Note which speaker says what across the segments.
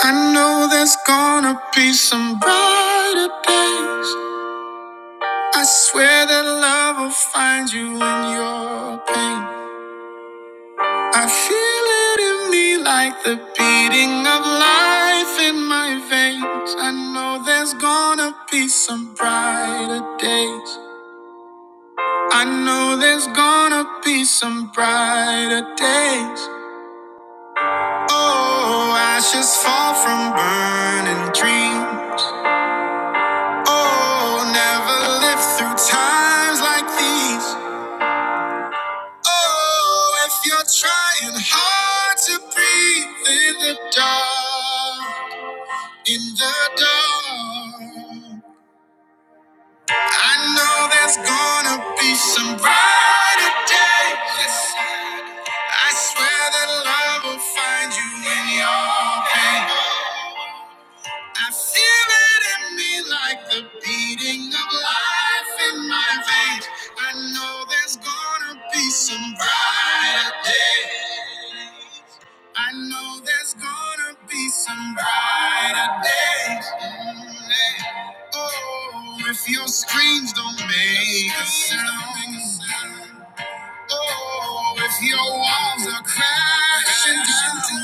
Speaker 1: I know there's gonna be some brighter days. I swear that love will find you in your pain. I feel it in me like the beating of life in my veins. I know there's gonna be some brighter days. I know there's gonna be some brighter days. Oh, ashes fall from burning dreams. Oh, never lived through times like these. Oh, if you're trying hard to breathe in the dark, in the dark, I know there's gonna be some brighter days. I swear that love will find you in your pain. I feel it in me like the beating of life in my veins. I know there's gonna be some brighter days. I know there's gonna be some brighter days. Mm, yeah. Oh, if your screams don't make a sound. Oh, if your walls are crashing down,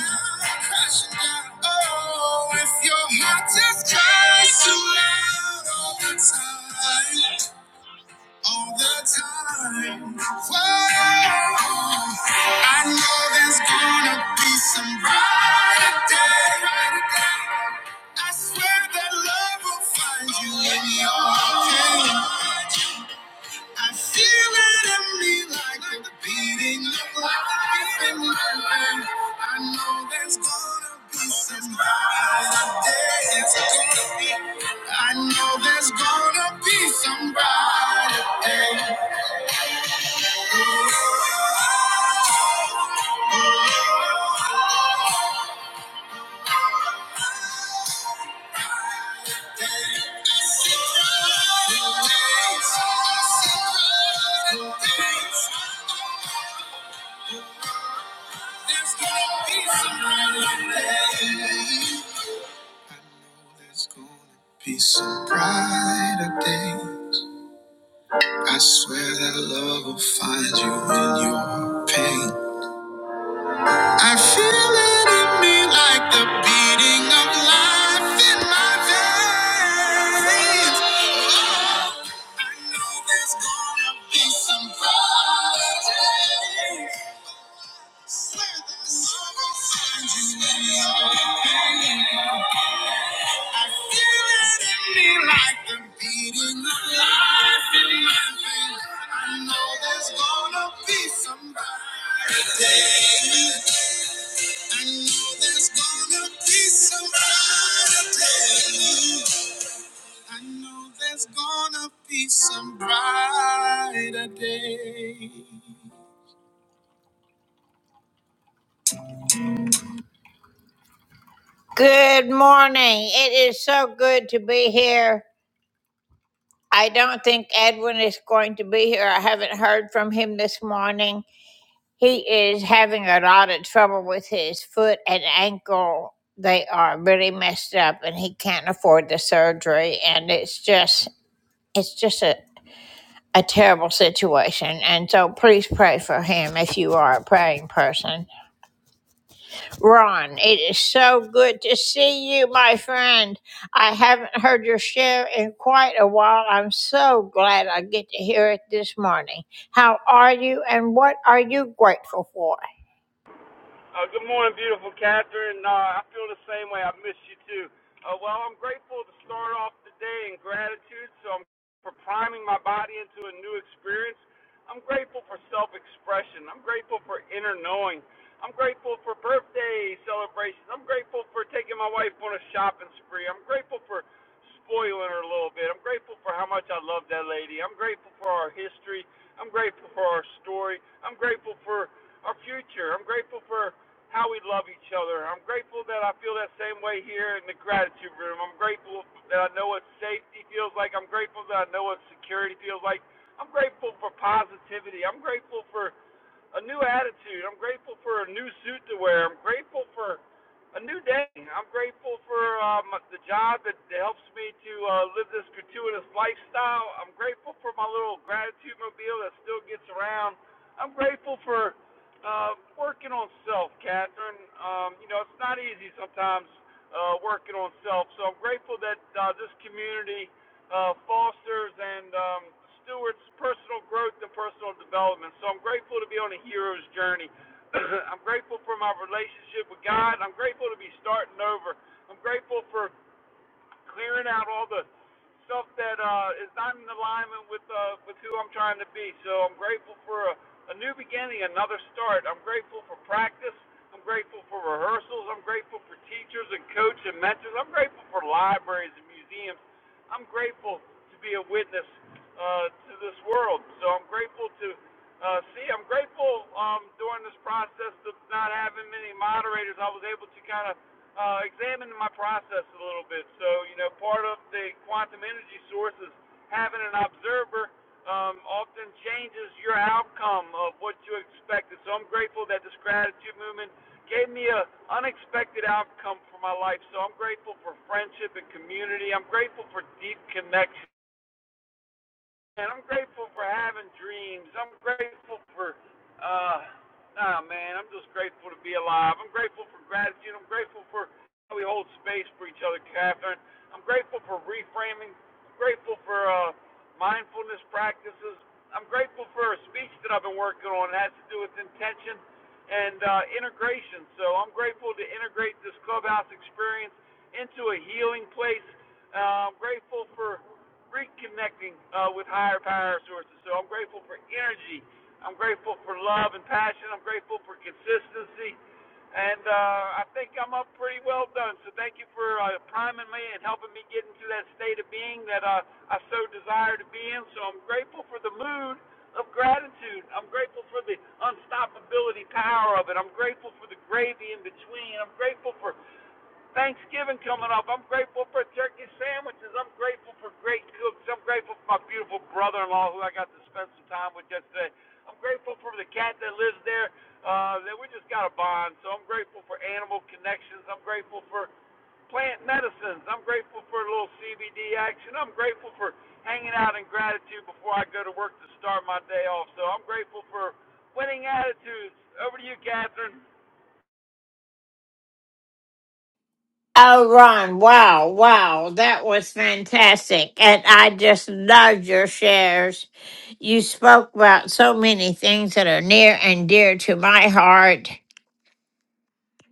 Speaker 1: crashing down. Oh, if your heart just cries too loud all the time, all the time. Whoa, I know there's gonna be some brighter day. I swear that love will find you in your day. I feel it in me like the beating of life in my life. I know there's gonna be some brighter days. I know there's gonna be some brighter days. There's gonna be some brighter days. I know there's gonna be some brighter day. I swear that love will find you in your pain. I feel it in me like the beating of life in my veins. Oh, I know there's gonna be some brighter day. Swear that love will find you in your pain. I feel it in me like the beating of life in my veins. I know there's gonna be some day. I know there's gonna be some day. I know there's gonna be some brighter day. Good morning. It is so good to be here. I don't think Edwin is going to be here. I haven't heard from him this morning. He is having a lot of trouble with his foot and ankle. They are really messed up and he can't afford the surgery and it's just it's just a, a terrible situation. And so please pray for him if you are a praying person. Ron, it is so good to see you, my friend. I haven't heard your share in quite a while. I'm so glad I get to hear it this morning. How are you and what are you grateful for?
Speaker 2: Uh, good morning, beautiful Catherine. Uh, I feel the same way. I miss you too. Uh, well, I'm grateful to start off the day in gratitude. So I'm for priming my body into a new experience. I'm grateful for self-expression. I'm grateful for inner knowing. I'm grateful for birthday celebrations. I'm grateful for taking my wife on a shopping spree. I'm grateful for spoiling her a little bit. I'm grateful for how much I love that lady. I'm grateful for our history. I'm grateful for our story. I'm grateful for our future. I'm grateful for how we love each other. I'm grateful that I feel that same way here in the gratitude room. I'm grateful that I know what safety feels like. I'm grateful that I know what security feels like. I'm grateful for positivity. I'm grateful for a new attitude. I'm grateful for a new suit to wear. I'm grateful for a new day. I'm grateful for um, the job that helps me to uh, live this gratuitous lifestyle. I'm grateful for my little gratitude mobile that still gets around. I'm grateful for uh, working on self, Catherine. Um, you know, it's not easy sometimes uh, working on self. So I'm grateful that uh, this community uh, Foster's and um, Stewart's personal growth and personal development. So I'm grateful to be on a hero's journey. I'm grateful for my relationship with God. I'm grateful to be starting over. I'm grateful for clearing out all the stuff that uh, is not in alignment with uh, with who I'm trying to be. So I'm grateful for a, a new beginning, another start. I'm grateful for practice. I'm grateful for rehearsals. I'm grateful for teachers and coach and mentors. I'm grateful for libraries and museums. I'm grateful to be a witness uh, to this world. So I'm grateful to uh, see. I'm grateful um, during this process of not having many moderators. I was able to kind of uh, examine my process a little bit. So, you know, part of the quantum energy source is having an observer um, often changes your outcome of what you expected. So I'm grateful that this gratitude movement gave me an unexpected outcome for my life. So I'm grateful for friendship and community. I'm grateful for deep connection. Man, I'm grateful for having dreams. I'm grateful for, uh, ah, man, I'm just grateful to be alive. I'm grateful for gratitude. I'm grateful for how we hold space for each other, Catherine. I'm grateful for reframing. I'm grateful for uh, mindfulness practices. I'm grateful for a speech that I've been working on. It has to do with intention and uh, integration. So I'm grateful to integrate this clubhouse experience into a healing place. Uh, I'm grateful for reconnecting uh, with higher power sources. So I'm grateful for energy. I'm grateful for love and passion. I'm grateful for consistency. And uh, I think I'm up pretty well done. So thank you for uh, priming me and helping me get into that state of being that uh, I so desire to be in. So I'm grateful for the mood of gratitude. I'm grateful for the unstoppability power of it. I'm grateful for the gravy in between. I'm grateful for Thanksgiving coming up. I'm grateful for turkey sandwiches. I'm grateful for great cooks. I'm grateful for my beautiful brother in law who I got to spend some time with yesterday. I'm grateful for the cat that lives there, uh, that we just got a bond. So I'm grateful for animal connections. I'm grateful for plant medicines. I'm grateful for a little CBD action. I'm grateful for hanging out in gratitude before I go to work to start my day off. So I'm grateful for winning attitudes. Over to you, Catherine.
Speaker 1: Oh, Ron, wow, wow, that was fantastic. And I just loved your shares. You spoke about so many things that are near and dear to my heart.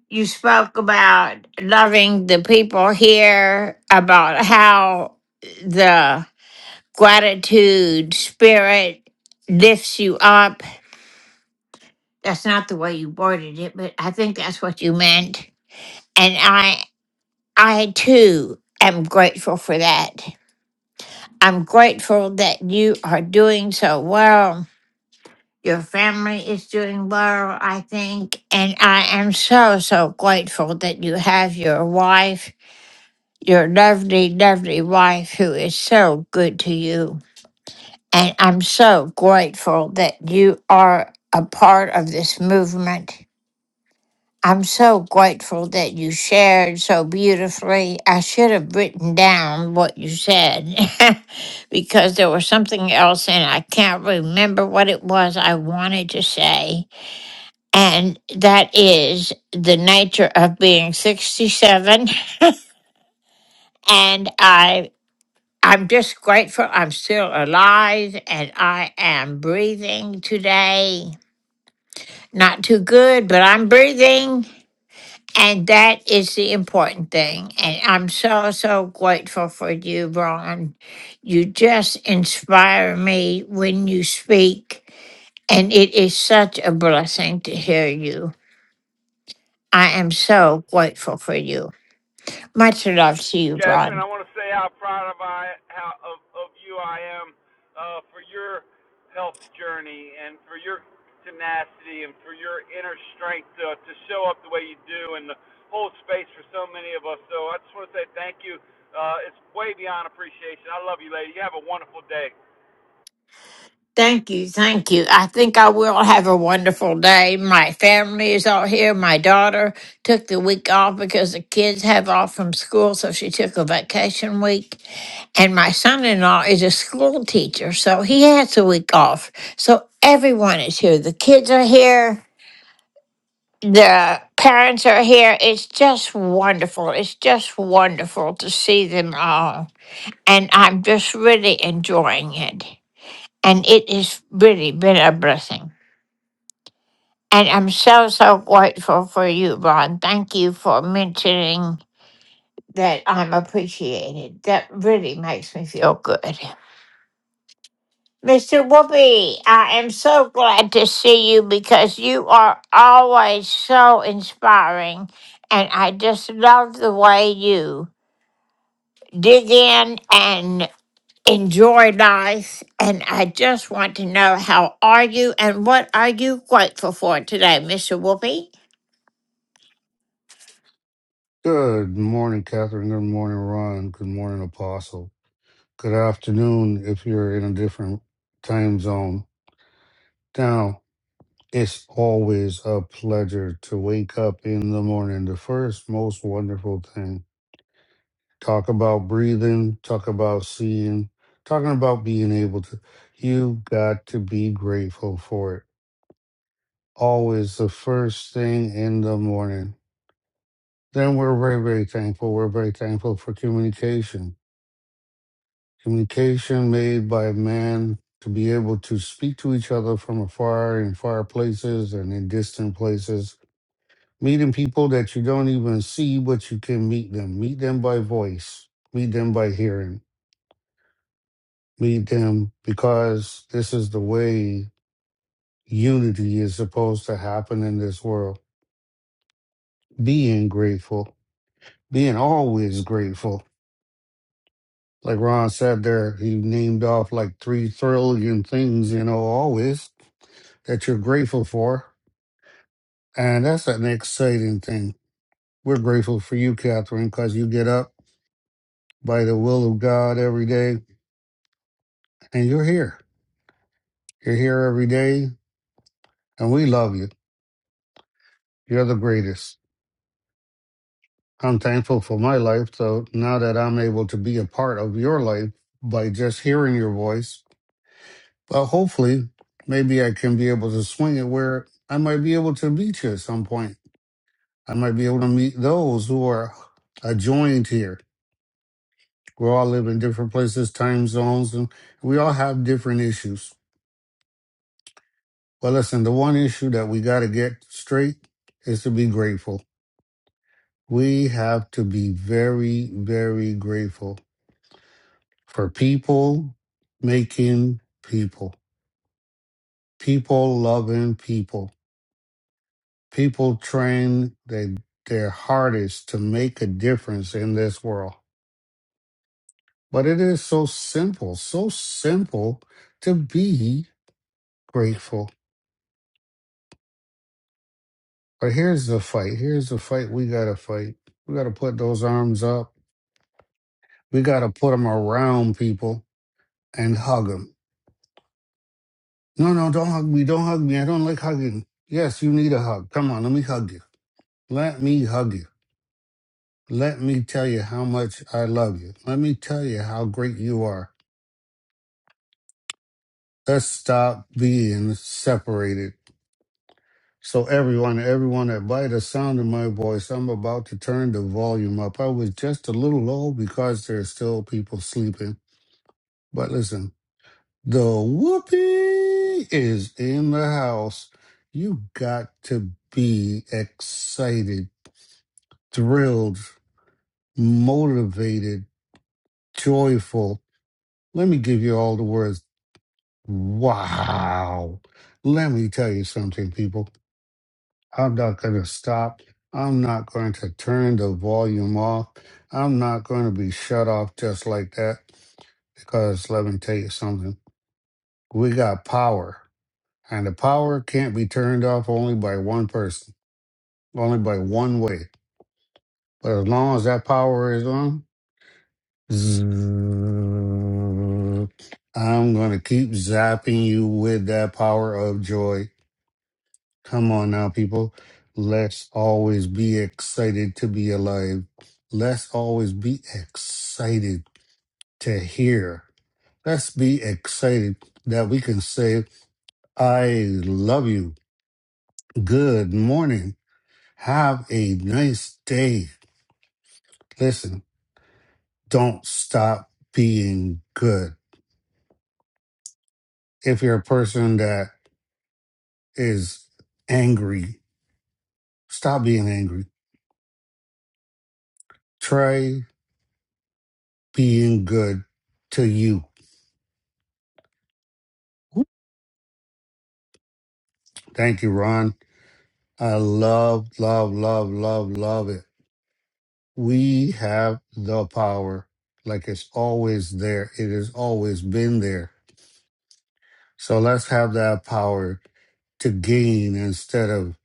Speaker 1: You spoke about loving the people here, about how the gratitude spirit lifts you up. That's not the way you worded it, but I think that's what you meant. And I I too am grateful for that. I'm grateful that you are doing so well. Your family is doing well, I think. And I am so, so grateful that you have your wife, your lovely, lovely wife who is so good to you. And I'm so grateful that you are a part of this movement. I'm so grateful that you shared so beautifully. I should have written down what you said because there was something else and I can't remember what it was I wanted to say. And that is the nature of being 67 and I I'm just grateful I'm still alive and I am breathing today. Not too good, but I'm breathing. And that is the important thing. And I'm so, so grateful for you, Ron. You just inspire me when you speak, and it is such a blessing to hear you. I am so grateful for you. Much love to you,
Speaker 2: Catherine,
Speaker 1: Ron.
Speaker 2: I want to say how proud of I how of, of you I am uh, for your health journey and for your tenacity and for your inner strength to, to show up the way you do and to hold space for so many of us. So I just want to say thank you. Uh, it's way beyond appreciation. I love you, lady. You have a wonderful day.
Speaker 1: Thank you. Thank you. I think I will have a wonderful day. My family is all here. My daughter took the week off because the kids have off from school, so she took a vacation week. And my son in law is a school teacher, so he has a week off. So everyone is here. The kids are here. The parents are here. It's just wonderful. It's just wonderful to see them all. And I'm just really enjoying it. And it has really been a blessing. And I'm so, so grateful for you, Ron. Thank you for mentioning that I'm appreciated. That really makes me feel good. Mr. Whoopi, I am so glad to see you because you are always so inspiring. And I just love the way you dig in and enjoy life. And I just want to know how are you and what are you grateful for today, Mr. Whoopi?
Speaker 3: Good morning, Catherine. Good morning, Ron. Good morning, Apostle. Good afternoon if you're in a different time zone. Now, it's always a pleasure to wake up in the morning. The first most wonderful thing. Talk about breathing, talk about seeing, talking about being able to. You got to be grateful for it. Always the first thing in the morning. Then we're very, very thankful. We're very thankful for communication communication made by man to be able to speak to each other from afar in far places and in distant places, meeting people that you don't even see, but you can meet them, meet them by voice, meet them by hearing, meet them because this is the way unity is supposed to happen in this world. Being grateful, being always grateful. Like Ron said there, he named off like three trillion things, you know, always that you're grateful for And that's an exciting thing. We're grateful for you, Catherine, because you get up by the will of God every day and you're here. You're here every day and we love you. You're the greatest. I'm thankful for my life. So now that I'm able to be a part of your life by just hearing your voice, well, hopefully, maybe I can be able to swing it where I might be able to meet you at some point. I might be able to meet those who are adjoined here We all live in different places, time zones, and we all have different issues. But listen, the one issue that we got to get straight is to be grateful. We have to be very, very grateful for people making people, people loving people, people trying they, their hardest to make a difference in this world. But it is so simple, so simple to be grateful But here's the fight. Here's the fight we got to fight. We got to put those arms up. We got to put them around people and hug them. No, no, don't hug me. Don't hug me. I don't like hugging. Yes, you need a hug. Come on, let me hug you. Let me hug you. Let me tell you how much I love you. Let me tell you how great you are. Let's stop being separated. So everyone, everyone that by the sound of my voice, I'm about to turn the volume up. I was just a little low because there's still people sleeping But listen, the whoopee is in the house. You got to be excited, thrilled, motivated, joyful. Let me give you all the words. Wow. Let me tell you something, people. I'm not going to stop. I'm not going to turn the volume off. I'm not going to be shut off just like that because let me tell you something. We got power. and the power can't be turned off only by one person, only by one way. But as long as that power is on, zzz, I'm going to keep zapping you with that power of joy. Come on now, people. Let's always be excited to be alive. Let's always be excited to hear. Let's be excited that we can say, I love you. Good morning. Have a nice day. Listen, don't stop being good. If you're a person that is angry, stop being angry. Try being good to you. Thank you, Ron. I love, love, love, love, love it. We have the power. Like it's always there. It has always been there. So let's have that power to gain instead of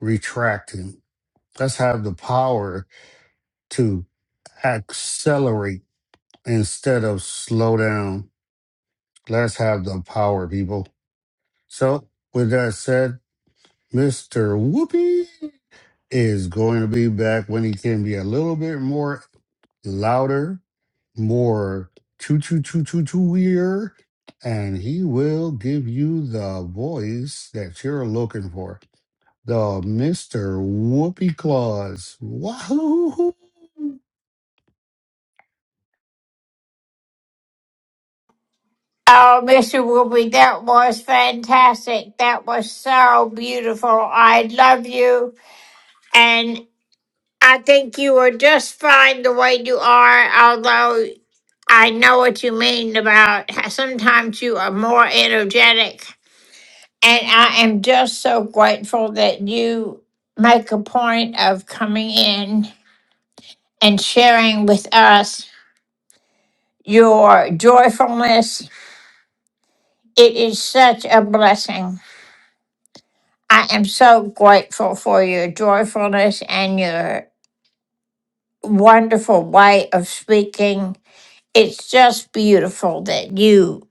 Speaker 3: retracting. Let's have the power to accelerate instead of slow down. Let's have the power, people. So, with that said, Mr. Whoopi is going to be back when he can be a little bit more louder, more choo choo choo choo choo ear, and he will give you the voice that you're looking for. The Mr. Whoopi Claus. Wahoo!
Speaker 1: Oh, Mr. Whoopi, that was fantastic. That was so beautiful. I love you. And I think you are just fine the way you are, although I know what you mean about how sometimes you are more energetic. And I am just so grateful that you make a point of coming in and sharing with us your joyfulness. It is such a blessing. I am so grateful for your joyfulness and your wonderful way of speaking. It's just beautiful that you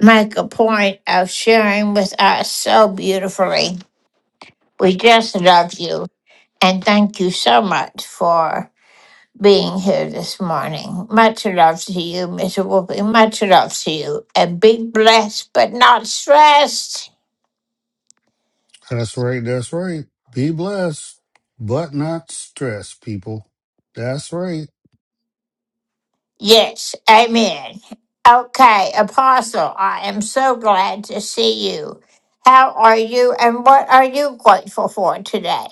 Speaker 1: make a point of sharing with us so beautifully. We just love you and thank you so much for being here this morning. Much love to you, Mr. Whoopi. Much love to you. And be blessed but not stressed.
Speaker 3: That's right. That's right. Be blessed, but not stressed, people. That's right.
Speaker 1: Yes, amen. Okay, Apostle, I am so glad to see you. How are you and what are you grateful for today?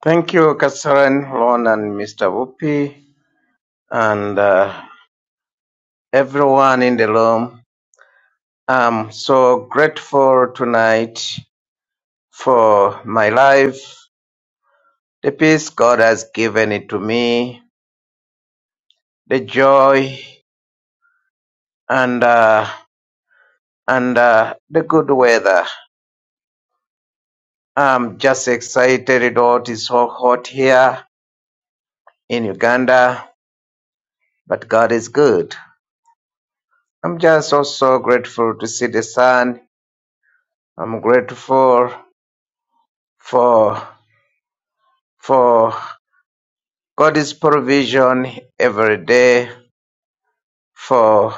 Speaker 4: Thank you, Catherine, Lon, and Mr. Whoopi, and uh, everyone in the room. I'm so grateful tonight for my life, the peace God has given it to me, the joy, and uh, and uh, the good weather. I'm just excited. It all is so hot here in Uganda, but God is good. I'm just also grateful to see the sun. I'm grateful for for God's provision every day for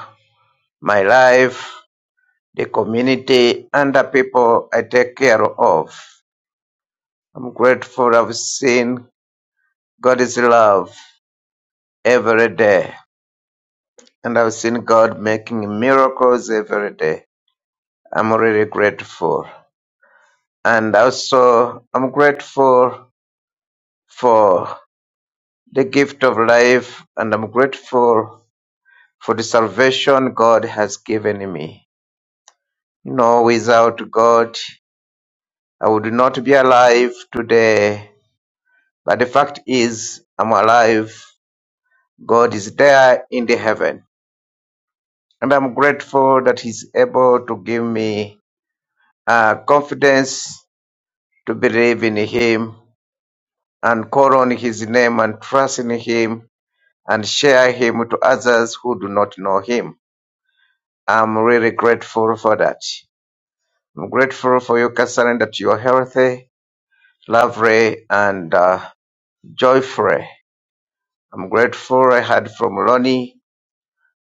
Speaker 4: my life, the community, and the people I take care of. I'm grateful I've seen God's love every day, and I've seen God making miracles every day. I'm really grateful. And also, I'm grateful for the gift of life, and I'm grateful for the salvation God has given me. No, without God, I would not be alive today. But the fact is, I'm alive. God is there in the heaven. And I'm grateful that He's able to give me uh, confidence to believe in Him and call on His name and trust in Him and share Him to others who do not know Him. I'm really grateful for that. I'm grateful for you, Catherine, that you're healthy, lovely, and uh, joyful. I'm grateful I heard from Ronnie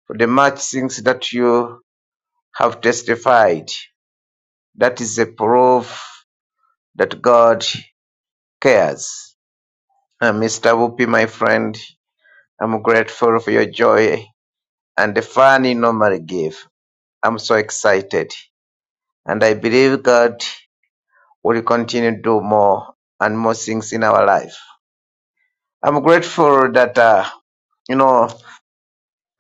Speaker 4: for the much things that you have testified. That is a proof that God cares. And Mr. Whoopi, my friend, I'm grateful for your joy and the fun you normally give. I'm so excited. And I believe God will continue to do more and more things in our life. I'm grateful that, uh, you know,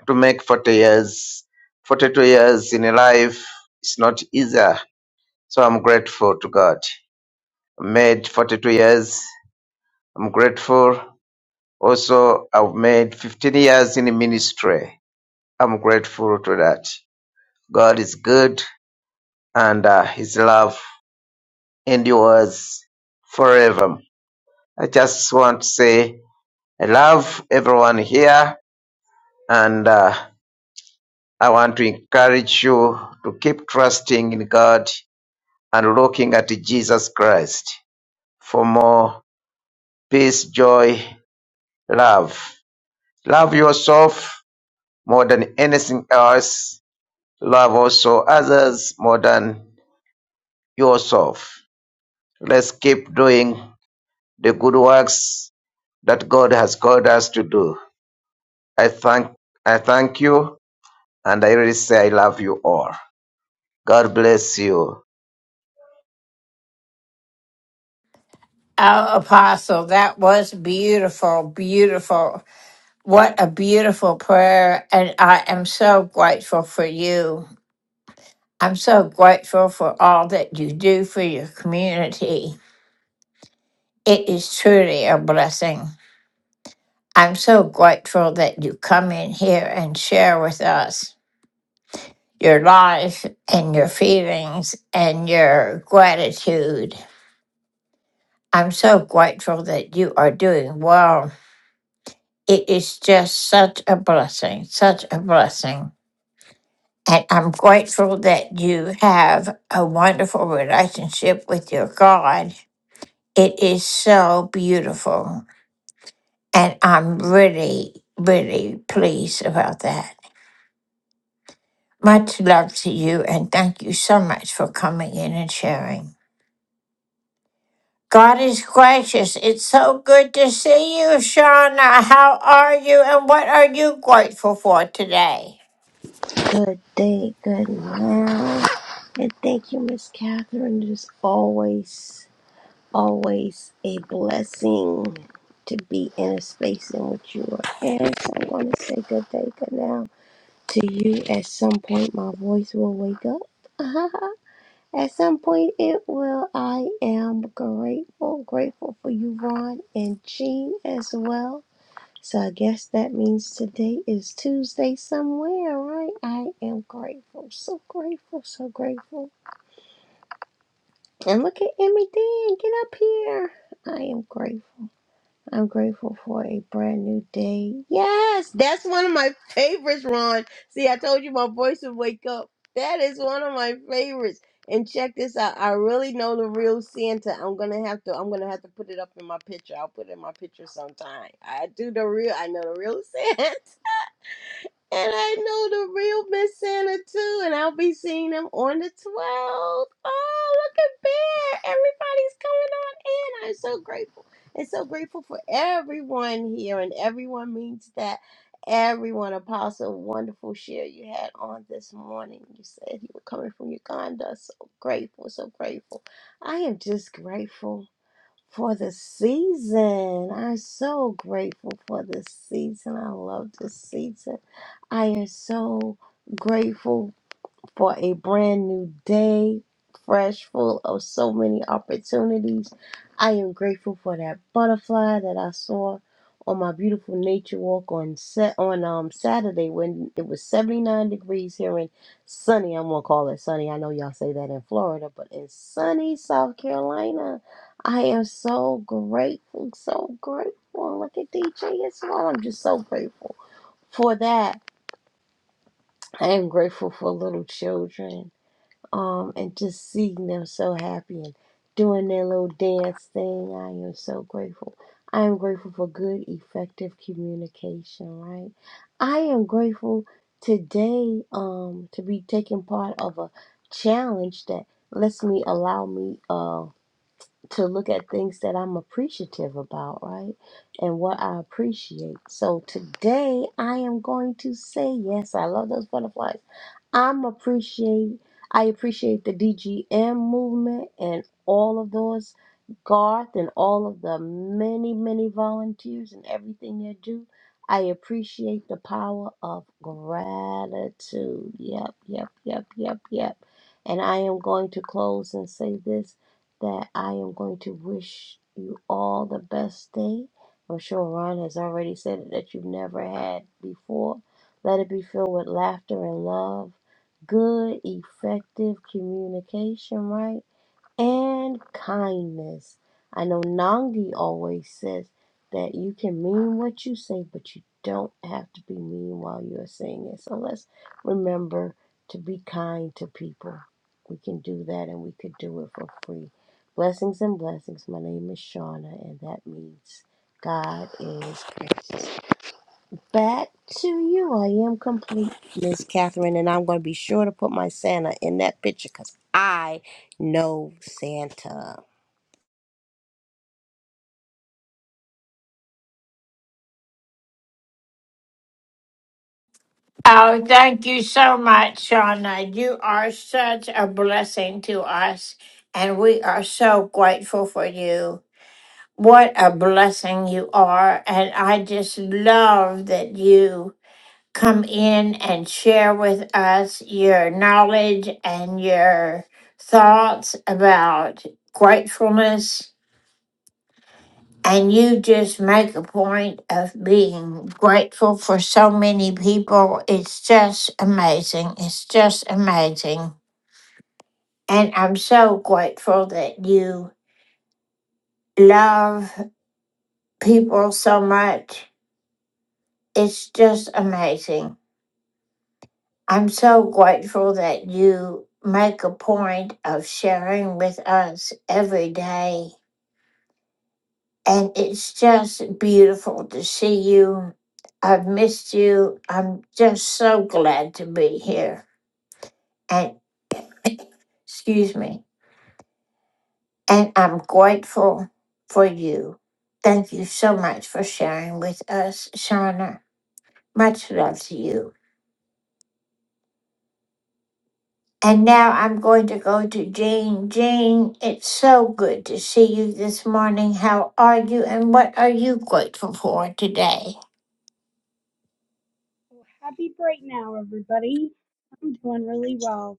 Speaker 4: to make 40 years, 42 years in a life, it's not easy. So I'm grateful to God. I made 42 years. I'm grateful. Also, I've made 15 years in ministry. I'm grateful to that. God is good and uh, His love endures forever. I just want to say I love everyone here and uh, I want to encourage you to keep trusting in God and looking at Jesus Christ for more peace, joy, love. Love yourself more than anything else. Love also others more than yourself. Let's keep doing the good works that God has called us to do. I thank I thank you and I really say I love you all. God bless you.
Speaker 1: Oh, Apostle, that was beautiful, beautiful. What a beautiful prayer. And I am so grateful for you. I'm so grateful for all that you do for your community. It is truly a blessing. I'm so grateful that you come in here and share with us. your life and your feelings and your gratitude. I'm so grateful that you are doing well. It is just such a blessing, such a blessing. And I'm grateful that you have a wonderful relationship with your God. It is so beautiful. And I'm really, really pleased about that. Much love to you, and thank you so much for coming in and sharing. God is gracious. It's so good to see you, Shauna. How are you and what are you grateful for today?
Speaker 5: Good day, good now. And thank you, Miss Catherine. It is always, always a blessing to be in a space in which you are in. So I'm going to say good day, good now to you. At some point, my voice will wake up. At some point, it will. I am grateful, grateful for you, Ron and Jean as well. So I guess that means today is Tuesday somewhere, right? I am grateful. So grateful, so grateful. And look at Emmy Dan, get up here. I am grateful. I'm grateful for a brand new day. Yes, that's one of my favorites, Ron. See, I told you my voice would wake up. That is one of my favorites. And check this out. I really know the real Santa. I'm gonna have to. I'm gonna have to put it up in my picture. I'll put it in my picture sometime. I do the real. I know the real Santa. And I know the real Miss Santa too, and I'll be seeing them on the 12th. Oh, look at that. Everybody's coming on in. I'm so grateful. And so grateful for everyone here, and everyone means that everyone. Apostle, wonderful share you had on this morning. You said you were coming from Uganda. So grateful, so grateful. I am just grateful for the season. I'm so grateful for this season. I love this season. I am so grateful for a brand new day, fresh, full of so many opportunities. I am grateful for that butterfly that I saw on my beautiful nature walk on set on um Saturday when it was 79 degrees here in sunny. I'm gonna call it sunny. I know y'all say that in Florida, but in sunny South Carolina, I am so grateful, so grateful. Look at DJ as well. I'm just so grateful for that. I am grateful for little children um, and just seeing them so happy and doing their little dance thing. I am so grateful. I am grateful for good, effective communication, right? I am grateful today um, to be taking part of a challenge that lets me allow me uh, to look at things that I'm appreciative about, right? And what I appreciate. So today I am going to say yes. I love those butterflies. I'm appreciate I appreciate the DGM movement and all of those Garth and all of the many many volunteers and everything they do. I appreciate the power of gratitude. Yep, yep, yep, yep, yep. And I am going to close and say this that I am going to wish you all the best day. I'm sure Ron has already said it that you've never had before. Let it be filled with laughter and love good, effective communication, right? And kindness. I know Nangi always says that you can mean what you say, but you don't have to be mean while you're saying it. So let's remember to be kind to people. We can do that and we could do it for free. Blessings and blessings. My name is Shauna, and that means God is gracious. Back to you. I am complete, Miss Catherine, and I'm going to be sure to put my Santa in that picture because I know Santa.
Speaker 1: Oh, thank you so much, Shauna. You are such a blessing to us, and we are so grateful for you. What a blessing you are, and I just love that you come in and share with us your knowledge and your thoughts about gratefulness And you just make a point of being grateful for so many people. It's just amazing. It's just amazing. And I'm so grateful that you love people so much. It's just amazing. I'm so grateful that you make a point of sharing with us every day. And it's just beautiful to see you. I've missed you. I'm just so glad to be here. And excuse me. And I'm grateful for you. Thank you so much for sharing with us, Shauna. Much love to you. And now I'm going to go to Jane. Jane, it's so good to see you this morning. How are you and what are you grateful for today?
Speaker 6: Well, happy break now, everybody. I'm doing really well.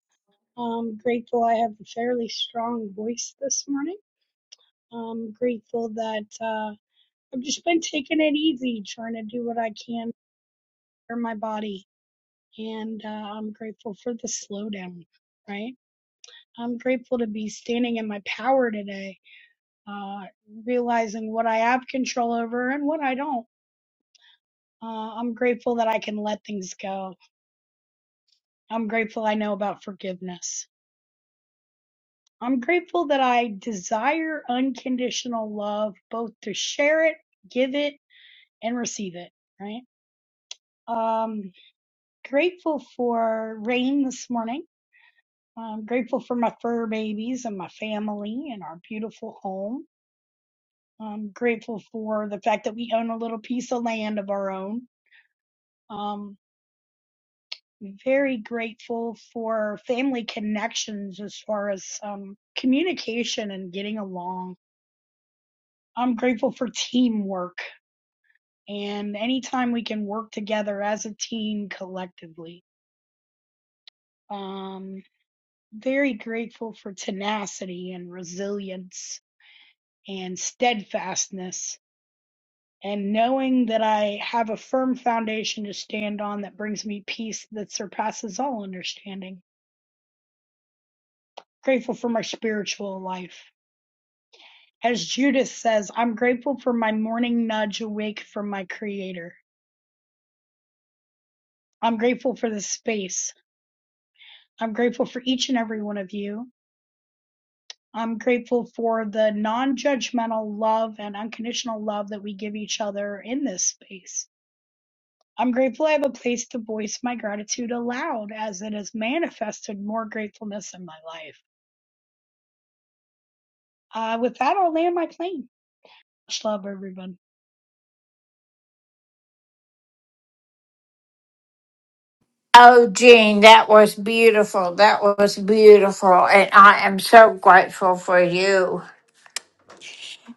Speaker 6: I'm grateful I have a fairly strong voice this morning. I'm grateful that uh, I've just been taking it easy, trying to do what I can for my body. And uh, I'm grateful for the slowdown, right? I'm grateful to be standing in my power today, uh, realizing what I have control over and what I don't. Uh, I'm grateful that I can let things go. I'm grateful I know about forgiveness. I'm grateful that I desire unconditional love, both to share it, give it, and receive it, right? Um, grateful for rain this morning. I'm grateful for my fur babies and my family and our beautiful home. I'm grateful for the fact that we own a little piece of land of our own. Um, very grateful for family connections as far as um, communication and getting along. I'm grateful for teamwork and anytime we can work together as a team collectively. Um, very grateful for tenacity and resilience and steadfastness and knowing that I have a firm foundation to stand on that brings me peace that surpasses all understanding. Grateful for my spiritual life. As Judith says, I'm grateful for my morning nudge awake from my creator. I'm grateful for this space. I'm grateful for each and every one of you. I'm grateful for the non judgmental love and unconditional love that we give each other in this space. I'm grateful I have a place to voice my gratitude aloud as it has manifested more gratefulness in my life. Uh, with that, I'll land my plane. Much love, everyone.
Speaker 1: Oh, Jean, that was beautiful. That was beautiful. And I am so grateful for you.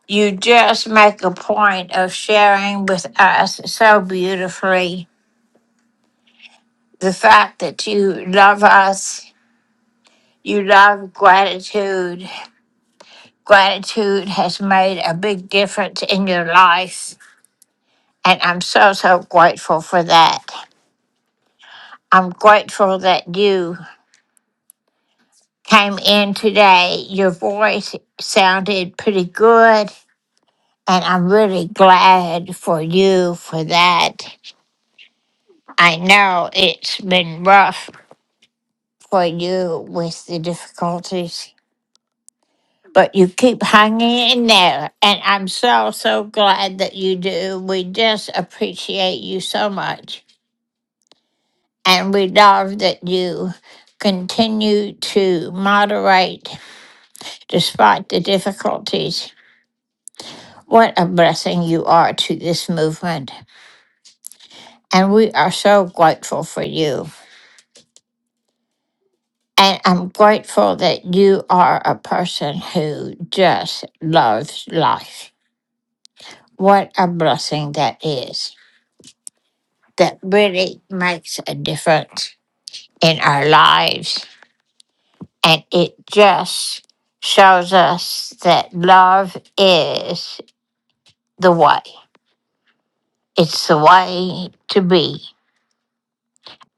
Speaker 1: You just make a point of sharing with us so beautifully the fact that you love us, you love gratitude. Gratitude has made a big difference in your life. And I'm so, so grateful for that. I'm grateful that you came in today. Your voice sounded pretty good And I'm really glad for you for that. I know it's been rough for you with the difficulties, but you keep hanging in there. And I'm so, so glad that you do. We just appreciate you so much. And we love that you continue to moderate despite the difficulties. What a blessing you are to this movement. And we are so grateful for you. And I'm grateful that you are a person who just loves life. What a blessing that is. That really makes a difference in our lives. And it just shows us that love is the way, it's the way to be.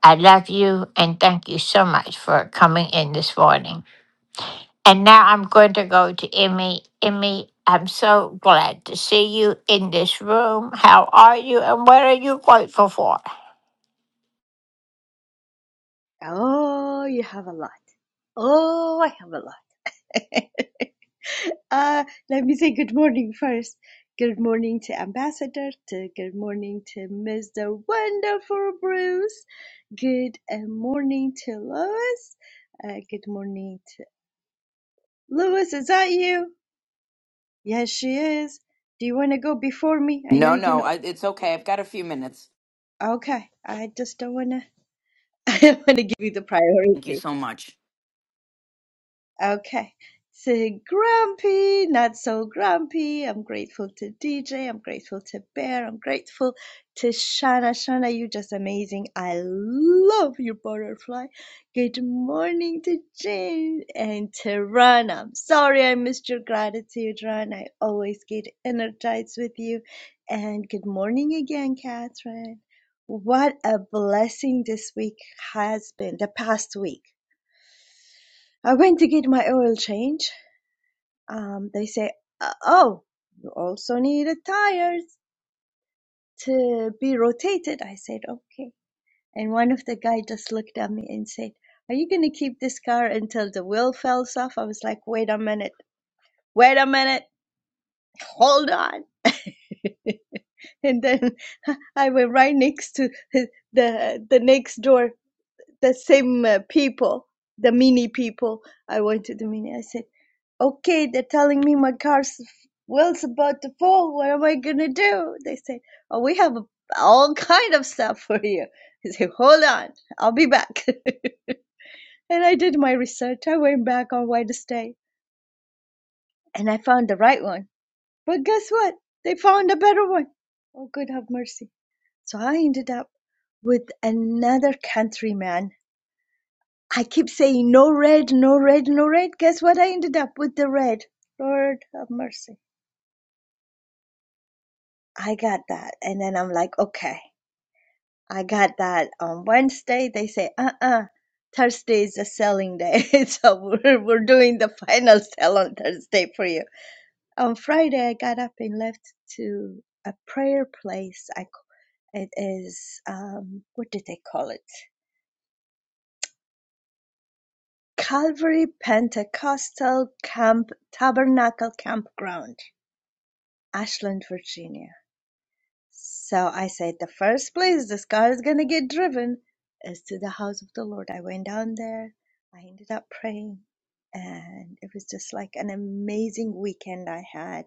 Speaker 1: I love you and thank you so much for coming in this morning. And now I'm going to go to Emmy. Emmy, I'm so glad to see you in this room. How are you and what are you grateful for?
Speaker 7: Oh, you have a lot. Oh, I have a lot. uh, let me say good morning first. Good morning to Ambassador, to good morning to Mr. Wonderful Bruce. Good uh, morning to Lois. Uh, good morning to Lois. Is that you? Yes, she is. Do you want to go before me? I know
Speaker 8: No,
Speaker 7: you're
Speaker 8: no,
Speaker 7: gonna.
Speaker 8: I, it's okay. I've got a few minutes.
Speaker 7: Okay, I just don't wanna. I wanna give you the
Speaker 8: Thank you
Speaker 7: priority.
Speaker 8: so much.
Speaker 7: Okay. So grumpy, not so grumpy. I'm grateful to DJ. I'm grateful to Bear. I'm grateful to Shana. Shana, you're just amazing. I love your butterfly. Good morning to Jane and to Ron. I'm sorry I missed your gratitude, Ron. I always get energized with you. And good morning again, Catherine. What a blessing this week has been, the past week. I went to get my oil change um, they say, uh, "Oh, you also need a tire to be rotated." I said, "Okay." And one of the guy just looked at me and said, "Are you gonna keep this car until the wheel falls off?" I was like, "Wait a minute, wait a minute, hold on." and then I went right next to the the next door the same uh, people, the mini people. I went to the mini. I said, okay, they're telling me my car's wheel's about to fall. What am I gonna do? They said, oh, we have all kind of stuff for you. I said, hold on, I'll be back. and I did my research. I went back on Wednesday and I found the right one. But guess what? They found a better one. Oh, good have mercy. So I ended up with another countryman I keep saying no red, no red, no red. Guess what? I ended up with the red. Lord have mercy. I got that. And then I'm like, okay, I got that on Wednesday. They say, uh uh Thursday is a selling day. so we're, we're doing the final sell on Thursday for you. On Friday, I got up and left to a prayer place. I, it is, um, what did they call it? Calvary Pentecostal Camp Tabernacle Campground Ashland, Virginia. So I said, the first place this car is going to get driven is to the house of the Lord. I went down there. I ended up praying. And it was just like an amazing weekend I had.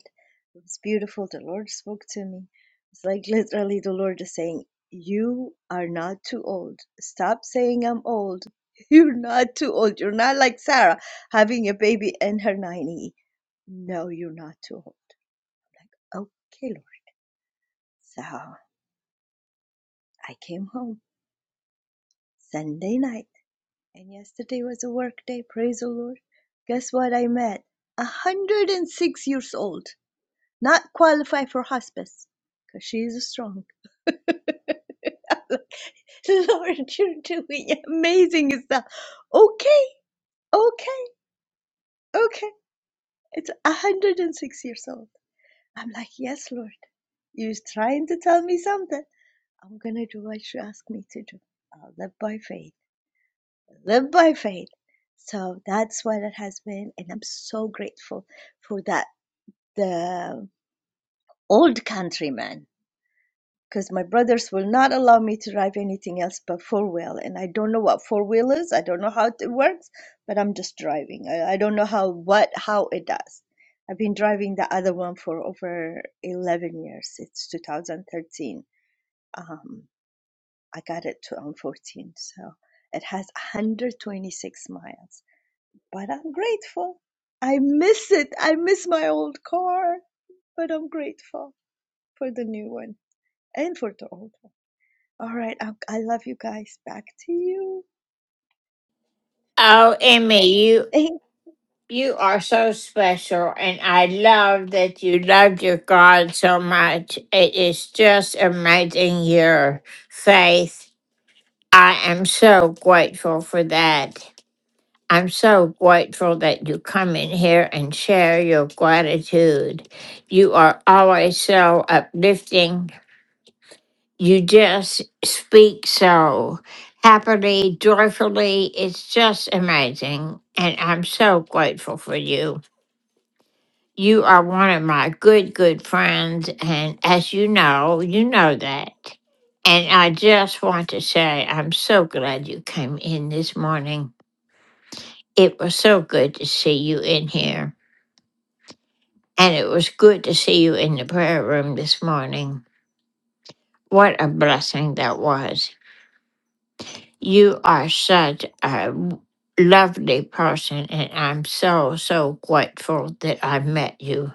Speaker 7: It was beautiful. The Lord spoke to me. It's like literally the Lord is saying, You are not too old. Stop saying I'm old. You're not too old. You're not like Sarah having a baby in her 90. No, you're not too old. I'm Like, okay, Lord. So I came home Sunday night, and yesterday was a work day. Praise the Lord. Guess what I met? 106 years old, not qualified for hospice because she's strong. Lord, you're doing amazing stuff. Okay, okay, okay. It's 106 years old. I'm like, yes, Lord, you're trying to tell me something. I'm going to do what you ask me to do. I'll live by faith. live by faith. So that's what it has been, and I'm so grateful for that. The old countryman, because my brothers will not allow me to drive anything else but four wheel, and I don't know what four wheel is. I don't know how it works, but I'm just driving. I, I don't know how what how it does. I've been driving the other one for over 11 years. It's 2013. Um, I got it to on 14, so it has 126 miles But I'm grateful. I miss it. I miss my old car, but I'm grateful for the new one and for the old one. All right. I, I love you guys. Back to you.
Speaker 1: Oh, Emmy, you
Speaker 7: Thank.
Speaker 1: you are so special and I love that you love your God so much. It is just amazing your faith. I am so grateful for that. I'm so grateful that you come in here and share your gratitude. You are always so uplifting. You just speak so happily, joyfully. It's just amazing. And I'm so grateful for you. You are one of my good, good friends. And as you know, you know that. And I just want to say, I'm so glad you came in this morning. It was so good to see you in here. And it was good to see you in the prayer room this morning. What a blessing that was. You are such a w- lovely person, and I'm so, so grateful that I met you.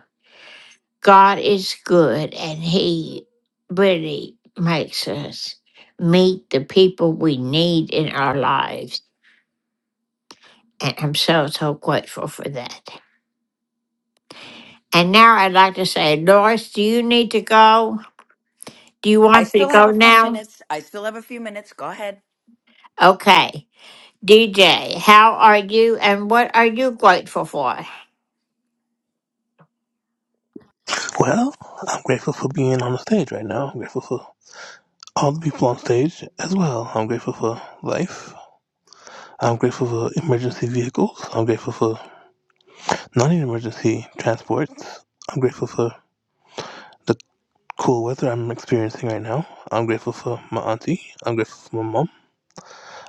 Speaker 1: God is good, and He really makes us meet the people we need in our lives. And I'm so, so grateful for that. And now I'd like to say, Doris, do you need to go? Do you
Speaker 8: I
Speaker 1: want me to
Speaker 8: still
Speaker 1: go
Speaker 8: have a few
Speaker 1: now?
Speaker 8: minutes. I still have a few minutes. Go ahead.
Speaker 1: Okay. DJ, how are you and what are you grateful for? Oh,
Speaker 9: Well, I'm grateful for being on the stage right now. I'm grateful for all the people on stage as well. I'm grateful for life. I'm grateful for emergency vehicles. I'm grateful for non emergency transports. I'm grateful for the cool weather I'm experiencing right now. I'm grateful for my auntie. I'm grateful for my mom.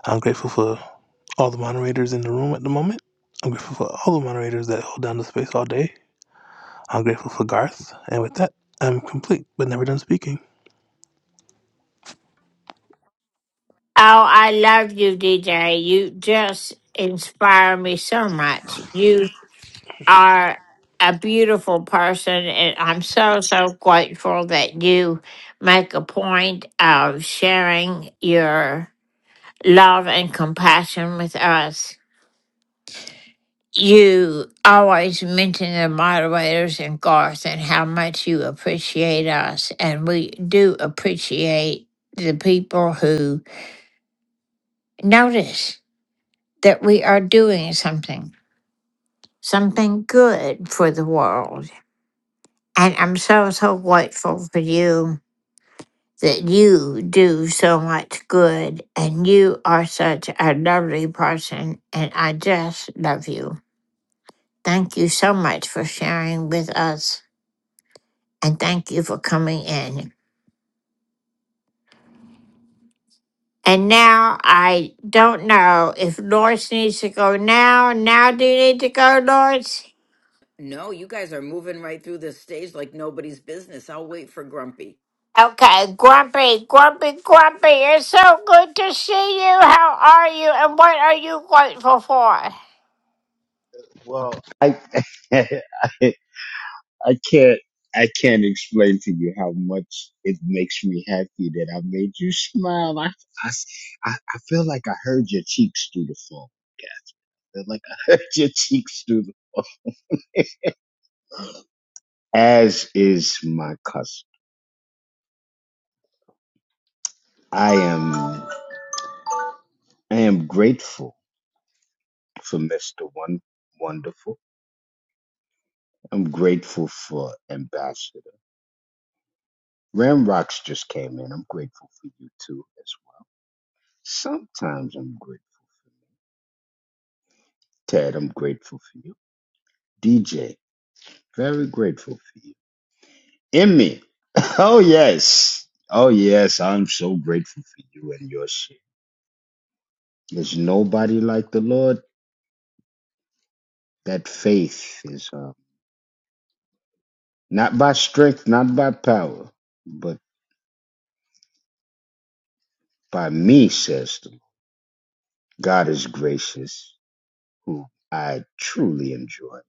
Speaker 9: I'm grateful for all the moderators in the room at the moment. I'm grateful for all the moderators that hold down the space all day. I'm grateful for Garth. And with that, I'm complete, but never done speaking.
Speaker 1: I love you, DJ. You just inspire me so much. You are a beautiful person, and I'm so, so grateful that you make a point of sharing your love and compassion with us. you always mention the moderators and Garth and how much you appreciate us. And we do appreciate the people who notice that we are doing something, something good for the world. And I'm so, so grateful for you that you do so much good and you are such a lovely person. And I just love you. Thank you so much for sharing with us. and thank you for coming in. And now I don't know if Doris needs to go now. Now do you need to go, Doris?
Speaker 8: No, you guys are moving right through this stage like nobody's business. I'll wait for Grumpy.
Speaker 1: Okay, Grumpy, Grumpy, Grumpy, it's so good to see you. How are you and what are you grateful for?
Speaker 10: Well, I, I can't I can't explain to you how much it makes me happy that I made you smile. I I I I feel like I heard your cheeks through the phone. I feel like I heard your cheeks through the phone. As is my custom, I am I am grateful for Mister One Wonderful. I'm grateful for Ambassador. Ramrocks just came in. I'm grateful for you too as well. Sometimes I'm grateful. Ted, I'm grateful for you. DJ, very grateful for you. Emmy, oh yes. Oh yes, I'm so grateful for you and your shit. There's nobody like the Lord. That faith is uh, not by strength, not by power, but by me, says the Lord. God is gracious, who I truly enjoy.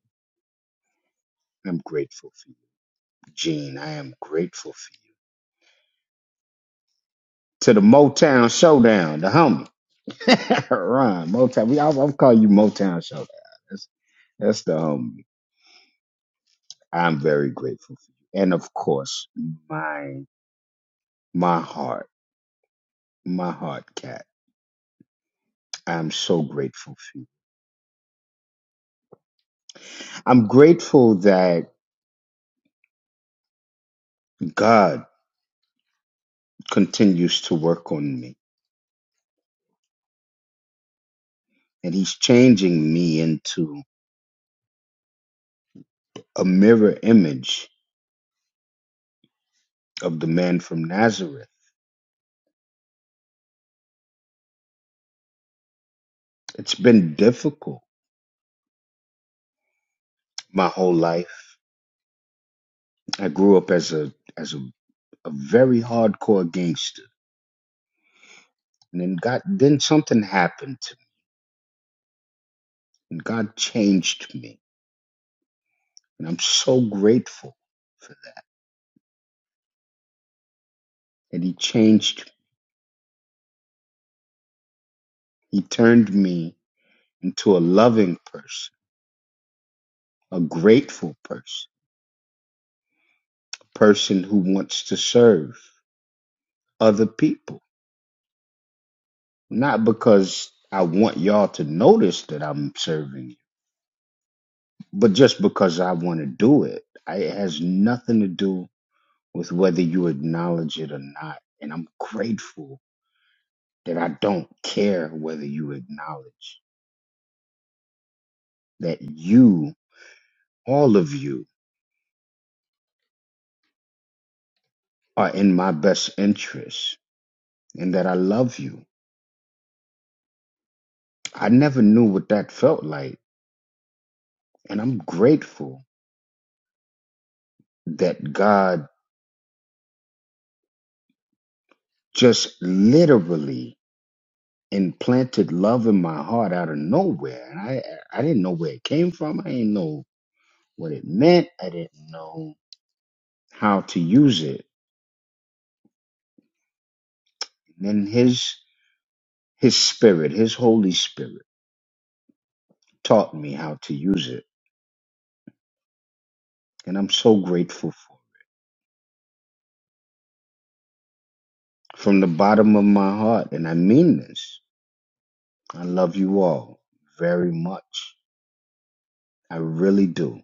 Speaker 10: I'm grateful for you. Gene, I am grateful for you. To the Motown Showdown, the homies. Ron, Motown. We, I'll, I'll call you Motown Show. That's, that's the homie. I'm very grateful for you, and of course, my my heart, my heart, cat. I'm so grateful for you. I'm grateful that God continues to work on me, and He's changing me into a mirror image of the man from Nazareth. It's been difficult my whole life. I grew up as a as a, a very hardcore gangster And then God, then something happened to me, and God changed me, and I'm so grateful for that. He changed, me. He turned me into a loving person, a grateful person, a person who wants to serve other people, not because I want y'all to notice that I'm serving you, but just because I want to do it. I, it has nothing to do with whether you acknowledge it or not, and I'm grateful that I don't care whether you acknowledge that you, all of you, are in my best interest and that I love you. I never knew what that felt like. And I'm grateful that God just literally implanted love in my heart out of nowhere. And I, I didn't know where it came from. I didn't know what it meant. I didn't know how to use it. And then his, his spirit, his Holy Spirit taught me how to use it And I'm so grateful for it from the bottom of my heart. And I mean this. I love you all very much. I really do.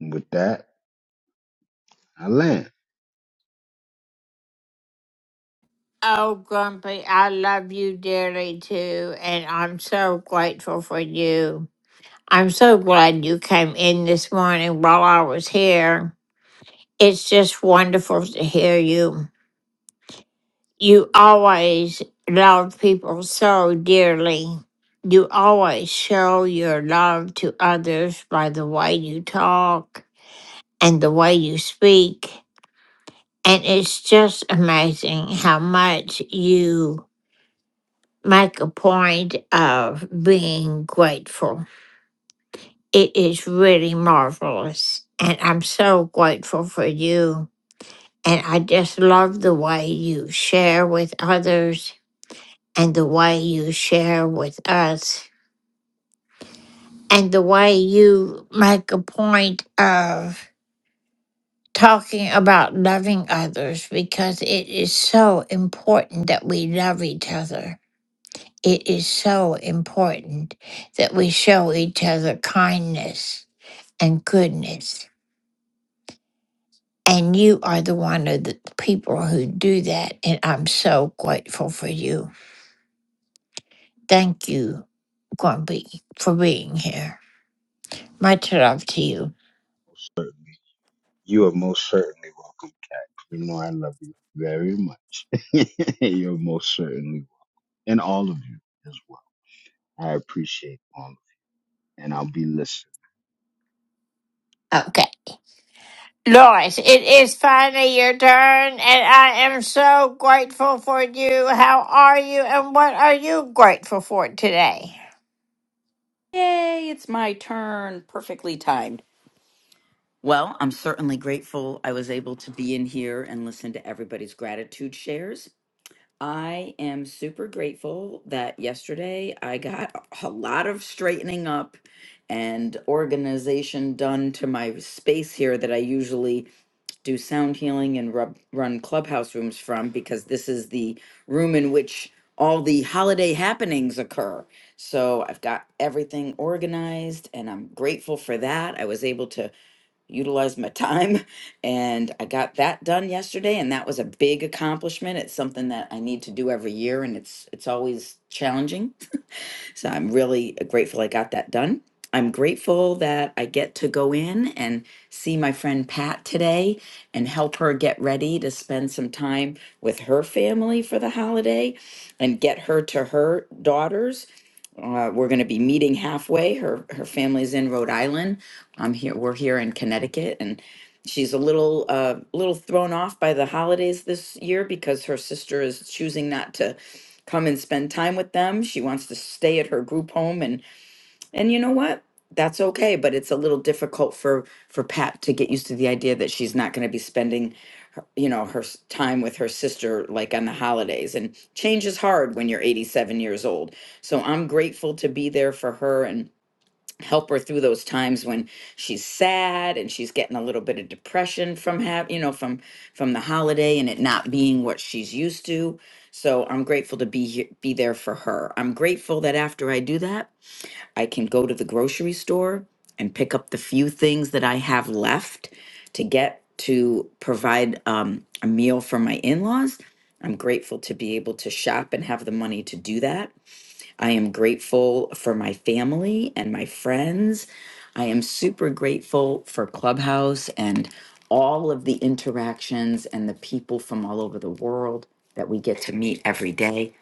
Speaker 10: And with that, I land.
Speaker 1: Oh, Grumpy, I love you dearly too, and I'm so grateful for you. I'm so glad you came in this morning while I was here. It's just wonderful to hear you. You always loved people so dearly. You always show your love to others by the way you talk and the way you speak. And it's just amazing how much you make a point of being grateful. It is really marvelous. And I'm so grateful for you. And I just love the way you share with others and the way you share with us and the way you make a point of talking about loving others because it is so important that we love each other. It is so important that we show each other kindness and goodness. And you are the one of the people who do that. And I'm so grateful for you. Thank you, Grumpy, for being here. Much love to you.
Speaker 10: You are most certainly welcome. You know I love you very much. You're most certainly welcome. And all of you as well. I appreciate all of you. And I'll be listening.
Speaker 1: Okay. Lois, it is finally your turn, and I am so grateful for you. How are you, and what are you grateful for today?
Speaker 8: Yay, it's my turn. Perfectly timed. Well, I'm certainly grateful I was able to be in here and listen to everybody's gratitude shares. I am super grateful that yesterday I got a lot of straightening up and organization done to my space here that I usually do sound healing and rub, run clubhouse rooms from because this is the room in which all the holiday happenings occur. So I've got everything organized and I'm grateful for that. I was able to utilize my time and I got that done yesterday and that was a big accomplishment. It's something that I need to do every year and it's it's always challenging. So I'm really grateful I got that done. I'm grateful that I get to go in and see my friend Pat today and help her get ready to spend some time with her family for the holiday and get her to her daughters uh, we're going to be meeting halfway. Her her family's in Rhode Island. I'm here. We're here in Connecticut, and she's a little uh, little thrown off by the holidays this year because her sister is choosing not to come and spend time with them. She wants to stay at her group home, and and you know what? That's okay. But it's a little difficult for for Pat to get used to the idea that she's not going to be spending you know her s- time with her sister like on the holidays and change is hard when you're 87 years old so i'm grateful to be there for her and help her through those times when she's sad and she's getting a little bit of depression from have you know from from the holiday and it not being what she's used to so i'm grateful to be here be there for her i'm grateful that after i do that I can go to the grocery store and pick up the few things that I have left to get to provide um, a meal for my in laws. I'm grateful to be able to shop and have the money to do that. I am grateful for my family and my friends. I am super grateful for Clubhouse and all of the interactions and the people from all over the world that we get to meet every day.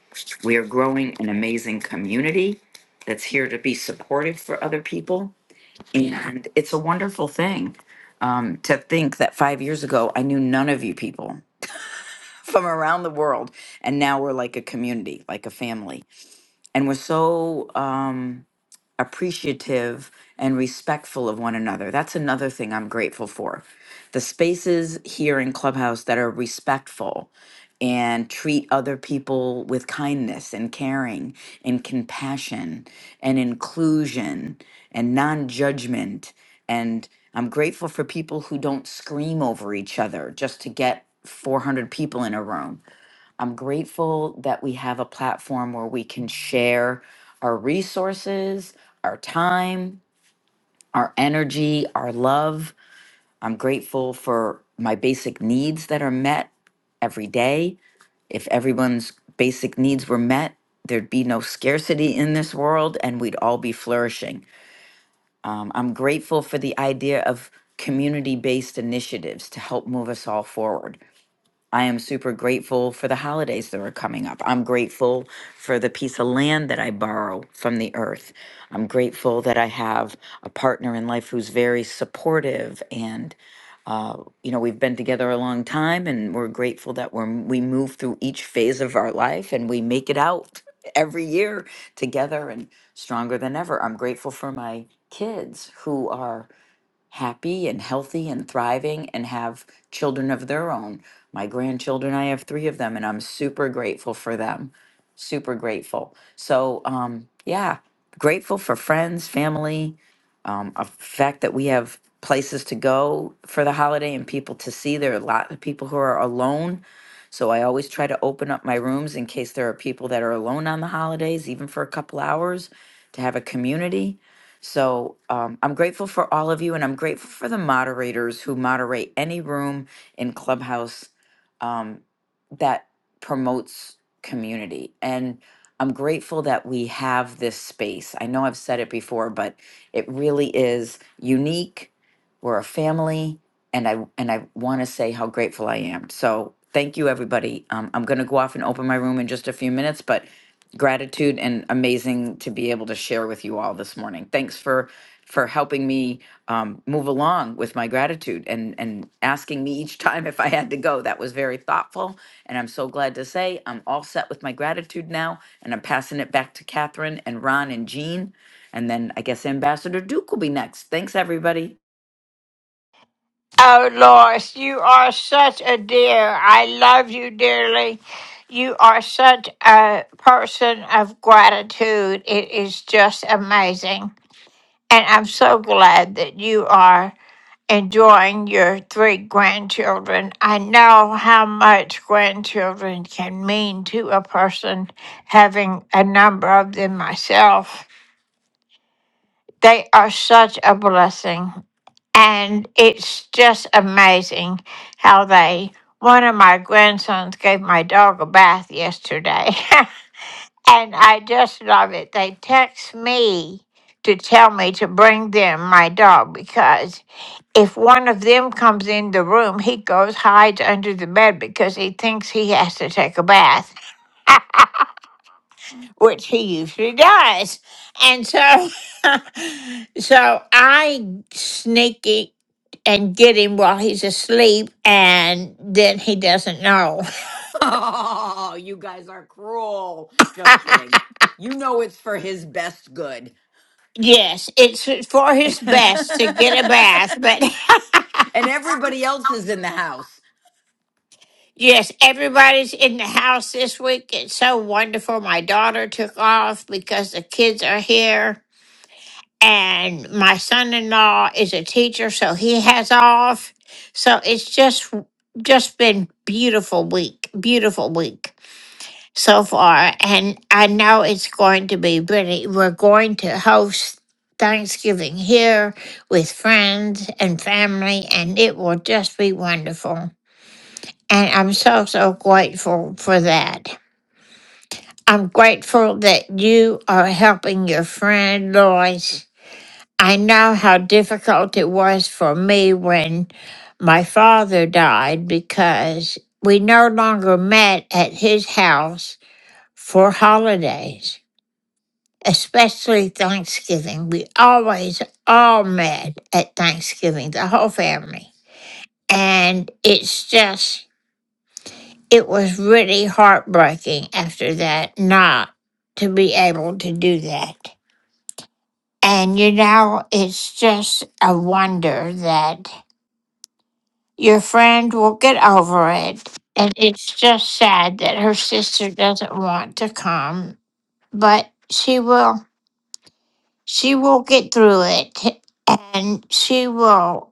Speaker 8: We are growing an amazing community that's here to be supportive for other people. And it's a wonderful thing um, to think that five years ago, I knew none of you people from around the world. And now we're like a community, like a family. And we're so. Um, appreciative and respectful of one another. That's another thing I'm grateful for. The spaces here in Clubhouse that are respectful and treat other people with kindness and caring and compassion and inclusion and non judgment. And I'm grateful for people who don't scream over each other just to get 400 people in a room. I'm grateful that we have a platform where we can share our resources, our time, our energy, our love. I'm grateful for my basic needs that are met every day. If everyone's basic needs were met, there'd be no scarcity in this world and we'd all be flourishing. Um, I'm grateful for the idea of community based initiatives to help move us all forward. I am super grateful for the holidays that are coming up. I'm grateful for the piece of land that I borrow from the earth. I'm grateful that I have a partner in life who's very supportive and uh, you know we've been together a long time and we're grateful that we're we move through each phase of our life and we make it out every year together and stronger than ever. I'm grateful for my kids who are happy and healthy and thriving and have children of their own. My grandchildren, I have three of them, and I'm super grateful for them. Super grateful. So, um, yeah, grateful for friends, family, um, a fact that we have places to go for the holiday and people to see. There are a lot of people who are alone. So I always try to open up my rooms in case there are people that are alone on the holidays, even for a couple hours, to have a community so um, I'm grateful for all of you, and I'm grateful for the moderators who moderate any room in Clubhouse um, that promotes community. And I'm grateful that we have this space. I know I've said it before, but it really is unique. We're a family, and I and I want to say how grateful I am. So thank you, everybody. Um, I'm going to go off and open my room in just a few minutes, but gratitude and amazing to be able to share with you all this morning. Thanks for for helping me um, move along with my gratitude and and asking me each time if I had to go. That was very thoughtful, and I'm so glad to say I'm all set with my gratitude now, and I'm passing it back to Catherine and Ron and Jean, and then I guess Ambassador Duke will be next. Thanks, everybody.
Speaker 1: Oh, Lois, you are such a dear. I love you dearly. You are such a person of gratitude. It is just amazing. And I'm so glad that you are enjoying your three grandchildren. I know how much grandchildren can mean to a person, having a number of them myself. They are such a blessing. And it's just amazing how they. One of my grandsons gave my dog a bath yesterday. And I just love it. They text me to tell me to bring them my dog because if one of them comes in the room, he goes hides under the bed because he thinks he has to take a bath, which he usually does. And so so I sneak it and get him while he's asleep and then he doesn't know.
Speaker 8: Oh, you guys are cruel. Just kidding. You know it's for his best good.
Speaker 1: yes, it's for his best to get a bath, but
Speaker 8: and everybody else is in the house.
Speaker 1: Yes, everybody's in the house this week. It's so wonderful. My daughter took off because the kids are here, and my son in law is a teacher, so he has off. So it's just just been beautiful week, beautiful week so far, and I know it's going to be pretty. We're going to host Thanksgiving here with friends and family, and it will just be wonderful. And I'm so, so grateful for that. I'm grateful that you are helping your friend Lois. I know how difficult it was for me when my father died because we no longer met at his house for holidays, especially Thanksgiving. We always all met at Thanksgiving, the whole family. And it's just it was really heartbreaking after that not to be able to do that. And you know, it's just a wonder that your friend will get over it. And it's just sad that her sister doesn't want to come, but she will she will get through it and she will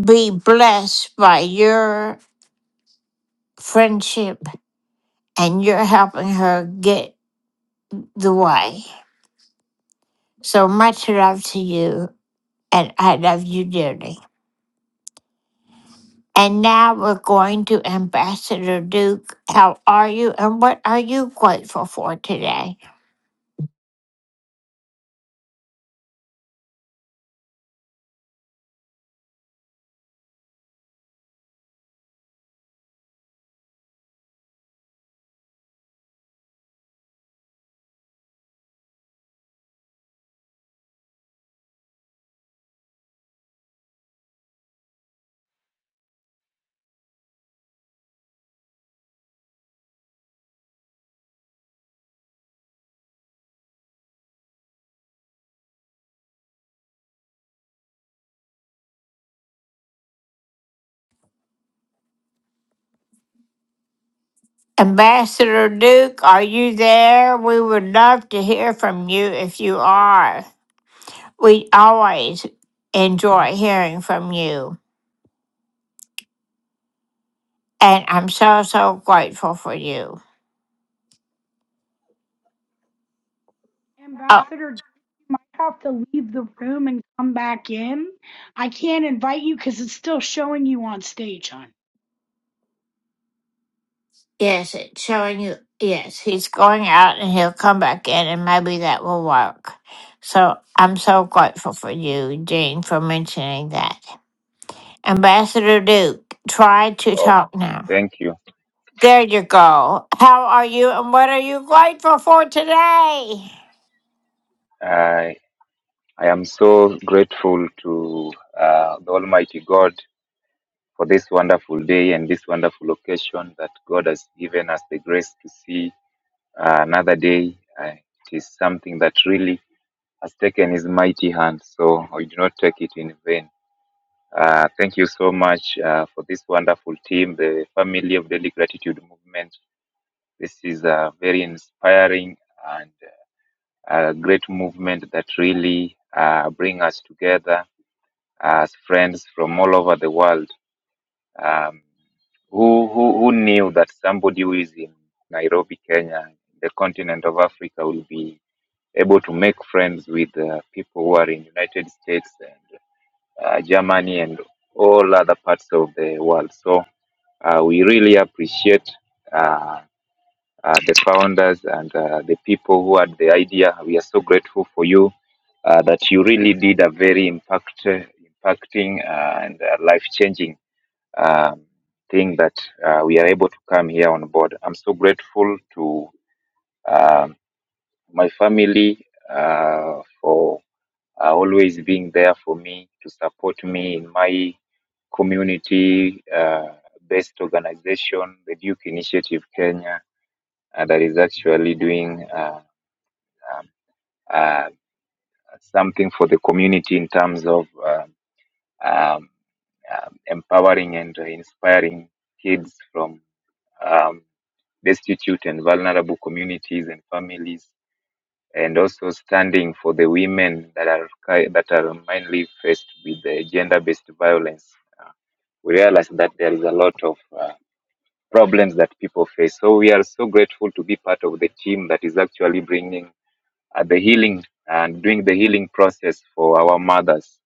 Speaker 1: be blessed by your friendship and your helping her get the way. So much love to you, and I love you dearly. And now we're going to Ambassador Duke. How are you, and what are you grateful for today? Ambassador Duke, are you there? We would love to hear from you if you are. We always enjoy hearing from you, and I'm so, so grateful for you. Oh,
Speaker 6: Ambassador, you might have to leave the room and come back in. I can't invite you because it's still showing you on stage, hon.
Speaker 1: Yes, it's showing you. Yes, he's going out and he'll come back in, and maybe that will work. So I'm so grateful for you, Jean, for mentioning that. Ambassador Duke, try to
Speaker 11: Oh,
Speaker 1: talk now.
Speaker 11: thank you.
Speaker 1: There you go. How are you, and what are you grateful for today?
Speaker 11: I I am so grateful to uh, the Almighty God for this wonderful day and this wonderful occasion that God has given us the grace to see uh, another day. Uh, it is something that really has taken His mighty hand, so I do not take it in vain. Uh, thank you so much uh, for this wonderful team, the family of Daily Gratitude Movement. This is uh, very inspiring and a great movement that really uh, bring us together as friends from all over the world. Um, who, who, who knew that somebody who is in Nairobi, Kenya, the continent of Africa, will be able to make friends with uh, people who are in United States and uh, Germany and all other parts of the world. So uh, we really appreciate uh, uh, the founders and uh, the people who had the idea. We are so grateful for you uh, that you really did a very impact, impacting uh, and uh, life changing um, thing that uh, we are able to come here on board. I'm so grateful to um my family uh, for uh, always being there for me to support me in my community uh, based organization, the Duke Initiative Kenya uh, that is actually doing uh, um, uh, something for the community in terms of uh, um, um, empowering and inspiring kids from um, destitute and vulnerable communities and families, and also standing for the women that are ki- that are mainly faced with the gender-based violence. Uh, we realize that there is a lot of uh, problems that people face. So we are so grateful to be part of the team that is actually bringing uh, the healing and doing the healing process for our mothers.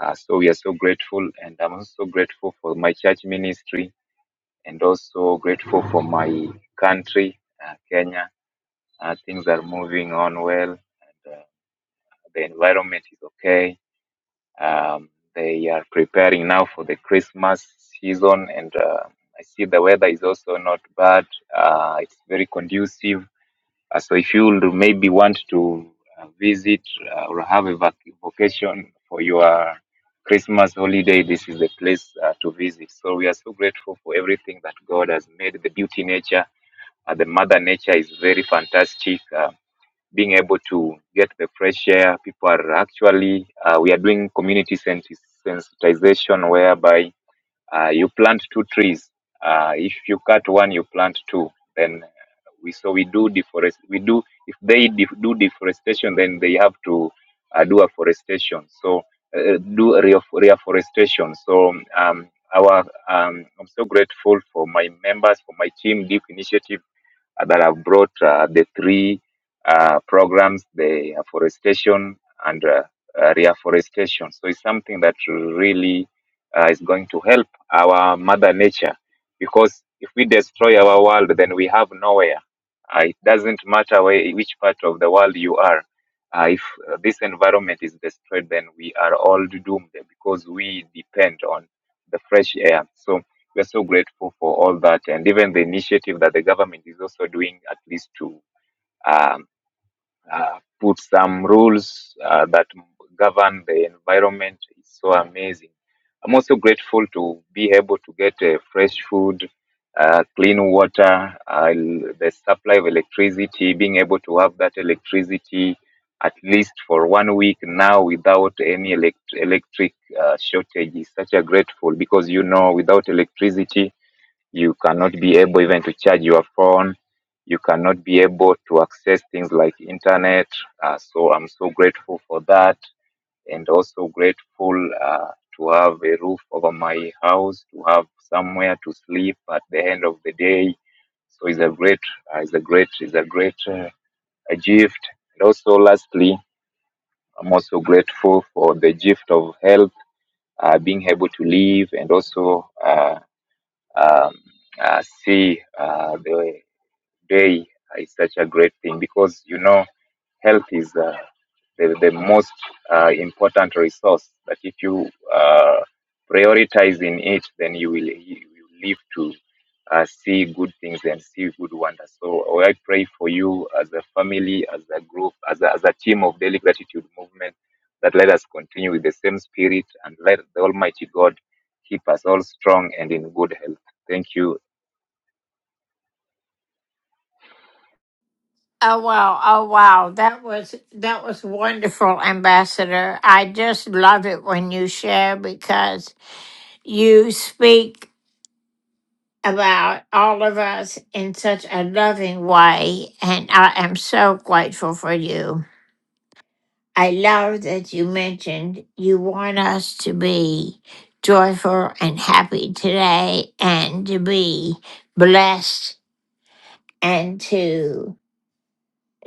Speaker 11: Uh, so we are so grateful, and I'm also so grateful for my church ministry, and also grateful for my country, uh, Kenya. Uh, things are moving on well, and uh, the environment is okay. Um, they are preparing now for the Christmas season, and uh, I see the weather is also not bad. Uh, it's very conducive Uh, so if you would maybe want to uh, visit uh, or have a vac- vacation for your Christmas holiday, this is the place uh, to visit. So we are so grateful for everything that God has made. The beauty nature, uh, the mother nature is very fantastic. Uh, being able to get the fresh air, people are actually, uh, we are doing community sensi- sensitization whereby uh, you plant two trees. Uh, if you cut one, you plant two. Then we so we do deforest. We do if they def- do deforestation, then they have to uh, do afforestation. So uh, do re- reforestation. So um, our um, I'm so grateful for my members for my team deep initiative uh, that have brought uh, the three uh, programs, the afforestation and uh, uh, reforestation. So it's something that really uh, is going to help our mother nature because if we destroy our world then we have nowhere uh, it doesn't matter where, which part of the world you are uh, if uh, this environment is destroyed then we are all doomed because we depend on the fresh air so we're so grateful for all that and even the initiative that the government is also doing at least to um, uh, put some rules uh, that govern the environment is so amazing. I'm also grateful to be able to get uh, fresh food, uh, clean water, uh, l- the supply of electricity, being able to have that electricity at least for one week now without any elect- electric uh, shortage is such a grateful because you know without electricity you cannot be able even to charge your phone you cannot be able to access things like internet uh, so i'm so grateful for that and also grateful uh, to have a roof over my house to have somewhere to sleep at the end of the day so it's a great uh, it's a great it's a great uh, a gift and also lastly i'm also grateful for the gift of health uh, being able to live and also uh, um, uh, see uh, the day is such a great thing because you know health is uh, the, the most uh, important resource that if you uh, prioritize in it then you will, you will live to uh, see good things and see good wonders so i pray for you as a family as a group as a, as a team of daily gratitude movement that let us continue with the same spirit and let the almighty god keep us all strong and in good health thank you
Speaker 1: Oh wow, oh wow. That was that was wonderful, Ambassador. I just love it when you share because you speak about all of us in such a loving way, and I am so grateful for you. I love that you mentioned you want us to be joyful and happy today and to be blessed and to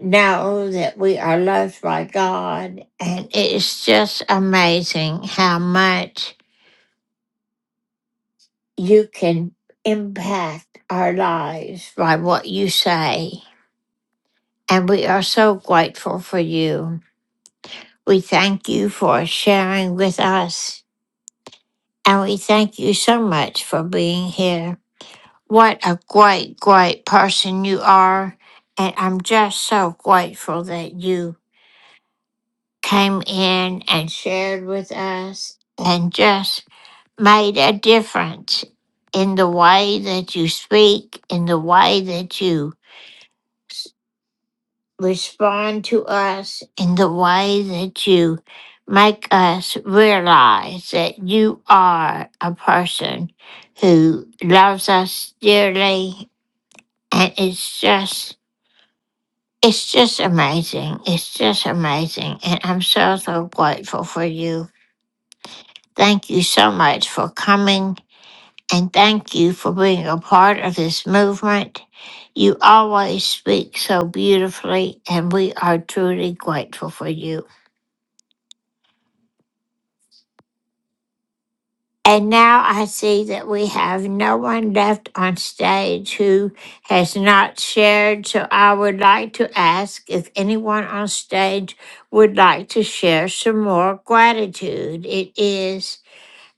Speaker 1: know that we are loved by God. And it is just amazing how much you can impact our lives by what you say. And we are so grateful for you. We thank you for sharing with us. And we thank you so much for being here. What a great, great person you are. And I'm just so grateful that you came in and shared with us and just made a difference in the way that you speak, in the way that you respond to us in the way that you make us realize that you are a person who loves us dearly and it's just it's just amazing it's just amazing and i'm so so grateful for you thank you so much for coming and thank you for being a part of this movement you always speak so beautifully and we are truly grateful for you And now I see that we have no one left on stage who has not shared. So I would like to ask if anyone on stage would like to share some more gratitude. It is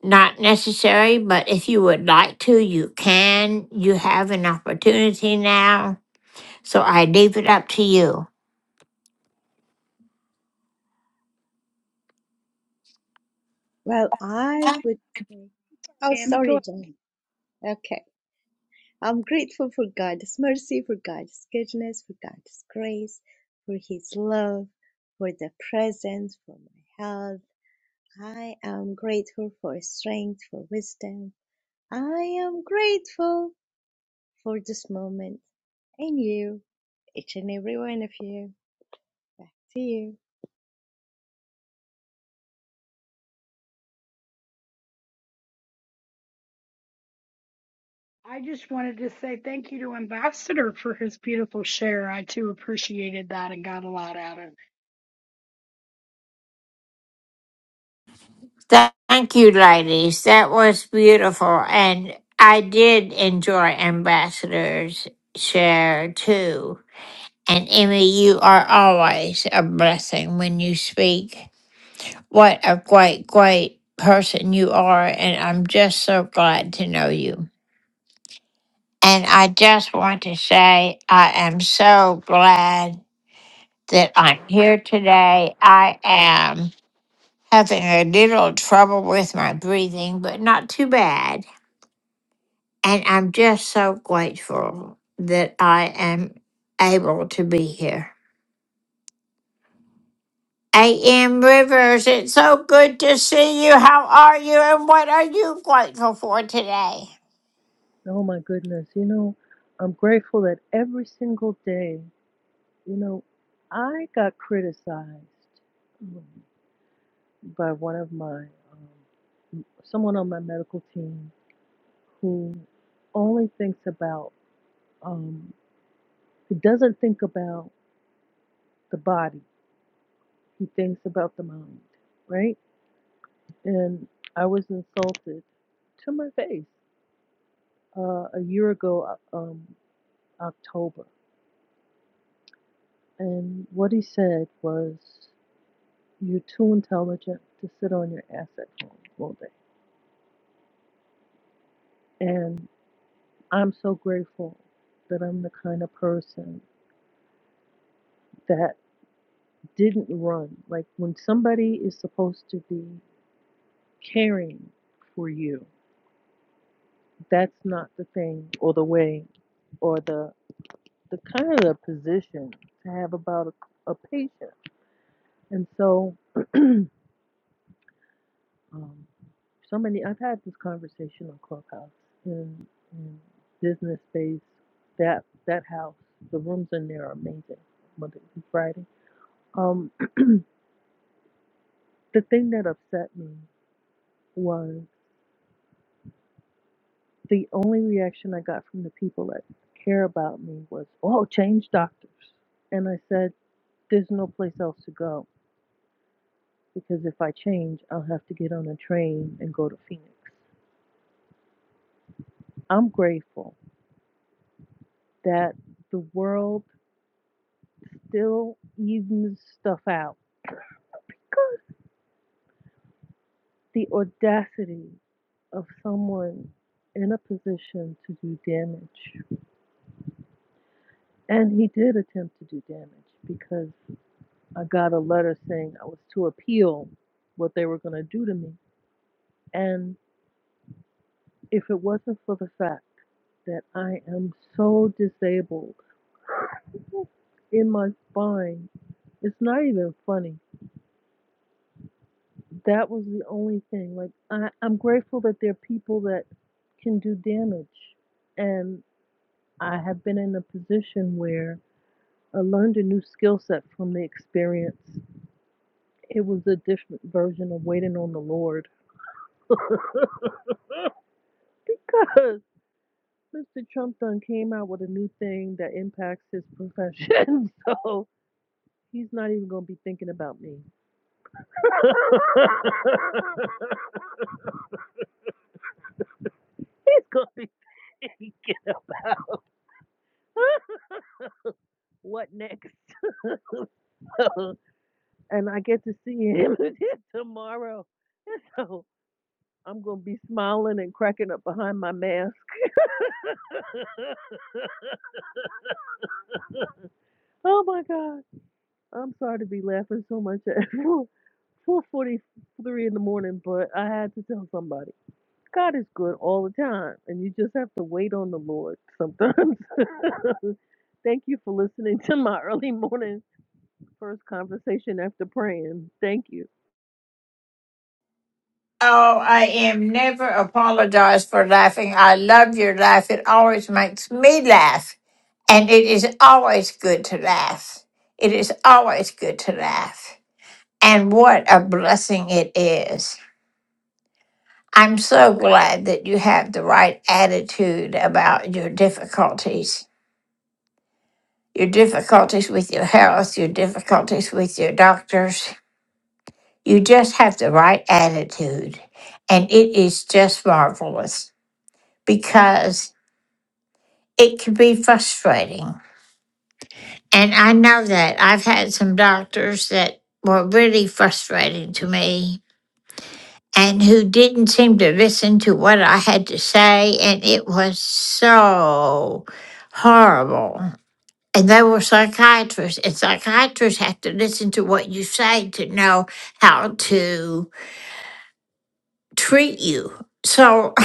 Speaker 1: not necessary, but if you would like to, you can. You have an opportunity now. So I leave it up to you.
Speaker 7: Well,
Speaker 6: Hi,
Speaker 7: I would say, oh,
Speaker 6: Tammy. Go
Speaker 7: sorry,
Speaker 6: ahead.
Speaker 7: Jen. Okay. I'm grateful for God's mercy, for God's goodness, for God's grace, for His love, for the present, for my health. I am grateful for strength, for wisdom. I am grateful For this moment, and you, each and every one of you, See you.
Speaker 6: I just wanted to say thank you to Ambassador for his beautiful share. I too appreciated that and got a lot out of it.
Speaker 1: Thank you, ladies. That was beautiful. And I did enjoy Ambassador's share too. And Emmy, you are always a blessing when you speak. What a great, great person you are. And I'm just so glad to know you. And I just want to say, I am so glad that I'm here today. I am having a little trouble with my breathing, but not too bad. And I'm just so grateful that I am able to be here. A.M. Rivers, it's so good to see you. How are you and what are you grateful for today?
Speaker 12: Oh my goodness. You know, I'm grateful that every single day, you know, I got criticized um, by one of my, someone on my medical team who only thinks about, um, he doesn't think about the body, he thinks about the mind, right? And I was insulted to my face uh, a year ago, uh, um, October. And what he said was, You're too intelligent to sit on your ass at home all day. And I'm so grateful that I'm the kind of person that didn't run. Like when somebody is supposed to be caring for you, that's not the thing or the way or the the kind of the position to have about a, a patient. And so um, so many i've had this conversation on clubhouse in, in business space that that house the rooms in there are amazing monday through friday um the thing that upset me was the only reaction i got from the people that care about me was oh change doctors and i said there's no place else to go because if i change i'll have to get on a train and go to phoenix i'm grateful that the world still evens stuff out the audacity of someone in a position to do damage. And he did attempt to do damage because I got a letter saying I was to appeal what they were going to do to me. And if it wasn't for the fact that I am so disabled in my spine, it's not even funny. That was the only thing. Like, I, I'm grateful that there are people that can do damage. And I have been in a position where I learned a new skill set from the experience. It was a different version of waiting on the Lord because Mr. Trump done came out with a new thing that impacts his profession. So he's not even going to be thinking about me. he's going to be thinking about what next. So, and I get to see him tomorrow. So I'm going to be smiling and cracking up behind my mask. Oh my God. I'm sorry to be laughing so much at 4:43 in the morning, but I had to tell somebody. God is good all the time, and you just have to wait on the Lord sometimes. Thank you for listening to my early morning first conversation after praying. Thank you.
Speaker 1: Oh, I am never apologize for laughing. I love your laugh. It always makes me laugh. And it is always good to laugh. It is always good to laugh. And what a blessing it is. I'm so glad that you have the right attitude about your difficulties, your difficulties with your health, your difficulties with your doctors. You just have the right attitude. And it is just marvelous because it can be frustrating. And I know that I've had some doctors that were really frustrating to me and who didn't seem to listen to what I had to say. And it was so horrible. And they were psychiatrists, and psychiatrists have to listen to what you say to know how to treat you. So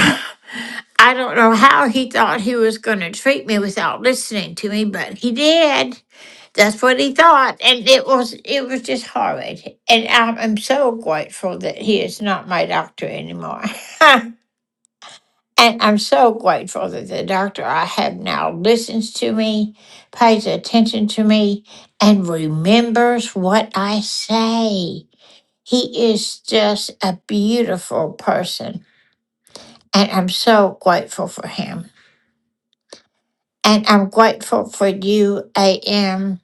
Speaker 1: I don't know how he thought he was going to treat me without listening to me, but he did. That's what he thought, and it was it was just horrid. And I'm, I'm so grateful that he is not my doctor anymore. And I'm so grateful that the doctor I have now listens to me, pays attention to me, and remembers what I say. He is just a beautiful person. And I'm so grateful for him. And I'm grateful for you, AM.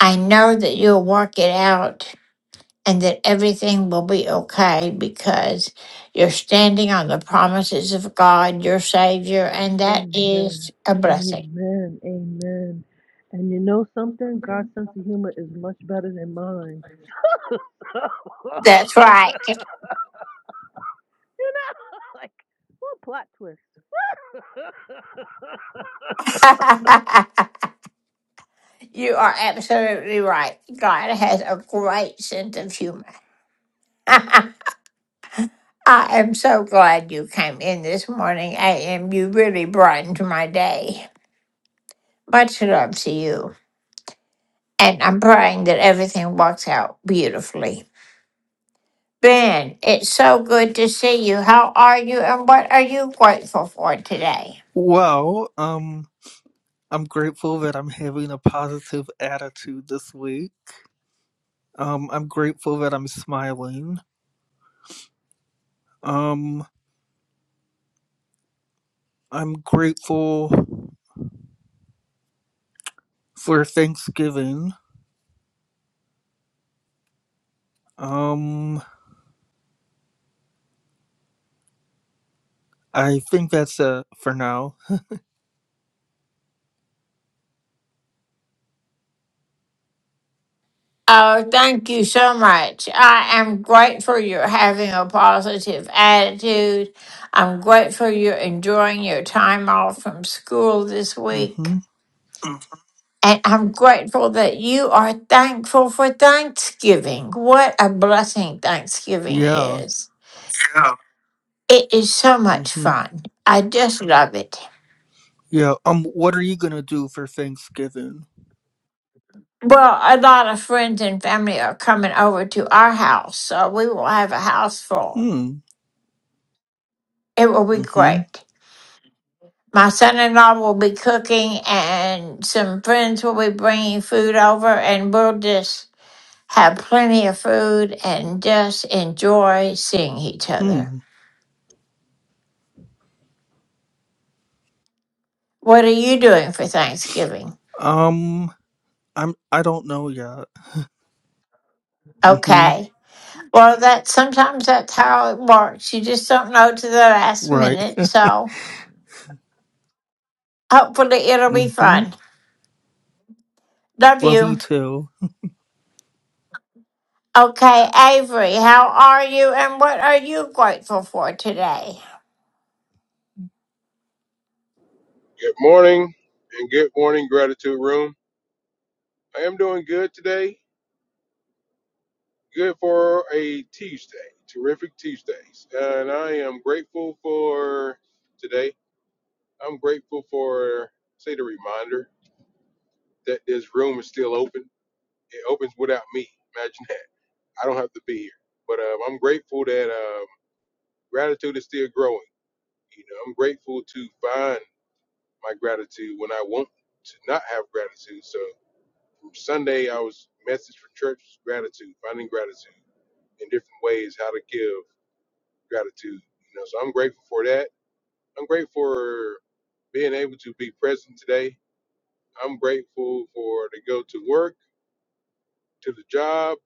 Speaker 1: I know that you'll work it out and that everything will be okay because you're standing on the promises of God, your Savior, and that is
Speaker 12: Amen.
Speaker 1: a blessing.
Speaker 12: Amen. Amen. And you know something? God's sense of humor is much better than mine.
Speaker 1: That's right.
Speaker 12: You know, like what a plot twist.
Speaker 1: you are absolutely right. God has a great sense of humor. I am so glad you came in this morning, AM. You really brightened my day. Much love to you. And I'm praying that everything works out beautifully. Ben, it's so good to see you. How are you and what are you grateful for today?
Speaker 13: Well, um, I'm grateful that I'm having a positive attitude this week. Um, I'm grateful that I'm smiling. Um, I'm grateful for Thanksgiving. Um, I think that's it for now.
Speaker 1: Oh, thank you so much. I am grateful you're having a positive attitude. I'm grateful you're enjoying your time off from school this week.
Speaker 13: Mm-hmm.
Speaker 1: And I'm grateful that you are thankful for Thanksgiving. What a blessing Thanksgiving
Speaker 13: Yeah.
Speaker 1: is. Yeah. It is so much
Speaker 13: Mm-hmm.
Speaker 1: fun. I just love it.
Speaker 13: Yeah. Um, what are you gonna do for Thanksgiving?
Speaker 1: Well, a lot of friends and family are coming over to our house, so we will have a house full.
Speaker 13: Hmm.
Speaker 1: It will be
Speaker 13: Mm-hmm.
Speaker 1: great. My son-in-law will be cooking, and some friends will be bringing food over, and we'll just have plenty of food and just enjoy seeing each other.
Speaker 13: Hmm.
Speaker 1: What are you doing for Thanksgiving?
Speaker 13: Um, I'm. I don't know yet. Mm-hmm.
Speaker 1: Okay. Well, that sometimes that's how it works. You just don't know to the last
Speaker 13: Right.
Speaker 1: minute, so hopefully it'll be
Speaker 13: Mm-hmm.
Speaker 1: fun. Love
Speaker 13: Love you
Speaker 1: you.
Speaker 13: too.
Speaker 1: Okay, Avery, how are you, and what are you grateful for today?
Speaker 14: Good morning and good morning, gratitude room. I am doing good today. Good for a Tuesday. Terrific Tuesdays. And I am grateful for today. I'm grateful for, say, the reminder that this room is still open. It opens without me. Imagine that. I don't have to be here. But um, I'm grateful that um, gratitude is still growing. You know, I'm grateful to find my gratitude when I want to not have gratitude. So. Sunday, I was message for church was gratitude, finding gratitude in different ways, how to give gratitude. You know, so I'm grateful for that. I'm grateful for being able to be present today. I'm grateful for to go to work, to the job,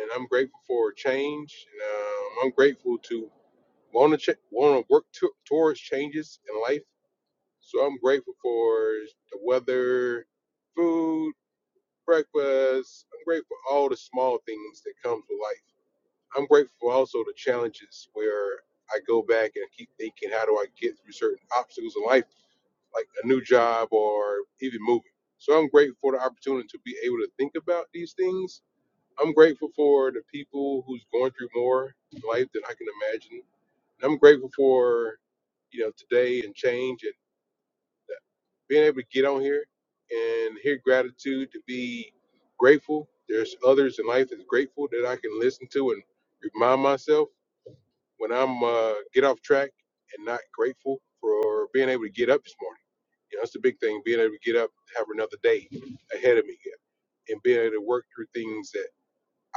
Speaker 14: and I'm grateful for change. And, um, I'm grateful to want to ch- want to work to- towards changes in life. So I'm grateful for the weather, food, breakfast. I'm grateful for all the small things that comes with life I'm grateful also to challenges where I go back and keep thinking, how do I get through certain obstacles in life, like a new job or even moving. So I'm grateful for the opportunity to be able to think about these things. I'm grateful for the people who's going through more in life than I can imagine. And I'm grateful for you know today and change and that- being able to get on here and hear gratitude to be grateful. There's others in life that's grateful that I can listen to and remind myself when I'm uh, get off track and not grateful for being able to get up this morning. You know, it's the big thing, being able to get up, have another day ahead of me, and being able to work through things that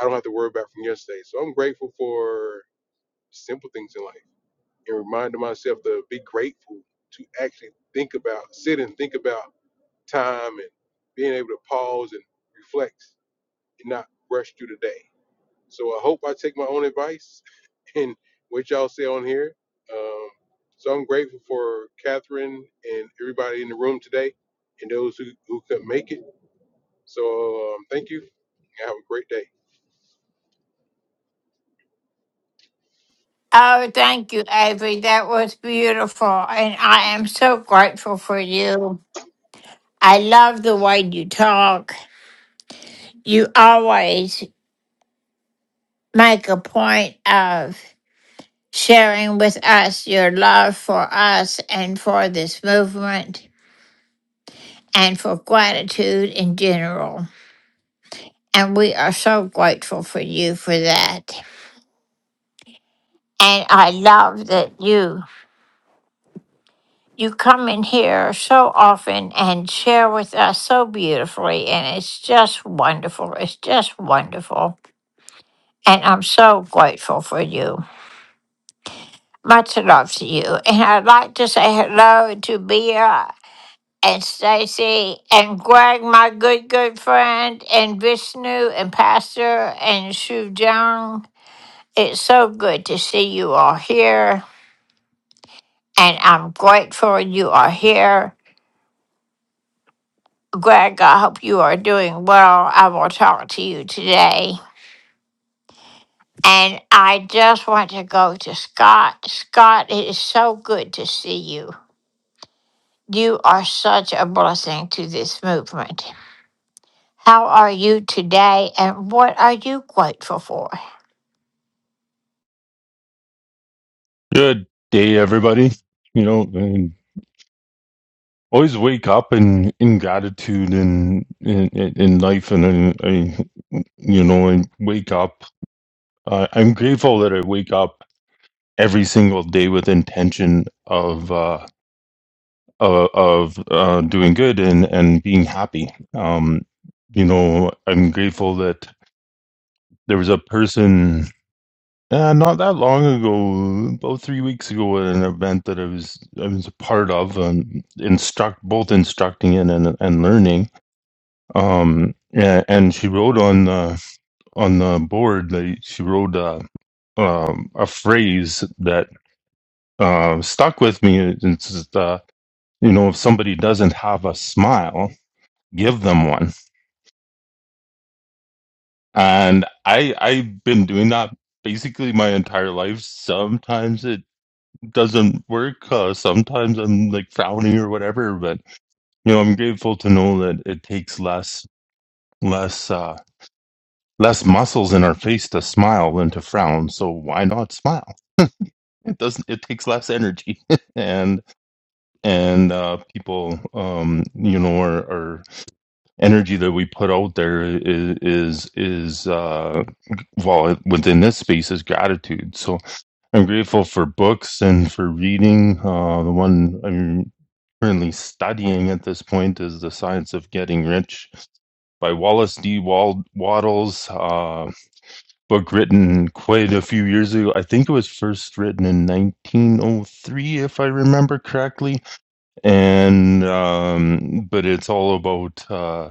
Speaker 14: I don't have to worry about from yesterday. So I'm grateful for simple things in life and reminding myself to be grateful to actually think about, sit and think about time and being able to pause and reflect and not rush through the day. So I hope I take my own advice and what y'all say on here. Um, so I'm grateful for Catherine and everybody in the room today and those who, who could not make it. So um, thank you and have a great day.
Speaker 1: Oh, thank you, Avery. That was beautiful. And I am so grateful for you. I love the way you talk. You always make a point of sharing with us your love for us and for this movement and for gratitude in general. And we are so grateful for you for that. And I love that you you come in here so often and share with us so beautifully, and it's just wonderful. It's just wonderful. And I'm so grateful for you. Much love to you. And I'd like to say hello to Bea and Stacy and Greg, my good, good friend, and Vishnu and Pastor and Shu Jung. It's so good to see you all here. And I'm grateful you are here. Greg, I hope you are doing well. I will talk to you today. And I just want to go to Scott. Scott, it is so good to see you. You are such a blessing to this movement. How are you today and what are you grateful for? Oh,
Speaker 15: Good day, everybody. You know, and always wake up in, in gratitude and in, in, in life, and I, I, you know, and wake up. Uh, I'm grateful that I wake up every single day with intention of uh, uh, of uh, doing good and and being happy. Um, you know, I'm grateful that there was a person Uh, not that long ago, about three weeks ago, at an event that I was I was a part of, um, instruct both instructing and and, and learning. Um, and, and she wrote on the on the board. Like, she wrote uh, um, a phrase that uh, stuck with me. It's just, uh, you know, if somebody doesn't have a smile, give them one. And I I've been doing that basically my entire life. Sometimes it. doesn't work. Uh, sometimes I'm like frowny or whatever, but you know, I'm grateful to know that it takes less, less, uh, less muscles in our face to smile than to frown. So why not smile? It doesn't. It takes less energy, and and uh, people, um, you know, our, our energy that we put out there is is is uh, well within this space is gratitude. So I'm grateful for books and for reading. Uh, the one I'm. currently studying at this point is The Science of Getting Rich by Wallace D. Waddles, uh, book written quite a few years ago. I think it was first written in 1903, if I remember correctly. And, um, but it's all about uh,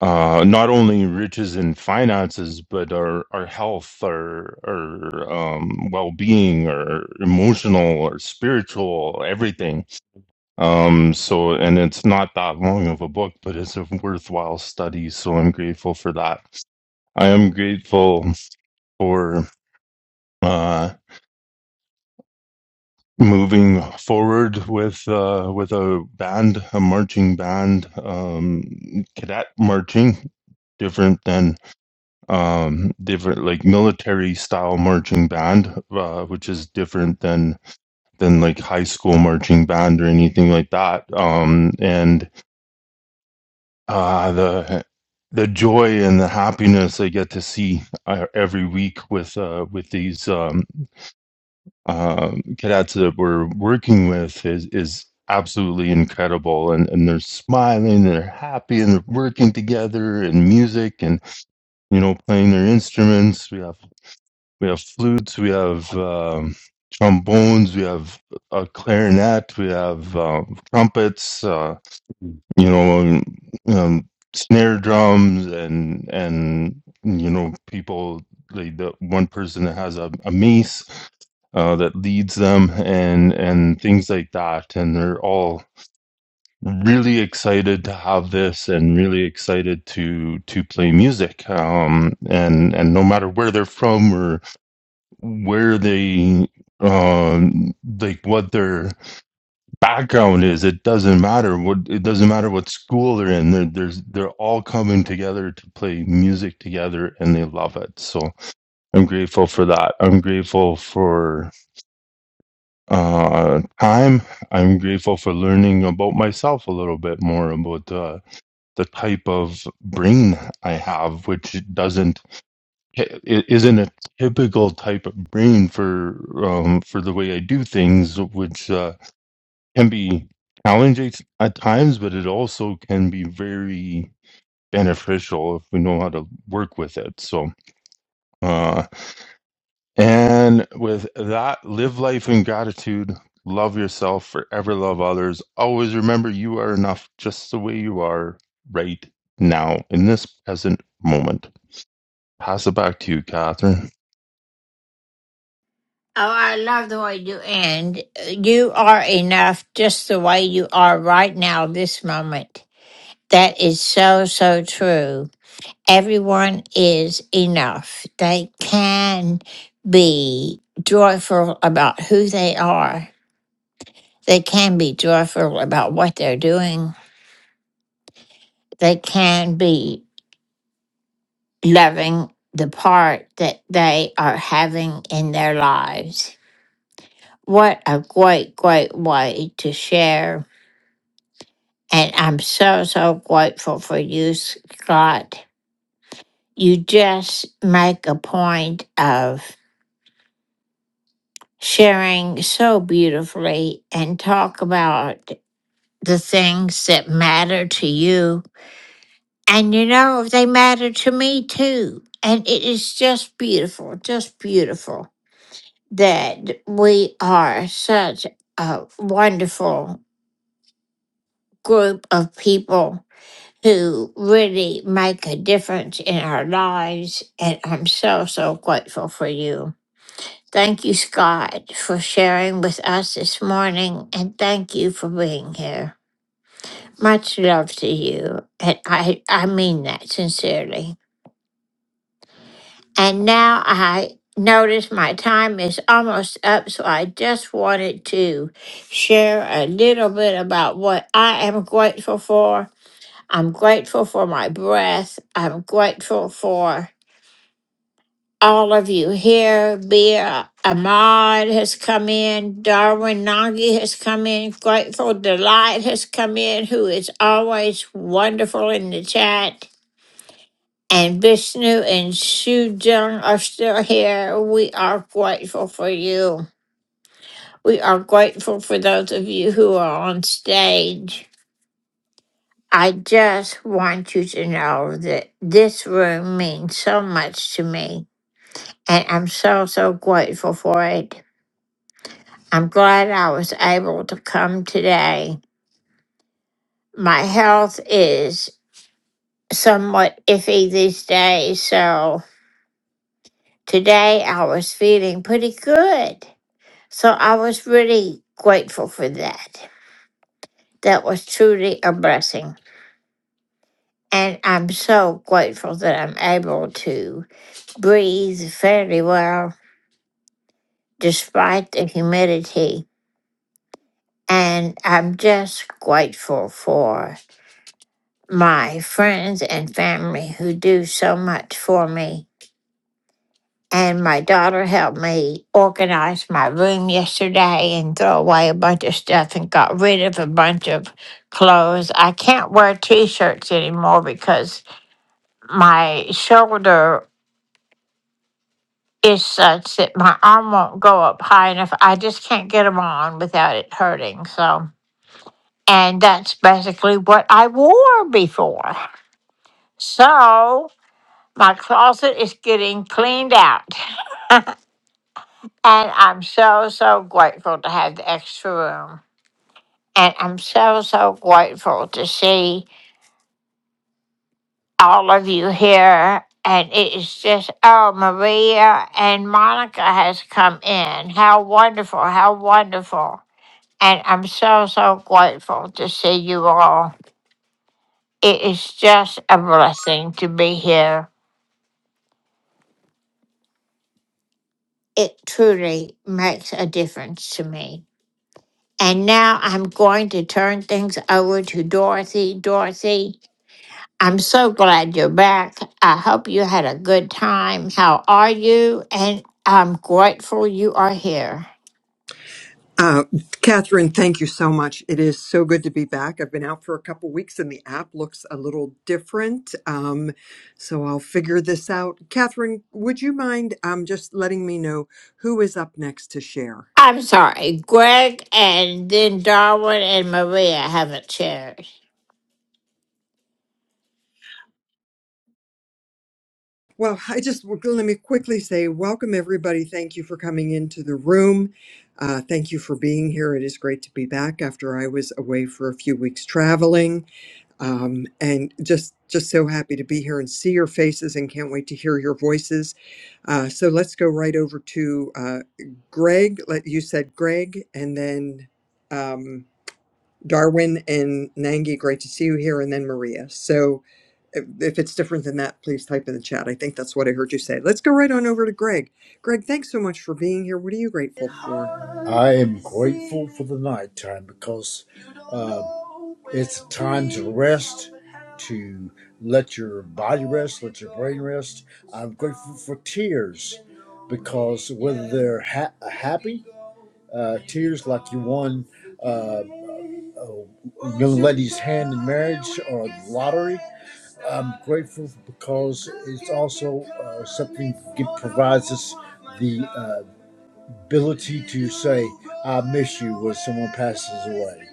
Speaker 15: uh, not only riches and finances, but our, our health, our, our um, well being, our emotional, our spiritual, everything um, so, and it's not that long of a book, but it's a worthwhile study. So I'm grateful for that. I am grateful for, uh, moving forward with, uh, with a band, a marching band, um, cadet marching, different than, um, different like military style marching band, uh, which is different than, than like high school marching band or anything like that. Um, and, uh, the the joy and the happiness I get to see uh, every week with uh, with these um, uh, cadets that we're working with is is absolutely incredible. And and they're smiling, they're happy, and they're working together, and music, and you know, playing their instruments. We have we have flutes, we have um, trombones, we have a clarinet, we have uh, trumpets. uh, you know, um, um, snare drums and and you know people like the one person that has a, a mace uh, that leads them and and things like that, and they're all really excited to have this and really excited to to play music um and and no matter where they're from or where they um like what they're background is. It doesn't matter what it doesn't matter what school they're in. They're, there's they're all coming together to play music together, and they love it. So I'm grateful for that. I'm grateful for uh, time. I'm grateful for learning about myself a little bit more about uh, the type of brain I have, which doesn't it isn't a typical type of brain for um, for the way I do things, which. Uh, can be challenging at times, but it also can be very beneficial if we know how to work with it. So, uh, and with that, live life in gratitude, love yourself, forever love others. Always remember you are enough just the way you are right now in this present moment. Pass it back to you, Catherine.
Speaker 1: I love the way you end. You are enough just the way you are right now, this moment. That is so, so true. everyone is enough. They can be joyful about who they are. They can be joyful about what they're doing. They can be loving the part that they are having in their lives. What a great, great way to share. And I'm so, so grateful for you, Scott. You just make a point of sharing so beautifully and talk about the things that matter to you. And you know, they matter to me too. And it is just beautiful, just beautiful that we are such a wonderful group of people who really make a difference in our lives. And I'm so, so grateful for you. Thank you, Scott, for sharing with us this morning, and thank you for being here. Much love to you, and I, I mean that sincerely. And now I notice my time is almost up, so I just wanted to share a little bit about what I am grateful for. I'm grateful for my breath. I'm grateful for all of you here. Bea Ahmad has come in. Darwin Nagy has come in. Grateful Delight has come in, who is always wonderful in the chat. And Vishnu and Sujung are still here. We are grateful for you. We are grateful for those of you who are on stage. I just want you to know that this room means so much to me, and I'm so, so grateful for it. I'm glad I was able to come today. My health is somewhat iffy these days, so today I was feeling pretty good. So I was really grateful for that. That was truly a blessing. And I'm so grateful that I'm able to breathe fairly well despite the humidity. And I'm just grateful for my friends and family who do so much for me. And my daughter helped me organize my room yesterday and throw away a bunch of stuff and got rid of a bunch of clothes. I can't wear t shirts anymore because my shoulder is such that my arm won't go up high enough. I just can't get them on without it hurting. So, and that's basically what I wore before. So, My closet is getting cleaned out, and I'm so, so grateful to have the extra room. And I'm so, so grateful to see all of you here. And it is just, oh, Maria and Monica has come in. How wonderful, how wonderful. And I'm so, so grateful to see you all. It is just a blessing to be here. It truly makes a difference to me. And now I'm going to turn things over to Dorothy. Dorothy, I'm so glad you're back. I hope you had a good time. How are you? And I'm grateful you are here.
Speaker 16: Uh, Catherine, thank you so much. It is so good to be back. I've been out for a couple weeks and the app looks a little different. Um, so I'll figure this out. Catherine, would you mind um, just letting me know who is up next to share?
Speaker 1: I'm sorry, Greg and then Darwin and Maria haven't shared.
Speaker 16: Well, I just let me quickly say welcome, everybody. Thank you for coming into the room. Uh, thank you for being here. It is great to be back after I was away for a few weeks traveling, um, and just just so happy to be here and see your faces, and can't wait to hear your voices. Uh, so let's go right over to uh, Greg. Let you said Greg, and then. Um, Darwin and Nangi, great to see you here, and then Maria. So if if it's different than that, please type in the chat. I think that's what I heard you say. Let's go right on over to Greg. Greg, thanks so much for being here. What are you grateful for?
Speaker 17: I am grateful for the nighttime because uh, it's a time to rest, to let your body rest, let your brain rest. I'm grateful for tears because whether they're ha- happy, uh, tears like you won uh, a young lady's hand in marriage or the lottery, I'm grateful because it's also uh, something that provides us. the. uh, ability to say, I miss you when someone passes away.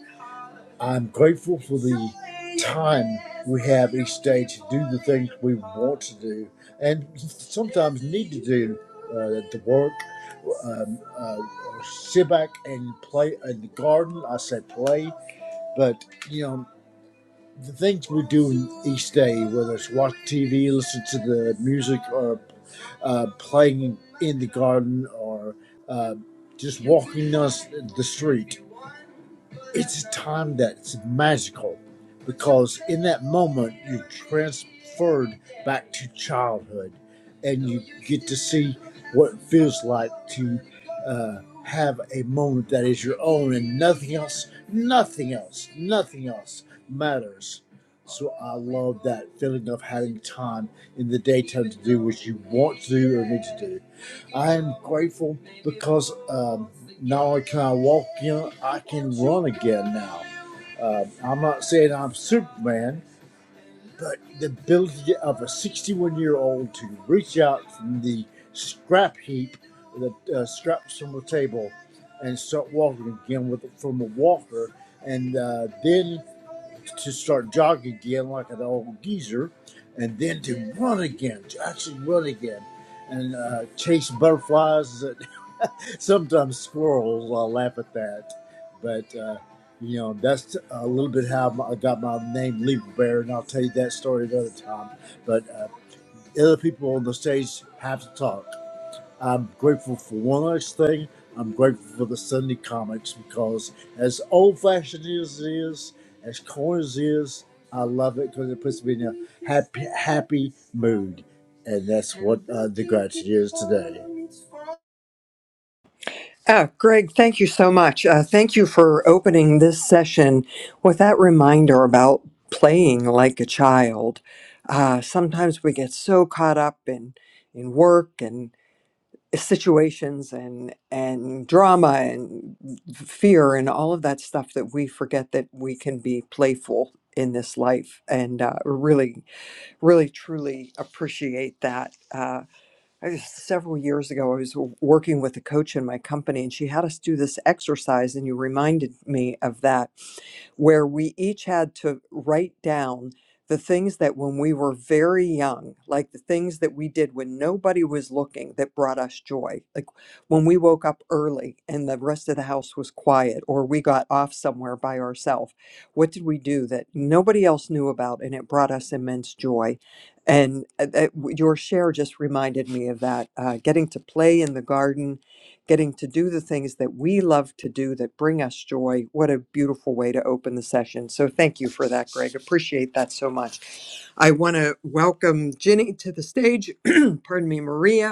Speaker 17: I'm grateful for the time we have each day to do the things we want to do and sometimes need to do uh, the work, um, uh, sit back and play in the garden. I say play, but you know the things we do each day, whether it's watch TV, listen to the music, or uh, playing in the garden, or uh, just walking down the street, it's a time that's magical because in that moment you're transferred back to childhood and you get to see what it feels like to uh, have a moment that is your own and nothing else, nothing else, nothing else matters. So I love that feeling of having time in the daytime to do what you want to do or need to do. I am grateful because. um, not only can I walk again, I can run again now. Uh, I'm not saying I'm Superman, but the ability of a 61 year old to reach out from the scrap heap, the uh, scraps from the table, and start walking again with from a walker, and uh, then to start jogging again like an old geezer, and then to run again, to actually run again, and uh, chase butterflies. Sometimes squirrels, I'll laugh at that. But, uh, you know, that's a little bit how I got my name, Leap Bear, and I'll tell you that story another time. But uh, other people on the stage have to talk. I'm grateful for one last thing. I'm grateful for the Sunday comics because, as old fashioned as it is, as corny as it is, I love it because it puts me in a happy, happy mood. And that's what uh, the gratitude is today.
Speaker 16: Ah, Greg, thank you so much. Uh, thank you for opening this session with that reminder about playing like a child. Uh, sometimes we get so caught up in in work and situations and and drama and fear and all of that stuff that we forget that we can be playful in this life and uh, really really truly appreciate that uh, I- several years ago, I was w- working with a coach in my company, and she had us do this exercise, and you reminded me of that, where we each had to write down the things that when we were very young, like the things that we did when nobody was looking that brought us joy, like when we woke up early and the rest of the house was quiet, or we got off somewhere by ourselves. What did we do that nobody else knew about and it brought us immense joy? And uh, that, your share just reminded me of that uh, getting to play in the garden, getting to do the things that we love to do that bring us joy. What a beautiful way to open the session. So, thank you for that, Greg. Appreciate that so much. I want to welcome Ginny to the stage. Pardon me, Maria.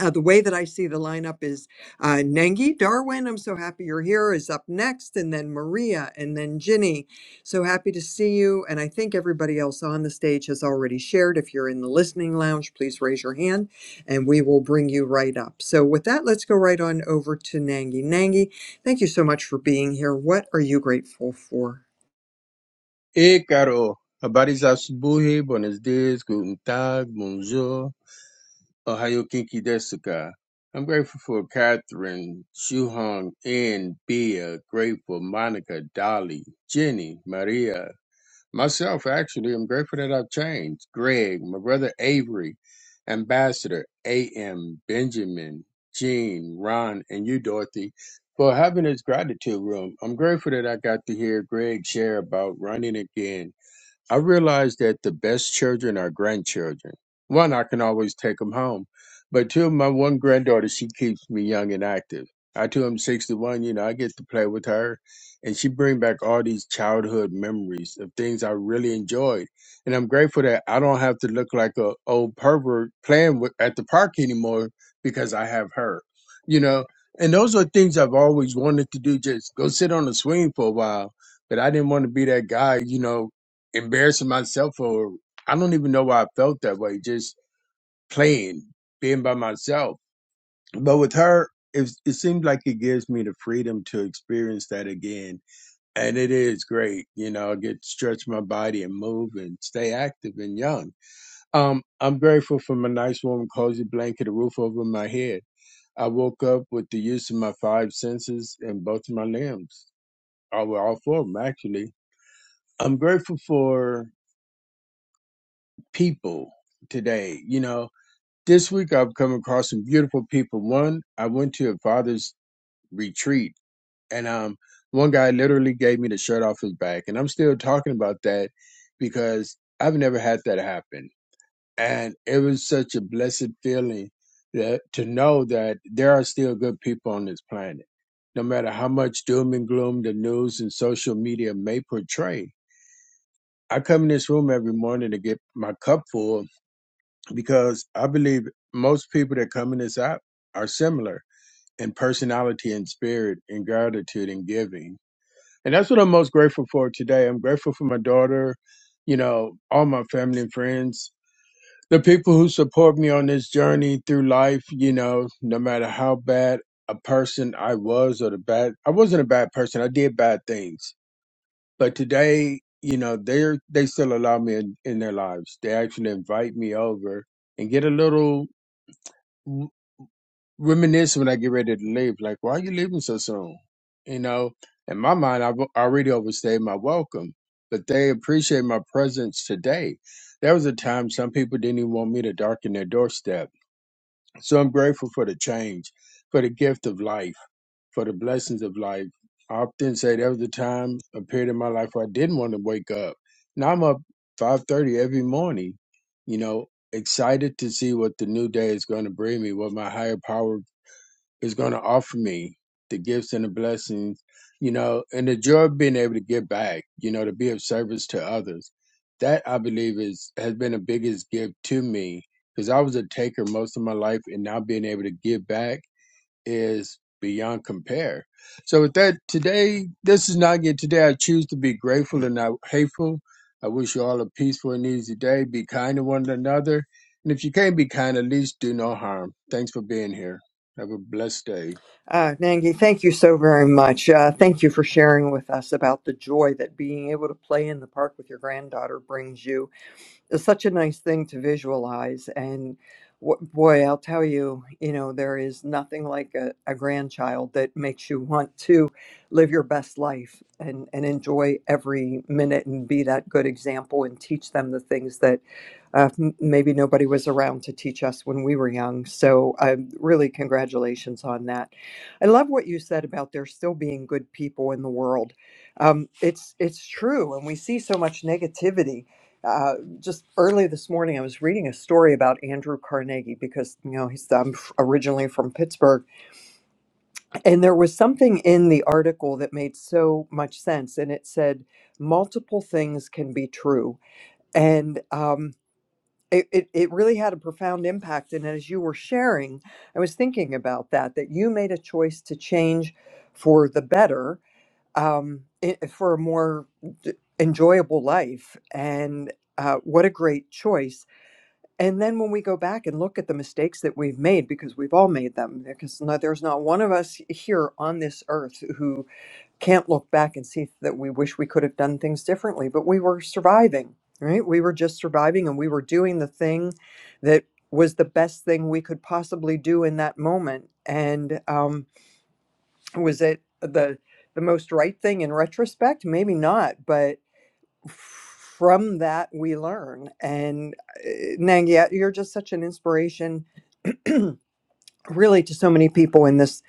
Speaker 16: Uh, the way that I see the lineup is uh, Nengi, Darwin, I'm so happy you're here, is up next, and then Maria, and then Ginny. So happy to see you. And I think everybody else on the stage has already shared. If you're in the listening lounge, please raise your hand and we will bring you right up. So with that, let's go right on over to Nengi. Nengi, thank you so much for being here. What are you grateful for?
Speaker 18: Hey, Carol. Habari za asubuhi, buenos dias, guten tag, bonjour, ohayo kinki desu ka. I'm grateful for Catherine, Shuhong, Ann, Bea, grateful, Monica, Dolly, Jenny, Maria. Myself, actually, I'm grateful that I've changed. Greg, my brother Avery, Ambassador, A.M., Benjamin, Jean, Ron, and you, Dorothy, for having this gratitude room. I'm grateful that I got to hear Greg share about running again I realize that the best children are grandchildren. One, I can always take them home. But two, my one granddaughter, she keeps me young and active. I too am 61, you know, I get to play with her and she bring back all these childhood memories of things I really enjoyed. And I'm grateful that I don't have to look like a old pervert playing with, at the park anymore because I have her, you know. And those are things I've always wanted to do, just go sit on the swing for a while but I didn't want to be that guy, you know, embarrassing myself or I don't even know why I felt that way, just playing, being by myself. But with her, it, it seems like it gives me the freedom to experience that again. And it is great. You know, I get to stretch my body and move and stay active and young. Um, I'm grateful for my nice warm cozy blanket, a roof over my head. I woke up with the use of my five senses and both of my limbs. All, all four of them, actually. I'm grateful for people today. You know, This week I've come across some beautiful people. One, I went to a father's retreat and um one guy literally gave me the shirt off his back and I'm still talking about that because I've never had that happen. And it was such a blessed feeling that to know that there are still good people on this planet. No matter how much doom and gloom the news and social media may portray. I come in this room every morning to get my cup full because I believe most people that come in this app are similar in personality and spirit and gratitude and giving. And that's what I'm most grateful for today. I'm grateful for my daughter, you know, all my family and friends, the people who support me on this journey through life, you know, no matter how bad a person I was or the bad I wasn't a bad person. I did bad things. But today, you know, they're they still allow me in, in their lives. They actually invite me over and get a little reminisce when I get ready to leave. Like, why are you leaving so soon? You know, in my mind, I've already overstayed my welcome, but they appreciate my presence today. There was a time some people didn't even want me to darken their doorstep. So I'm grateful for the change, for the gift of life, for the blessings of life. I often say there was a time, a period in my life where I didn't want to wake up. Now I'm up 5.30 every morning, you know, excited to see what the new day is going to bring me, what my higher power is going to offer me the gifts and the blessings, you know, and the joy of being able to give back, you know, to be of service to others. That I believe is has been the biggest gift to me because I was a taker most of my life, and now being able to give back is beyond compare. So with that, today, this is not yet today. I choose to be grateful and not hateful. I wish you all a peaceful and easy day. Be kind to one another. And if you can't be kind, at least do no harm. Thanks for being here. Have a blessed day.
Speaker 16: Uh, Nangi, thank you so very much. Uh, thank you for sharing with us about the joy that being able to play in the park with your granddaughter brings you it's such a nice thing to visualize and wh- boy i'll tell you you know there is nothing like a, a grandchild that makes you want to live your best life and, and enjoy every minute and be that good example and teach them the things that uh, m- maybe nobody was around to teach us when we were young. So, um, really, congratulations on that. I love what you said about there still being good people in the world. Um, it's it's true, and we see so much negativity. Uh, just early this morning, I was reading a story about Andrew Carnegie because you know he's I'm f- originally from Pittsburgh, and there was something in the article that made so much sense, and it said multiple things can be true, and um, it, it, it really had a profound impact. And as you were sharing, I was thinking about that, that you made a choice to change for the better, um, i- for a more d- enjoyable life. And uh, what a great choice. And then when we go back and look at the mistakes that we've made, because we've all made them, because no, there's not one of us here on this earth who can't look back and see that we wish we could have done things differently, but we were surviving, right? We were just surviving and we were doing the thing that was the best thing we could possibly do in that moment. And um, was it the the most right thing in retrospect? Maybe not, but from that we learn. And uh, Nangia, you're just such an inspiration, really, to so many people in this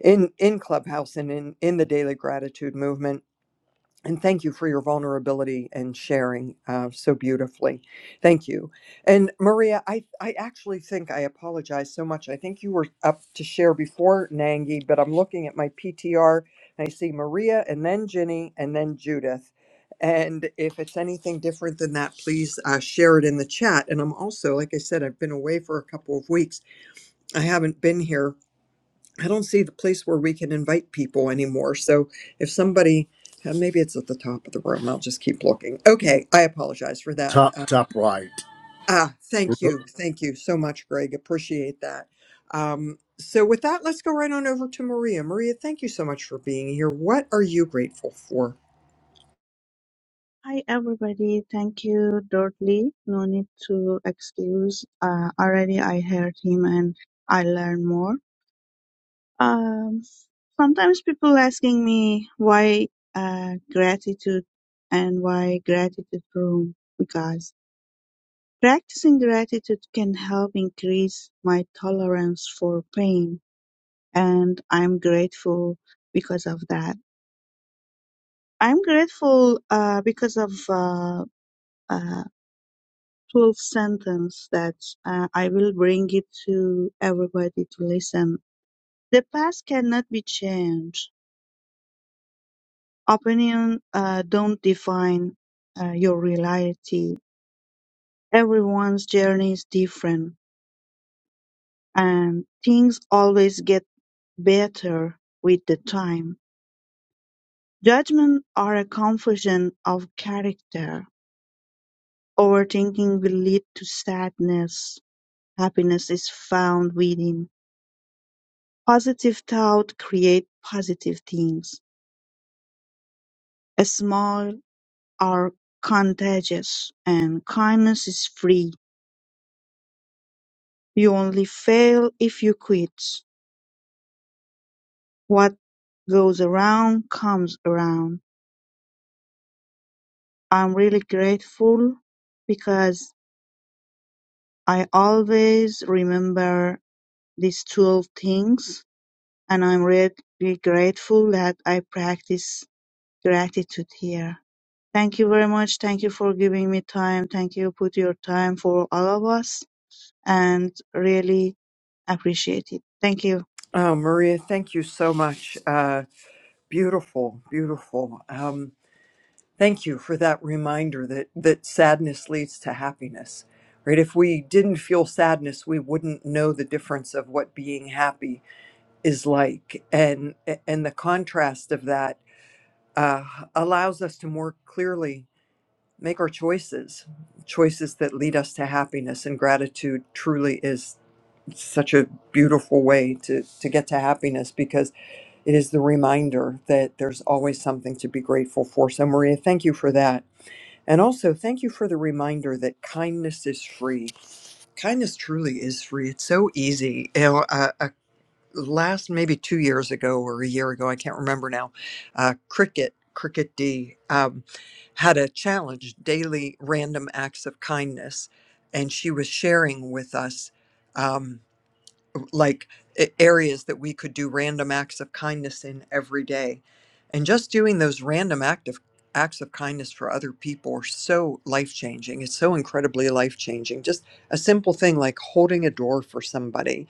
Speaker 16: in in Clubhouse and in in the daily gratitude movement And thank you for your vulnerability and sharing uh, so beautifully. Thank you. And Maria, I, I actually think I apologize so much. I think you were up to share before Nangi, but I'm looking at my PTR and I see Maria and then Ginny and then Judith. And if it's anything different than that, please uh, share it in the chat. And I'm also, like I said, I've been away for a couple of weeks. I haven't been here I don't see the place where we can invite people anymore. So if somebody, uh, maybe it's at the top of the room, I'll just keep looking. Okay, I apologize for that.
Speaker 17: Top,
Speaker 16: Uh,
Speaker 17: top right.
Speaker 16: ah, thank you. Thank you so much, Greg. Appreciate that. Um, so with that, let's go right on over to Maria. Maria, thank you so much for being here. What are you grateful for?
Speaker 19: Hi everybody, thank you, Dudley. No need to excuse. Uh, already I heard him and I learned more. Um, sometimes people asking me why uh, gratitude and why gratitude room because practicing gratitude can help increase my tolerance for pain, and I'm grateful because of that. I'm grateful uh, because of. Uh, uh, full sentence that uh, I will bring it to everybody to listen. The past cannot be changed. Opinion uh, don't define uh, your reality. Everyone's journey is different, and things always get better with the time. Judgment are a confusion of character. Overthinking will lead to sadness. Happiness is found within Positive thoughts create positive things. Smiles are contagious and kindness is free. You only fail if you quit. What goes around comes around. I'm really grateful because I always remember these 12 things and I'm really grateful that I practice gratitude here. Thank you very much. Thank you for giving me time. Thank you put your time for all of us and really appreciate it. Thank you.
Speaker 16: Oh, Maria, thank you so much. Uh, beautiful, beautiful. Um, Thank you for that reminder that that sadness leads to happiness. Right? If we didn't feel sadness, we wouldn't know the difference of what being happy is like, and and the contrast of that uh, allows us to more clearly make our choices, choices that lead us to happiness. And gratitude truly is such a beautiful way to to get to happiness because it is the reminder that there's always something to be grateful for. So, Maria, thank you for that and also, thank you for the reminder that kindness is free. Kindness truly is free. It's so easy. You know, uh, uh, last maybe two years ago or a year ago, I can't remember now. Uh, Cricket, Cricket D, um, had a challenge: daily random acts of kindness, and she was sharing with us. Um, like a- areas that we could do random acts of kindness in every day and just doing those random act of acts of kindness for other people are so life changing it's so incredibly life changing just a simple thing like holding a door for somebody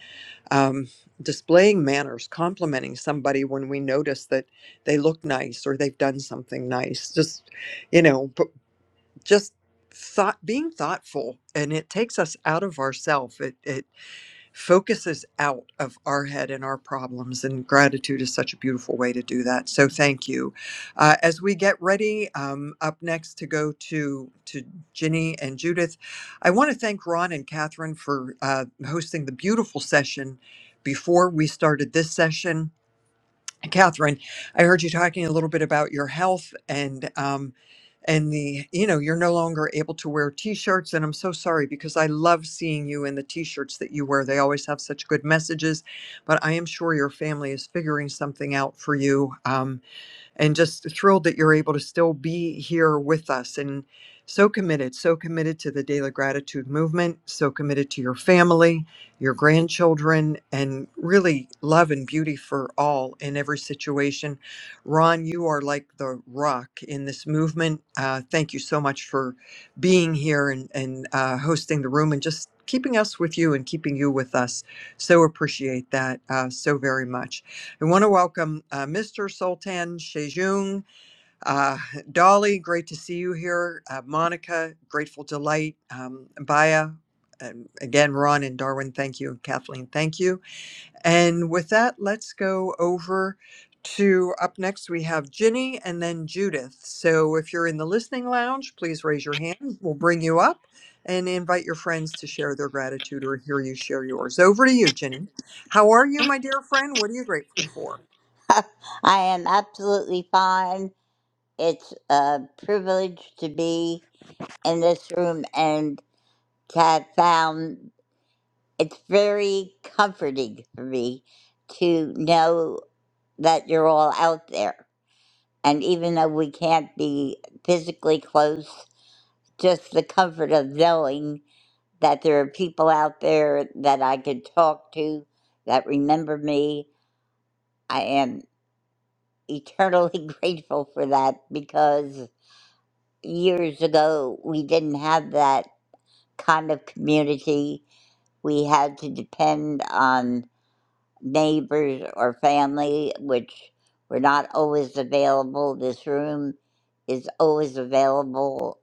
Speaker 16: um, displaying manners complimenting somebody when we notice that they look nice or they've done something nice just you know but just thought being thoughtful and it takes us out of ourself It, it focuses out of our head and our problems. And gratitude is such a beautiful way to do that. So thank you. Uh, as we get ready, um, up next to go to to Ginny and Judith, I want to thank Ron and Catherine for uh, hosting the beautiful session before we started this session. Catherine, I heard you talking a little bit about your health and um, and the you know you're no longer able to wear t-shirts and I'm so sorry because I love seeing you in the t-shirts that you wear. They always have such good messages, but I am sure your family is figuring something out for you. Um, and just thrilled that you're able to still be here with us and so committed, so committed to the Daily Gratitude Movement, so committed to your family, your grandchildren, and really love and beauty for all in every situation. Ron, you are like the rock in this movement. Uh, thank you so much for being here and, and uh, hosting the room and just keeping us with you and keeping you with us. So appreciate that uh, so very much. We want to welcome uh, Mr. Sultan Shejung. Uh, Dolly, great to see you here. Uh, Monica, Grateful Delight. Um, Baya, um, again, Ron and Darwin, thank you. Kathleen, thank you. And with that, let's go over to up next. We have Ginny and then Judith. So if you're in the listening lounge, please raise your hand. We'll bring you up and invite your friends to share their gratitude or hear you share yours. Over to you, Ginny. How are you, my dear friend? What are you grateful for?
Speaker 20: I am absolutely fine. It's a privilege to be in this room and to have found it's very comforting for me to know that you're all out there. And even though we can't be physically close, just the comfort of knowing that there are people out there that I can talk to that remember me. I am eternally grateful for that because years ago, we didn't have that kind of community. We had to depend on neighbors or family, which were not always available. This room is always available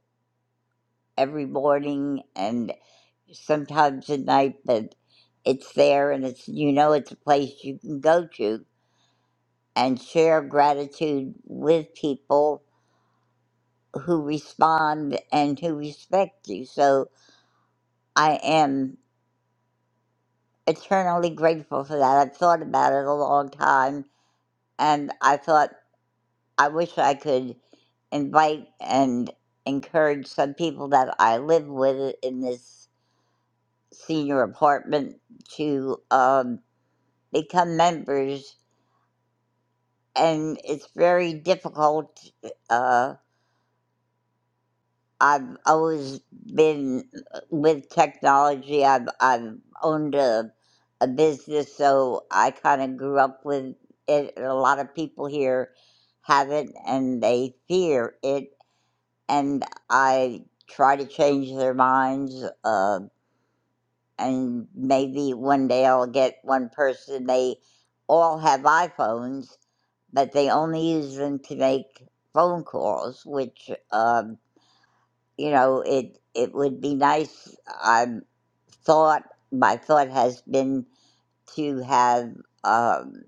Speaker 20: every morning and sometimes at night, but it's there and it's, you know, it's a place you can go to and share gratitude with people who respond and who respect you. So, I am. eternally grateful for that. I've thought about it a long time, and I thought I wish I could invite and encourage some people that I live with in this senior apartment to um, become members. And it's very difficult. uh, I've always been uh, with technology. I've I've owned a a business, so I kind of grew up with it. A lot of people here have it, and they fear it. And I try to change their minds. Uh, and maybe one day I'll get one person. They all have iPhones, but they only use them to make phone calls, which. Um, you know, it it would be nice. I'm thought my thought has been to have um,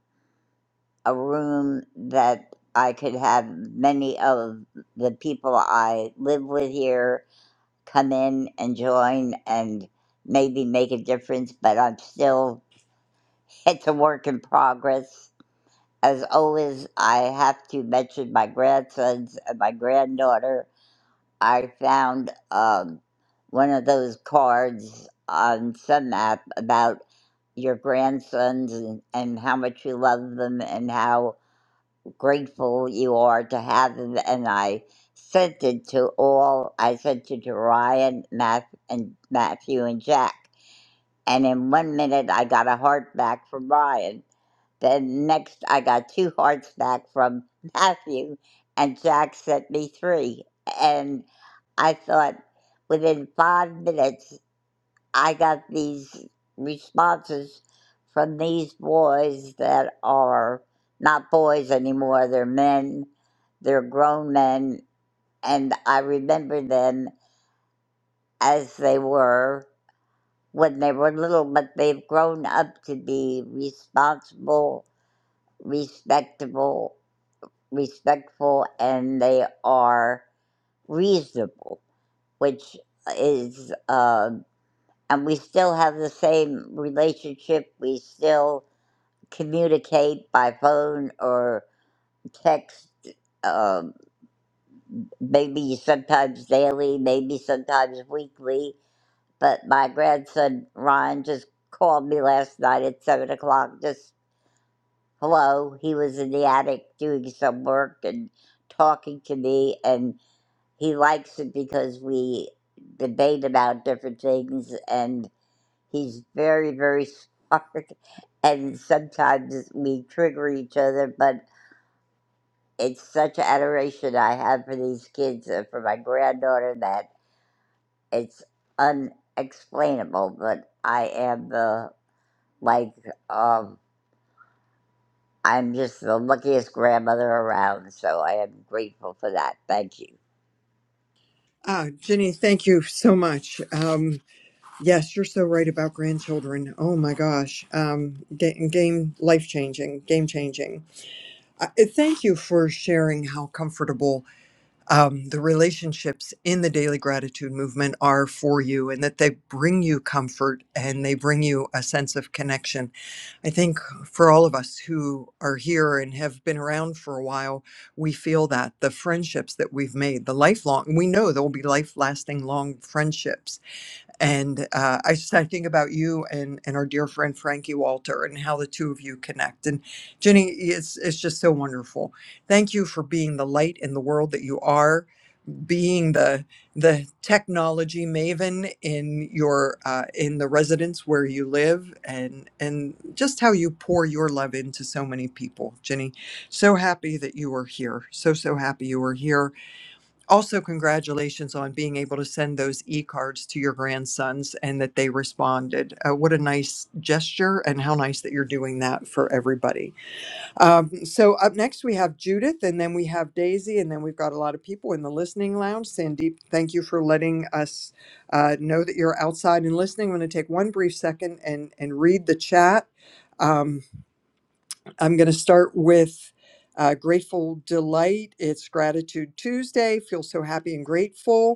Speaker 20: a room that I could have many of the people I live with here come in and join and maybe make a difference. But I'm still it's a work in progress. As always, I have to mention my grandsons and my granddaughter I found um, one of those cards on some app about your grandsons and, and how much you love them and how grateful you are to have them. And I sent it to all. I sent it to Ryan, Math, and Matthew and Jack. And in one minute, I got a heart back from Ryan. Then next, I got two hearts back from Matthew, and Jack sent me three. And I thought within five minutes, I got these responses from these boys that are not boys anymore, they're men, they're grown men, and I remember them as they were when they were little, but they've grown up to be responsible, respectable respectful and they are reasonable, which is, uh, and we still have the same relationship. We still communicate by phone or text, um maybe sometimes daily, maybe sometimes weekly. But my grandson Ryan just called me last night at seven o'clock. Just hello, he was in the attic doing some work and talking to me, and he likes it because we debate about different things and he's very very smart and sometimes we trigger each other but it's such adoration i have for these kids and for my granddaughter that it's unexplainable but i am the like um i'm just the luckiest grandmother around so i am grateful for that thank you
Speaker 16: Ah, Jenny, thank you so much. Um, yes, you're so right about grandchildren. Oh my gosh, um, game, game life changing, game changing. Uh, eh, thank you for sharing how comfortable um, the relationships in the daily gratitude movement are for you, and that they bring you comfort and they bring you a sense of connection I think for all of us who are here and have been around for a while, we feel that the friendships that we've made, the lifelong, we know there will be life lasting long friendships. And uh, I just I think about you and, and our dear friend Frankie Walter and how the two of you connect. And Jenny, it's, it's just so wonderful. Thank you for being the light in the world that you are being the the technology maven in your uh, in the residence where you live and and just how you pour your love into so many people jenny so happy that you were here so so happy you were here also congratulations on being able to send those e-cards to your grandsons and that they responded uh, what a nice gesture and how nice that you're doing that for everybody um, so up next we have Judith, and then we have Daisy, and then we've got a lot of people in the listening lounge. Sandeep, thank you for letting us uh, know that you're outside and listening. I'm going to take one brief second and and read the chat. Um, I'm going to start with. Uh, grateful delight. It's gratitude Tuesday. Feel so happy and grateful.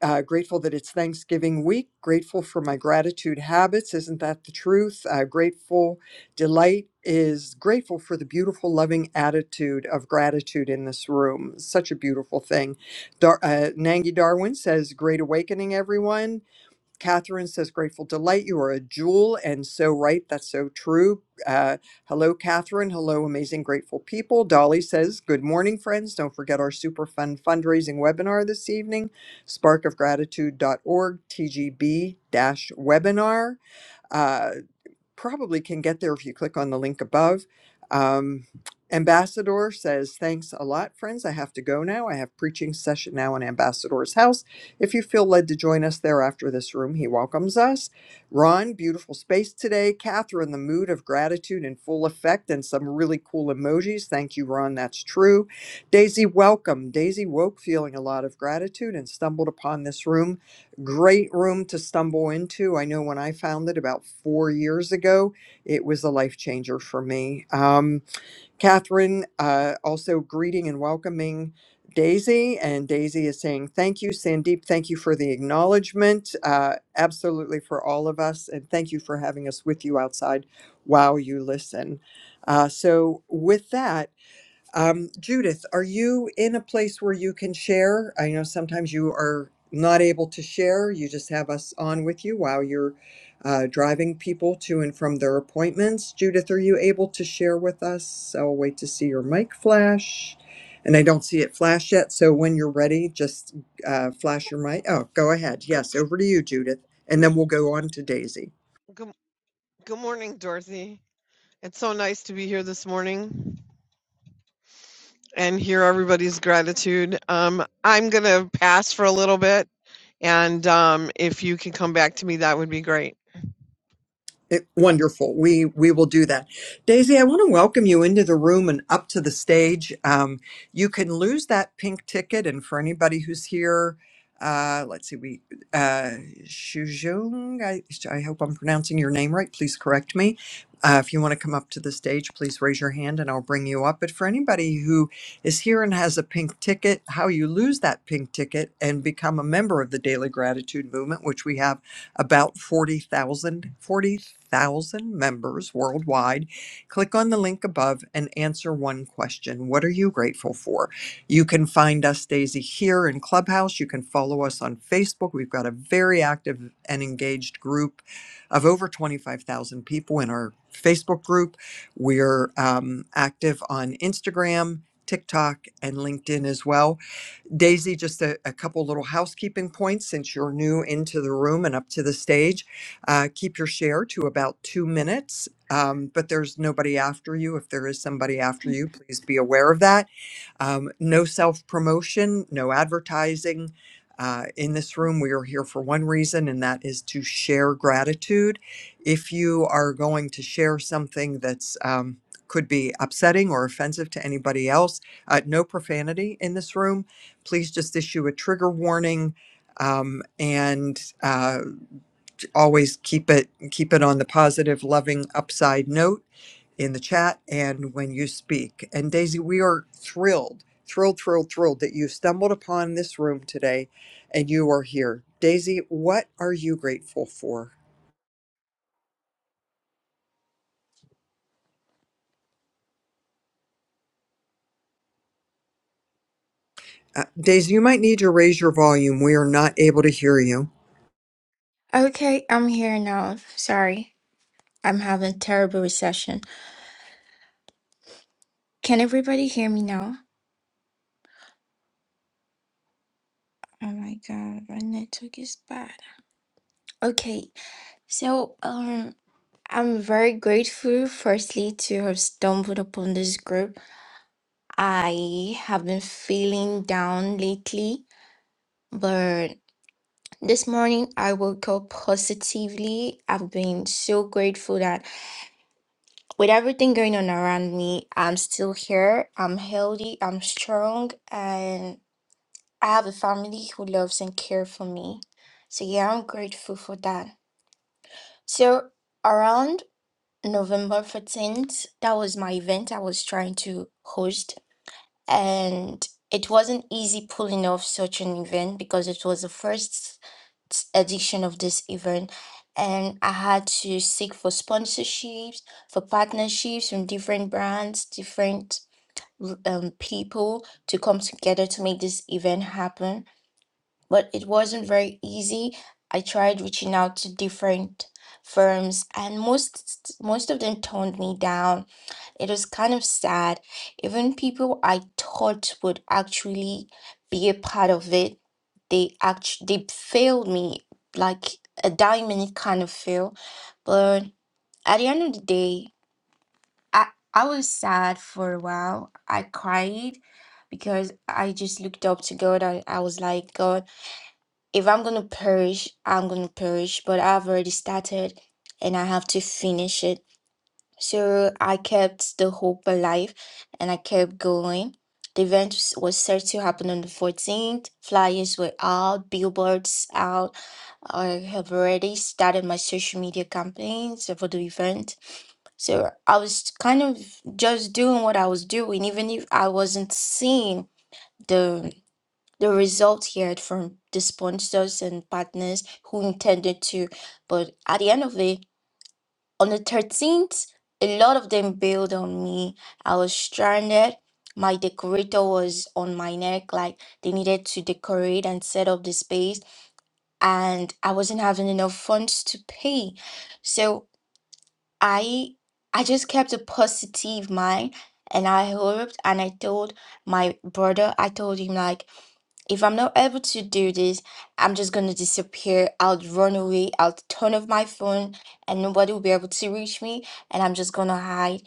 Speaker 16: Uh, grateful that it's Thanksgiving week. Grateful for my gratitude habits. Isn't that the truth? Uh, grateful delight is grateful for the beautiful, loving attitude of gratitude in this room. Such a beautiful thing. Dar- uh, Nangi Darwin says, Great awakening, everyone. Catherine says, grateful delight. You are a jewel and so right. That's so true. Uh, hello, Catherine. Hello, amazing, grateful people. Dolly says, good morning, friends. Don't forget our super fun fundraising webinar this evening, Spark of Gratitude. dot org. TGB dash webinar. Uh, probably can get there if you click on the link above. Um, Ambassador says, Thanks a lot, friends. I have to go now. I have preaching session now in Ambassador's house. If you feel led to join us there after this room, he welcomes us. Ron, beautiful space today. Catherine, the mood of gratitude in full effect and some really cool emojis. Thank you, Ron. That's true. Daisy, welcome. Daisy woke feeling a lot of gratitude and stumbled upon this room great room to stumble into. I know when I found it about four years ago, it was a life changer for me. Um, Catherine, uh, also greeting and welcoming Daisy, and Daisy is saying thank you, Sandeep. Thank you for the acknowledgement, uh, absolutely for all of us, and thank you for having us with you outside while you listen. Uh, so, with that. Um, Judith, are you in a place where you can share? I know sometimes you are not able to share. You just have us on with you while you're uh, driving people to and from their appointments. Judith, are you able to share with us? I'll wait to see your mic flash. And I don't see it flash yet. So when you're ready, just uh, flash your mic.
Speaker 21: Oh,
Speaker 16: Oh, go ahead.
Speaker 21: Good,
Speaker 16: Yes, over to you, Judith. And then we'll go on to Daisy.
Speaker 21: good, good morning, Dorothy. It's so nice to be here this morning and hear everybody's gratitude. Um, I'm going to pass for a little bit, and um, if you can come back to me, that would be great.
Speaker 16: It, wonderful. We we will do that. Daisy, I want to welcome you into the room and up to the stage. Um, you can lose that pink ticket, and for anybody who's here, uh, let's see, we uh, Shujung. I, I hope I'm pronouncing your name right. Please correct me. Uh, if you want to come up to the stage, please raise your hand and I'll bring you up. But for anybody who is here and has a pink ticket, how you lose that pink ticket and become a member of the Daily Gratitude Movement, which we have about 40,000 members worldwide. Click on the link above and answer one question. What are you grateful for? You can find us, Daisy, here in Clubhouse. You can follow us on Facebook. We've got a very active and engaged group of over 25,000 people in our Facebook group. We're um, active on Instagram, TikTok, and LinkedIn as well. Daisy, just a, a couple little housekeeping points since you're new into the room and up to the stage. Uh, keep your share to about two minutes, um, but there's nobody after you. If there is somebody after you, please be aware of that. Um, no self promotion, no advertising. Uh, in this room, we are here for one reason, and that is to share gratitude. If you are going to share something that's um, could be upsetting or offensive to anybody else, uh, no profanity in this room please just issue a trigger warning um, and uh, always keep it keep it on the positive, loving upside note in the chat and when you speak. And Daisy, we are thrilled, thrilled, thrilled, thrilled that you stumbled upon this room today and you are here. Daisy, what are you grateful for? Uh, Daisy, you might need to raise your volume. We are not able to hear you.
Speaker 22: Okay, I'm here now. Sorry, I'm having terrible reception. Can everybody hear me now? Oh my god, my network is bad. Okay, so um, I'm very grateful. Firstly, to have stumbled upon this group. I have been feeling down lately, but this morning I woke up positively. I've been so grateful that with everything going on around me, I'm still here. I'm healthy. I'm strong, and I have a family who loves and cares for me. So yeah, I'm grateful for that. So around November 14th, that was my event I was trying to host. And it wasn't easy pulling off such an event because it was the first t- edition of this event. And I had to seek for sponsorships, for partnerships from different brands, different r- um, people to come together to make this event happen but it wasn't very easy. I tried reaching out to different firms and most most of them toned me down. It was kind of sad. Even people I thought would actually be a part of it, they act they failed me like a diamond kind of fail. But at the end of the day, I I was sad for a while. I cried because I just looked up to God. I, I was like, God, if I'm going to perish, I'm going to perish, but I've already started and I have to finish it. So I kept the hope alive and I kept going. The event s- was set to happen on the 14th. Flyers were out, billboards out. I have already started my social media campaigns for the event. So I was kind of just doing what I was doing, even if I wasn't seeing the the result here from the sponsors and partners who intended to, but at the end of it, on the 13th, a lot of them bailed on me. I was stranded. My decorator was on my neck, like they needed to decorate and set up the space, and I wasn't having enough funds to pay. So I I just kept a positive mind and I hoped and I told my brother, I told him like if I'm not able to do this, I'm just gonna disappear. I'll run away. I'll turn off my phone, and nobody will be able to reach me. And I'm just gonna hide.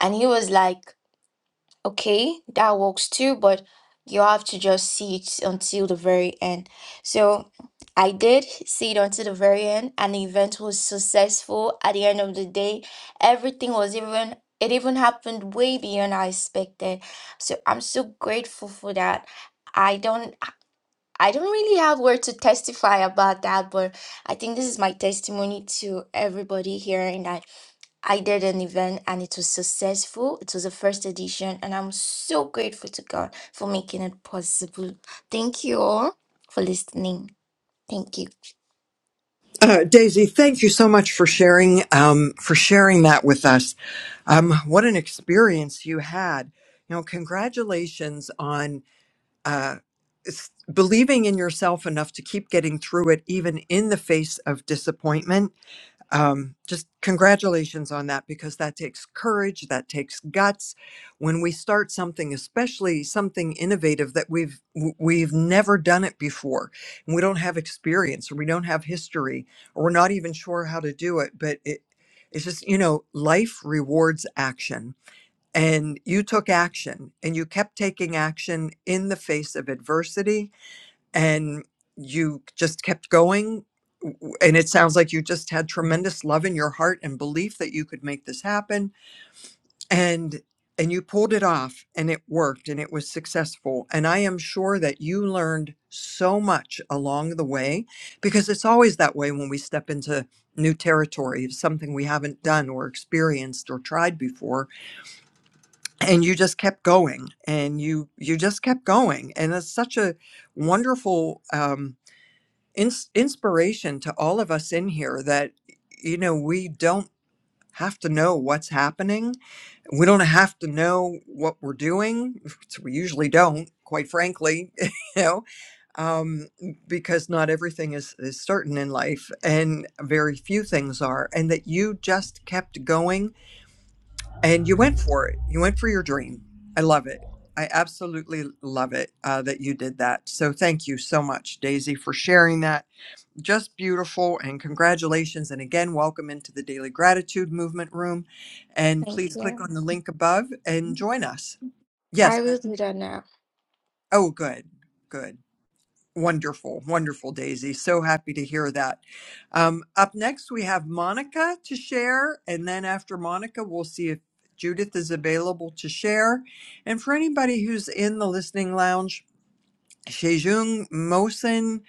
Speaker 22: And he was like. Okay, that works too, but you have to just see it until the very end. So I did see it until the very end, and the event was successful at the end of the day. Everything was even, it even happened way beyond I expected. So I'm so grateful for that. I don't, I don't really have word to testify about that, but I think this is my testimony to everybody hearing that. I did an event and it was successful. It was the first edition, and I'm so grateful to God for making it possible. Thank you all for listening. Thank you.
Speaker 16: Uh, Daisy, thank you so much for sharing um, for sharing that with us. Um, what an experience you had! You know, congratulations on uh, s- believing in yourself enough to keep getting through it, even in the face of disappointment um, just congratulations on that because that takes courage, that takes guts. When we start something, especially something innovative that we've w- we've never done it before, and we don't have experience, or we don't have history, or we're not even sure how to do it, but it it's just you know life rewards action and you took action and you kept taking action in the face of adversity and you just kept going and it sounds like you just had tremendous love in your heart and belief that you could make this happen and and you pulled it off and it worked and it was successful and i am sure that you learned so much along the way because it's always that way when we step into new territory something we haven't done or experienced or tried before and you just kept going and you you just kept going and it's such a wonderful um ins- inspiration to all of us in here that you know we don't have to know what's happening we don't have to know what we're doing which we usually don't quite frankly you know um, because not everything is, is certain in life and very few things are and that you just kept going and you went for it you went for your dream i love it i absolutely love it uh, that you did that so thank you so much daisy for sharing that just beautiful and congratulations and again welcome into the daily gratitude movement room and
Speaker 22: Thank
Speaker 16: please click
Speaker 22: you.
Speaker 16: on the link above and join us yes
Speaker 22: I will
Speaker 16: back-
Speaker 22: do that now.
Speaker 16: oh good good wonderful wonderful daisy so happy to hear that um, up next we have monica to share and then after monica we'll see if judith is available to share and for anybody who's in the listening lounge Shejung Mosin,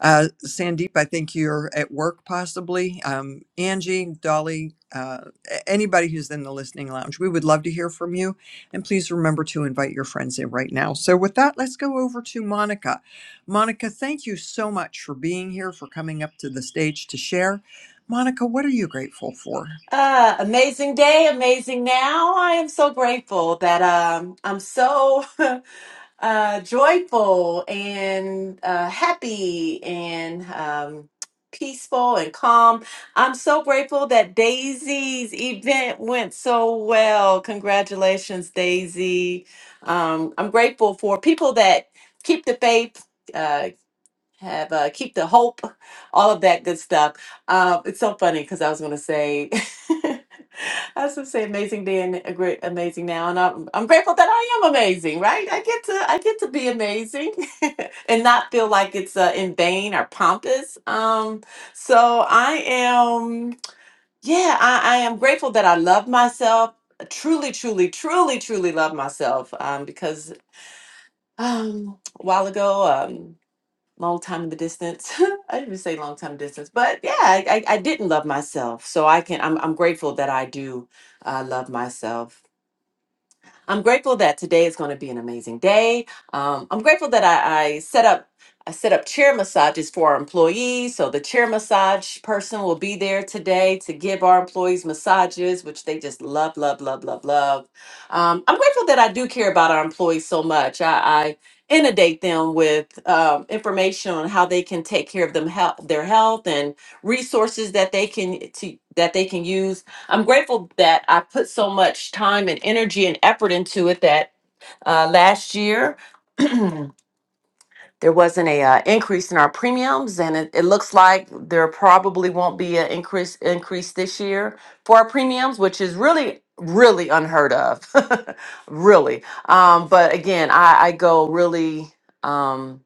Speaker 16: uh, Sandeep, I think you're at work possibly. Um, Angie, Dolly, uh, a- anybody who's in the listening lounge, we would love to hear from you. And please remember to invite your friends in right now. So, with that, let's go over to Monica. Monica, thank you so much for being here, for coming up to the stage to share. Monica, what are you grateful for?
Speaker 23: Uh, amazing day, amazing now. I am so grateful that um, I'm so uh, joyful and uh, happy and um, peaceful and calm. I'm so grateful that Daisy's event went so well. Congratulations, Daisy. Um, I'm grateful for people that keep the faith. uh, have uh, keep the hope, all of that good stuff. Um, it's so funny because I was going to say, I was going to say amazing then, a great amazing now, and I'm I'm grateful that I am amazing, right? I get to I get to be amazing and not feel like it's uh, in vain or pompous. Um, so I am, yeah, I, I am grateful that I love myself. Truly, truly, truly, truly love myself um, because um, a while ago. Um, long time in the distance. I didn't say long time distance, but yeah, I, I, I didn't love myself. So I can I'm I'm grateful that I do uh, love myself I'm grateful that today is going to be an amazing day. Um, I'm grateful that I, I set up I set up chair massages for our employees. So the chair massage person will be there today to give our employees massages, which they just love, love, love, love, love. Um, I'm grateful that I do care about our employees so much. I, I inundate them with um, information on how they can take care of them health, their health and resources that they can to, that they can use I'm grateful that I put so much time and energy and effort into it that uh, last year there wasn't a uh, increase in our premiums, and it, it looks like there probably won't be an increase increase this year for our premiums, which is really really unheard of, really. Um, but again, I, I go really. Um,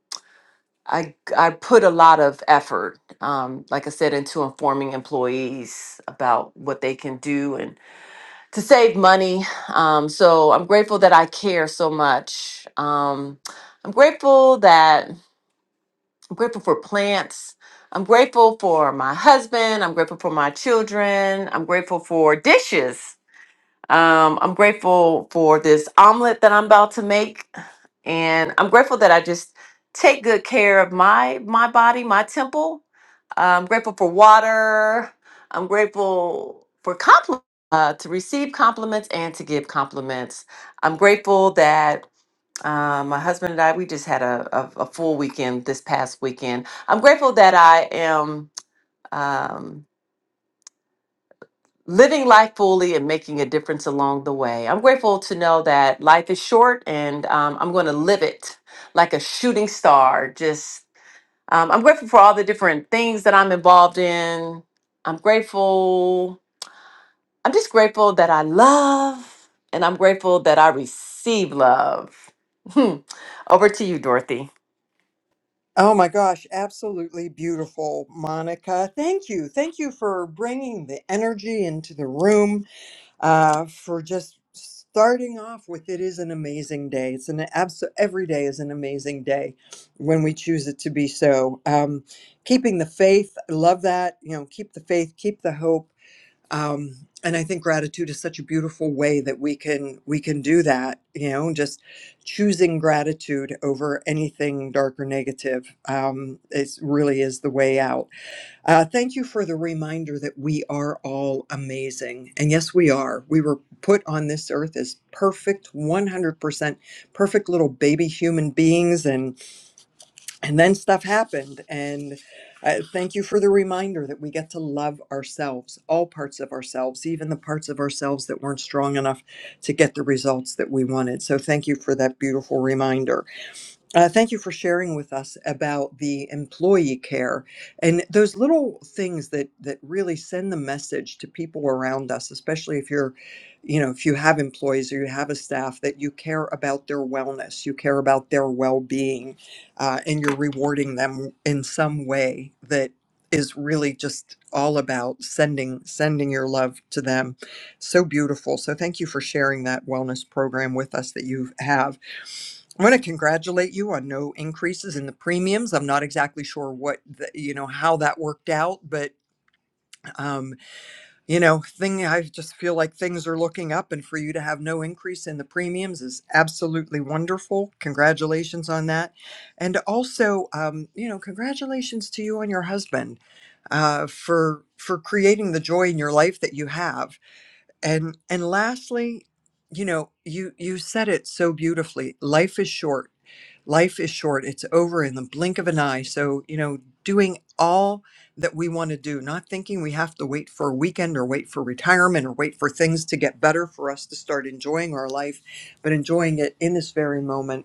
Speaker 23: I, I put a lot of effort, um, like I said, into informing employees about what they can do and to save money. Um, so I'm grateful that I care so much. Um, I'm grateful that I'm grateful for plants. I'm grateful for my husband. I'm grateful for my children. I'm grateful for dishes. Um, I'm grateful for this omelet that I'm about to make and I'm grateful that I just take good care of my my body, my temple. I'm grateful for water. I'm grateful for compliments, uh, to receive compliments and to give compliments. I'm grateful that um, my husband and I we just had a, a, a full weekend this past weekend. I'm grateful that I am. Um, living life fully and making a difference along the way. I'm grateful to know that life is short and um, I'm going to live it like a shooting star. Just, um, I'm grateful for all the different things that I'm involved in. I'm grateful. I'm just grateful that I love and I'm grateful that I receive love. Hmm. Over to you, Dorothy.
Speaker 16: Oh my gosh, absolutely beautiful, Monica. Thank you. Thank you for bringing the energy into the room uh, for just starting off with it is an amazing day. It's an absolute, every day is an amazing day when we choose it to be so. Um, keeping the faith, I love that. You know, keep the faith, keep the hope. Um, and I think gratitude is such a beautiful way that we can we can do that. You know, just choosing gratitude over anything dark or negative. Um, it really is the way out uh, thank you for the reminder that we are all amazing. And yes, we are. We were put on this earth as perfect, 100% perfect little baby human beings. And, and then stuff happened. And uh, thank you for the reminder that we get to love ourselves, all parts of ourselves, even the parts of ourselves that weren't strong enough to get the results that we wanted. So thank you for that beautiful reminder. Uh, thank you for sharing with us about the employee care and those little things that that really send the message to people around us, especially if you're, you know, if you have employees or you have a staff that you care about their wellness, you care about their well-being, uh, and you're rewarding them in some way that is really just all about sending sending your love to them. So beautiful. So thank you for sharing that wellness program with us that you have. I want to congratulate you on no increases in the premiums. I'm not exactly sure what the, you know how that worked out, but um, you know, thing I just feel like things are looking up, and for you to have no increase in the premiums is absolutely wonderful. Congratulations on that, and also, um, you know, congratulations to you and your husband uh, for for creating the joy in your life that you have, and and lastly, you know, you you said it so beautifully. Life is short life is short it's over in the blink of an eye so you know doing all that we want to do not thinking we have to wait for a weekend or wait for retirement or wait for things to get better for us to start enjoying our life but enjoying it in this very moment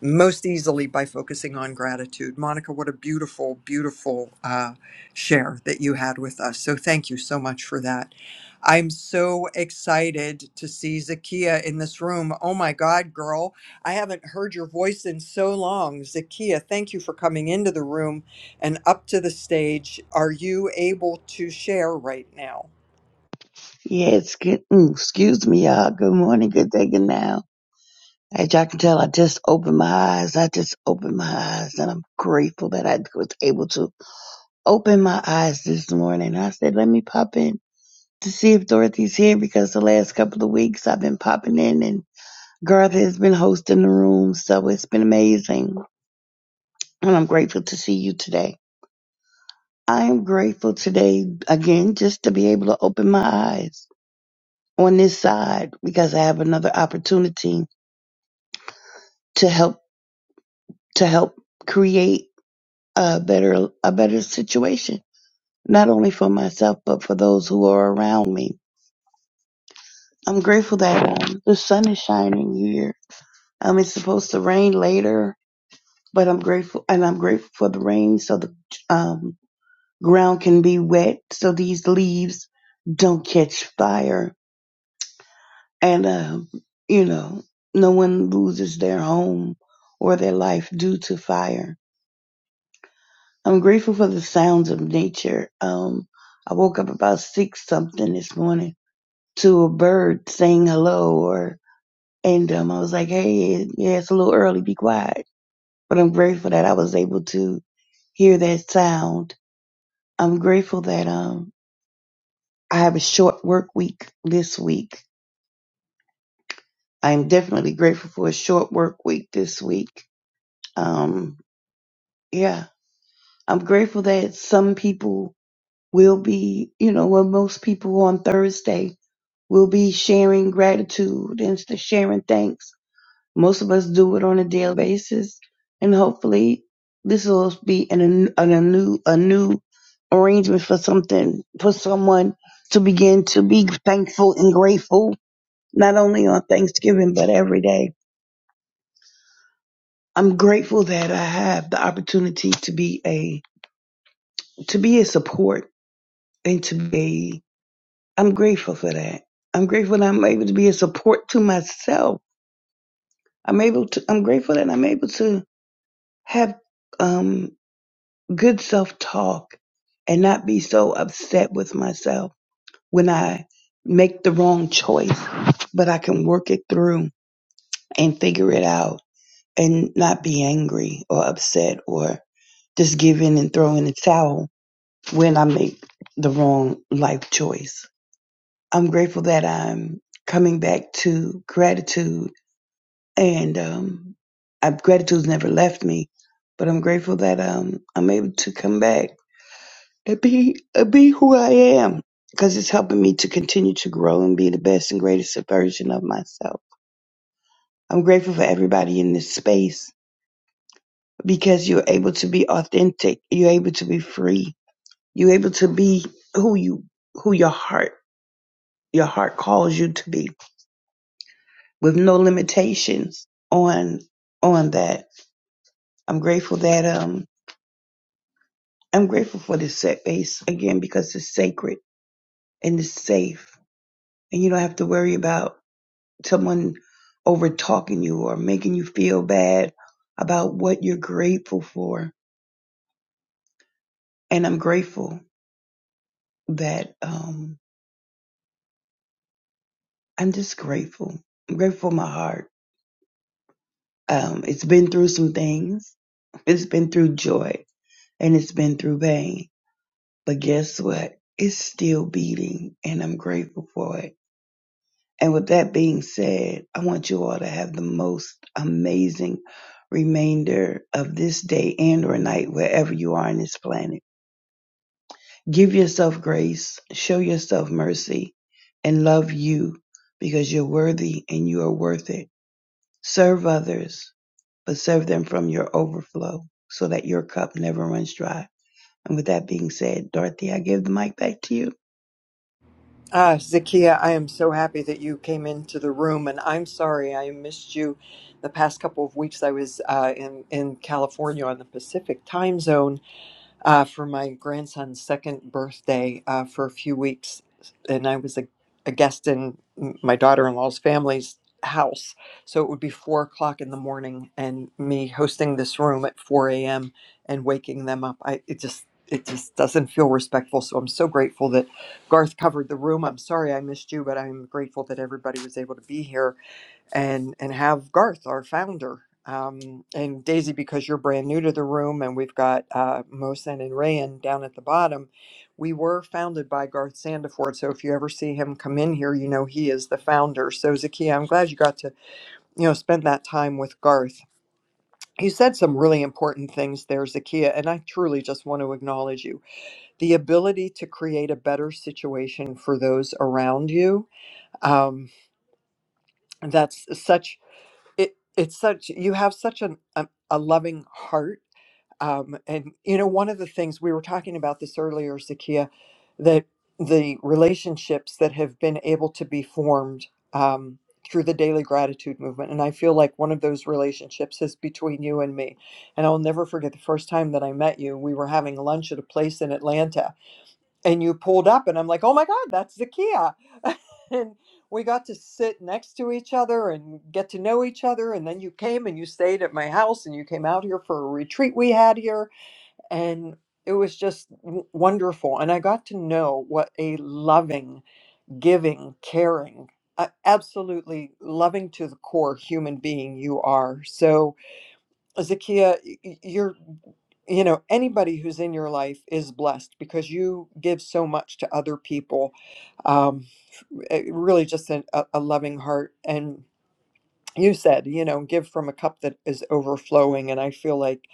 Speaker 16: most easily by focusing on gratitude. Monica, what a beautiful, beautiful uh, share that you had with us. So thank you so much for that. I'm so excited to see Zakia in this room. Oh my God, girl, I haven't heard your voice in so long. Zakia, thank you for coming into the room and up to the stage. Are you able to share right now?
Speaker 24: Yes, good, mm, excuse me, y'all. Good morning, good day, good now. As y'all can tell, I just opened my eyes. I just opened my eyes, and I'm grateful that I was able to open my eyes this morning. I said, let me pop in to see if Dorothy's here because the last couple of weeks I've been popping in, and Garth has been hosting the room, so it's been amazing. And I'm grateful to see you today. I am grateful today, again, just to be able to open my eyes on this side because I have another opportunity to help to help create a better a better situation not only for myself but for those who are around me i'm grateful that um, the sun is shining here um it's supposed to rain later but i'm grateful and i'm grateful for the rain so the um ground can be wet so these leaves don't catch fire and um you know no one loses their home or their life due to fire I'm grateful for the sounds of nature. Um, I woke up about six something this morning to a bird saying hello, or and um, I was like, "Hey, yeah, it's a little early. Be quiet." But I'm grateful that I was able to hear that sound. I'm grateful that um, I have a short work week this week. I'm definitely grateful for a short work week this week. Um, yeah, I'm grateful that some people will be, you know, well, most people on Thursday We'll be sharing gratitude and s- sharing thanks. Most of us do it on a daily basis, and hopefully, this will be an, an- a new a new arrangement for something for someone to begin to be thankful and grateful. Not only on Thanksgiving, but every day. I'm grateful that I have the opportunity to be a to be a support and to be. I'm grateful for that. I'm grateful that I'm able to be a support to myself I'm able to, I'm grateful that I'm able to have um, good self talk and not be so upset with myself when I make the wrong choice, but I can work it through and figure it out and not be angry or upset or just give in and throw in the towel when I make the wrong life choice. I'm grateful that I'm coming back to gratitude and um, I, gratitude's never left me. But I'm grateful that um, I'm able to come back and be and be who I am because it's helping me to continue to grow and be the best and greatest version of myself. I'm grateful for everybody in this space because you're able to be authentic. You're able to be free. You're able to be who you who your heart your heart calls you to be with no limitations on on that. I'm grateful that um. I'm grateful for this set base again because it's sacred and it's safe, and you don't have to worry about someone over talking you or making you feel bad about what you're grateful for. And I'm grateful that um, I'm just grateful. I'm grateful for my heart. Um, it's been through some things. It's been through joy and it's been through pain. But guess what? It's still beating, and I'm grateful for it And with that being said, I want you all to have the most amazing remainder of this day and or night wherever you are on this planet. Give yourself grace, show yourself mercy, and love you because you're worthy and you are worth it. Serve others, but serve them from your overflow so that your cup never runs dry. And with that being said, Dorothy, I give the mic back to you.
Speaker 16: Ah, Zakia, I am so happy that you came into the room, and I'm sorry I missed you. The past couple of weeks, I was uh, in in California on the Pacific time zone, uh, for my grandson's second birthday uh, for a few weeks, and I was a, a guest in my daughter-in-law's family's house. So it would be four o'clock in the morning, and me hosting this room at four a.m. and waking them up. I it just it just doesn't feel respectful. So I'm so grateful that Garth covered the room. I'm sorry I missed you, but I'm grateful that everybody was able to be here and and have Garth, our founder, um, and Daisy, because you're brand new to the room, and we've got uh, Mosen and Rayan down at the bottom. We were founded by Garth Sandiford, so if you ever see him come in here, you know he is the founder. So Zakiya, I'm glad you got to you know spend that time with Garth. You said some really important things there, Zakiya, and I truly just want to acknowledge you. The ability to create a better situation for those around you. Um, that's such it it's such you have such an a, a loving heart um and you know one of the things we were talking about this earlier Zakia that the relationships that have been able to be formed um through the daily gratitude movement and I feel like one of those relationships is between you and me and I'll never forget the first time that I met you we were having lunch at a place in Atlanta and you pulled up and i'm like oh my god that's the kia and we got to sit next to each other and get to know each other and then you came and you stayed at my house and you came out here for a retreat we had here and it was just w- wonderful and i got to know what a loving giving caring a- absolutely loving to the core human being you are so Zakia, y- you're, you know, anybody who's in your life is blessed because you give so much to other people. Um, it- really, just an, a, a loving heart. And you said, you know, give from a cup that is overflowing. And I feel like,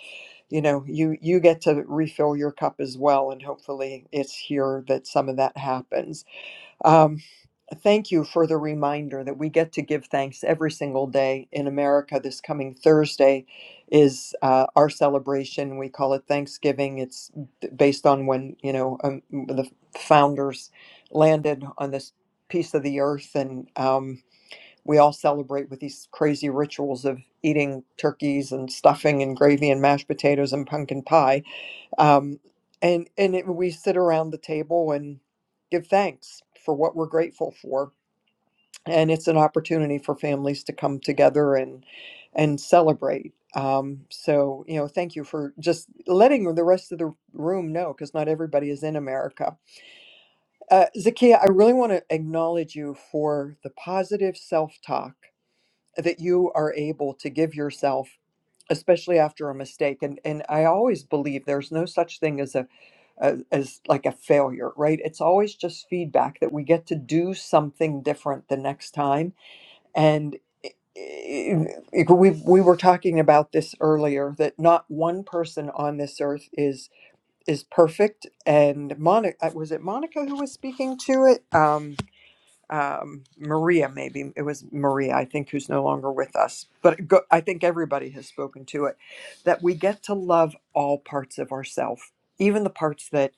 Speaker 16: you know, you you get to refill your cup as well. And hopefully, it's here that some of that happens. Um, thank you for the reminder that we get to give thanks every single day in America. This coming Thursday is uh, our celebration. We call it Thanksgiving. It's d- based on when you know um, the founders landed on this piece of the earth, and um, we all celebrate with these crazy rituals of eating turkeys and stuffing and gravy and mashed potatoes and pumpkin pie um, and and it, we sit around the table and give thanks for what we're grateful for and it's an opportunity for families to come together and and celebrate um, so you know thank you for just letting the rest of the room know because not everybody is in america uh, zakia i really want to acknowledge you for the positive self-talk that you are able to give yourself especially after a mistake and and i always believe there's no such thing as a as, as like a failure, right? It's always just feedback that we get to do something different the next time. And i- i- i- we we were talking about this earlier that not one person on this earth is is perfect. And Monica, uh, was it Monica who was speaking to it? Um, um, Maria, maybe it was Maria, I think, who's no longer with us. But go, I think everybody has spoken to it that we get to love all parts of ourselves, even the parts that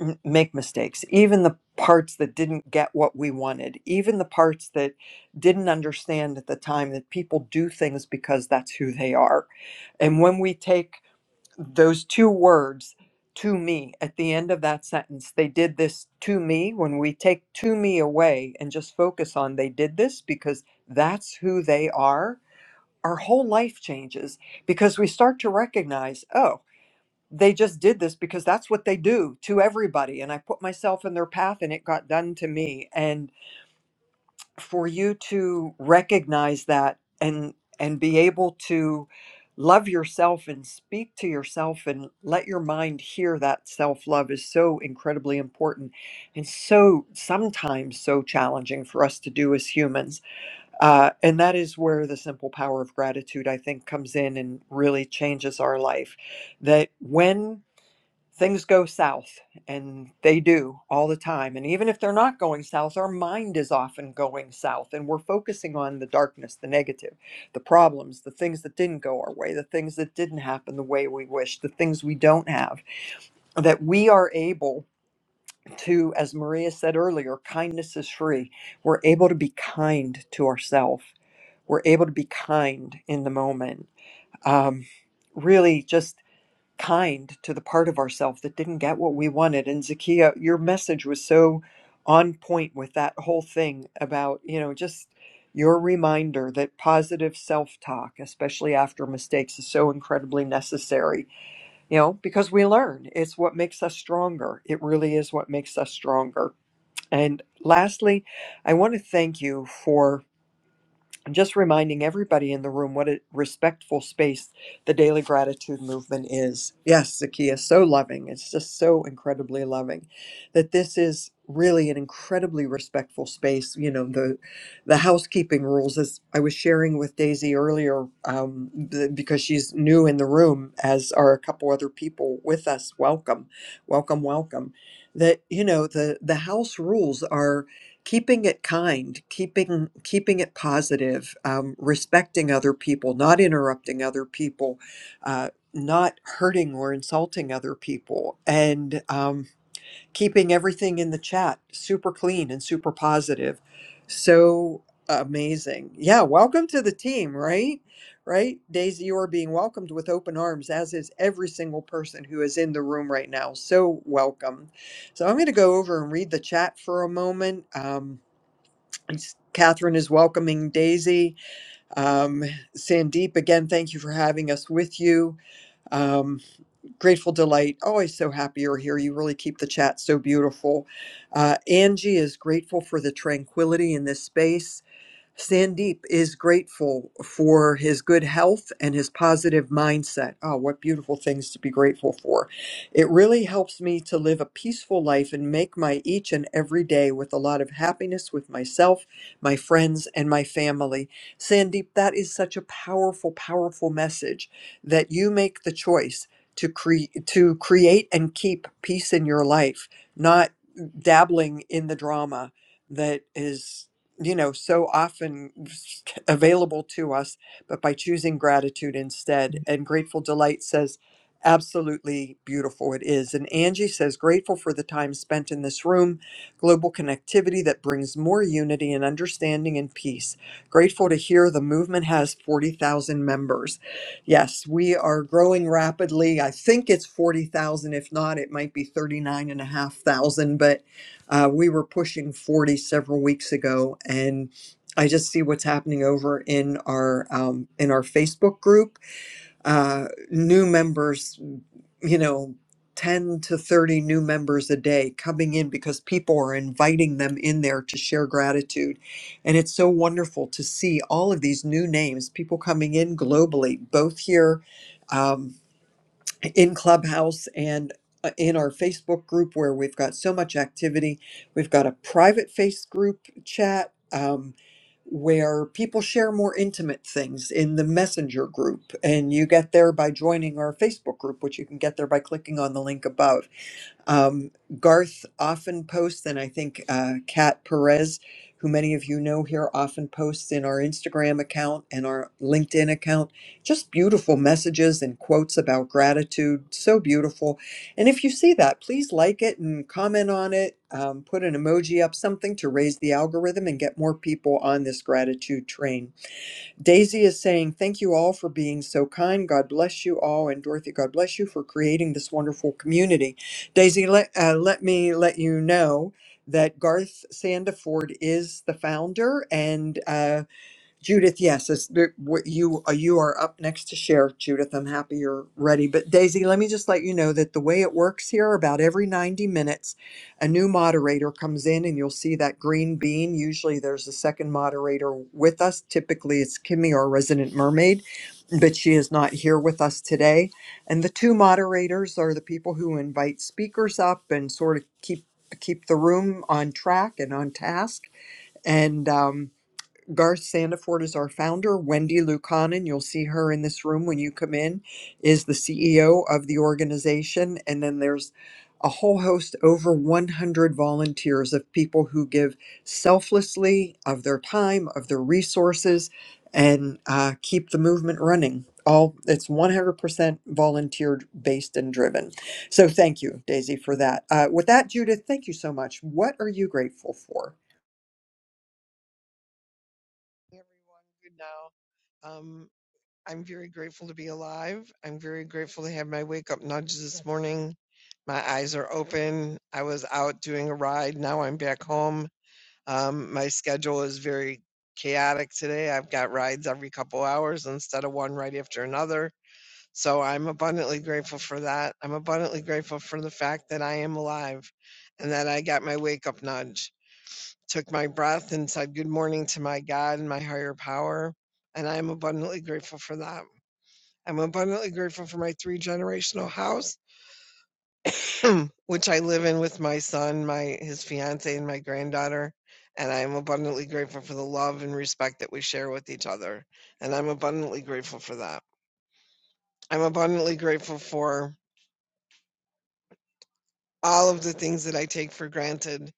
Speaker 16: m- make mistakes, even the parts that didn't get what we wanted, even the parts that didn't understand at the time that people do things because that's who they are. And when we take those two words, to me, at the end of that sentence, they did this to me. When we take to me away and just focus on they did this because that's who they are, our whole life changes because we start to recognize, oh, they just did this because that's what they do to everybody and i put myself in their path and it got done to me and for you to recognize that and and be able to love yourself and speak to yourself and let your mind hear that self love is so incredibly important and so sometimes so challenging for us to do as humans uh, and that is where the simple power of gratitude i think comes in and really changes our life that when things go south and they do all the time and even if they're not going south our mind is often going south and we're focusing on the darkness the negative the problems the things that didn't go our way the things that didn't happen the way we wished, the things we don't have that we are able to as maria said earlier kindness is free we're able to be kind to ourselves we're able to be kind in the moment um, really just kind to the part of ourself that didn't get what we wanted. And Zakia, your message was so on point with that whole thing about, you know, just your reminder that positive self talk, especially after mistakes, is so incredibly necessary, you know, because we learn. It's what makes us stronger. It really is what makes us stronger. And lastly, I want to thank you for just reminding everybody in the room what a respectful space the daily gratitude movement is. Yes, Zakiya, so loving. It's just so incredibly loving that this is really an incredibly respectful space. You know, the the housekeeping rules, as I was sharing with Daisy earlier, um, th- because she's new in the room, as are a couple other people with us. Welcome, welcome, welcome. That you know the the house rules are keeping it kind keeping keeping it positive um, respecting other people not interrupting other people uh, not hurting or insulting other people and um, keeping everything in the chat super clean and super positive so amazing yeah welcome to the team right right daisy you are being welcomed with open arms as is every single person who is in the room right now so welcome so i'm going to go over and read the chat for a moment Um, Yes, Catherine is welcoming Daisy. Um, Sandeep, again, thank you for having us with you. Um, Grateful Delight, always so happy you're here. You really keep the chat so beautiful. Uh, Angie is grateful for the tranquility in this space. Sandeep is grateful for his good health and his positive mindset. Oh, what beautiful things to be grateful for. It really helps me to live a peaceful life and make my each and every day with a lot of happiness with myself, my friends, and my family. Sandeep, that is such a powerful, powerful message that you make the choice to create to create and keep peace in your life, not dabbling in the drama that is you know so often available to us but by choosing gratitude instead and grateful delight says absolutely beautiful it is and angie says grateful for the time spent in this room global connectivity that brings more unity and understanding and peace grateful to hear the movement has 40,000 members yes we are growing rapidly i think it's 40,000 if not it might be 39 and a half thousand. and uh, we were pushing 40 several weeks ago, and I just see what's happening over in our um, in our Facebook group. Uh, new members, you know, 10 to 30 new members a day coming in because people are inviting them in there to share gratitude. And it's so wonderful to see all of these new names, people coming in globally, both here. um, in Clubhouse and uh, in our Facebook group where we've got so much activity. We've got a private face group chat um, where people share more intimate things in the Messenger group. And you get there by joining our Facebook group, which you can get there by clicking on the link above um, Garth often posts, and I think uh, Kat Perez, who many of you know here, often posts in our Instagram account and our LinkedIn account just beautiful messages and quotes about gratitude. So beautiful. And if you see that, please like it and comment on it, um, put an emoji up, something to raise the algorithm and get more people on this gratitude train. Daisy is saying, Thank you all for being so kind. God bless you all. And Dorothy, God bless you for creating this wonderful community. Daisy, let, uh, let me let you know that Garth Sandiford is the founder, and uh, Judith, yes, is there, what you uh, you are up next to share, Judith. I'm happy you're ready. But Daisy, let me just let you know that the way it works here, about every 90 minutes, a new moderator comes in, and you'll see that green bean. Usually, there's a second moderator with us. Typically, it's Kimmy, our resident mermaid, but she is not here with us today. And the two moderators are the people who invite speakers up and sort of keep keep the room on track and on task. And um, Garth Sandiford is our founder. Wendy Lukanen, you'll see her in this room when you come in, is the CEO of the organization. And then there's a whole host, over 100 volunteers of people who give selflessly of their time, of their resources, and uh, keep the movement running. All it's 100% volunteer based and driven. So thank you, Daisy, for that. Uh, with that, Judith, thank you so much. What are you grateful for?
Speaker 21: Hey, Everyone, good now. Um, I'm very grateful to be alive. I'm very grateful to have my wake up nudge this morning. My eyes are open. I was out doing a ride. Now I'm back home. Um, my schedule is very chaotic today. I've got rides every couple hours instead of one right after another. So I'm abundantly grateful for that. I'm abundantly grateful for the fact that I am alive and that I got my wake up nudge, took my breath and said good morning to my God and my higher power. And I'm abundantly grateful for that. I'm abundantly grateful for my three generational house which I live in with my son, my his fiance, and my granddaughter. And I'm abundantly grateful for the love and respect that we share with each other. And I'm abundantly grateful for that. I'm abundantly grateful for all of the things that I take for granted.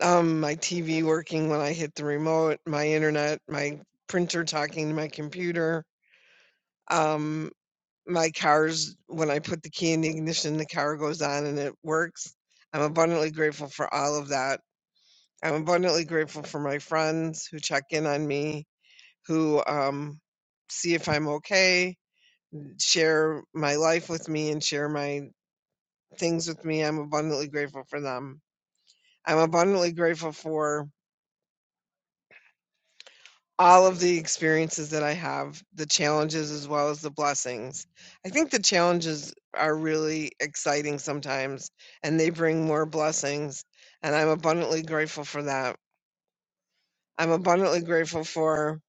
Speaker 21: Um, my TV working when I hit the remote, my internet, my printer talking to my computer, um, my car's when I put the key in the ignition, the car goes on and it works. I'm abundantly grateful for all of that I'm abundantly grateful for my friends who check in on me, who um, see if I'm okay, share my life with me, and share my things with me. I'm abundantly grateful for them. I'm abundantly grateful for all of the experiences that I have, the challenges as well as the blessings. I think the challenges are really exciting sometimes, and they bring more blessings. And I'm abundantly grateful for that. I'm abundantly grateful for.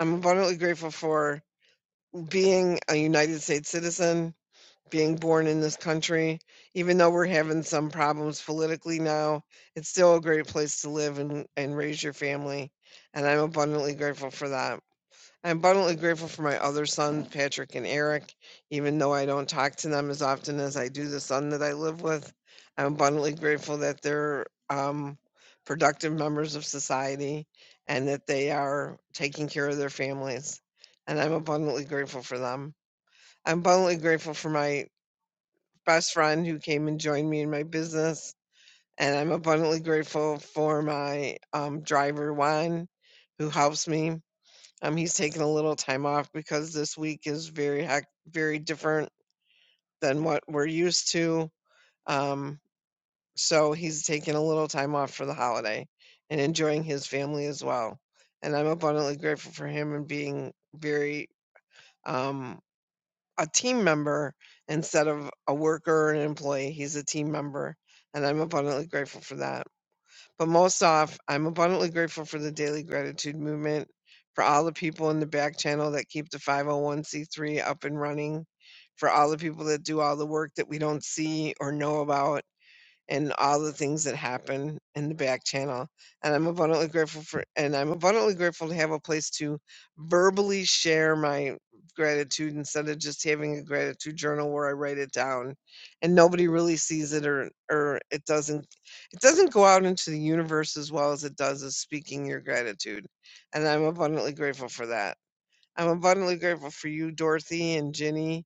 Speaker 21: I'm abundantly grateful for being a United States citizen, being born in this country, even though we're having some problems politically now, it's still a great place to live and, and raise your family. And I'm abundantly grateful for that. I'm abundantly grateful for my other sons, Patrick and Eric, even though I don't talk to them as often as I do the son that I live with. I'm abundantly grateful that they're um, productive members of society and that they are taking care of their families. And I'm abundantly grateful for them. I'm abundantly grateful for my best friend who came and joined me in my business. And I'm abundantly grateful for my um, driver, Juan, who helps me. Um, he's taking a little time off because this week is very, hec- very different than what we're used to. Um, so he's taking a little time off for the holiday and enjoying his family as well. And I'm abundantly grateful for him and being very, um, a team member instead of a worker or an employee. He's a team member, and I'm abundantly grateful for that. But most off, I'm abundantly grateful for the daily gratitude movement, for all the people in the back channel that keep the 501c3 up and running, for all the people that do all the work that we don't see or know about and all the things that happen in the back channel. And I'm abundantly grateful for, and I'm abundantly grateful to have a place to verbally share my gratitude instead of just having a gratitude journal where I write it down and nobody really sees it or, or it doesn't, it doesn't go out into the universe as well as it does as speaking your gratitude. And I'm abundantly grateful for that. I'm abundantly grateful for you, Dorothy and Ginny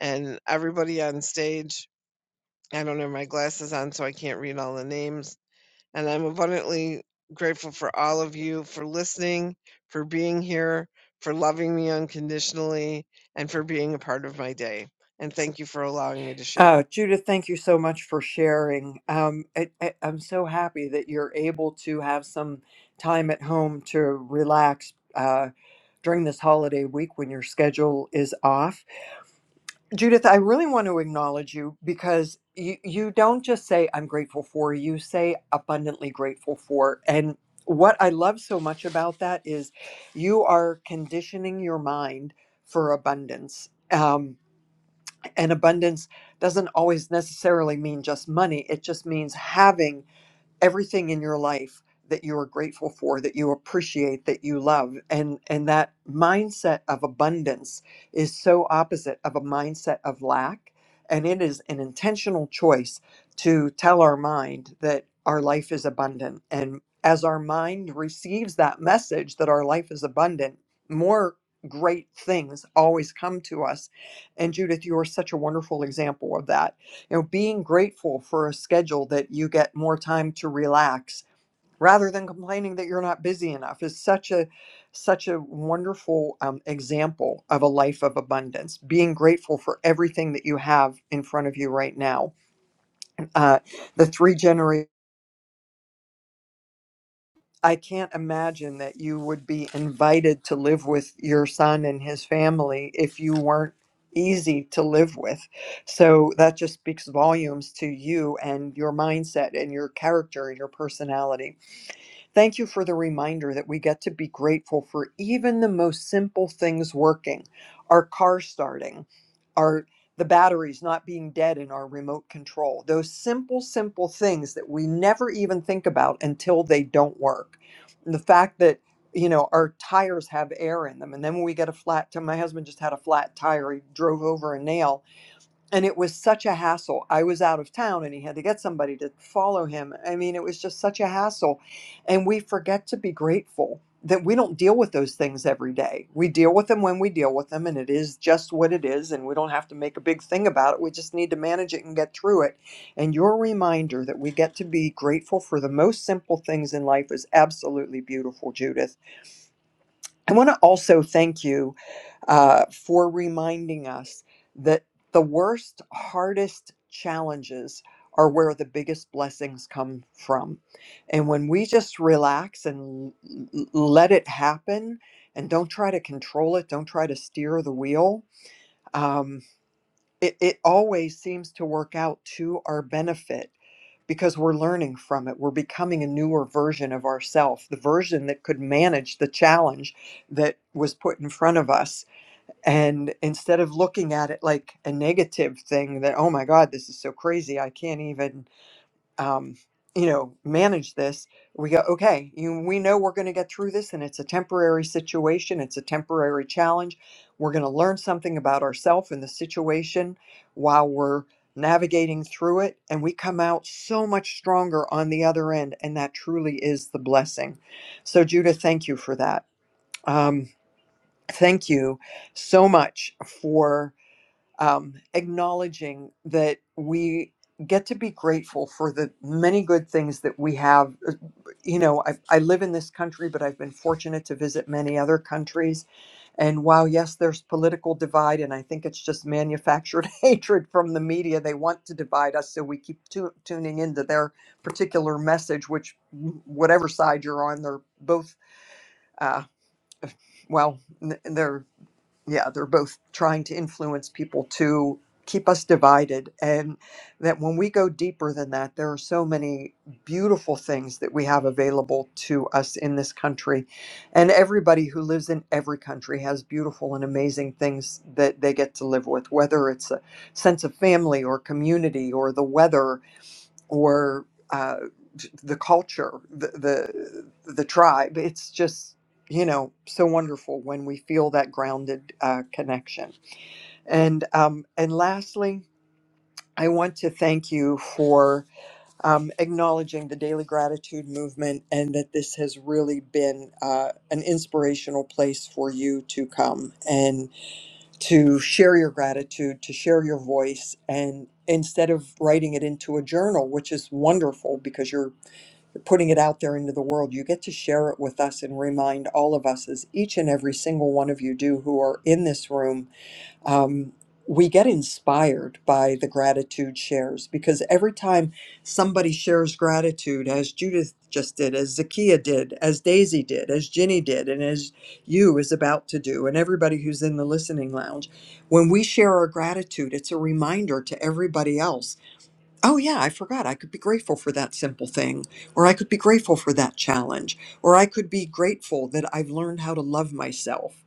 Speaker 21: and everybody on stage I don't have my glasses on, so I can't read all the names. And I'm abundantly grateful for all of you for listening, for being here, for loving me unconditionally, and for being a part of my day. And thank you for allowing me to share.
Speaker 16: Uh, Judith, thank you so much for sharing. Um, I, I, I'm so happy that you're able to have some time at home to relax uh, during this holiday week when your schedule is off. Judith, I really want to acknowledge you because you, you don't just say, I'm grateful for, you say abundantly grateful for. And what I love so much about that is you are conditioning your mind for abundance. Um, and abundance doesn't always necessarily mean just money it just means having everything in your life that you are grateful for that you appreciate that you love and and that mindset of abundance is so opposite of a mindset of lack and it is an intentional choice to tell our mind that our life is abundant and as our mind receives that message that our life is abundant more great things always come to us and judith you are such a wonderful example of that you know, being grateful for a schedule that you get more time to relax rather than complaining that you're not busy enough is such a such a wonderful um, example of a life of abundance being grateful for everything that you have in front of you right now uh, the three generations I can't imagine that you would be invited to live with your son and his family if you weren't easy to live with. So that just speaks volumes to you and your mindset and your character and your personality. Thank you for the reminder that we get to be grateful for even the most simple things working, our car starting, our the batteries not being dead in our remote control. Those simple simple things that we never even think about until they don't work. And the fact that you know our tires have air in them and then when we get a flat t- my husband just had a flat tire he drove over a nail and it was such a hassle. I was out of town and he had to get somebody to follow him. I mean, it was just such a hassle. And we forget to be grateful that we don't deal with those things every day. We deal with them when we deal with them, and it is just what it is. And we don't have to make a big thing about it. We just need to manage it and get through it. And your reminder that we get to be grateful for the most simple things in life is absolutely beautiful, Judith. I want to also thank you uh, for reminding us that the worst, hardest challenges are where the biggest blessings come from. And when we just relax and l- l- let it happen and don't try to control it, don't try to steer the wheel, um, it, it always seems to work out to our benefit because we're learning from it. We're becoming a newer version of ourself, the version that could manage the challenge that was put in front of us. And instead of looking at it like a negative thing that, oh my God, this is so crazy, I can't even um, you know, manage this. We go, okay, you, we know we're going to get through this and it's a temporary situation. It's a temporary challenge. We're going to learn something about ourselves and the situation while we're navigating through it. And we come out so much stronger on the other end. And that truly is the blessing. So, Judah, thank you for that. Um, thank you so much for um, acknowledging that we get to be grateful for the many good things that we have. Uh, You know, I, I live in this country, but I've been fortunate to visit many other countries. And while, yes, there's political divide, and I think it's just manufactured hatred from the media, they want to divide us. So we keep tu- tuning into their particular message, which, whatever side you're on, they're both, uh, well, n- they're yeah, they're both trying to influence people to keep us divided. And that when we go deeper than that, there are so many beautiful things that we have available to us in this country. And everybody who lives in every country has beautiful and amazing things that they get to live with, whether it's a sense of family or community or the weather or uh, the culture, the, the the tribe. It's just you know so wonderful when we feel that grounded uh, connection. And um, and lastly, I want to thank you for um, acknowledging the daily gratitude movement and that this has really been uh, an inspirational place for you to come and to share your gratitude, to share your voice, and instead of writing it into a journal, which is wonderful because you're putting it out there into the world. You get to share it with us and remind all of us, as each and every single one of you do who are in this room. Um, we get inspired by the gratitude shares because every time somebody shares gratitude, as Judith just did, as Zakia did, as Daisy did, as Ginny did, and as you is about to do, and everybody who's in the listening lounge, when we share our gratitude, it's a reminder to everybody else oh yeah, I forgot. I could be grateful for that simple thing, or I could be grateful for that challenge, or I could be grateful that I've learned how to love myself,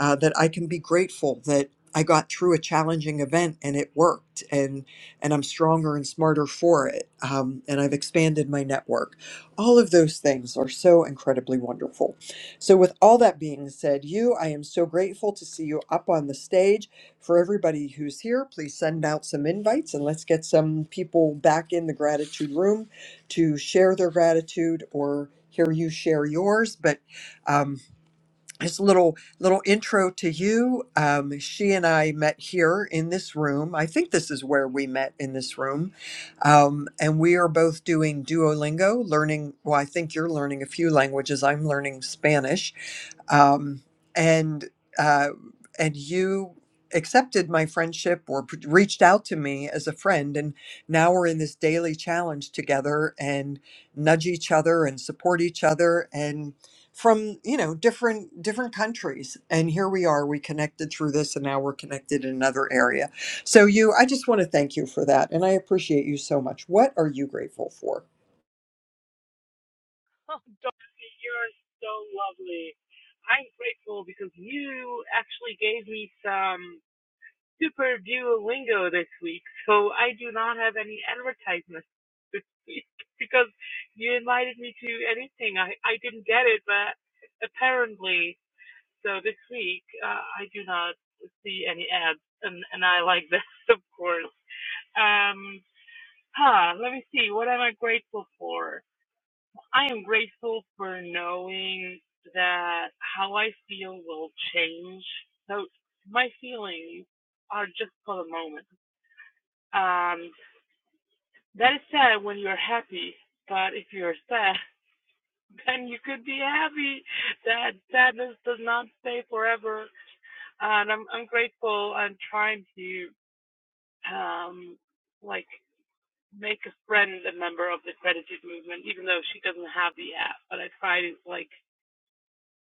Speaker 16: uh, that I can be grateful that I got through a challenging event and it worked, and and I'm stronger and smarter for it, um, and I've expanded my network. All of those things are so incredibly wonderful. So, with all that being said, you, I am so grateful to see you up on the stage for everybody who's here, please send out some invites and let's get some people back in the gratitude room to share their gratitude or hear you share yours. But um, just a little little intro to you. Um, she and I met here in this room. I think this is where we met in this room, um, and we are both doing Duolingo, learning. Well, I think you're learning a few languages. I'm learning Spanish um, and uh, and you accepted my friendship or p- reached out to me as a friend and now we're in this daily challenge together and nudge each other and support each other and from you know different different countries and here we are we connected through this and now we're connected in another area so you i just want to thank you for that and i appreciate you so much what are you grateful for
Speaker 25: Oh, Dorothy, you're so lovely. I'm grateful because you actually gave me some super Duolingo this week, so I do not have any advertisements this week because you invited me to anything. I, I didn't get it, but apparently, so this week, uh, I do not see any ads, and, and I like that, of course. Um, huh, let me see, what am I grateful for? I am grateful for knowing that how I feel will change. So my feelings are just for the moment. Um, that is sad when you're happy, but if you're sad, then you could be happy. That sadness does not stay forever. And I'm I'm grateful. I'm trying to um like make a friend a member of the gratitude movement, even though she doesn't have the app. But I try to like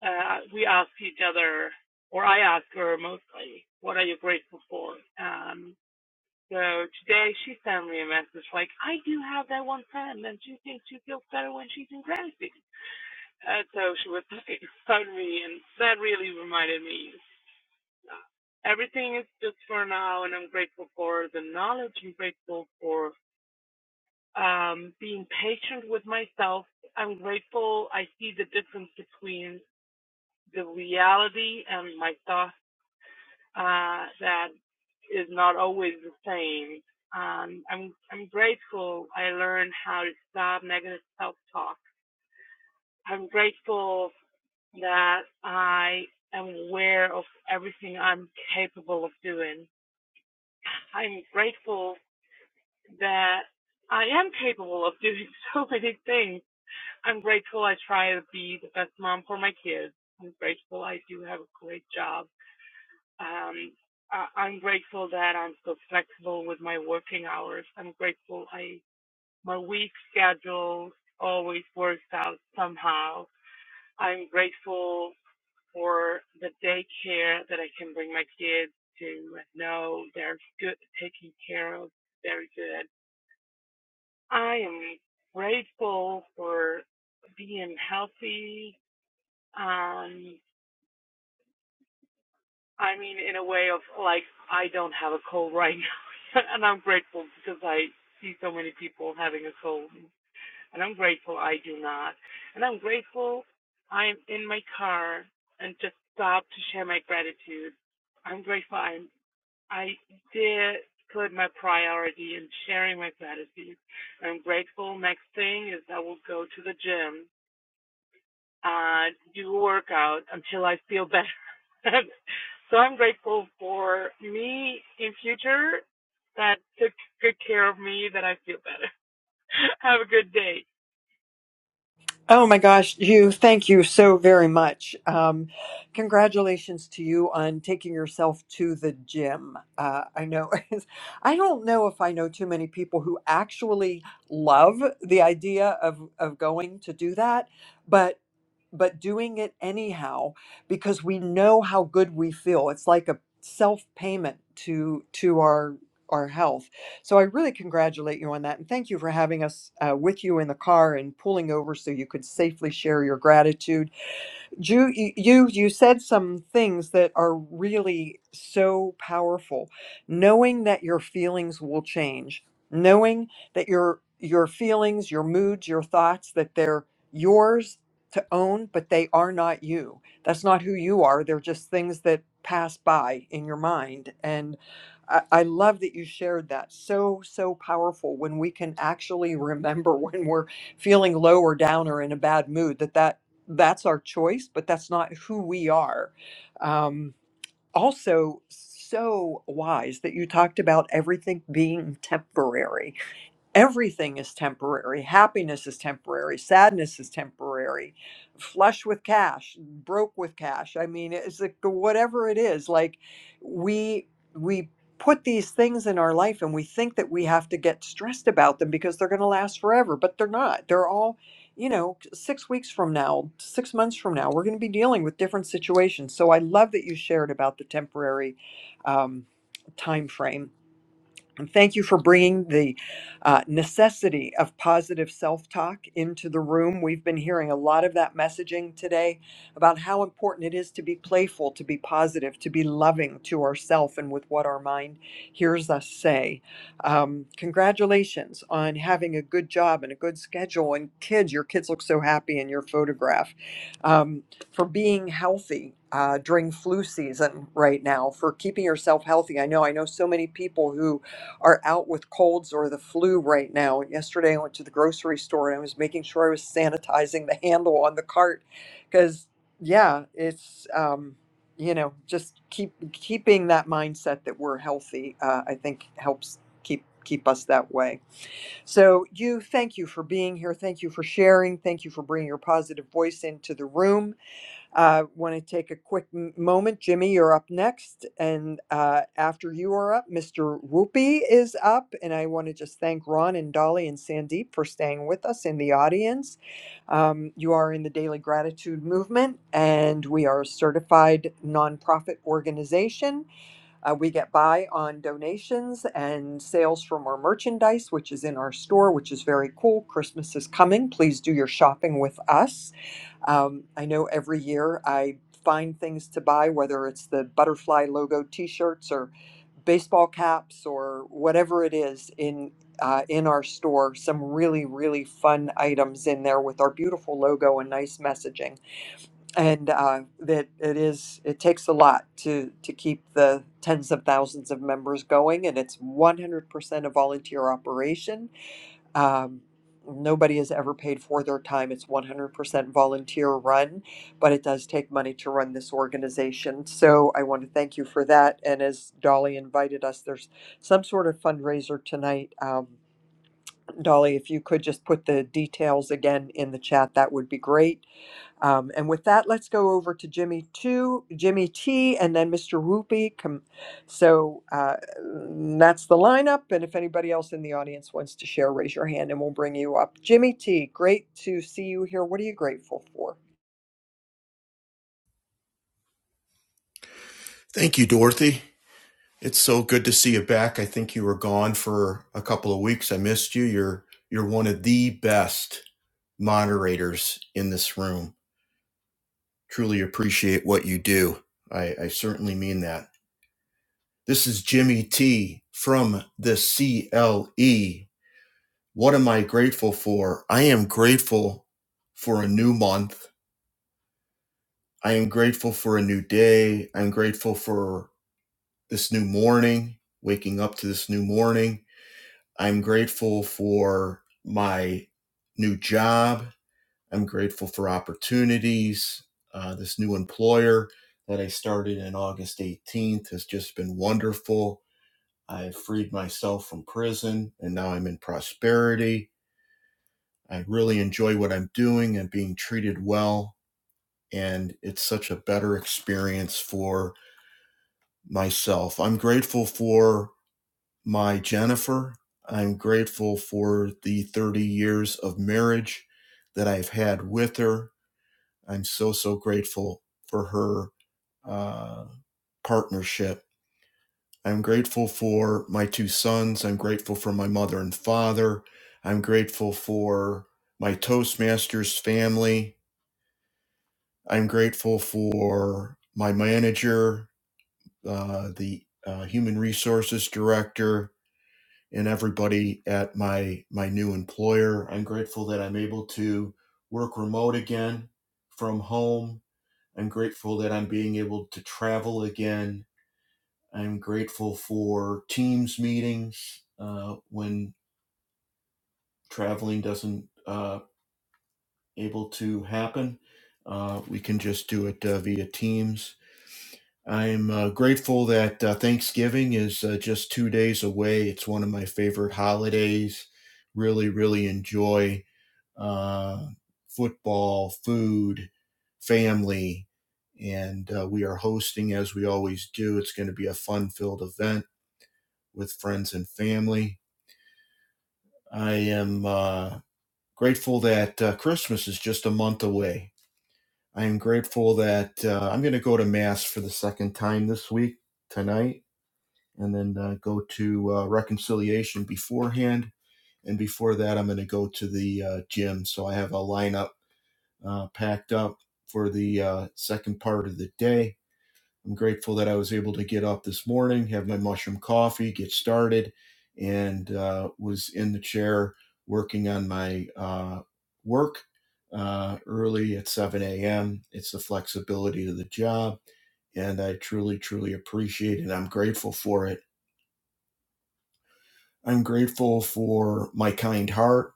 Speaker 25: uh, we ask each other, or I ask her mostly, what are you grateful for? Um, so today she sent me a message like, I do have that one friend, and she thinks she feels better when she's in gratitude. Uh, so she was talking about me, and that really reminded me. Everything is just for now, and I'm grateful for the knowledge. I'm grateful for um, being patient with myself. I'm grateful I see the difference between the reality and my thoughts uh, that is not always the same. Um, I'm I'm grateful I learned how to stop negative self-talk. I'm grateful that I am aware of everything I'm capable of doing. I'm grateful that I am capable of doing so many things. I'm grateful I try to be the best mom for my kids. I'm grateful I do have a great job Um, I, I'm grateful that I'm so flexible with my working hours. I'm grateful I my week schedule always works out somehow. I'm grateful for the daycare that I can bring my kids to know they're good taken care of, very good. I am grateful for being healthy. Um, I mean, in a way of like, I don't have a cold right now, and I'm grateful because I see so many people having a cold, and I'm grateful I do not, and I'm grateful I'm in my car and just stopped to share my gratitude. I'm grateful I'm I did put my priority in sharing my gratitude. I'm grateful. Next thing is I will go to the gym uh, to do a workout until I feel better. so I'm grateful for me in future that took good care of me that I feel better. Have a good day.
Speaker 16: Oh my gosh, you, thank you so very much. Um, congratulations to you on taking yourself to the gym. Uh, I know, I don't know if I know too many people who actually love the idea of, of going to do that, but but doing it anyhow because we know how good we feel. It's like a self payment to to our our health. So I really congratulate you on that. And thank you for having us uh, with you in the car and pulling over so you could safely share your gratitude. Ju, you you you said some things that are really so powerful. Knowing that your feelings will change, knowing that your your feelings, your moods, your thoughts that they're yours to own, but they are not you. That's not who you are. They're just things that pass by in your mind. And I, I love that you shared that. So so powerful when we can actually remember when we're feeling low or down or in a bad mood that that that's our choice, but that's not who we are. Um, also, so wise that you talked about everything being temporary everything is temporary. Happiness is temporary. Sadness is temporary. Flush with cash, broke with cash. I mean, it's like the whatever it is. Like we we put these things in our life and we think that we have to get stressed about them because they're going to last forever, but they're not. They're all you know, six weeks from now, six months from now, we're going to be dealing with different situations. So I love that you shared about the temporary um, time frame and thank you for bringing the uh, necessity of positive self talk into the room. We've been hearing a lot of that messaging today about how important it is to be playful, to be positive, to be loving to ourself and with what our mind hears us say. Um, congratulations on having a good job and a good schedule. And kids, your kids look so happy in your photograph. Um, for being healthy. Uh, during flu season right now for keeping yourself healthy i know i know so many people who are out with colds or the flu right now. And yesterday I went to the grocery store and I was making sure I was sanitizing the handle on the cart because yeah, it's um, you know just keep keeping that mindset that we're healthy. Uh, I think helps keep keep us that way. So you thank you for being here. Thank you for sharing. Thank you for bringing your positive voice into the room. Uh, Want to take a quick m- moment. Jimmy, you're up next. And uh, after you are up, Mr. Whoopi is up. And I want to just thank Ron and Dolly and Sandeep for staying with us in the audience. Um, you are in the Daily Gratitude Movement, and we are a certified nonprofit organization. Uh, we get by on donations and sales from our merchandise, which is in our store, which is very cool. Christmas is coming. Please do your shopping with us. Um, I know every year I find things to buy, whether it's the butterfly logo T-shirts or baseball caps or whatever it is in uh, in our store. Some really really fun items in there with our beautiful logo and nice messaging. And uh, that it is it takes a lot to to keep the tens of thousands of members going, and it's 100% a volunteer operation um, nobody has ever paid for their time. It's 100% volunteer run, but it does take money to run this organization. So I want to thank you for that. And as Dolly invited us, there's some sort of fundraiser tonight. Um, Dolly, if you could just put the details again in the chat, that would be great. Um, and with that, let's go over to Jimmy two, Jimmy T, and then Mr. Whoopi. Come, so uh, mm, that's the lineup. And if anybody else in the audience wants to share, raise your hand, and we'll bring you up. Jimmy T, great to see you here. What are you grateful for?
Speaker 26: Thank you, Dorothy. It's so good to see you back. I think you were gone for a couple of weeks. I missed you. You're you're one of the best moderators in this room. Truly appreciate what you do. I, I certainly mean that. This is Jimmy T from the CLE. What am I grateful for? I am grateful for a new month. I am grateful for a new day. I'm grateful for this new morning, waking up to this new morning. I'm grateful for my new job. I'm grateful for opportunities. Uh, this new employer that I started on August 18th has just been wonderful. I freed myself from prison and now I'm in prosperity. I really enjoy what I'm doing and being treated well. And it's such a better experience for myself. I'm grateful for my Jennifer. I'm grateful for the 30 years of marriage that I've had with her. I'm so, so grateful for her uh, partnership. I'm grateful for my two sons. I'm grateful for my mother and father. I'm grateful for my Toastmasters family. I'm grateful for my manager, uh, the uh, human resources director, and everybody at my my new employer. I'm grateful that I'm able to work remote again from home. I'm grateful that I'm being able to travel again. I'm grateful for Teams meetings uh, when traveling doesn't uh, able to happen. Uh, we can just do it uh, via Teams. I'm uh, grateful that uh, Thanksgiving is uh, just two days away. It's one of my favorite holidays. Really, really enjoy uh, football, food, family. And uh, we are hosting as we always do. It's going to be a fun filled event with friends and family. I am uh, grateful that uh, Christmas is just a month away. I am grateful that uh, I'm going to go to Mass for the second time this week, tonight, and then uh, go to uh, Reconciliation beforehand. And before that, I'm going to go to the uh, gym. So I have a lineup uh, packed up for the uh, second part of the day. I'm grateful that I was able to get up this morning, have my mushroom coffee, get started, and uh, was in the chair working on my uh, work uh, early at 7 a.m. It's the flexibility of the job, and I truly, truly appreciate it. I'm grateful for it. I'm grateful for my kind heart.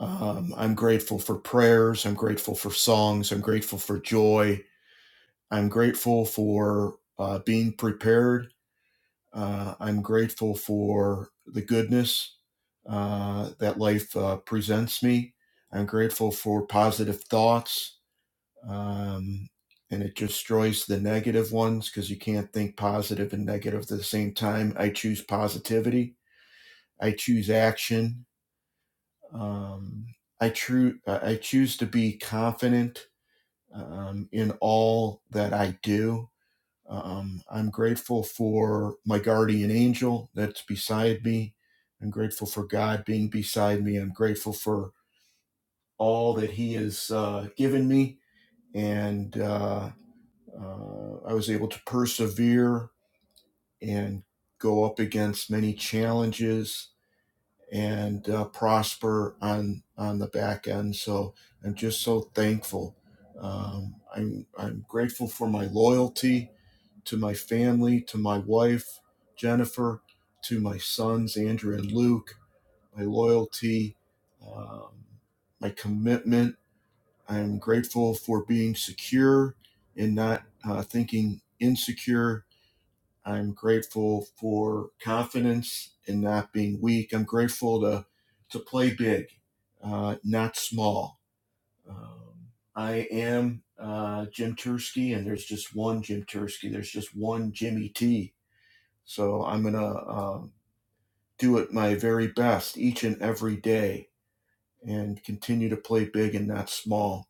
Speaker 26: Um, I'm grateful for prayers. I'm grateful for songs. I'm grateful for joy. I'm grateful for uh, being prepared. Uh, I'm grateful for the goodness uh, that life uh, presents me. I'm grateful for positive thoughts. Um, and it destroys the negative ones because you can't think positive and negative at the same time. I choose positivity. I choose action. Um, I, true, I choose to be confident um, in all that I do Um, I'm grateful for my guardian angel that's beside me. I'm grateful for God being beside me. I'm grateful for all that He has uh, given me. And uh, uh, I was able to persevere and go up against many challenges and uh, prosper on on the back end. So I'm just so thankful. Um, I'm I'm grateful for my loyalty. to my family, to my wife, Jennifer, to my sons, Andrew and Luke, my loyalty, um, my commitment. I am grateful for being secure and not uh, thinking insecure. I'm grateful for confidence and not being weak. I'm grateful to, to play big, uh, not small. Um, I am uh, Jim Tursky, and there's just one Jim Tursky. There's just one Jimmy T so I'm going to uh, do it my very best each and every day and continue to play big and not small.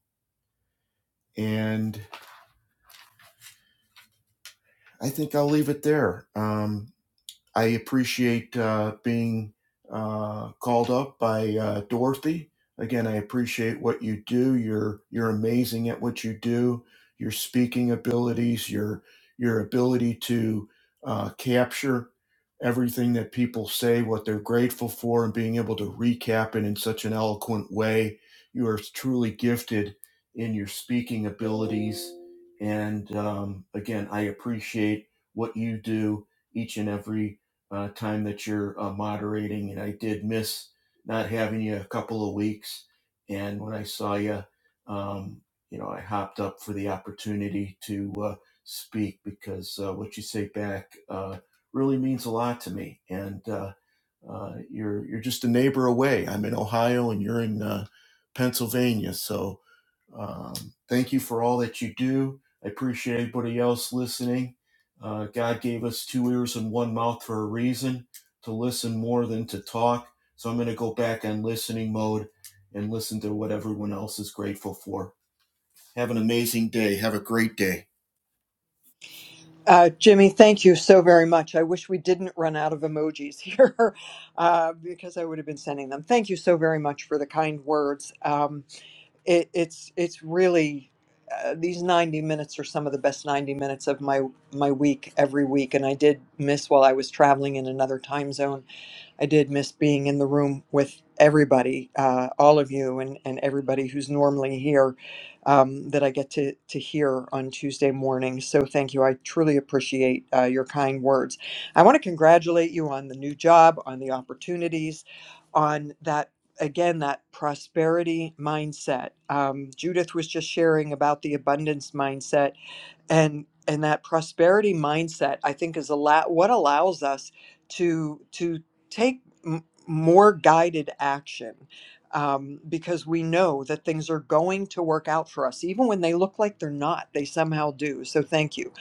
Speaker 26: And I think I'll leave it there. Um, I appreciate uh, being uh, called up by uh, Dorothy. Again, I appreciate what you do. You're you're amazing at what you do. Your speaking abilities, your your ability to uh, capture everything that people say, what they're grateful for, and being able to recap it in such an eloquent way. You are truly gifted in your speaking abilities. And um, again, I appreciate what you do each and every uh, time that you're uh, moderating. And I did miss not having you a couple of weeks. And when I saw you, um, you know, I hopped up for the opportunity to uh, speak because uh, what you say back uh, really means a lot to me. And uh, uh, you're you're just a neighbor away. I'm in Ohio, and you're in uh, Pennsylvania. So um, thank you for all that you do. I appreciate everybody else listening. Uh, God gave us two ears and one mouth for a reason to listen more than to talk. So I'm going to go back on listening mode and listen to what everyone else is grateful for. Have an amazing day. Have a great day.
Speaker 16: Uh, Jimmy, thank you so very much. I wish we didn't run out of emojis here uh, because I would have been sending them. Thank you so very much for the kind words. Um, it, it's it's really uh, these 90 minutes are some of the best 90 minutes of my my week every week and i did miss while i was traveling in another time zone I did miss being in the room with everybody, uh, all of you, and, and everybody who's normally here um, that I get to, to hear on Tuesday morning. So thank you. I truly appreciate uh, your kind words. I want to congratulate you on the new job, on the opportunities, on that. Again, that prosperity mindset. Um, Judith was just sharing about the abundance mindset and and that prosperity mindset i think is a lot what allows us to to take m- more guided action um, because we know that things are going to work out for us even when they look like they're not they somehow do so thank you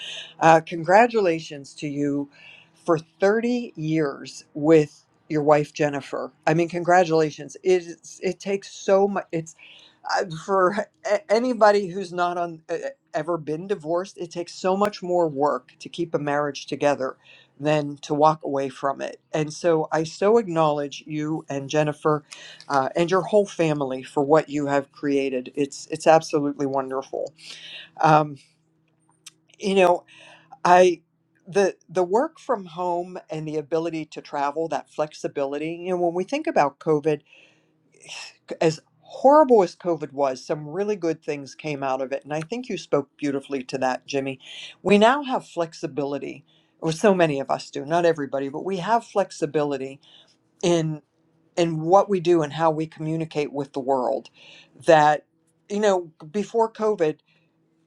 Speaker 16: uh, congratulations to you for 30 years with your wife jennifer i mean congratulations it, is- it takes so much I- for a- anybody who's not on e- e, ever been divorced, it takes so much more work to keep a marriage together than to walk away from it. And so I so acknowledge you and Jennifer uh, and your whole family for what you have created. It's it's absolutely wonderful. Um, you know, I the the work from home and the ability to travel, that flexibility. You know, when we think about COVID as horrible as COVID was, some really good things came out of it. And I think you spoke beautifully to that, Jimmy. We now have flexibility, or so many of us do, not everybody, but we have flexibility in in what we do and how we communicate with the world. That, you know, before COVID,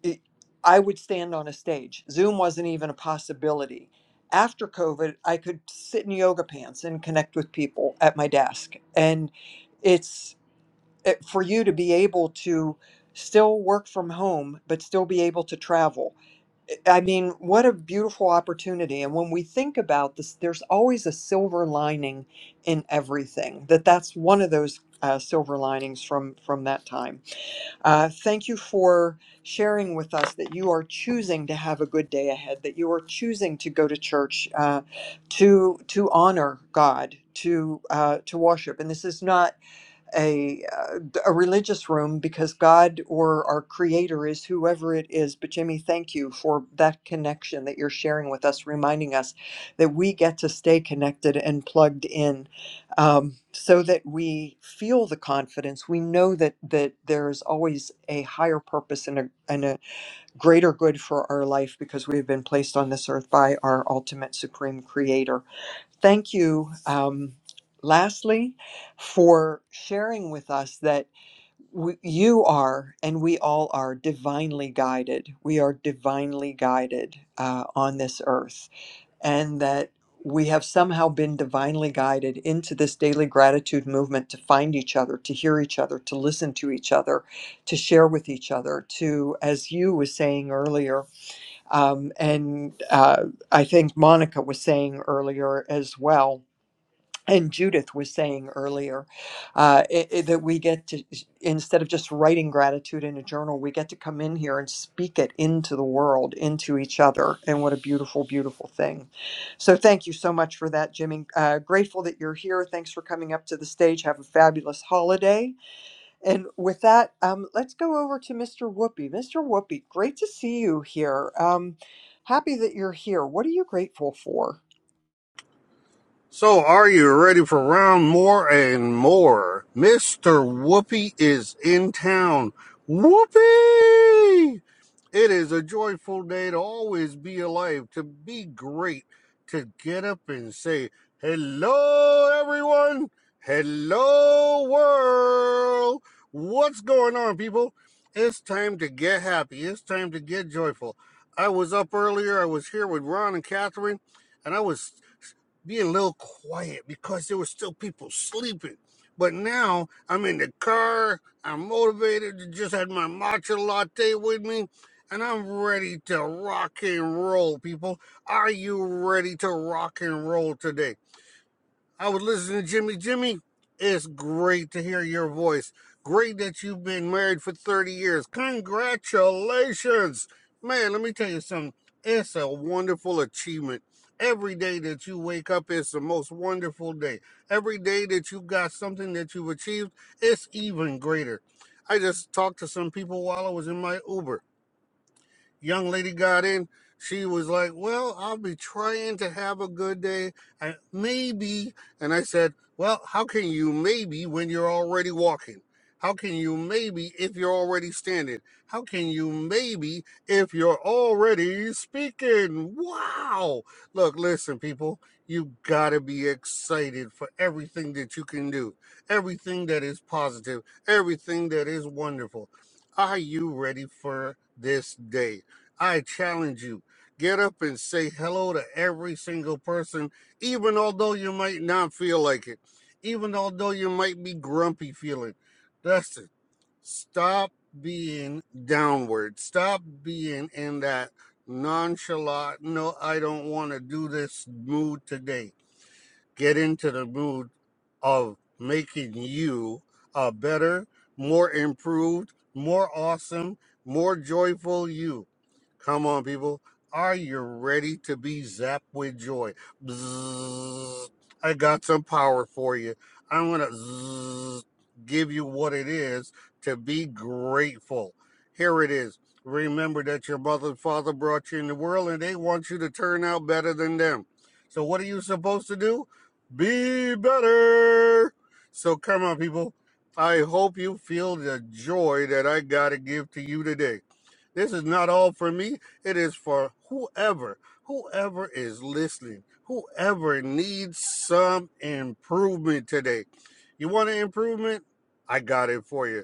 Speaker 16: it, I would stand on a stage. Zoom wasn't even a possibility. After COVID, I could sit in yoga pants and connect with people at my desk. And it's it, for you to be able to still work from home but still be able to travel Eh, i mean what a beautiful opportunity and when we think about this there's always a silver lining in everything that that's one of those uh, silver linings from from that time uh, thank you for sharing with us that you are choosing to have a good day ahead that you are choosing to go to church uh, to to honor god to uh, to worship and this is not a uh, d- a religious room because God or our creator is whoever it is but Jimmy thank you for that connection that you're sharing with us reminding us that we get to stay connected and plugged in um, so that we feel the confidence we know that that there is always a higher purpose and a, and a greater good for our life because we have been placed on this earth by our ultimate supreme creator Thank you, um, lastly, for sharing with us that we, you are and we all are divinely guided. We are divinely guided uh, on this earth, and that we have somehow been divinely guided into this daily gratitude movement to find each other, to hear each other, to listen to each other, to share with each other, to, as you was saying earlier, um, and uh, I think Monica was saying earlier as well and Judith was saying earlier uh, i- i- that we get to, instead of just writing gratitude in a journal, we get to come in here and speak it into the world, into each other. And what a beautiful, beautiful thing. So thank you so much for that, Jimmy. Uh, grateful that you're here. Thanks for coming up to the stage. Have a fabulous holiday. And with that, um, let's go over to Mr. Whoopi. Mr. Whoopi, great to see you here. Um, happy that you're here. What are you grateful for?
Speaker 3: So, are you ready for round more and more? Mr. Whoopi is in town. Whoopi! It is a joyful day to always be alive, to be great, to get up and say, Hello, everyone. Hello, world. What's going on, people? It's time to get happy. It's time to get joyful. I was up earlier. I was here with Ron and Catherine, and I was be a little quiet because there were still people sleeping. But now I'm in the car, I'm motivated, I just had my matcha latte with me, and I'm ready to rock and roll, people. Are you ready to rock and roll today? I was listening to Jimmy. Jimmy, it's great to hear your voice. Great that you've been married for 30 years. Congratulations. Man, let me tell you something. It's a wonderful achievement. Every day that you wake up is the most wonderful day. Every day that you got something that you've achieved, it's even greater. I just talked to some people while I was in my Uber young lady got in, she was like, Well, I'll be trying to have a good day. and maybe. And I said, Well, how can you maybe when you're already walking? How can you maybe if you're already standing? How can you maybe if you're already speaking? Wow. Look, listen, people, you gotta be excited for everything that you can do, everything that is positive, everything that is wonderful. Are you ready for this day? I challenge you. Get up and say hello to every single person, even although you might not feel like it, even although you might be grumpy feeling. Dustin, stop being downward. Stop being in that nonchalant, no, I don't want to do this mood today. Get into the mood of making you a better, more improved, more awesome, more joyful you. Come on, people. Are you ready to be zapped with joy? Bzzz. I got some power for you. I'm going to give you what it is to be grateful. Here it is. Remember that your mother and father brought you in the world and they want you to turn out better than them. So, what are you supposed to do? Be better. So, come on, people. I hope you feel the joy that I got to give to you today. This is not all for me. It is for whoever, whoever is listening, whoever needs some improvement today. You want an improvement? I got it for you.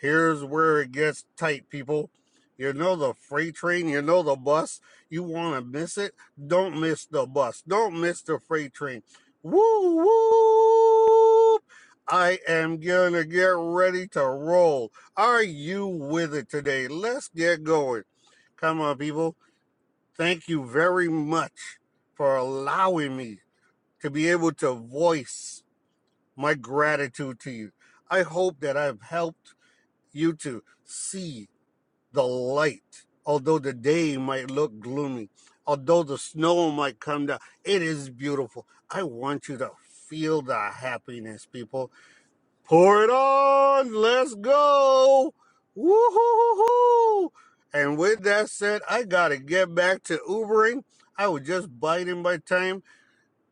Speaker 3: Here's where it gets tight, people. You know the freight train, you know the bus. You want to miss it? Don't miss the bus. Don't miss the freight train. Woo woo! I am going to get ready to roll. Are you with it today? Let's get going. Come on, people. Thank you very much for allowing me to be able to voice my gratitude to you. I hope that I've helped you to see the light. Although the day might look gloomy, although the snow might come down, it is beautiful. I want you to feel the happiness, people. Pour it on. Let's go. Woo-hoo-hoo-hoo. And with that said, I got to get back to Ubering. I was just biding my time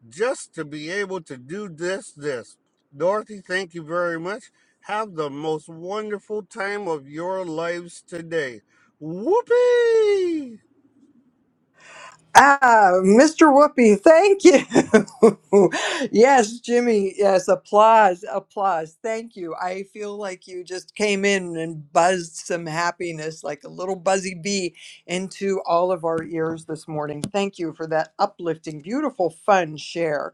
Speaker 3: just to be able to do this, this. Dorothy, thank you very much. Have the most wonderful time of your lives today. Whoopee!
Speaker 16: Ah, Mr. Whoopi, thank you. yes, Jimmy, yes, applause, applause. Thank you. I feel like you just came in and buzzed some happiness like a little buzzy bee into all of our ears this morning. Thank you for that uplifting, beautiful, fun share.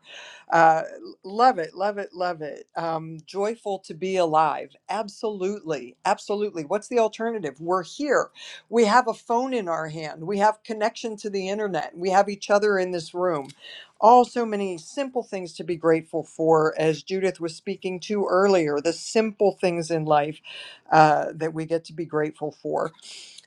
Speaker 16: Uh, love it, love it, love it. Um, joyful to be alive. Absolutely, absolutely. What's the alternative? We're here. We have a phone in our hand. We have connection to the internet. We have each other in this room. Also, many simple things to be grateful for, as Judith was speaking to earlier, the simple things in life uh, that we get to be grateful for.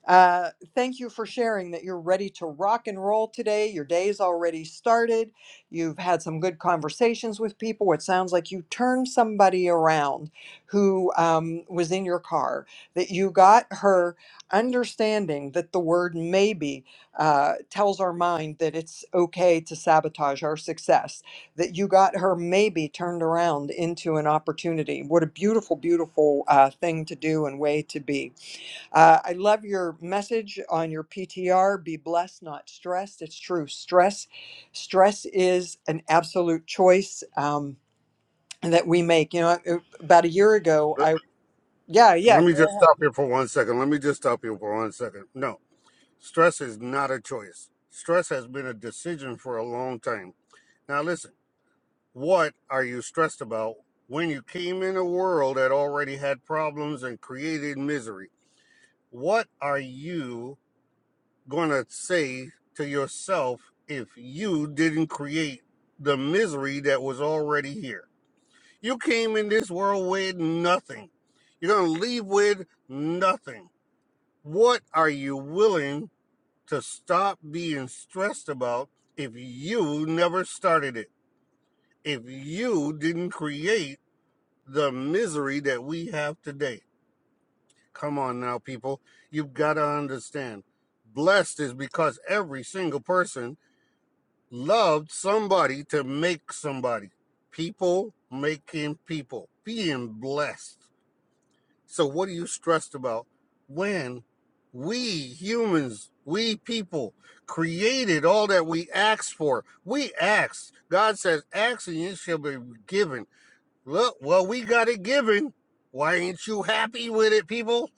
Speaker 16: Uh, thank you for sharing that you're ready to rock and roll today. Your day's already started. You've had some good conversations with people. It sounds like you turned somebody around who um, was in your car, that you got her understanding that the word maybe uh, tells our mind that it's okay to sabotage our success, that you got her maybe turned around into an opportunity. What a beautiful, beautiful uh, thing to do and way to be. Uh, I love your message on your PTR. Be blessed, not stressed. It's true. Stress, stress is an absolute choice um, that we make. You know, uh, about a year ago,
Speaker 3: Uh,
Speaker 16: I yeah yeah.
Speaker 3: Let me
Speaker 16: Go
Speaker 3: just
Speaker 16: ahead.
Speaker 3: stop here for one second. Let me just stop here for one second. No, stress is not a choice. Stress has been a decision for a long time. Now, listen, what are you stressed about when you came in a world that already had problems and created misery? What are you going to say to yourself if you didn't create the misery that was already here? You came in this world with nothing. You're going to leave with nothing. What are you willing to stop being stressed about if you never started it? If you didn't create the misery that we have today? Come on now, people. You've got to understand. Blessed is because every single person loved somebody to make somebody. People making people, being blessed. So, what are you stressed about when we humans, we people, created all that we asked for? We asked. God says, Ask and it shall be given. Look, well, we got it given. Why ain't you happy with it, people?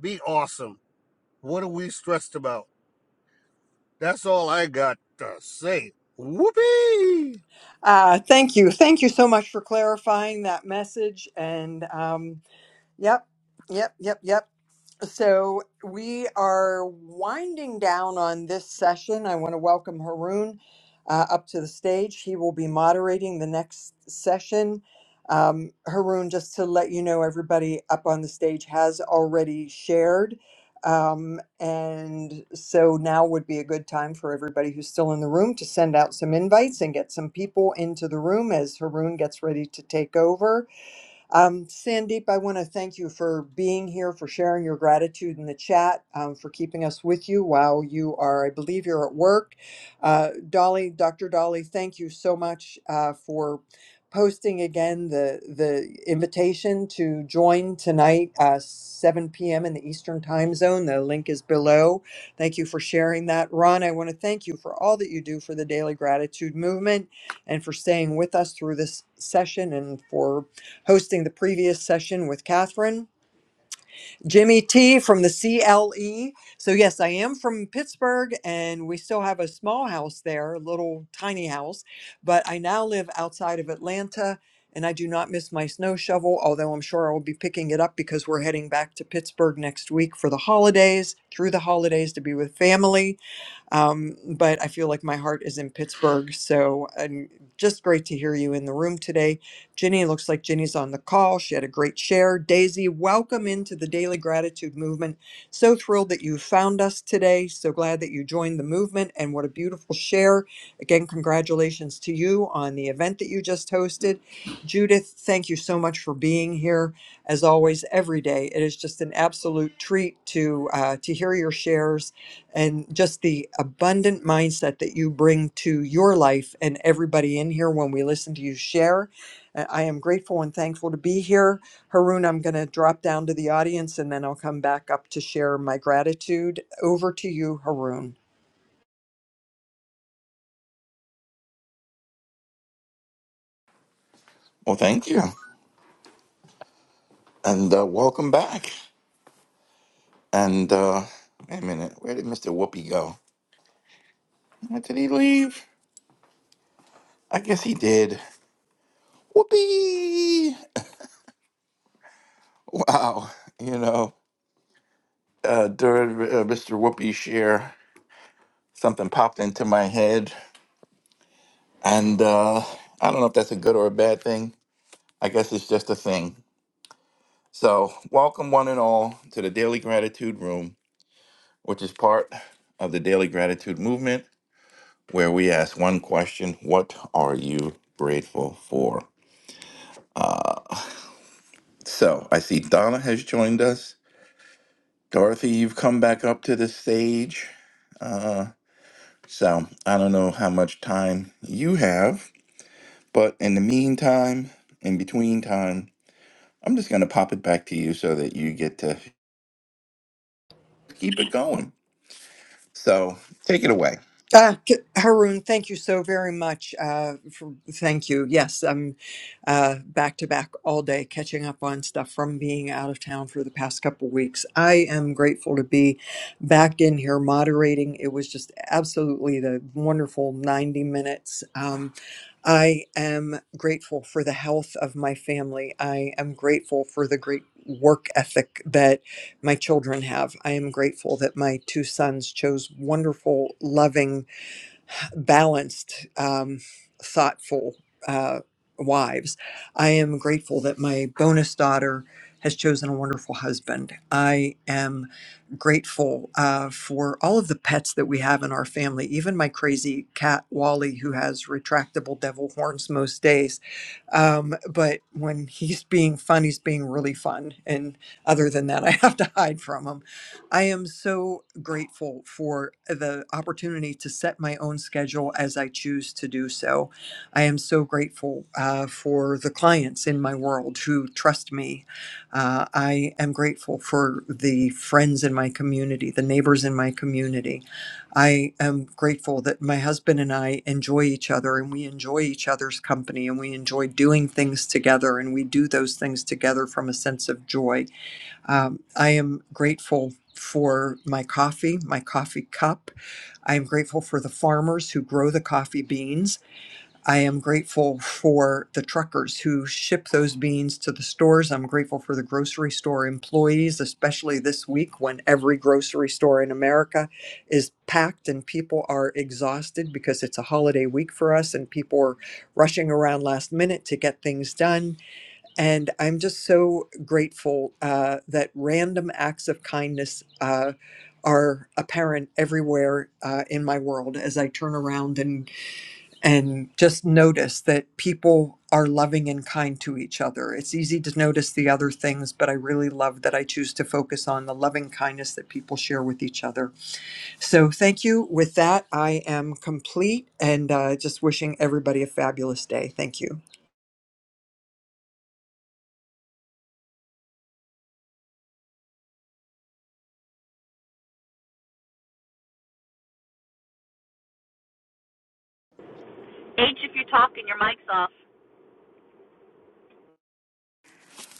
Speaker 3: Be awesome. What are we stressed about? That's all I got to say. Whoopee!
Speaker 16: Uh, thank you, thank you so much for clarifying that message. And um, Yep, yep, yep, yep. So we are winding down on this session. I want to welcome Haroon uh, up to the stage. He will be moderating the next session. Um, Haroon, just to let you know, everybody up on the stage has already shared. Um, and so now would be a good time for everybody who's still in the room to send out some invites and get some people into the room as Haroon gets ready to take over. Um, Sandeep, I want to thank you for being here, for sharing your gratitude in the chat, um, for keeping us with you while you are, I believe, you're at work. Uh, Dolly, Dr. Dolly, thank you so much uh, for posting again the the invitation to join tonight, uh, 7 p.m. in the Eastern Time Zone. The link is below. Thank you for sharing that, Ron. I want to thank you for all that you do for the Daily Gratitude Movement and for staying with us through this session and for hosting the previous session with Catherine. Jimmy T from the CLE. So, yes, I am from Pittsburgh and we still have a small house there, a little tiny house, but I now live outside of Atlanta and I do not miss my snow shovel, although I'm sure I will be picking it up because we're heading back to Pittsburgh next week for the holidays, through the holidays to be with family. Um, but I feel like my heart is in Pittsburgh. So and just great to hear you in the room today. Ginny, looks like Ginny's on the call. She had a great share. Daisy, welcome into the Daily Gratitude Movement. So thrilled that you found us today. So glad that you joined the movement. And what a beautiful share. Again, congratulations to you on the event that you just hosted. Judith, thank you so much for being here. As always, every day, it is just an absolute treat to uh, to hear your shares and just the abundant mindset that you bring to your life and everybody in here when we listen to you share. Uh, I am grateful and thankful to be here. Haroon, I'm going to drop down to the audience and then I'll come back up to share my gratitude. Over to you, Haroon.
Speaker 27: Well, thank you, and uh, welcome back. And uh, wait a minute, where did Mister Whoopi go? Uh, Did he leave? I guess he did. Whoopi! Wow, you know, uh, during uh, Mister Whoopi's share, something popped into my head, and uh, I don't know if that's a good or a bad thing. I guess it's just a thing. So, welcome one and all to the Daily Gratitude Room, which is part of the Daily Gratitude Movement where we ask one question What are you grateful for? So I see Donna has joined us. Dorothy, you've come back up to the stage. Uh, so I don't know how much time you have, but in the meantime, in between time, I'm just going to pop it back to you so that you get to keep it going. So take it away.
Speaker 16: Uh, K- Haroon, thank you so very much. Uh, for, thank you. Yes, I'm uh, back to back all day catching up on stuff from being out of town for the past couple weeks. I am grateful to be back in here moderating. It was just absolutely the wonderful 90 minutes. Um, I am grateful for the health of my family. I am grateful for the great work ethic that my children have. I am grateful that my two sons chose wonderful, loving, balanced, um, thoughtful uh, wives. I am grateful that my bonus daughter has chosen a wonderful husband. I am grateful uh, for all of the pets that we have in our family, even my crazy cat Wally, who has retractable devil horns most days. Um, but when he's being fun, he's being really fun. And other than that, I have to hide from him I am so grateful for the opportunity to set my own schedule as I choose to do so. I am so grateful uh, for the clients in my world who trust me. Uh, I am grateful for the friends in my community, the neighbors in my community. I am grateful that my husband and I enjoy each other and we enjoy each other's company and we enjoy doing things together and we do those things together from a sense of joy um, I am grateful for my coffee, my coffee cup. I am grateful for the farmers who grow the coffee beans. I am grateful for the truckers who ship those beans to the stores. I'm grateful for the grocery store employees, especially this week when every grocery store in America is packed and people are exhausted because it's a holiday week for us and people are rushing around last minute to get things done and I'm just so grateful uh, that random acts of kindness uh, are apparent everywhere uh, in my world as I turn around and and just notice that people are loving and kind to each other. It's easy to notice the other things, but I really love that I choose to focus on the loving kindness that people share with each other. So thank you. With that, I am complete and uh, just wishing everybody a fabulous day. Thank you.
Speaker 28: H, if you're talking, your mic's off.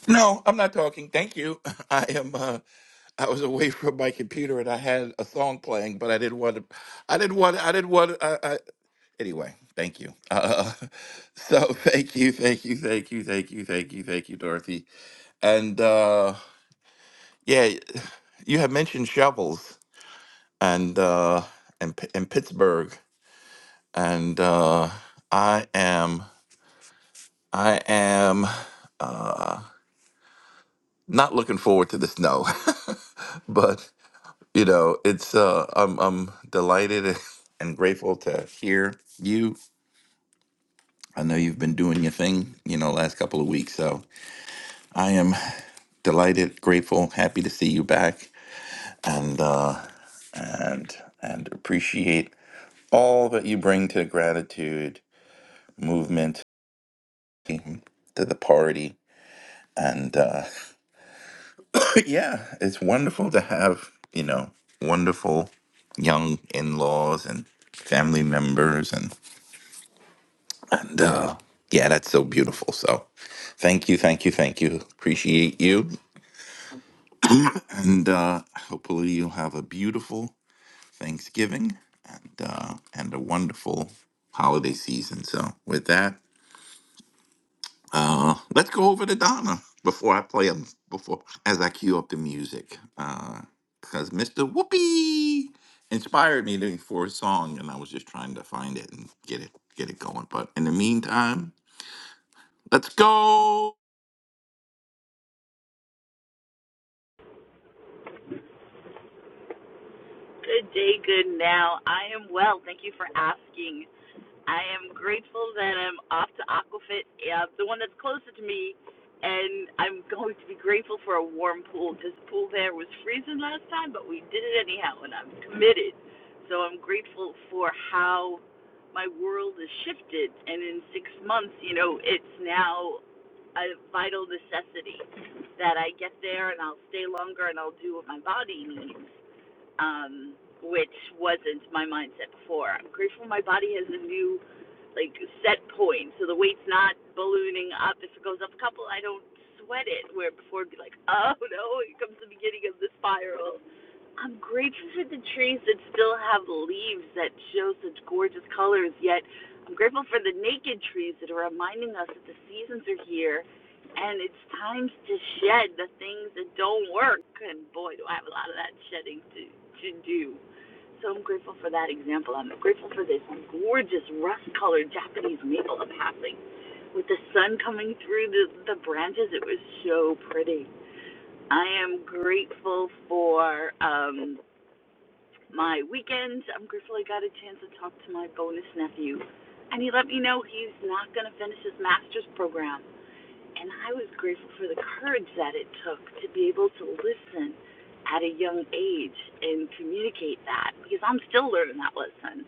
Speaker 27: No, I'm not talking. Thank you. I am. Uh, I was away from my computer and I had a song playing, but I didn't want to. I didn't want. I didn't want. I, I, anyway, thank you. Uh, so thank you, thank you, thank you, thank you, thank you, thank you, Dorothy. And uh, yeah, you had mentioned shovels and uh, and P- and Pittsburgh, and uh, I am I am uh, not looking forward to the snow, but. You know, it's uh I'm I'm delighted and grateful to hear you. I know you've been doing your thing, you know, last couple of weeks. So I am delighted, grateful, happy to see you back and uh and and appreciate all that you bring to gratitude movement to the party. And uh yeah, it's wonderful to have, you know, wonderful young in-laws and family members and. And uh, yeah, that's so beautiful. So thank you, thank you, thank you. Appreciate you. And uh, hopefully you'll have a beautiful Thanksgiving and uh, and a wonderful holiday season. So with that, uh, let's go over to Donna before I play them. before as I cue up the music. Uh, because Mr. Whoopi inspired me to, for a song, and I was just trying to find it and get it get it going. But in the meantime, let's go.
Speaker 28: Good day, good now. I am well. Thank you for asking. I am grateful that I'm off to Aquafit, uh, the one that's closer to me, and I'm going to be grateful for a warm pool because the pool there was freezing last time, but we did it anyhow, and I'm committed. So I'm grateful for how my world has shifted, and in six months, you know, it's now a vital necessity that I get there and I'll stay longer and I'll do what my body needs um, which wasn't my mindset before. I'm grateful my body has a new like set point, so the weight's not ballooning up. If it goes up a couple, I don't sweat it. Where before it'd be like, oh no, here comes the beginning of the spiral. I'm grateful for the trees that still have leaves that show such gorgeous colors. Yet, I'm grateful for the naked trees that are reminding us that the seasons are here and it's times to shed the things that don't work. And boy, do I have a lot of that shedding to, to do. So I'm grateful for that example. I'm grateful for this gorgeous rust colored Japanese maple I'm having. With the sun coming through the, the branches, it was so pretty. I am grateful for um, my weekend. I'm grateful I got a chance to talk to my bonus nephew. And he let me know he's not going to finish his master's program and I was grateful for the courage that it took to be able to listen at a young age and communicate that because I'm still learning that lesson.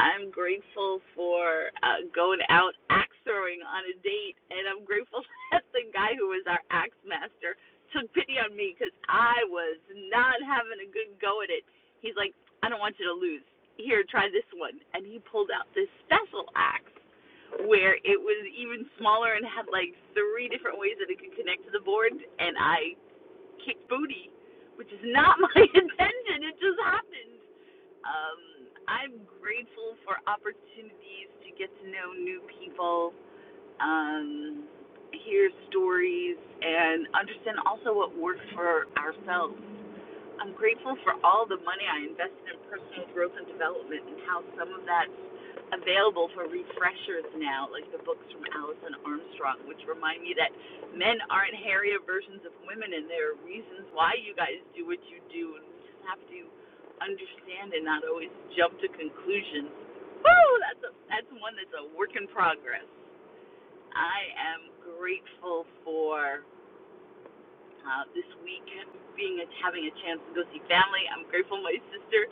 Speaker 28: I'm grateful for uh, going out axe throwing on a date, and I'm grateful that the guy who was our axe master took pity on me because I was not having a good go at it. He's like, I don't want you to lose. Here, try this one. And he pulled out this special axe where it was even smaller and had like three different ways that it could connect to the board, and I kicked booty, which is not my intention. It just happened. Um, I'm grateful for opportunities to get to know new people um, hear stories, and understand also what works for ourselves. I'm grateful for all the money I invested in personal growth and development and how some of that's available for refreshers now, like the books from Alison Armstrong, which remind me that men aren't hairier versions of women and there are reasons why you guys do what you do and we just have to understand and not always jump to conclusions. Woo! That's a that's one that's a work in progress. I am grateful for uh, this week being a, having a chance to go see family. I'm grateful my sister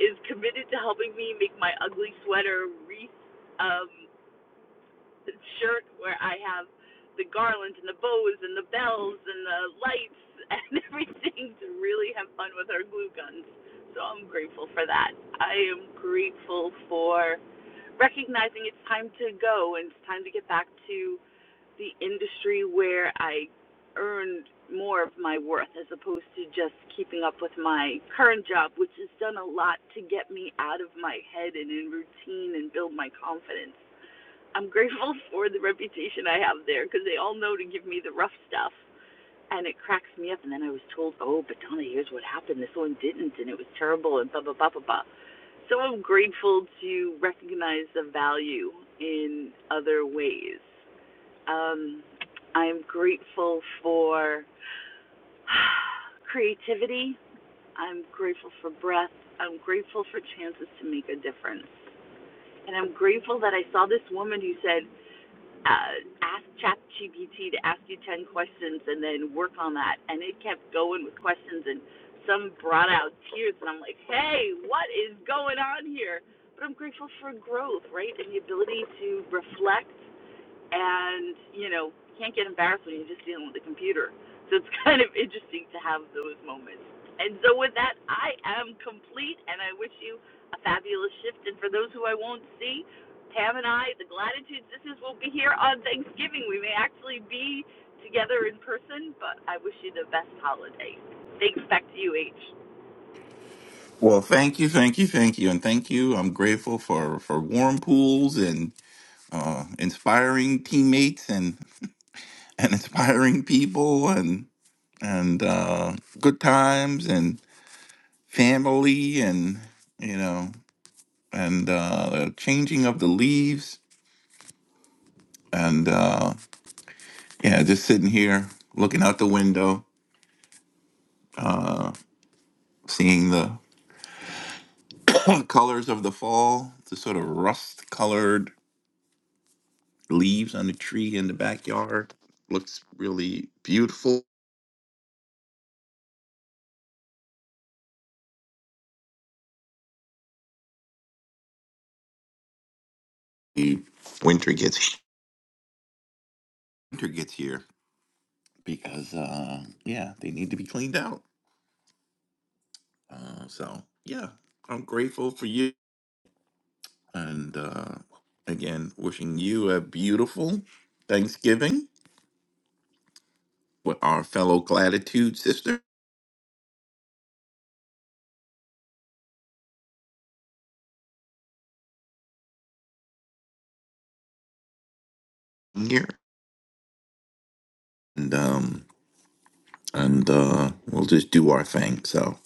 Speaker 28: is committed to helping me make my ugly sweater wreath um, shirt where I have the garland and the bows and the bells and the lights and everything to really have fun with our glue guns. So I'm grateful for that. I am grateful for recognizing it's time to go and it's time to get back to the industry where I earned more of my worth as opposed to just keeping up with my current job, which has done a lot to get me out of my head and in routine and build my confidence. I'm grateful for the reputation I have there because they all know to give me the rough stuff. And it cracks me up. And then I was told, oh, but Donna, here's what happened. This one didn't, and it was terrible, and blah, blah, blah, blah, blah. So I'm grateful to recognize the value in other ways. Um, I'm grateful for creativity. I'm grateful for breath. I'm grateful for chances to make a difference. And I'm grateful that I saw this woman who said, uh, ask ChatGPT to ask you 10 questions and then work on that. And it kept going with questions, and some brought out tears. And I'm like, hey, what is going on here? But I'm grateful for growth, right? And the ability to reflect and you know you can't get embarrassed when you're just dealing with a computer so it's kind of interesting to have those moments and so with that i am complete and i wish you a fabulous shift and for those who i won't see pam and i the gratitude sisters will be here on thanksgiving we may actually be together in person but i wish you the best holiday thanks back to you h
Speaker 27: Well, thank you, thank you, thank you, and thank you. I'm grateful for for warm pools and uh, inspiring teammates and and inspiring people and and uh, good times and family and you know and uh, the changing of the leaves and uh, yeah, just sitting here looking out the window, seeing the colors of the fall, the sort of rust colored leaves on the tree in the backyard. Looks really beautiful. The Winter gets winter gets here because uh yeah, they need to be cleaned out. Uh, so yeah, I'm grateful for you and uh again wishing you a beautiful Thanksgiving with our fellow gratitude sister here. And um and uh we'll just do our thing. So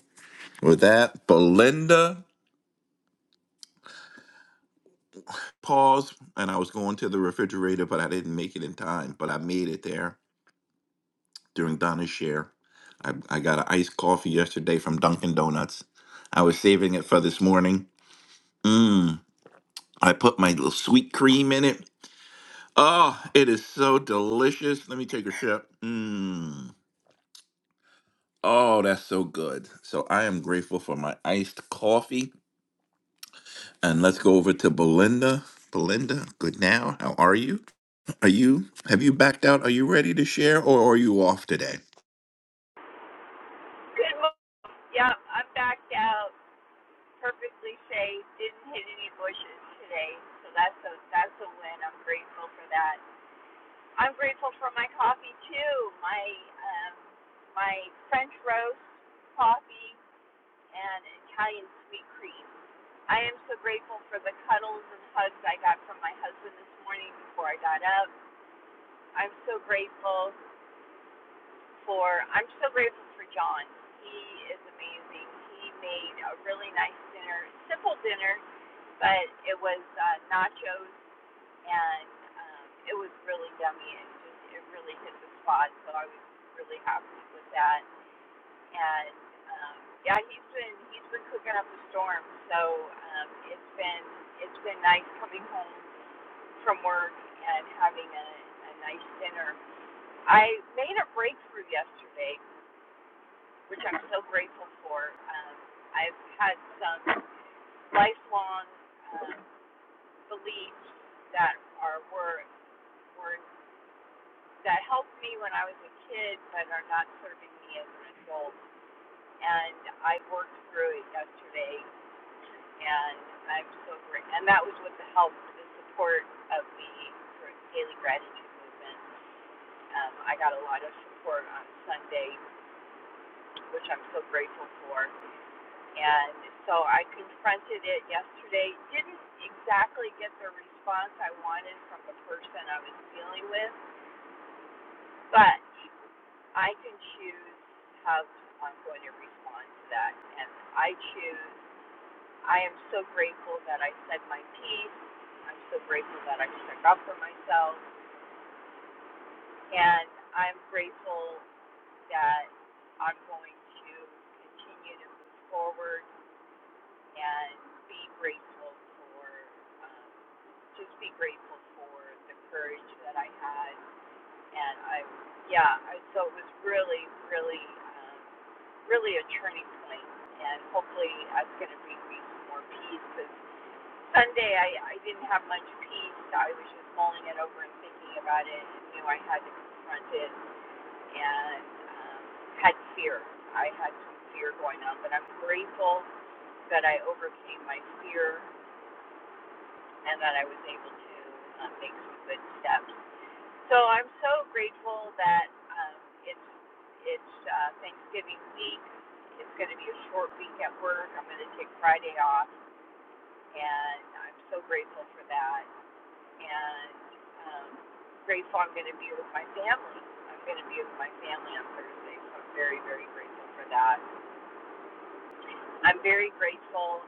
Speaker 27: with that, Belinda pause and I was going to the refrigerator, but I didn't make it in time. But I made it there during Donna's share. I, I got an iced coffee yesterday from Dunkin' Donuts. I was saving it for this morning. Mmm. I put my little sweet cream in it. Oh, it is so delicious. Let me take a sip. Mmm. Oh, that's so good. So I am grateful for my iced coffee. And let's go over to Belinda. Belinda, good now. How are you? Are you have you backed out? Are you ready to share or are you off today?
Speaker 29: Good morning. Yep, I'm backed out, perfectly safe. Didn't hit any bushes today, so that's a that's a win. I'm grateful for that. I'm grateful for my coffee too. My um, my French roast coffee and Italian sweet cream. I am so grateful for the cuddles and hugs I got from my husband this morning before I got up. I'm so grateful for I'm so grateful for John. He is amazing. He made a really nice dinner, simple dinner, but it was uh, nachos and um, it was really yummy and just it really hit the spot. So I was really happy with that. And um, yeah, he's been he's been cooking up a storm. So um, it's been it's been nice coming home from work and having a, a nice dinner. I made a breakthrough yesterday which I'm so grateful for. Um, I've had some lifelong um, beliefs that are were were that helped me when I was a kid, but are not serving me as an adult. And I worked through it yesterday, and I'm so grateful. And that was with the help, the support of the daily gratitude movement. Um, I got a lot of support on Sunday, which I'm so grateful for. And so I confronted it yesterday. Didn't exactly get the response I wanted from the person I was dealing with, but I can choose how I'm going to respond to that. And I choose, I am so grateful that I said my piece. I'm so grateful that I stuck up for myself. And I'm grateful that I'm going to continue to move forward and be grateful for um, just be grateful for the courage that I had. And I, yeah, I, so it was really, really, um, really a turning point. And hopefully that's going to bring me some more peace because Sunday I, I didn't have much peace. I was just mulling it over and thinking about it and knew I had to confront it and um, had fear. I had some fear going on, but I'm grateful that I overcame my fear and that I was able to um, make some good steps So I'm so grateful that um, it's it's uh, Thanksgiving week. It's going to be a short week at work. I'm going to take Friday off, and I'm so grateful for that. And um, grateful I'm going to be with my family. I'm going to be with my family on Thursday, so I'm very very grateful for that. I'm very grateful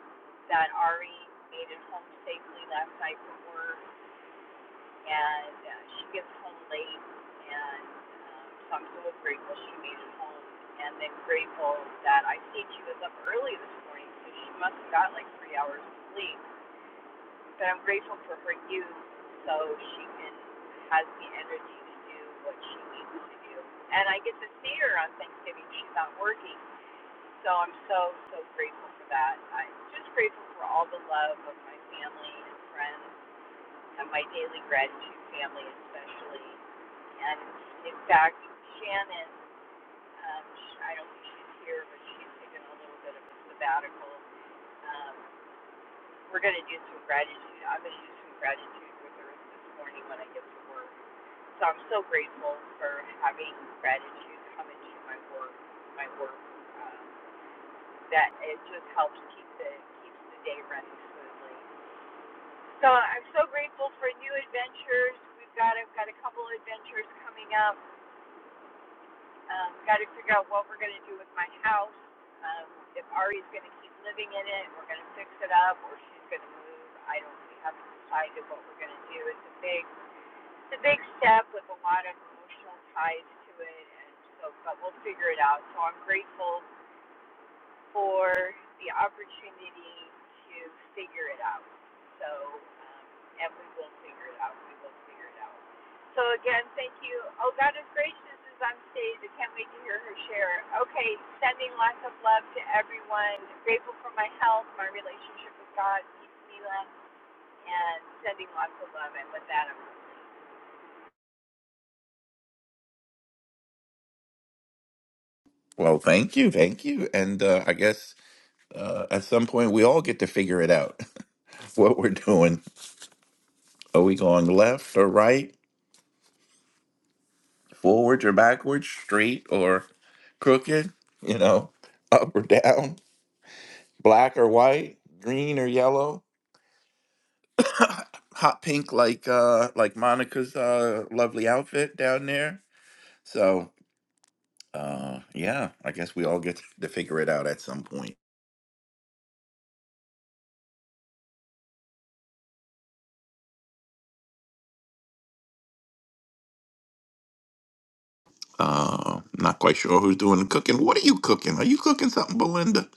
Speaker 29: that Ari made it home safely last night from work and uh, she gets home late, and um, so I'm so grateful she made it home, and then grateful that I see she was up early this morning, so she must have got like three hours of sleep. But I'm grateful for her youth, so she can has the energy to do what she needs to do, and I get to see her on Thanksgiving. She's not working, so I'm so so grateful for that. I'm just grateful for all the love of my family and friends and my daily gratitude family especially. And in fact, Shannon, um, I don't think she's here, but she's taken a little bit of a sabbatical. Um, we're going to do some gratitude. I'm going to do some gratitude with her this morning when I get to work. So I'm so grateful for having gratitude come into my work. My work um, that it just helps keep the keeps the day running smoothly. So I'm so grateful for new adventures. We've got I've got a couple adventures coming up Um, Got to figure out what we're going to do with my house. Um, if Ari's going to keep living in it, we're going to fix it up, or she's going to move. I don't. We haven't decided what we're going to do. It's a big, it's a big step with a lot of emotional ties to it, and so. But we'll figure it out. So I'm grateful for the opportunity to figure it out. So, um, and we will figure it out. We will figure it out. So again, thank you. Oh, God is gracious is on stage. I can't wait to hear her share. Okay, sending lots of love to everyone. Grateful for my health, my relationship with God, peace, Mila, and sending lots of love. And with that, I'm complete.
Speaker 27: Well, thank you, thank you. And uh, I guess uh, at some point we all get to figure it out what we're doing. Are we going left or right, forwards or backwards, straight or crooked, you know, up or down, black or white, green or yellow, hot pink like uh like Monica's uh lovely outfit down there. So, uh yeah, I guess we all get to figure it out at some point. Uh, not quite sure who's doing the cooking. What are you cooking? Are you cooking something, Belinda?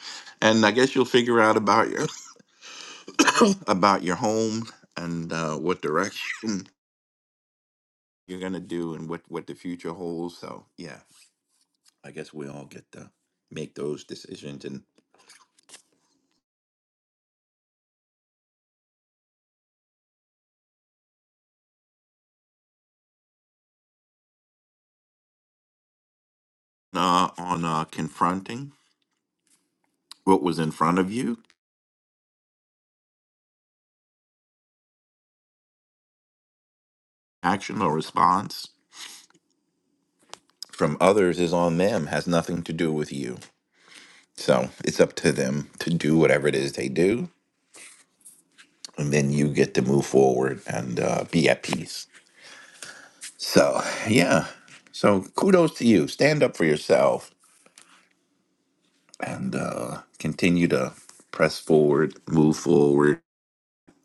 Speaker 27: And I guess you'll figure out about your about your home and uh, what direction you're gonna do and what what the future holds. So yeah, I guess we all get to make those decisions and uh, on uh, confronting what was in front of you, action or response from others is on them. Has nothing to do with you. So it's up to them to do whatever it is they do and then you get to move forward and uh, be at peace. So, yeah. So, kudos to you. Stand up for yourself and uh, continue to press forward, move forward,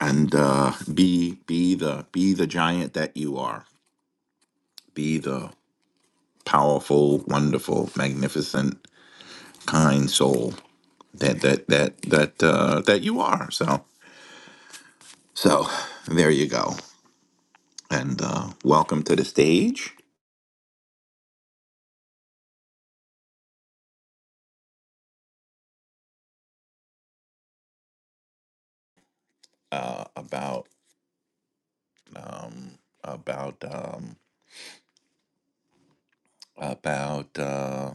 Speaker 27: and uh, be be the be the giant that you are. Be the powerful, wonderful, magnificent, kind soul that that that that uh, that you are. So, so there you go. And uh, welcome to the stage. Uh, about um, about um, about uh,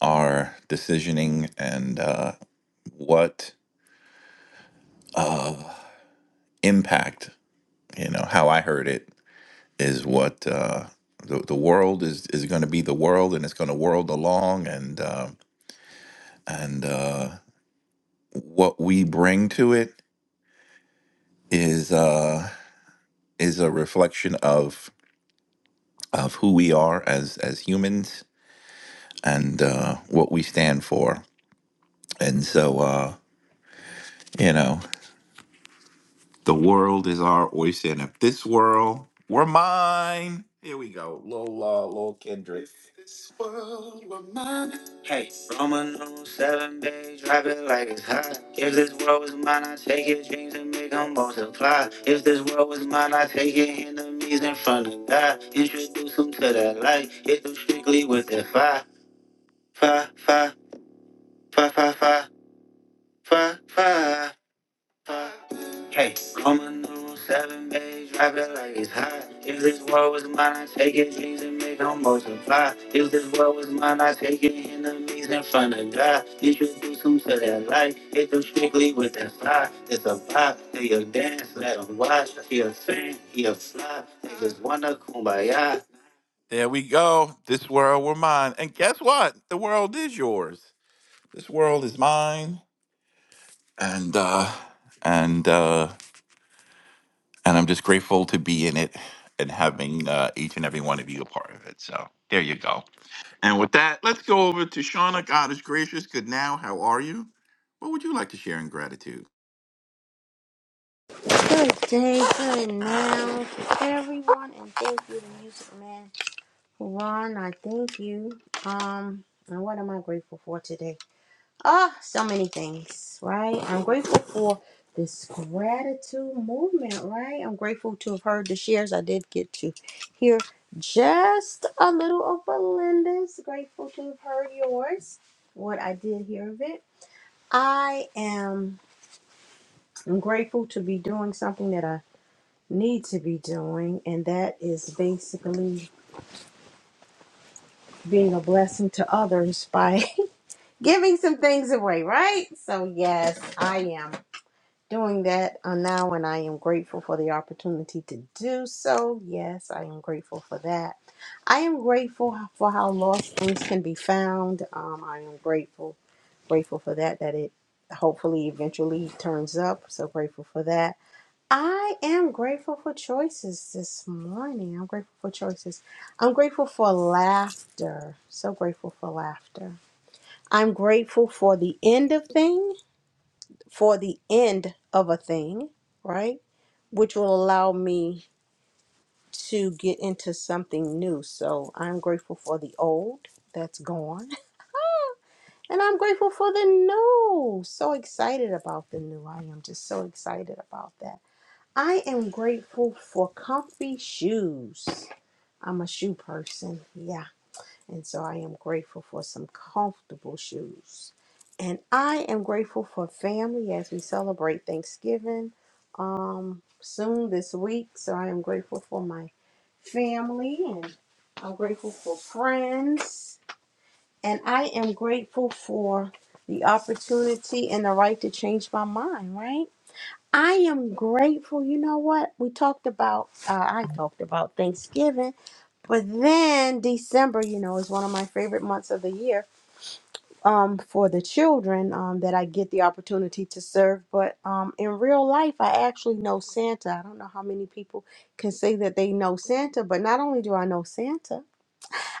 Speaker 27: our decisioning and uh, what impact you know how I heard it is what uh, the the world is is going to be the world and it's going to world along and uh, and uh, what we bring to it is uh, is a reflection of of who we are as as humans and uh, what we stand for and so uh, you know The world is our oyster, and if this world were mine, here we go. Lola, Lil Kendrick. If this world were mine. Hey, Roman on seven days, drive it like it's hot. If this world was mine, I'd take your dreams and make them multiply. If this world was mine, I'd take your enemies in front of God. Introduce them to that light, hit them strictly with that fire, fire, fire, fire, fire, fire, fire, fire. Hey, call my number seven, babe, drop it like it's hot. If this world was mine, I take it, dreams and make them multiply. If this world was mine, I take it, enemies in front of God. Introduce them to that light, hit them strictly with that fly. It's a pop, they a dance, let them watch. He a fan, he a fly, niggas wanna kumbaya. There we go. This world were mine. And guess what? The world is yours. This world is mine. And, uh, and, uh, and I'm just grateful to be in it and having uh, each and every one of you a part of it. So there you go. And with that, let's go over to Shauna. God is gracious. Good now. How are you? What would you like to share in gratitude?
Speaker 5: Good day, good now to everyone, and thank you to Music Man. Ron, I thank you. Um, and what am I grateful for today? Ah, so many things, right? I'm grateful for this gratitude movement, right? I'm grateful to have heard the shares. I did get to hear just a little of Belinda's. Grateful to have heard yours, what I did hear of it. I am I'm grateful to be doing something that I need to be doing, and that is basically being a blessing to others by giving some things away, right? So, yes, I am. doing that uh, now, and I am grateful for the opportunity to do so. Yes, I am grateful for that. I am grateful for how lost things can be found. Um, I am grateful, grateful for that. That it hopefully eventually turns up. So grateful for that. I am grateful for choices this morning. I'm grateful for choices. I'm grateful for laughter. So grateful for laughter. I'm grateful for the end of things for the end of a thing, right? Which will allow me to get into something new. So I'm grateful for the old that's gone, and I'm grateful for the new. So excited about the new. I am just so excited about that. I am grateful for comfy shoes. I'm a shoe person. Yeah. And so I am grateful for some comfortable shoes. And I am grateful for family as we celebrate Thanksgiving um, soon this week. So I am grateful for my family and I'm grateful for friends. And I am grateful for the opportunity and the right to change my mind, right? I am grateful. You know what? We talked about, uh, I talked about Thanksgiving, but then December, you know, is one of my favorite months of the year um, for the children um, that I get the opportunity to serve. But um, in real life, I actually know Santa. I don't know how many people can say that they know Santa, but not only do I know Santa,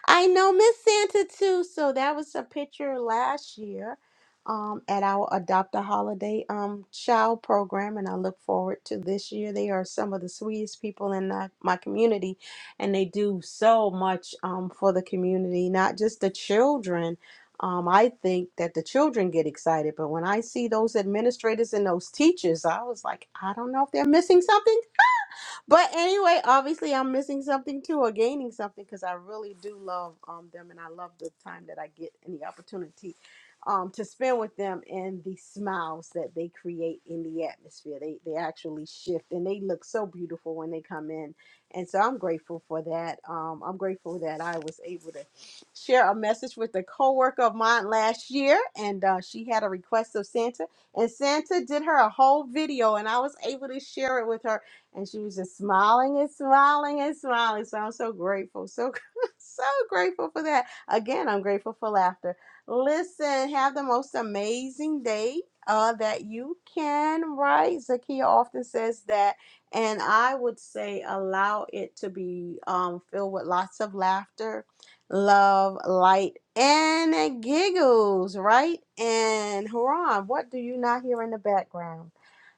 Speaker 5: I know Miss Santa too. So that was a picture last year um, at our Adopt a Holiday um, Child program, and I look forward to this year. They are some of the sweetest people in the, my community, and they do so much um, for the community, not just the children. Um, I think that the children get excited, but when I see those administrators and those teachers, I was like, I don't know if they're missing something but anyway, obviously I'm missing something too or gaining something because I really do love um them and I love the time that I get and the opportunity um to spend with them and the smiles that they create in the atmosphere. They they actually shift and they look so beautiful when they come in. And so I'm grateful for that. Um I'm grateful that I was able to share a message with a coworker of mine last year and uh, she had a request of Santa and Santa did her a whole video and I was able to share it with her and she was just smiling and smiling and smiling. So I'm so grateful, so so grateful for that. Again, I'm grateful for laughter. Listen, have the most amazing day uh, that you can. Right, Zakia often says that, and I would say allow it to be um, filled with lots of laughter, love, light, and giggles. Right, and Haran, what do you not hear in the background?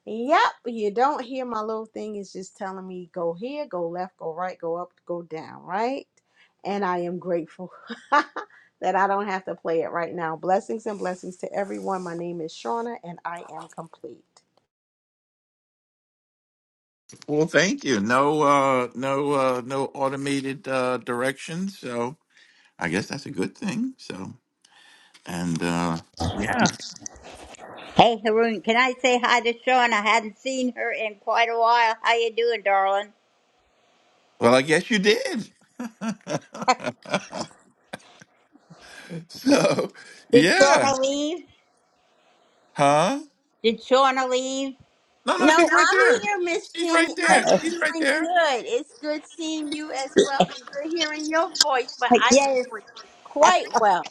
Speaker 5: Yep, you don't hear my little thing is just telling me go here, go left, go right, go up, go down, right? And I am grateful that I don't have to play it right now. Blessings and blessings to everyone. My name is Shauna and I am complete.
Speaker 27: Well, thank you. No, uh, no, uh, no automated uh, directions. So I guess that's a good thing. So and uh, yeah.
Speaker 20: Hey Haroon, can I say hi to Shauna? I hadn't seen her in quite a while. How you doing, darling?
Speaker 27: Well, I guess you did. so
Speaker 20: Did
Speaker 27: yeah,
Speaker 20: Shauna leave?
Speaker 27: huh?
Speaker 20: Did Shauna leave?
Speaker 27: No, no,
Speaker 5: No,
Speaker 27: she's right
Speaker 5: I'm
Speaker 27: there.
Speaker 5: here, Miss
Speaker 27: She's
Speaker 5: Jenny.
Speaker 27: right
Speaker 5: I'm
Speaker 27: there.
Speaker 20: Like,
Speaker 27: She's right
Speaker 5: doing
Speaker 27: there.
Speaker 5: good. It's good seeing you as well and good hearing your voice, but I am
Speaker 20: yes.
Speaker 5: doing quite well.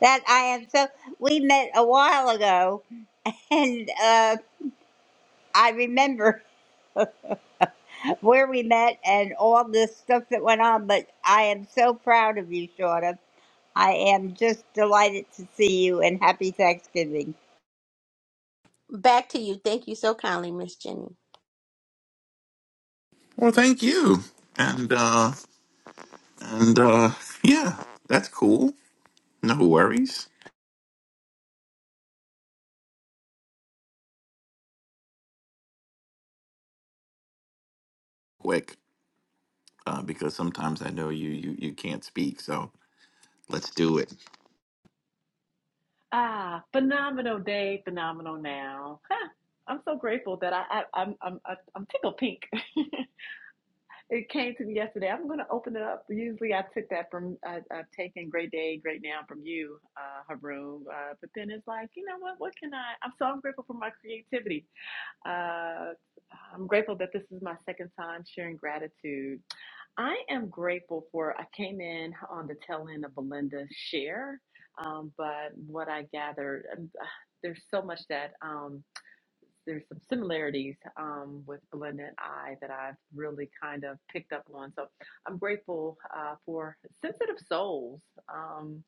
Speaker 20: that I am so. We met a while ago, and uh, I remember where we met and all the stuff that went on. But I am so proud of you, Shauna. I am just delighted to see you, and happy Thanksgiving.
Speaker 5: Back to you. Thank you so kindly, Miss Jenny.
Speaker 27: Well, thank you. And uh and uh yeah, that's cool. No worries. Quick, uh, because sometimes I know you you you can't speak, so let's do it.
Speaker 23: Ah, phenomenal day, phenomenal now. Huh. I'm so grateful that I, I I'm I'm I'm I'm tickled pink. It came to me yesterday. I'm going to open it up. Usually, I took that from I, I've taken "Great Day, Great Now" from you, uh, Haroon. Uh, but then it's like, you know what? What can I? I'm so I'm grateful for my creativity. Uh, I'm grateful that this is my second time sharing gratitude. I am grateful for. I came in on the tail end of Belinda's share, um, but what I gathered, um, there's so much that. Um, there's some similarities um, with Belinda and I that I've really kind of picked up on. So I'm grateful uh, for sensitive souls. Um,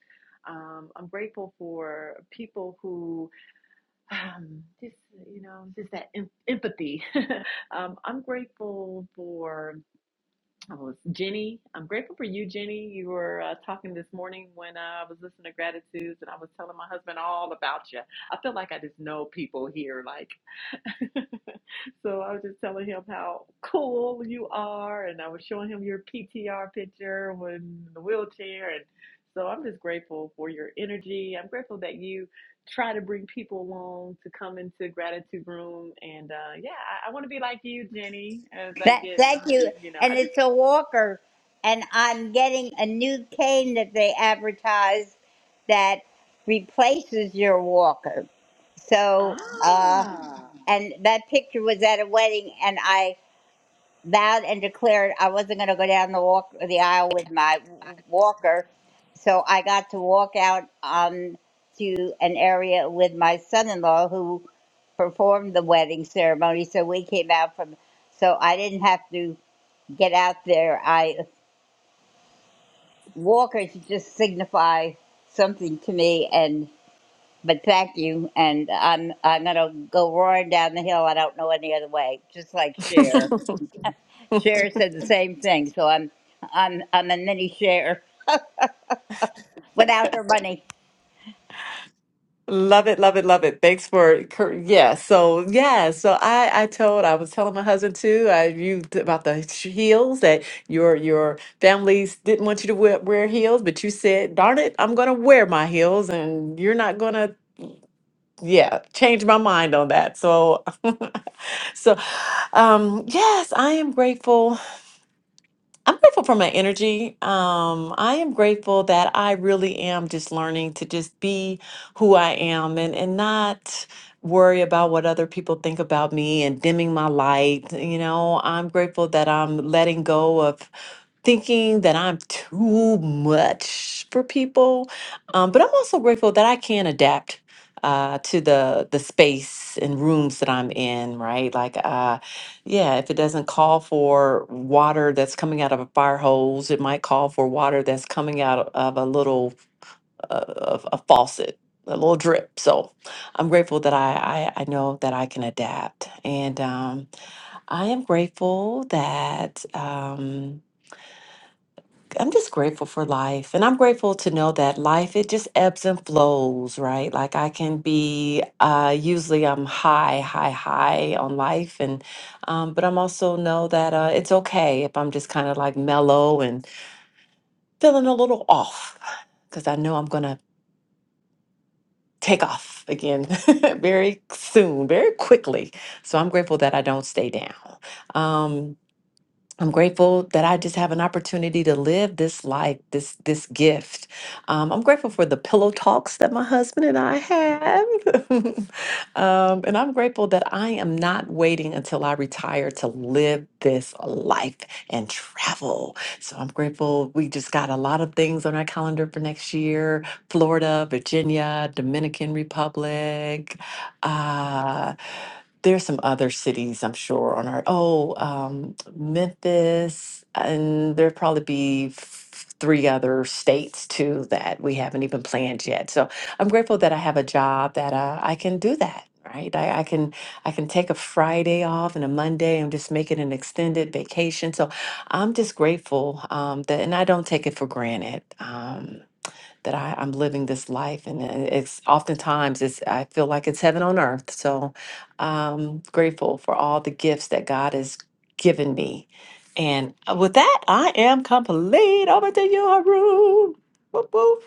Speaker 23: um, I'm grateful for people who um, just, you know, just that em- empathy. um, I'm grateful for Oh, it's Jenny. I'm grateful for you, Jenny. You were uh, talking this morning when uh, I was listening to Gratitudes, and I was telling my husband all about you. I feel like I just know people here, like. so I was just telling him how cool you are, and I was showing him your PTR picture when the wheelchair, and so I'm just grateful for your energy. I'm grateful that you try to bring people along to come into gratitude room, and uh, yeah, I, I want to be like you, Jenny. As I
Speaker 20: That,
Speaker 23: get,
Speaker 20: thank you.
Speaker 23: you know, I
Speaker 20: And
Speaker 23: just
Speaker 20: it's a walker. And I'm getting a new cane that they advertise that replaces your walker. So, uh, and that picture was at a wedding, and I vowed and declared I wasn't going to go down the walk the aisle with my w- walker. So I got to walk out um, to an area with my son-in-law who performed the wedding ceremony. So we came out from, so I didn't have to get out there. I walkers just signify something to me, and but thank you. And I'm I'm gonna go roaring down the hill. I don't know any other way. Just like Cher. Cher said the same thing. So I'm I'm I'm a mini Cher without her money.
Speaker 23: Love it, love it, love it. Thanks for cur- yeah. So yeah, so I I told I was telling my husband too. I you t- about the sh- heels that your your families didn't want you to wear, wear heels, but you said, "Darn it, I'm gonna wear my heels," and you're not gonna yeah change my mind on that. So so um yes, I am grateful. I'm grateful for my energy. Um, I am grateful that I really am just learning to just be who I am and, and not worry about what other people think about me and dimming my light. You know, I'm grateful that I'm letting go of thinking that I'm too much for people. Um, but I'm also grateful that I can adapt uh, to the the space and rooms that I'm in. Right, like uh, yeah, if it doesn't call for water that's coming out of a fire hose, it might call for water that's coming out of a little uh, of a faucet. A little drip, so I'm grateful that I I, I know that I can adapt, and um, I am grateful that um, I'm just grateful for life. And I'm grateful to know that life, it just ebbs and flows, right? Like I can be, uh, usually I'm high, high, high on life. And, um, but I'm also know that uh, it's okay if I'm just kind of like mellow and feeling a little off because I know I'm going to take off again very soon, very quickly. So I'm grateful that I don't stay down. Um, I'm grateful that I just have an opportunity to live this life, this this gift. Um, I'm grateful for the pillow talks that my husband and I have, um, and I'm grateful that I am not waiting until I retire to live this life and travel. So I'm grateful. We just got a lot of things on our calendar for next year: Florida, Virginia, Dominican Republic. Uh, there's some other cities I'm sure on our oh um, Memphis, and there'd probably be f- three other states too that we haven't even planned yet. So I'm grateful that I have a job that uh, I can do that. Right, I, I can I can take a Friday off and a Monday. I'm just making an extended vacation, so I'm just grateful um, that, and I don't take it for granted. Um, that I, I'm living this life. And it- it's oftentimes it's I feel like it's heaven on earth. So I'm grateful for all the gifts that God has given me. And uh, with that, I am complete. Over to you, Haroon. Whoop, whoop.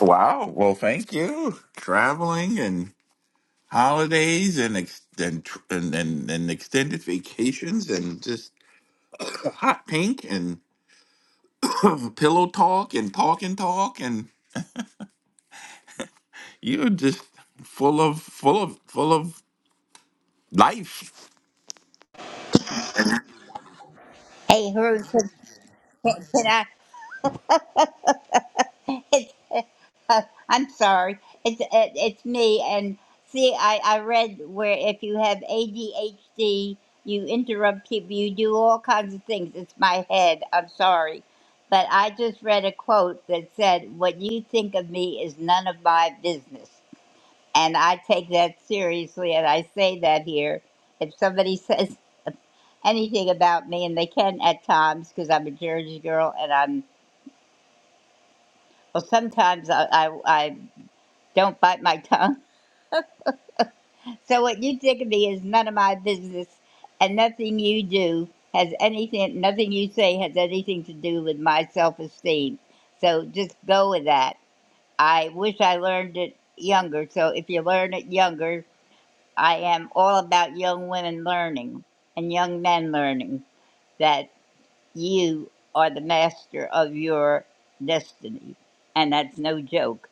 Speaker 27: Wow. Well, thank you. Traveling and holidays and ex- and, tr- and and and extended vacations and just hot pink and pillow talk and talk and talk and you're just full of full of full of life.
Speaker 20: Hey, Haroon, can, can I? I'm sorry. It's it, it's me. And see, I I read where if you have ADHD, you interrupt people. You do all kinds of things. It's my head. I'm sorry, but I just read a quote that said, "What you think of me is none of my business." And I take that seriously, and I say that here. If somebody says anything about me, and they can at times, because I'm a Jersey girl, and I'm well, sometimes I I, I don't bite my tongue So what you think of me is none of my business, and nothing you do has anything, nothing you say has anything to do with my self-esteem. So just go with that. I wish I learned it younger. So if you learn it younger, I am all about young women learning and young men learning that you are the master of your destiny, and that's no joke.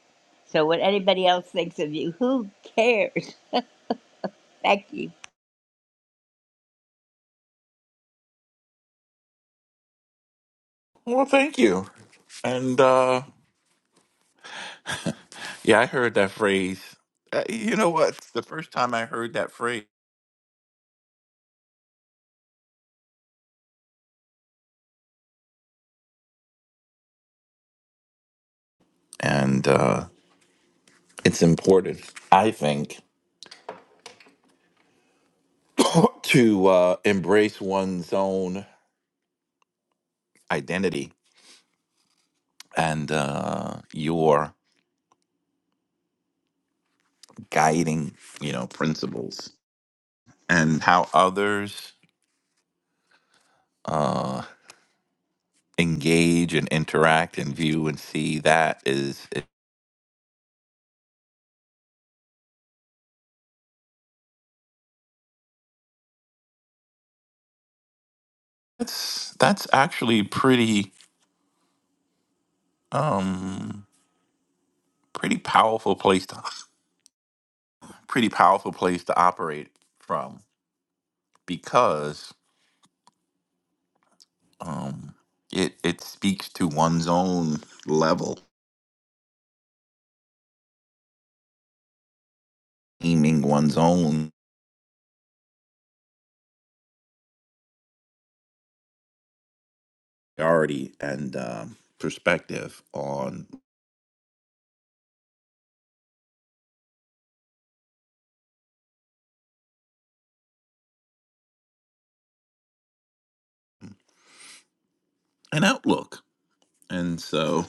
Speaker 20: So what anybody else thinks of you, who cares? Thank you.
Speaker 27: Well, thank you. And uh Yeah, I heard that phrase. Uh, You know what? It's the first time I heard that phrase, and uh, it's important, I think, to uh, embrace one's own identity and uh, your guiding, you know, principles and how others uh, engage and interact and view and see that is it's that's actually pretty um pretty powerful place to pretty powerful place to operate from because um, it it speaks to one's own level, aiming one's own priority and um perspective on an outlook. And so,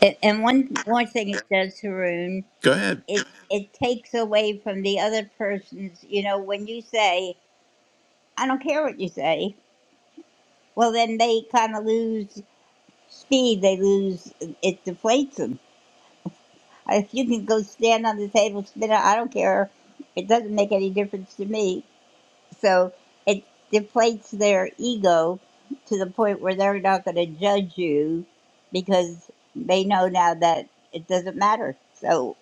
Speaker 20: And and one one thing it does, Haroon,
Speaker 27: go ahead.
Speaker 20: it it takes away from the other person's. You know, when you say, "I don't care what you say," well, then they kind of lose speed. They lose it deflates them. If you can go stand on the table, spit out, "I don't care," it doesn't make any difference to me. So it deflates their ego to the point where they're not going to judge you because they know now that it doesn't matter. So.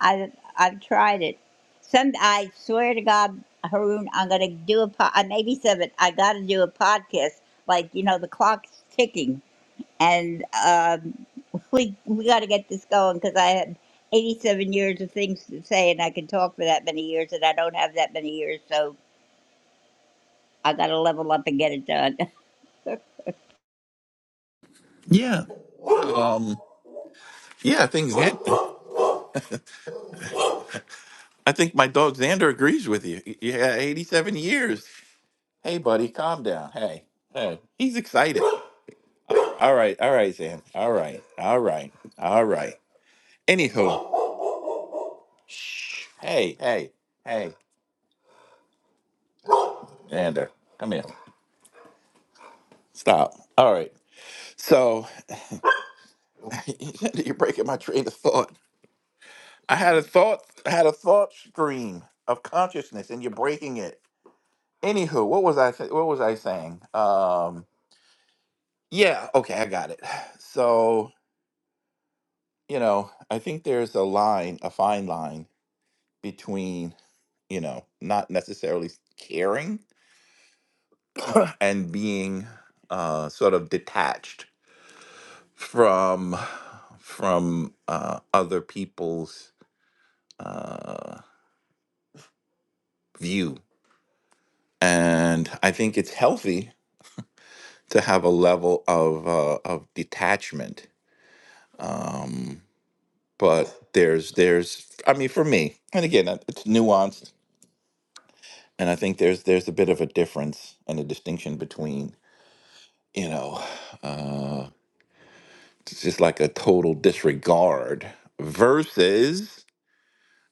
Speaker 20: I I've tried it. Some I swear to God, Haroon, I'm gonna do a po- I maybe seven. I gotta do a podcast. Like you know, the clock's ticking, and um, we we gotta get this going because I had 87 years of things to say, and I can talk for that many years, and I don't have that many years, so I gotta level up and get it done.
Speaker 27: Yeah, um, yeah. I think Xan- I think my dog Xander agrees with you. Yeah, eighty-seven years. Hey, buddy, calm down. Hey, hey. He's excited. All right, all right, Xan. All right, all right, all right. Anywho, hey, hey, hey, Xander, come here. Stop. All right. So you're breaking my train of thought. I had a thought, I had a thought stream of consciousness, and you're breaking it. Anywho, what was I? Th- what was I saying? Um, yeah. Okay, I got it. So you know, I think there's a line, a fine line between you know not necessarily caring and being uh, sort of detached from from uh, other people's uh, view, and I think it's healthy to have a level of uh, of detachment. Um, but there's there's I mean for me, and again uh, it's nuanced, and I think there's there's a bit of a difference and a distinction between you know uh, it's just like a total disregard versus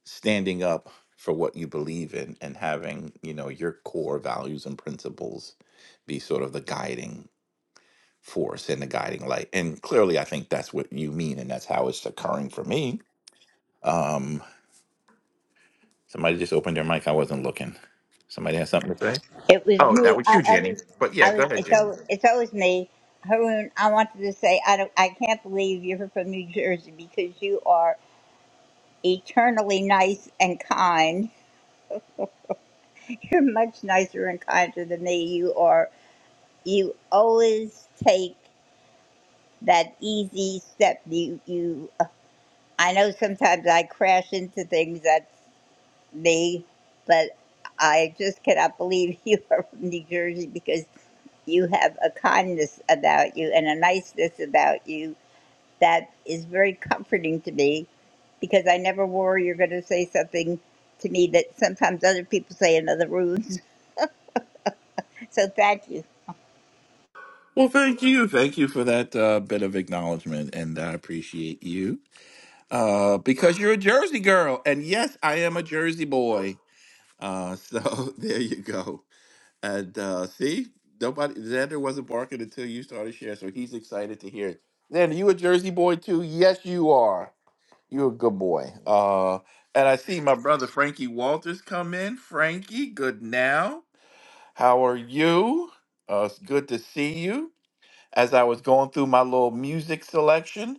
Speaker 27: standing up for what you believe in and having you know your core values and principles be sort of the guiding force and the guiding light and clearly i think that's what you mean and that's how it's occurring for me um somebody just opened their mic i wasn't looking somebody has something to say
Speaker 20: It was me. I, I was.
Speaker 27: but yeah
Speaker 20: I
Speaker 27: go
Speaker 20: was.
Speaker 27: ahead
Speaker 20: It's
Speaker 27: jamie
Speaker 20: always, it's always me. Haroon, I wanted to say I don't. I can't believe you're from New Jersey because you are eternally nice and kind. You're much nicer and kinder than me. You are. You always take that easy step. You. You. I know sometimes I crash into things. That's me, but I just cannot believe you are from New Jersey because you have a kindness about you and a niceness about you that is very comforting to me because I never worry you're going to say something to me that sometimes other people say in other rooms. So thank you.
Speaker 27: well thank you thank you for that uh, bit of acknowledgement and i appreciate you uh because you're a jersey girl and yes i am a jersey boy uh so there you go And uh, see, nobody Xander wasn't barking until you started sharing, so he's excited to hear it. Xander, you a Jersey boy too? Yes, you are. You're a good boy. Uh, and I see my brother Frankie Walters come in. Frankie, good now. How are you? Uh, it's good to see you. As I was going through my little music selection,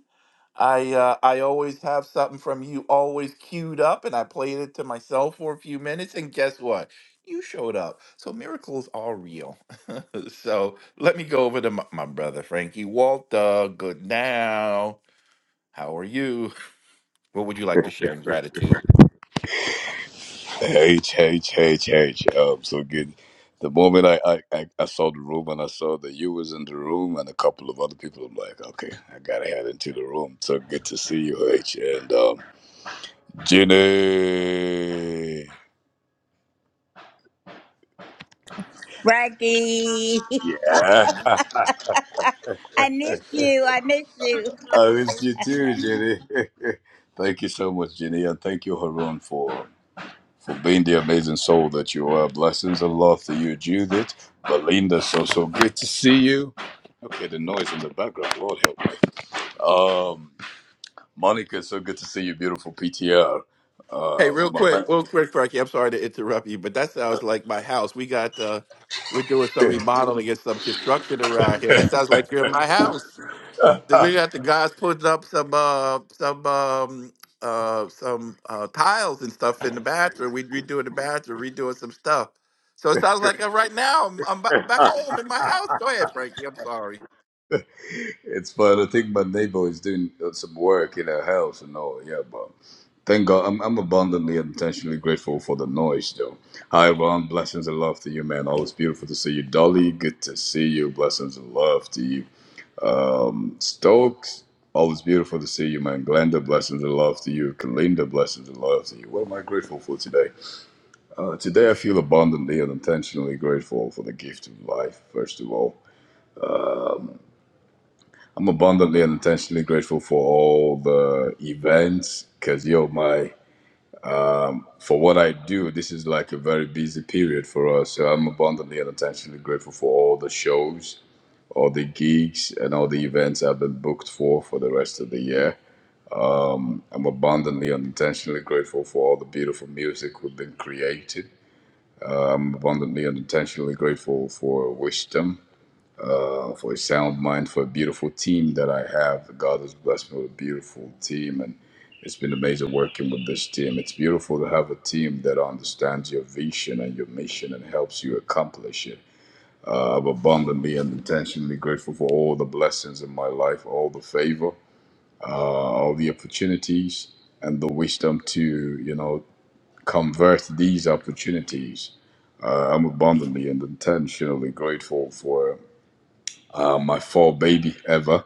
Speaker 27: I uh, I always have something from you always queued up, and I played it to myself for a few minutes. And guess what? You showed up. So miracles are real. So let me go over to my, my brother Frankie Walter. Good now. How are you? What would you like to share in gratitude?
Speaker 30: Hey, hey, hey, hey, hey. Um, so good. The moment I, I, I I saw the room and I saw that you was in the room and a couple of other people, I'm like, okay, I gotta head into the room. So good to see you, H. And um, Jenny.
Speaker 20: Frankie,
Speaker 30: Yeah.
Speaker 20: I miss you. I miss you.
Speaker 30: I missed you too, Jenny. thank you so much, Jenny, and thank you, Harun, for for being the amazing soul that you are. Blessings and love to you, Judith, Belinda. So so good to see you. Okay, the noise in the background. Lord help me. Um, Monica, it's so good to see your beautiful PTR.
Speaker 27: Hey,
Speaker 30: Uh,
Speaker 27: real quick,
Speaker 30: my,
Speaker 27: real quick, Frankie. I'm sorry to interrupt you, but that sounds like my house. We got uh we're doing some remodeling and some construction around here. That sounds like you're in my house. Then we got the guys putting up some uh some um uh some uh tiles and stuff in the bathroom. We redoing the bathroom, redoing some stuff. So it sounds like uh, right now I'm, I'm ba- back home in my house. Go ahead, Frankie. I'm sorry.
Speaker 30: it's fun. I think my neighbor is doing uh, some work in her house and all. Yeah, but thank God, I'm, I'm abundantly and intentionally grateful for the noise, though. Hi, everyone. Blessings and love to you, man. Always beautiful to see you, Dolly. Good to see you. Blessings and love to you, um, Stokes. Always beautiful to see you, man. Glenda, blessings and love to you. Kalinda, blessings and love to you. What am I grateful for today? Uh, Today, I feel abundantly and intentionally grateful for the gift of life, first of all. I'm abundantly and intentionally grateful for all the events because, yo, my, for what I do, this is like a very busy period for us. So I'm abundantly and intentionally grateful for all the shows, all the gigs, and all the events I've been booked for for the rest of the year. I'm abundantly and intentionally grateful for all the beautiful music we've been creating. I'm abundantly and intentionally grateful for wisdom for a sound mind, for a beautiful team that I have. God has blessed me with a beautiful team, and it's been amazing working with this team. It's beautiful to have a team that understands your vision and your mission and helps you accomplish it. I'm abundantly and intentionally grateful for all the blessings in my life, all the favor, uh, all the opportunities, and the wisdom to, you know, convert these opportunities. Uh, I'm abundantly and intentionally grateful for uh, my four baby ever.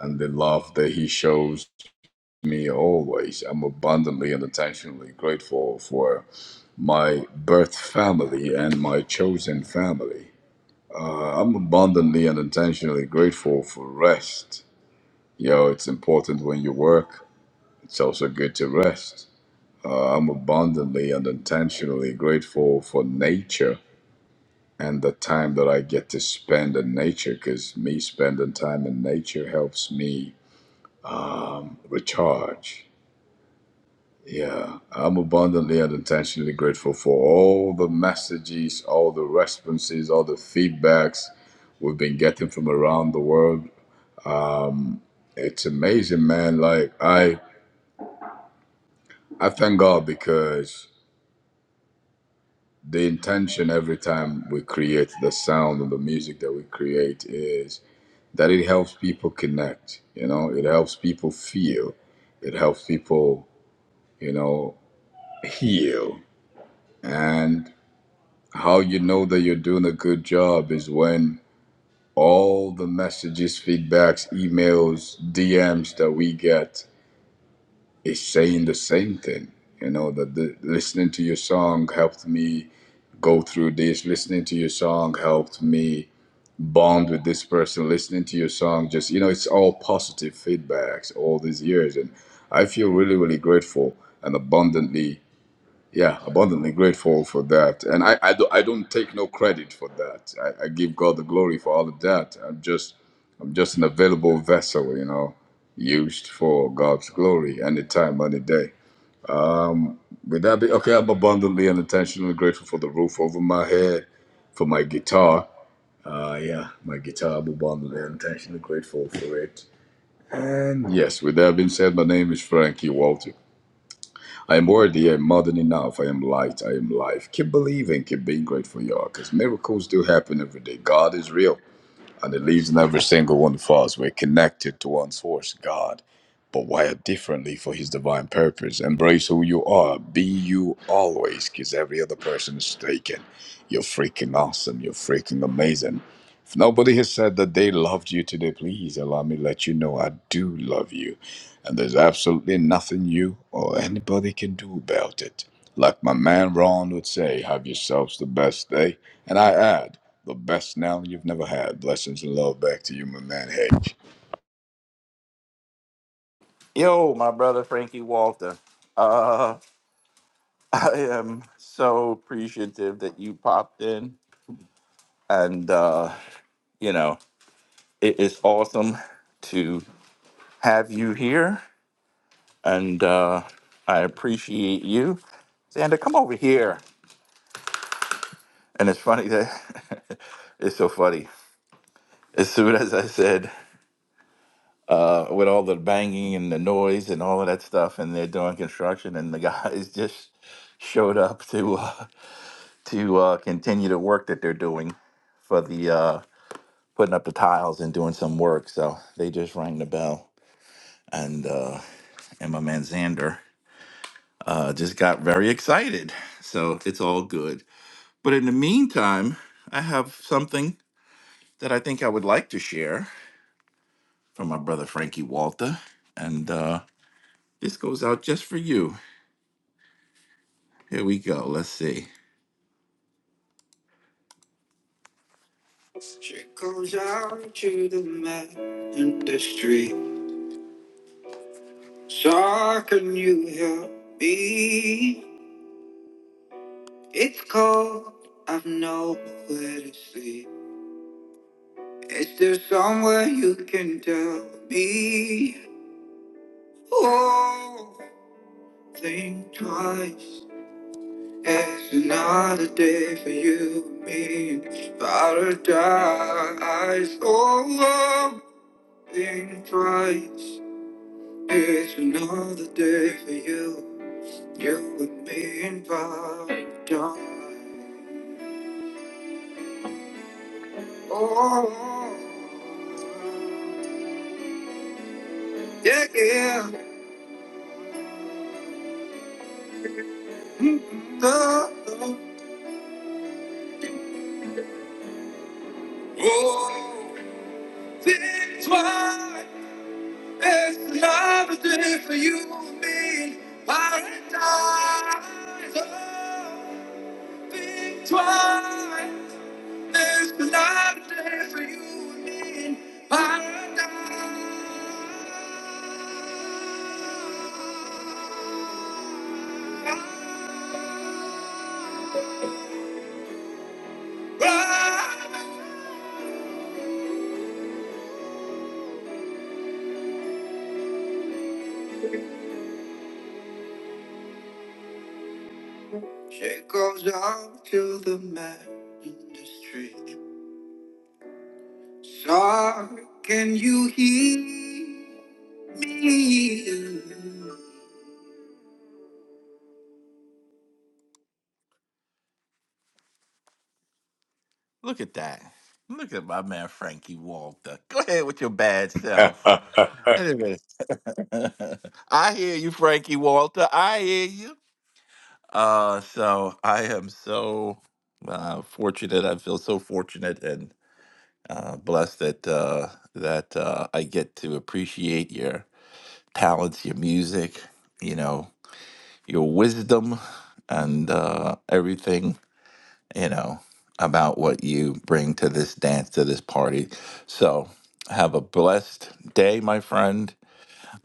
Speaker 30: and the love that he shows me always. I'm abundantly and intentionally grateful for my birth family and my chosen family. Uh, I'm abundantly and intentionally grateful for rest. You know, it's important when you work, it's also good to rest. Uh, I'm abundantly and intentionally grateful for nature and the time that I get to spend in nature because me spending time in nature helps me recharge Yeah, I'm abundantly and intentionally grateful for all the messages, all the responses, all the feedbacks we've been getting from around the world. It's amazing, man. Like I, I thank God because the intention every time we create the sound and the music that we create is that it helps people connect. You know, it helps people feel, it helps people, you know, heal. and. How you know that you're doing a good job is when all the messages, feedbacks, emails, DMs that we get is saying the same thing. You know, that the, listening to your song helped me go through this, listening to your song helped me bond with this person, listening to your song, just, you know, it's all positive feedbacks all these years. And I feel really, really grateful and abundantly yeah, abundantly grateful for that. And I, I, do, I don't take no credit for that. I, I give God the glory for all of that. I'm just I'm just an available vessel, you know, used for God's glory any time, any day. Would that be okay? I'm abundantly and intentionally grateful for the roof over my head, for my guitar. Uh, yeah, my guitar, I'm abundantly and intentionally grateful for it. And yes, with that being said, my name is Frankie Walter. I am worthy, I am more than enough, I am light, I am life. Keep believing, keep being grateful, y'all, because miracles do happen every day. God is real, and it lives in every single one of us. We're connected to one source, God, but wired differently for His divine purpose. Embrace who you are, be you always, because every other person is taken. You're freaking awesome, you're freaking amazing. If nobody has said that they loved you today, please allow me to let you know I do love you and there's absolutely nothing you or anybody can do about it. Like my man Ron would say, have yourselves the best day. And I add, the best now you've never had. Blessings and love back to you, my man
Speaker 27: Yo, my brother Frankie Walter. Uh, I am so appreciative that you popped in, and uh, you know it is awesome to have you here, and uh, I appreciate you. Xander, come over here. And it's funny that it's so funny. As soon as I said, uh, with all the banging and the noise and all of that stuff, and they're doing construction, and the guys just showed up to uh, to uh, continue the work that they're doing for the uh, putting up the tiles and doing some work. So they just rang the bell, and uh, and my man Xander uh, just got very excited. So it's all good. But in the meantime, I have something that I think I would like to share from my brother Frankie Walter. And uh, this goes out just for you. Here we go. Let's see. She goes out to the man in the street. So can you help me? It's cold. I've nowhere to sleep. Is there somewhere you can tell me? Oh, think twice. It's another day for you and me in paradise. Oh, love Christ. It's another day for you, you and me in paradise. Oh, yeah, yeah. Mm, mm, oh, oh. Oh, Victory. It's another day for you and me in paradise. Oh, think twice. It's another day for you and me in paradise. Jacob's out to the man in the street. Sir, can you hear me? Look at that. Look at my man Frankie Walter. Go ahead with your bad self.
Speaker 30: H.
Speaker 27: Wait a minute. I hear you, Frankie Walter. I hear you. Uh, so I am so uh, fortunate. I feel so fortunate and uh, blessed that uh, that uh, I get to appreciate your talents, your music, you know, your wisdom, and uh, everything, you know, about what you bring to this dance, to this party. So have a blessed day, my friend.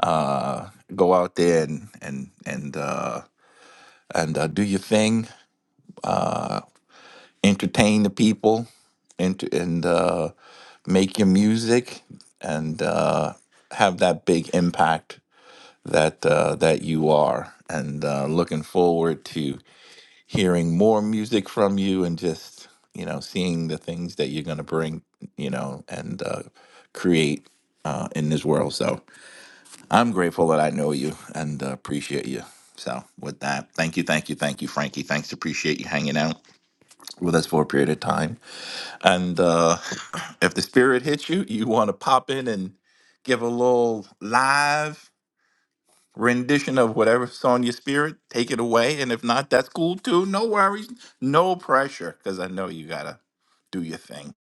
Speaker 27: Uh, go out there and and and uh, and uh, do your thing. Uh, entertain the people, and and uh, make your music, and uh, have that big impact that uh, that you are, and uh, looking forward to hearing more music from you, and just you know seeing the things that you're going to bring, you know, and uh, create uh, in this world. So I'm grateful that I know you and uh, appreciate you. So with that, thank you, thank you, thank you, Frankie. Thanks, appreciate you hanging out with us for a period of time. And uh, if the spirit hits you, you want to pop in and give a little live rendition of whatever's on your spirit. Take it away. And if not, that's cool too. No worries. No pressure. Because I know you gotta do your thing.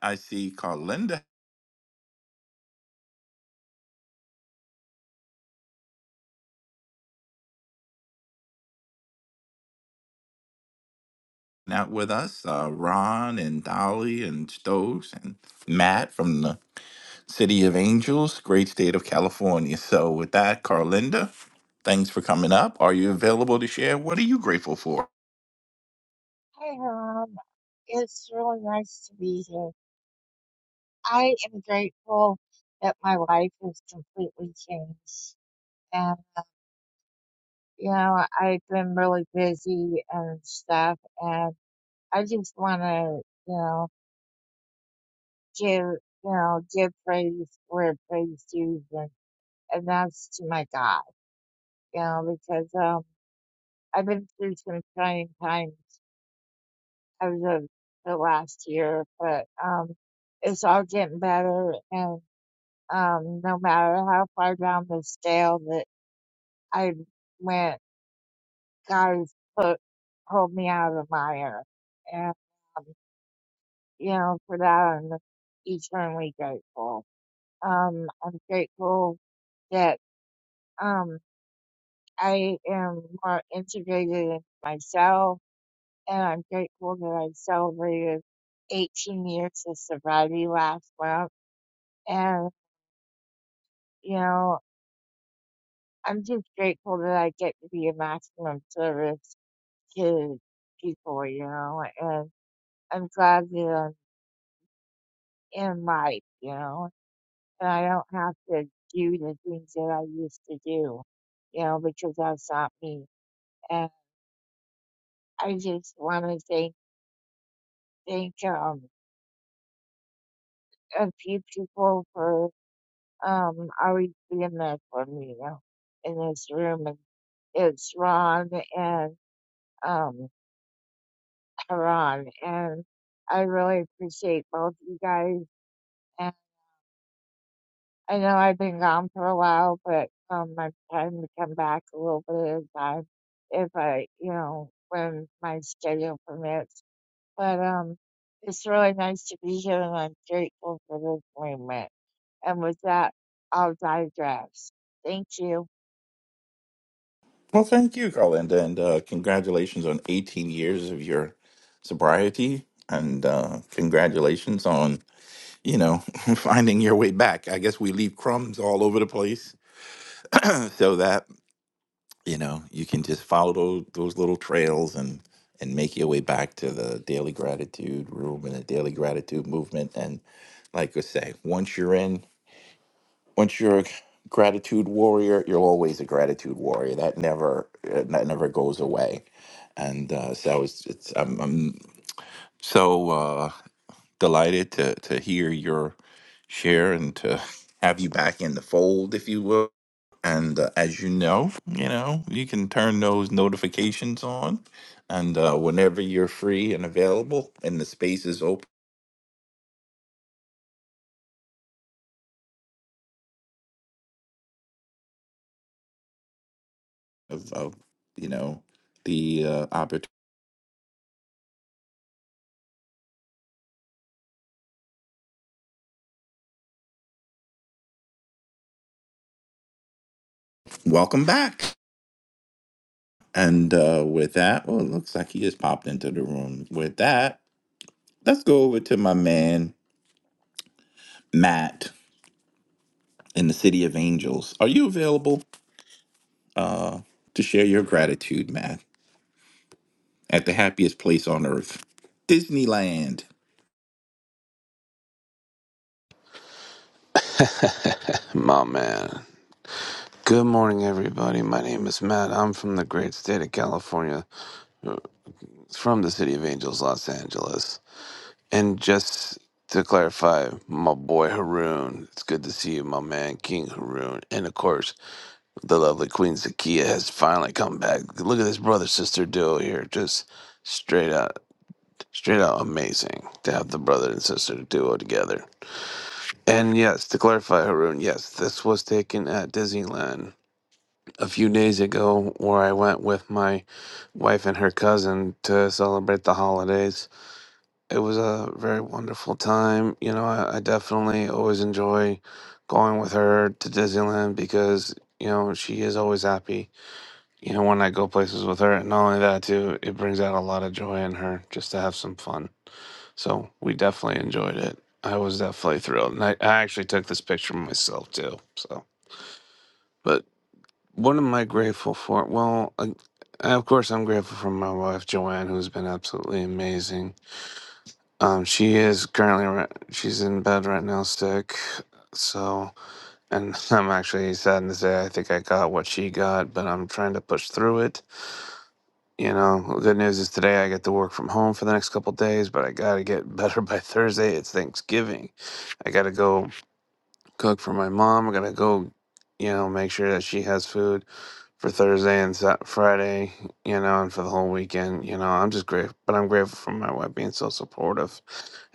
Speaker 27: I see Carlinda out with us, uh, Ron and Dolly and Stokes and Matt from the City of Angels, great state of California. So with that, Carlinda, thanks for coming up. Are you available to share? What are you grateful for?
Speaker 31: Hi, Rob. It's really nice to be here. I am grateful that my life has completely changed. And, you know, I've been really busy and stuff. And I just want to, you know, give, you know, give praise where praise due. And, and that's to my God, you know, because, um, I've been through some trying times over the, the last year, but, um, it's all getting better and. um, no matter how far down the scale that I went, God put, pulled me out of the mire. And, um, you know, for that, I'm eternally grateful. Um, I'm grateful that, um, I am more integrated in myself and I'm grateful that I celebrated 18 years of sobriety last month. And, you know, I'm just grateful that I get to be a maximum service Kids, people, you know, and I'm glad that I'm in life, you know, and I don't have to do the things that I used to do, you know, because that's not me. And I just want to thank, thank, um, a few people for, um, always being there for me, you know, in this room. And it's Ron and, um, Ron. And I really appreciate both you guys I know I've been gone for a while, but um, I'm trying to come back a little bit at a time if I, you know, when my schedule permits. But um, it's really nice to be here, and I'm grateful for this movement. And with that, I'll digress. Thank you.
Speaker 27: Well, thank you, Carlinda, and uh, congratulations on 18 years of your sobriety, and uh, congratulations on you know finding your way back. I guess we leave crumbs all over the place, so that you know you can just follow those, those little trails and and make your way back to the daily gratitude room and the daily gratitude movement. And like I say, once you're in once you're a gratitude warrior, you're always a gratitude warrior. That never uh, that never goes away. And uh, so it's, it's I'm, I'm so uh, delighted to to hear your share and to have you back in the fold, if you will. And uh, as you know, you know you can turn those notifications on, and uh, whenever you're free and available, and the space is open of, of you know the uh, opportunity. Welcome back. And uh, with that, well, it looks like he just popped into the room. With that, let's go over to my man, Matt, in the City of Angels. Are you available uh, to share your gratitude, Matt, at the happiest place on earth, Disneyland?
Speaker 32: My man. Good morning, everybody. My name is Matt. I'm from the great state of California, uh, from the city of Angels, Los Angeles. And just to clarify, my boy Haroon, it's good to see you, my man, King Haroon. And of course, the lovely Queen Zakia has finally come back. Look at this brother sister duo here. Just straight out, straight out amazing to have the brother and sister duo together. And yes, to clarify, Haroon, yes, this was taken at Disneyland a few days ago where I went with my wife and her cousin to celebrate the holidays. It was a very wonderful time. You know, I, I definitely always enjoy going with her to Disneyland because, you know, she is always happy, you know, when I go places with her. And not only that, too, it brings out a lot of joy in her just to have some fun. So we definitely enjoyed it. I was definitely thrilled. And I, I actually took this picture myself, too. So. But what am I grateful for? Well, I, of course, I'm grateful for my wife Joanne, who's been absolutely amazing. Um, she is currently ri- she's in bed right now, sick. So, and I'm actually saddened to say I think I got what she got, but I'm trying to push through it. You know, the good news is today I get to work from home for the next couple days, but I gotta get better by Thursday. It's Thanksgiving. I gotta go cook for my mom. I gotta go, you know, make sure that she has food for Thursday and Sa- Friday, you know, and for the whole weekend. You know, I'm just grateful, but I'm grateful for my wife being so supportive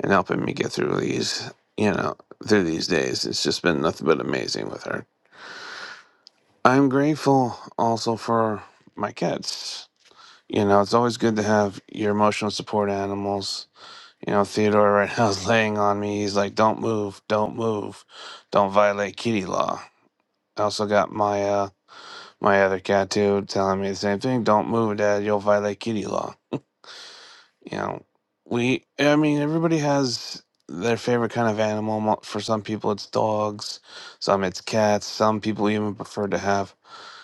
Speaker 32: and helping me get through these, you know, through these days. It's just been nothing but amazing with her. I'm grateful also for my kids. You know, it's always good to have your emotional support animals. You know, Theodore right now is laying on me. He's like, "Don't move, don't move, don't violate kitty law." I also got Maya. My other cat too telling me the same thing. Don't move, Dad. You'll violate kitty law. You know, we. I mean, everybody has their favorite kind of animal. Mo- For some people, it's dogs. Some it's cats. Some people even prefer to have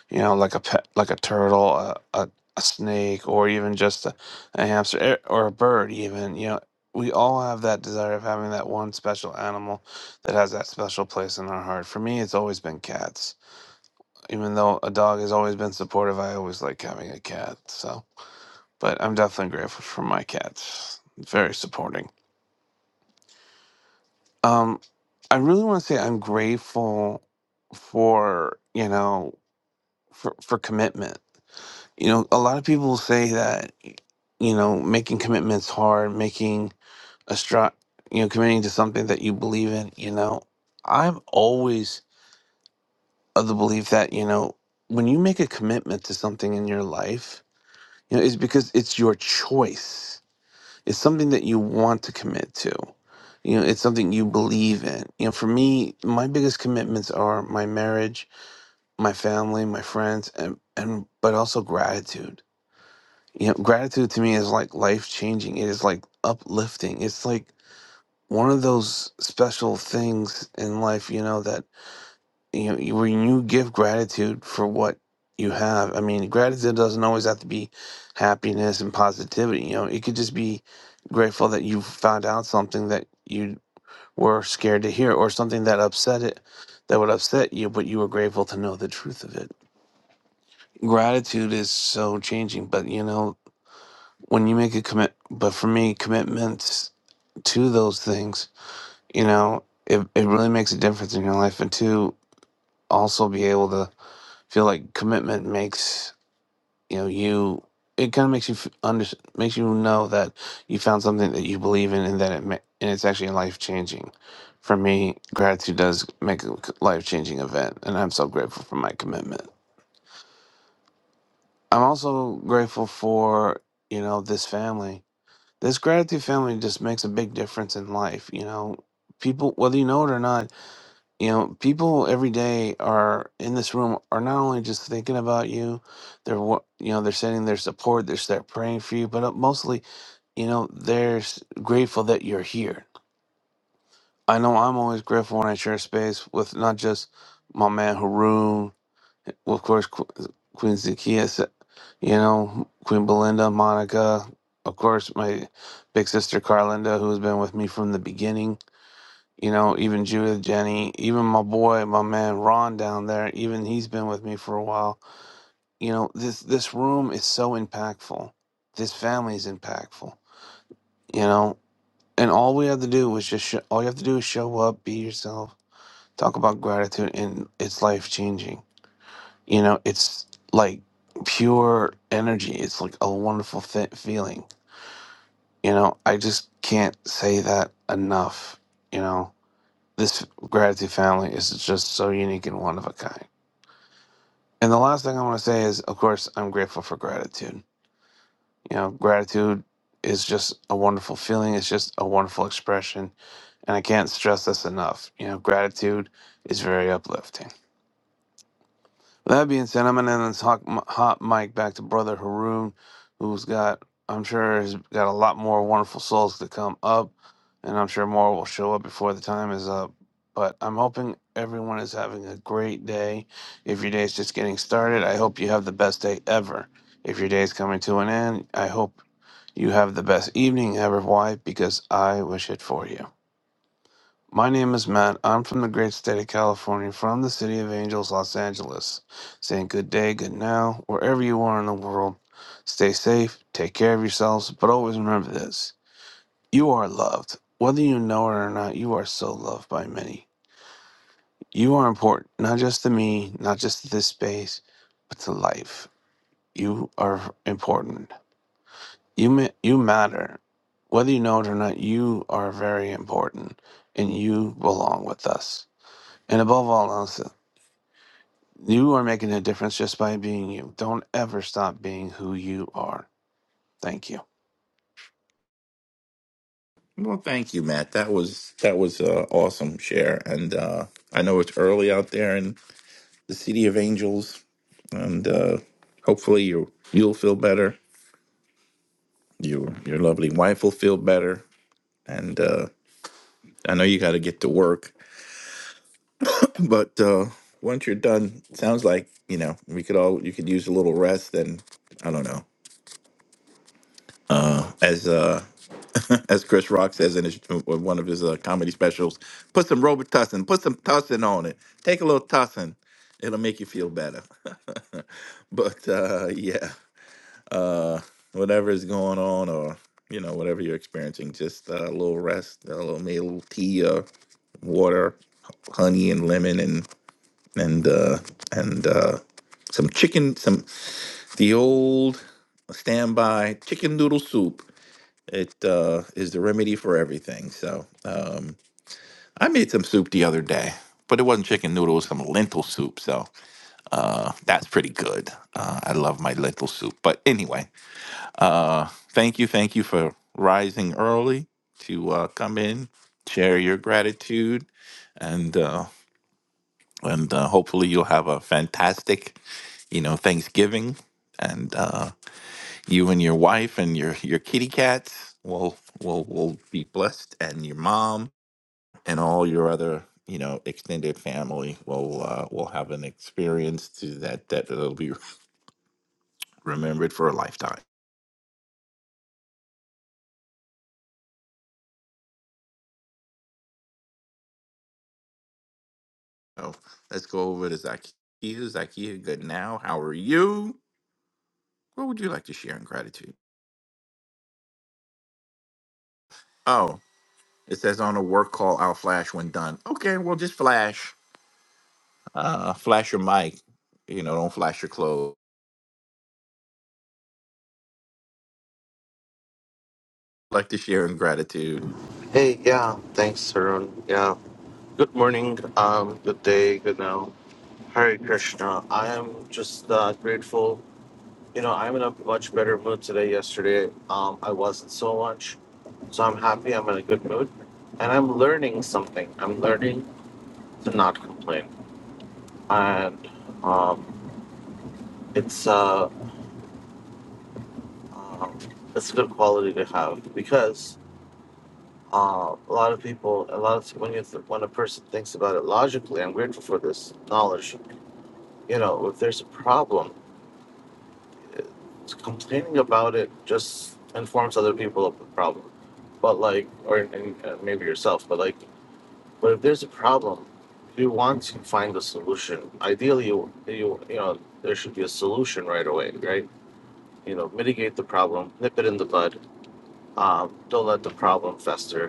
Speaker 32: you know like a pet, like a turtle, a a, a snake, or even just a, a hamster eh, or a bird. Even you know. We all have that desire of having that one special animal that has that special place in our heart. For me, it's always been cats even though a dog has always been supportive, I always like having a cat. So, but I'm definitely grateful for my cats. Very supporting. Um, I really want to say I'm grateful for you know for for commitment. You know, a lot of people say that you know making commitments hard, making a stri- you know committing to something that you believe in. You know, I'm always of the belief that you know when you make a commitment to something in your life You know, it's because it's your choice. It's something that you want to commit to. You know, it's something you believe in. You know, for me, my biggest commitments are my marriage, my family, my friends, and and but also gratitude. You know, gratitude to me is like life changing. It is like uplifting. It's like one of those special things in life, you know, that you, know, when you give gratitude for what you have i mean gratitude doesn't always have to be happiness and positivity you know it could just be grateful that you found out something that you were scared to hear or something that upset it that would upset you but you were grateful to know the truth of it gratitude is so changing but you know when you make a commit but for me commitments to those things you know it, it really makes a difference in your life and to also be able to feel like commitment makes you know you it kind of makes you f- under makes you know that you found something that you believe in and that it ma- and it's actually life changing. For me, gratitude does make a life changing event, and I'm so grateful for my commitment. I'm also grateful for you know this family. This gratitude family just makes a big difference in life. You know, people whether you know it or not, you know people every day are in this room are not only just thinking about you they're wa- you know they're sending their support they're they're praying for you but uh, mostly you know they're s- grateful that you're here i know i'm always grateful when i share space with not just my man haroon well, of course Qu- uh, queen zakia s- you know queen belinda monica of course my big sister carlinda who's been with me from the beginning you know, even Judith, Jenny, even my boy, my man Ron down there, even he's been with me for a while. You know, this this room is so impactful. This family is impactful. You know, and all we have to do is just sh- all you have to do is show up, be yourself, talk about gratitude, and it's life changing. You know, it's like pure energy. It's like a wonderful fe- feeling. You know, I just can't say that enough. You know. This gratitude family is just so unique and one of a kind. And the last thing I want to say is, of course, I'm grateful for gratitude. You know, gratitude is just a wonderful feeling. It's just a wonderful expression. And I can't stress this enough. You know, gratitude is very uplifting. With that being said, I'm gonna end this hot, m- hot mic back to brother Haroon, who's got I'm sure has got a lot more wonderful souls to come up, and I'm sure more will show up before the time is up. But I'm hoping everyone is having a great day. If your day is just getting started, I hope you have the best day ever. If your day is coming to an end, I hope you have the best evening ever. Why? Because I wish it for you. My name is Matt. I'm from the great state of California, from the city of Angels, Los Angeles. Saying good day, good now, wherever you are in the world. Stay safe, take care of yourselves, but always remember this you are loved. Whether you know it or not, you are so loved by many. You are important, not just to me, not just to this space, but to life. You are important. You, ma- you matter. Whether you know it or not, you are very important, and you belong with us. And above all else, you are making a difference just by being you. Don't ever stop being who you are. Thank you.
Speaker 27: Well, thank you, Matt. That was that was uh, awesome share, and uh, I know it's early out there in the City of Angels, and uh, hopefully you you'll feel better. Your your lovely wife will feel better, and uh, I know you got to get to work, but uh, once you're done, sounds like you know we could all you could use a little rest. And I don't know, uh, as uh, as Chris Rock says in his, uh, one of his uh, comedy specials, put some Robitussin, put some tussin on it. Take a little tussin, it'll make you feel better. but uh, yeah, uh, whatever is going on, or you know whatever you're experiencing, just uh, a little rest, a little maybe a little tea, uh, water, honey, and lemon, and. and uh, and uh, some chicken, some the old standby chicken noodle soup. It uh, is the remedy for everything. So um, I made some soup the other day, but it wasn't chicken noodle; it was some lentil soup. So uh, that's pretty good. Uh, I love my lentil soup. But anyway, uh, thank you, thank you for rising early to uh, come in, share your gratitude, and. Uh, and uh, hopefully you'll have a fantastic, you know, Thanksgiving, and uh, you and your wife and your your kitty cats will will will be blessed, and your mom and all your other you know extended family will uh, will have an experience to that that will be remembered for a lifetime. So let's go over to Zakia. Zakia, good now. How are you? What would you like to share in gratitude? Oh, it says on a work call, I'll flash when done. Okay, well, just flash. Uh, flash your mic. You know, don't flash your clothes. I'd like to share in gratitude.
Speaker 33: Hey, yeah, thanks, Arun. Yeah, good morning, um, good day, good now. Hare Krishna. I am just uh, grateful. You know, I'm in a much better mood today. Yesterday, um, I wasn't so much. So I'm happy. I'm in a good mood, and I'm learning something. I'm learning to not complain, and um, it's uh, um, it's a good quality to have because Uh, a lot of people, a lot of when you th- when a person thinks about it logically, I'm grateful for this knowledge. You know, if there's a problem, complaining about it just informs other people of the problem. But like, or and, uh, maybe yourself, but like, but if there's a problem, you want to find a solution. Ideally, you you you know there should be a solution right away, right? You know, mitigate the problem, nip it in the bud. Um, don't let the problem fester.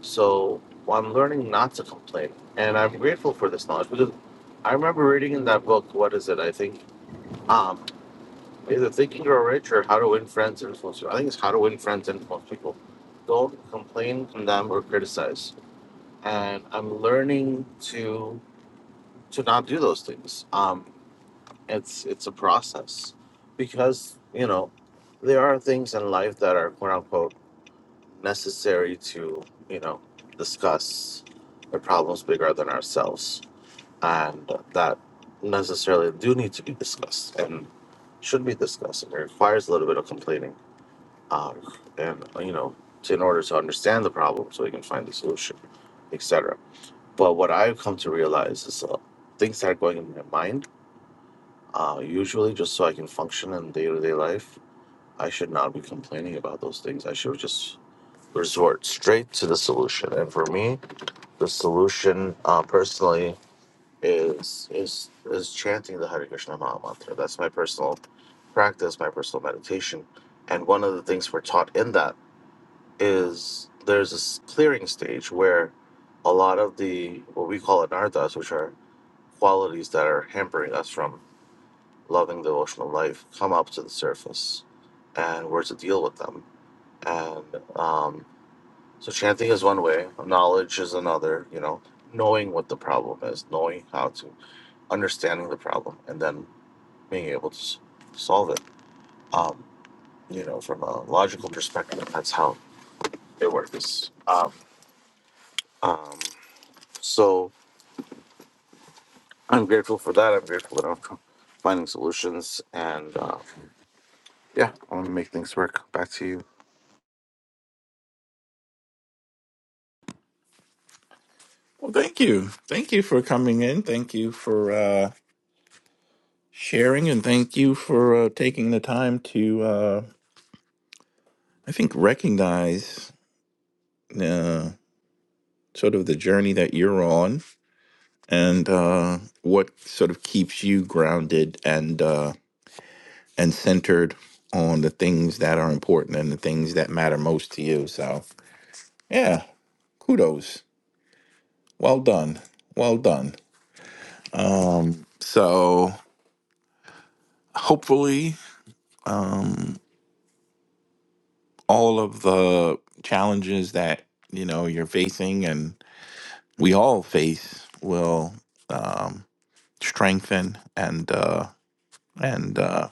Speaker 33: So I'm learning not to complain. And I'm grateful for this knowledge because I remember reading in that book, what is it? I think um, either Thinking Grow Rich or How to Win Friends and Influence People. I think it's How to Win Friends and Influence People. Don't complain, condemn, or criticize. And I'm learning to to not do those things. Um, it's it's a process because you know there are things in life that are quote unquote necessary to, you know, discuss the problems bigger than ourselves and that necessarily do need to be discussed and should be discussed and it requires a little bit of complaining um, and you know to, in order to understand the problem so we can find the solution etc but what i've come to realize is uh, things that are going in my mind uh, usually just so i can function in day-to-day life i should not be complaining about those things i should just resort straight to the solution. And for me, the solution uh, personally is is is chanting the Hare Krishna Maha Mantra. That's my personal practice, my personal meditation. And one of the things we're taught in that is there's this clearing stage where a lot of the what we call anarthas, which are qualities that are hampering us from loving devotional life, come up to the surface, and we're to deal with them. And um, so chanting is one way, knowledge is another, you know, knowing what the problem is, knowing how to understanding the problem and then being able to s- solve it. Um, you know, from a logical perspective, that's how it works. Um, um, so I'm grateful for that. I'm grateful that I'm finding solutions and uh, yeah, I want to make things work. Back to you.
Speaker 27: Well, thank you. Thank you for coming in. Thank you for uh, sharing, and thank you for uh, taking the time to, uh, I think, recognize uh, sort of the journey that you're on and uh, what sort of keeps you grounded and uh, and centered on the things that are important and the things that matter most to you. So, yeah, kudos. Well done. Well done. Um, so hopefully, um, all of the challenges that you know you're facing and we all face will um, strengthen and uh, and uh,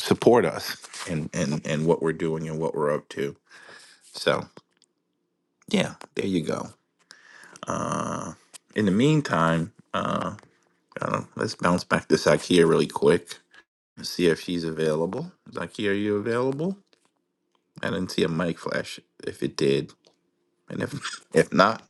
Speaker 27: support us in, in in what we're doing and what we're up to. So yeah, there you go. Uh, in the meantime, uh, uh, let's bounce back to Sakia really quick. See if she's available. Zakia, are you available? I didn't see a mic flash. If it did, and if if not,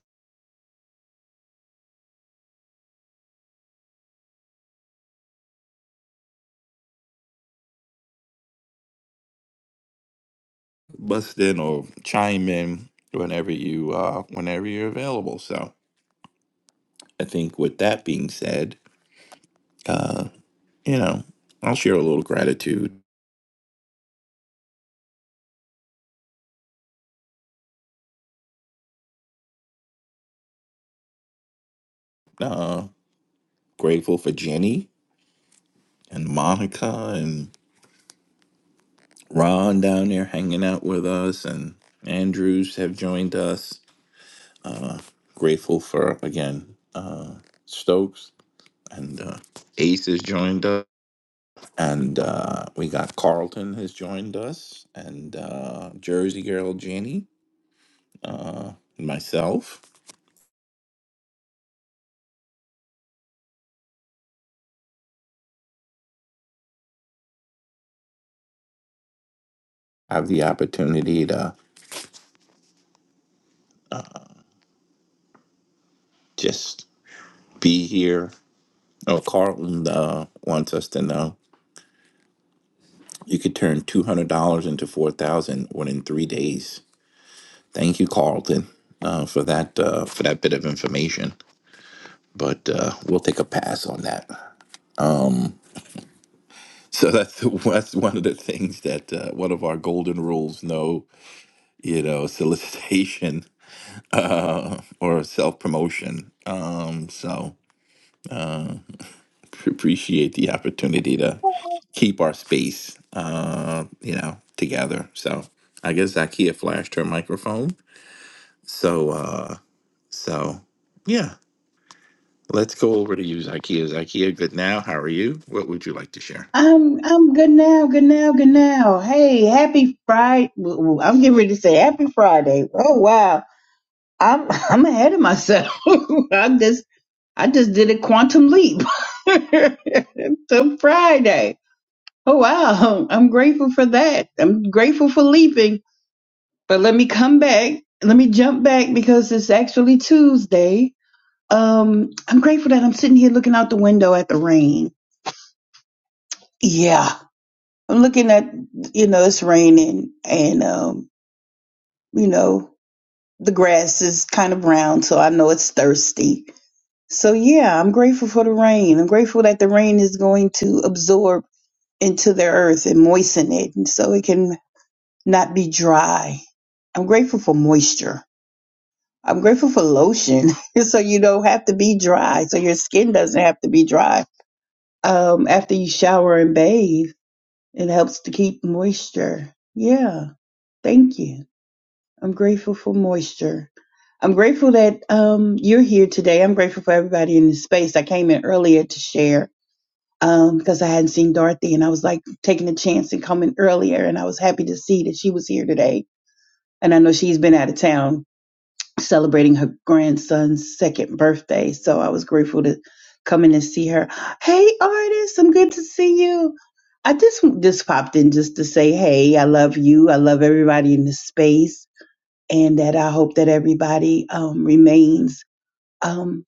Speaker 27: bust in or chime in whenever you uh whenever you're available. So I think with that being said, uh, you know, I'll share a little gratitude. Uh, grateful for Jenny and Monica and Ron down there hanging out with us, and Andrews have joined us. Uh, grateful for again uh, Stokes and uh, Ace has joined us. And uh, we got Carlton has joined us, and uh, Jersey Girl Jenny, uh, myself. I have the opportunity to just be here. Oh, Carlton uh, wants us to know you could turn two hundred dollars into four thousand within three days. Thank you, Carlton, uh, for that uh, for that bit of information. But uh, we'll take a pass on that. Um, so that's that's one of the things that uh, one of our golden rules. No you know, solicitation uh, or self promotion. Um, so uh, appreciate the opportunity to keep our space, uh, you know, together. So I guess Zakia flashed her microphone. So uh, so yeah, let's go over to you, Zakia. Zakia, good now. How are you? What would you like to share?
Speaker 24: I'm I'm good now, good now, good now. Hey, happy Friday! I'm getting ready to say happy Friday. Oh wow, I'm I'm ahead of myself. I just I just did a quantum leap to Friday. Oh wow, I'm grateful for that. I'm grateful for leaping. But let me come back. Let me jump back because it's actually Tuesday. Um, I'm grateful that I'm sitting here looking out the window at the rain. Yeah, I'm looking at, you know, it's raining and, um, you know, the grass is kind of brown, so I know it's thirsty. So, yeah, I'm grateful for the rain. I'm grateful that the rain is going to absorb into the earth and moisten it and so it can not be dry. I'm grateful for moisture. I'm grateful for lotion so you don't have to be dry, so your skin doesn't have to be dry um, after you shower and bathe. It helps to keep moisture. Yeah, thank you. I'm grateful for moisture. I'm grateful that um, you're here today. I'm grateful for everybody in the space. I came in earlier to share um, because I hadn't seen Dorothy and I was like taking a chance and coming earlier. And I was happy to see that she was here today. And I know she's been out of town celebrating her grandson's second birthday. So I was grateful to come in and see her. Hey, artist, I'm good to see you. I just just popped in just to say, hey, I love you. I love everybody in the space and that I hope that everybody um, remains um,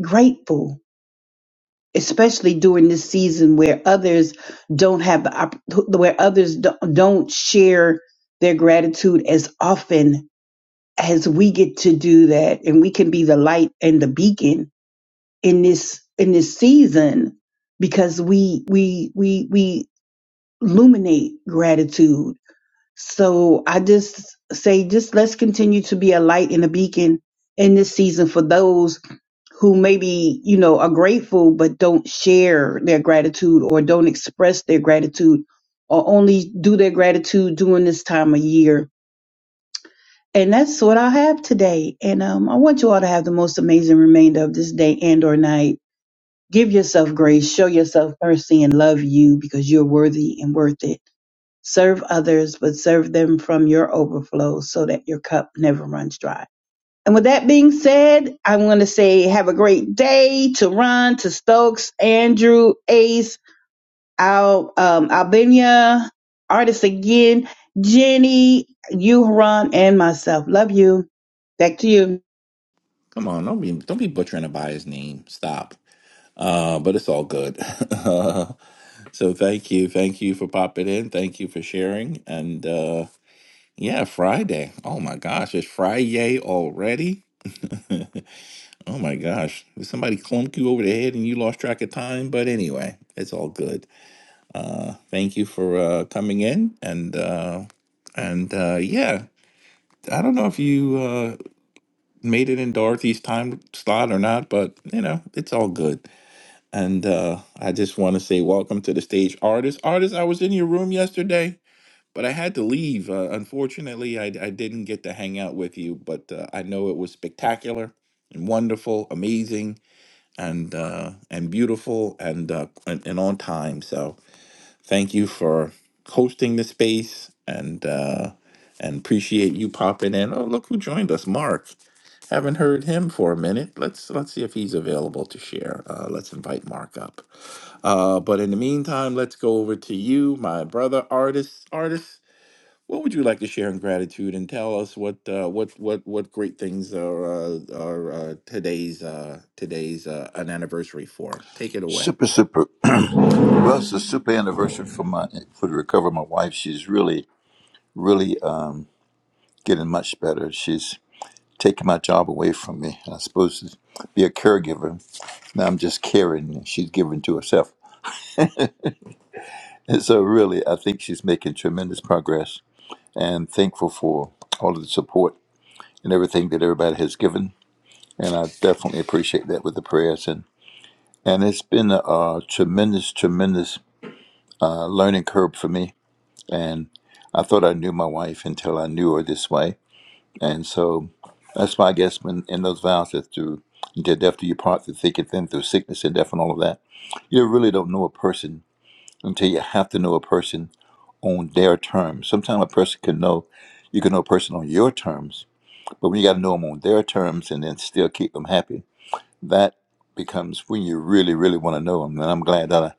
Speaker 24: grateful, especially during this season where others don't have the opp- where others do- don't share their gratitude as often as we get to do that, and we can be the light and the beacon in this in this season because we we we we illuminate gratitude So I just say, just let's continue to be a light and a beacon in this season for those who maybe, you know, are grateful but don't share their gratitude or don't express their gratitude or only do their gratitude during this time of year. And that's what I have today. And um, I want you all to have the most amazing remainder of this day and or night. Give yourself grace, show yourself mercy and love you because you're worthy and worth it. Serve others, but serve them from your overflow so that your cup never runs dry. And with that being said, I want to say have a great day to Ron, to Stokes, Andrew, Ace, Al, um, Albania, artist again, Jenny, you, Ron, and myself. Love you. Back to you.
Speaker 27: Come on, don't be don't be butchering a biased name. Stop. Uh, but it's all good. so thank you. Thank you for popping in. Thank you for sharing. And uh, yeah, Friday. Oh my gosh, it's Friday already. oh my gosh. Did somebody clunk you over the head and you lost track of time? But anyway, it's all good. Thank you for uh, coming in. And uh, and uh, yeah, I don't know if you uh, made it in Dorothy's time slot or not, but you know, it's all good. And uh, I just want to say welcome to the stage, artist. Artist, I was in your room yesterday, but I had to leave. Uh, unfortunately, I, I didn't get to hang out with you, but uh, I know it was spectacular and wonderful, amazing, and uh, and beautiful, and, uh, and and on time. So thank you for hosting the space, and uh, and appreciate you popping in. Oh, look who joined us, Mark. Haven't heard him for a minute. Let's let's see if he's available to share. Uh, let's invite Mark up. Uh, but in the meantime, let's go over to you, my brother, artist. Artist, what would you like to share in gratitude and tell us what uh, what what what great things are uh, are uh, today's uh, today's uh, an anniversary for? Take it away.
Speaker 34: Super, super. Well, it's a super anniversary for my for the recovery. of My wife, she's really, really uh, getting much better. She's taking my job away from me. I was supposed to be a caregiver. Now I'm just caring. She's giving to herself, and so really, I think she's making tremendous progress. And thankful for all of the support and everything that everybody has given. And I definitely appreciate that with the prayers and and it's been a, uh tremendous, tremendous uh, learning curve for me And I thought I knew my wife until I knew her this way. And so that's why I guess when in those vows that through until death do you part through thick and thin, through sickness and death and all of that, you really don't know a person until you have to know a person on their terms. Sometimes a person can know you can know a person on your terms, but when you got to know them on their terms and then still keep them happy, that becomes when you really, really want to know them. And I'm glad that I,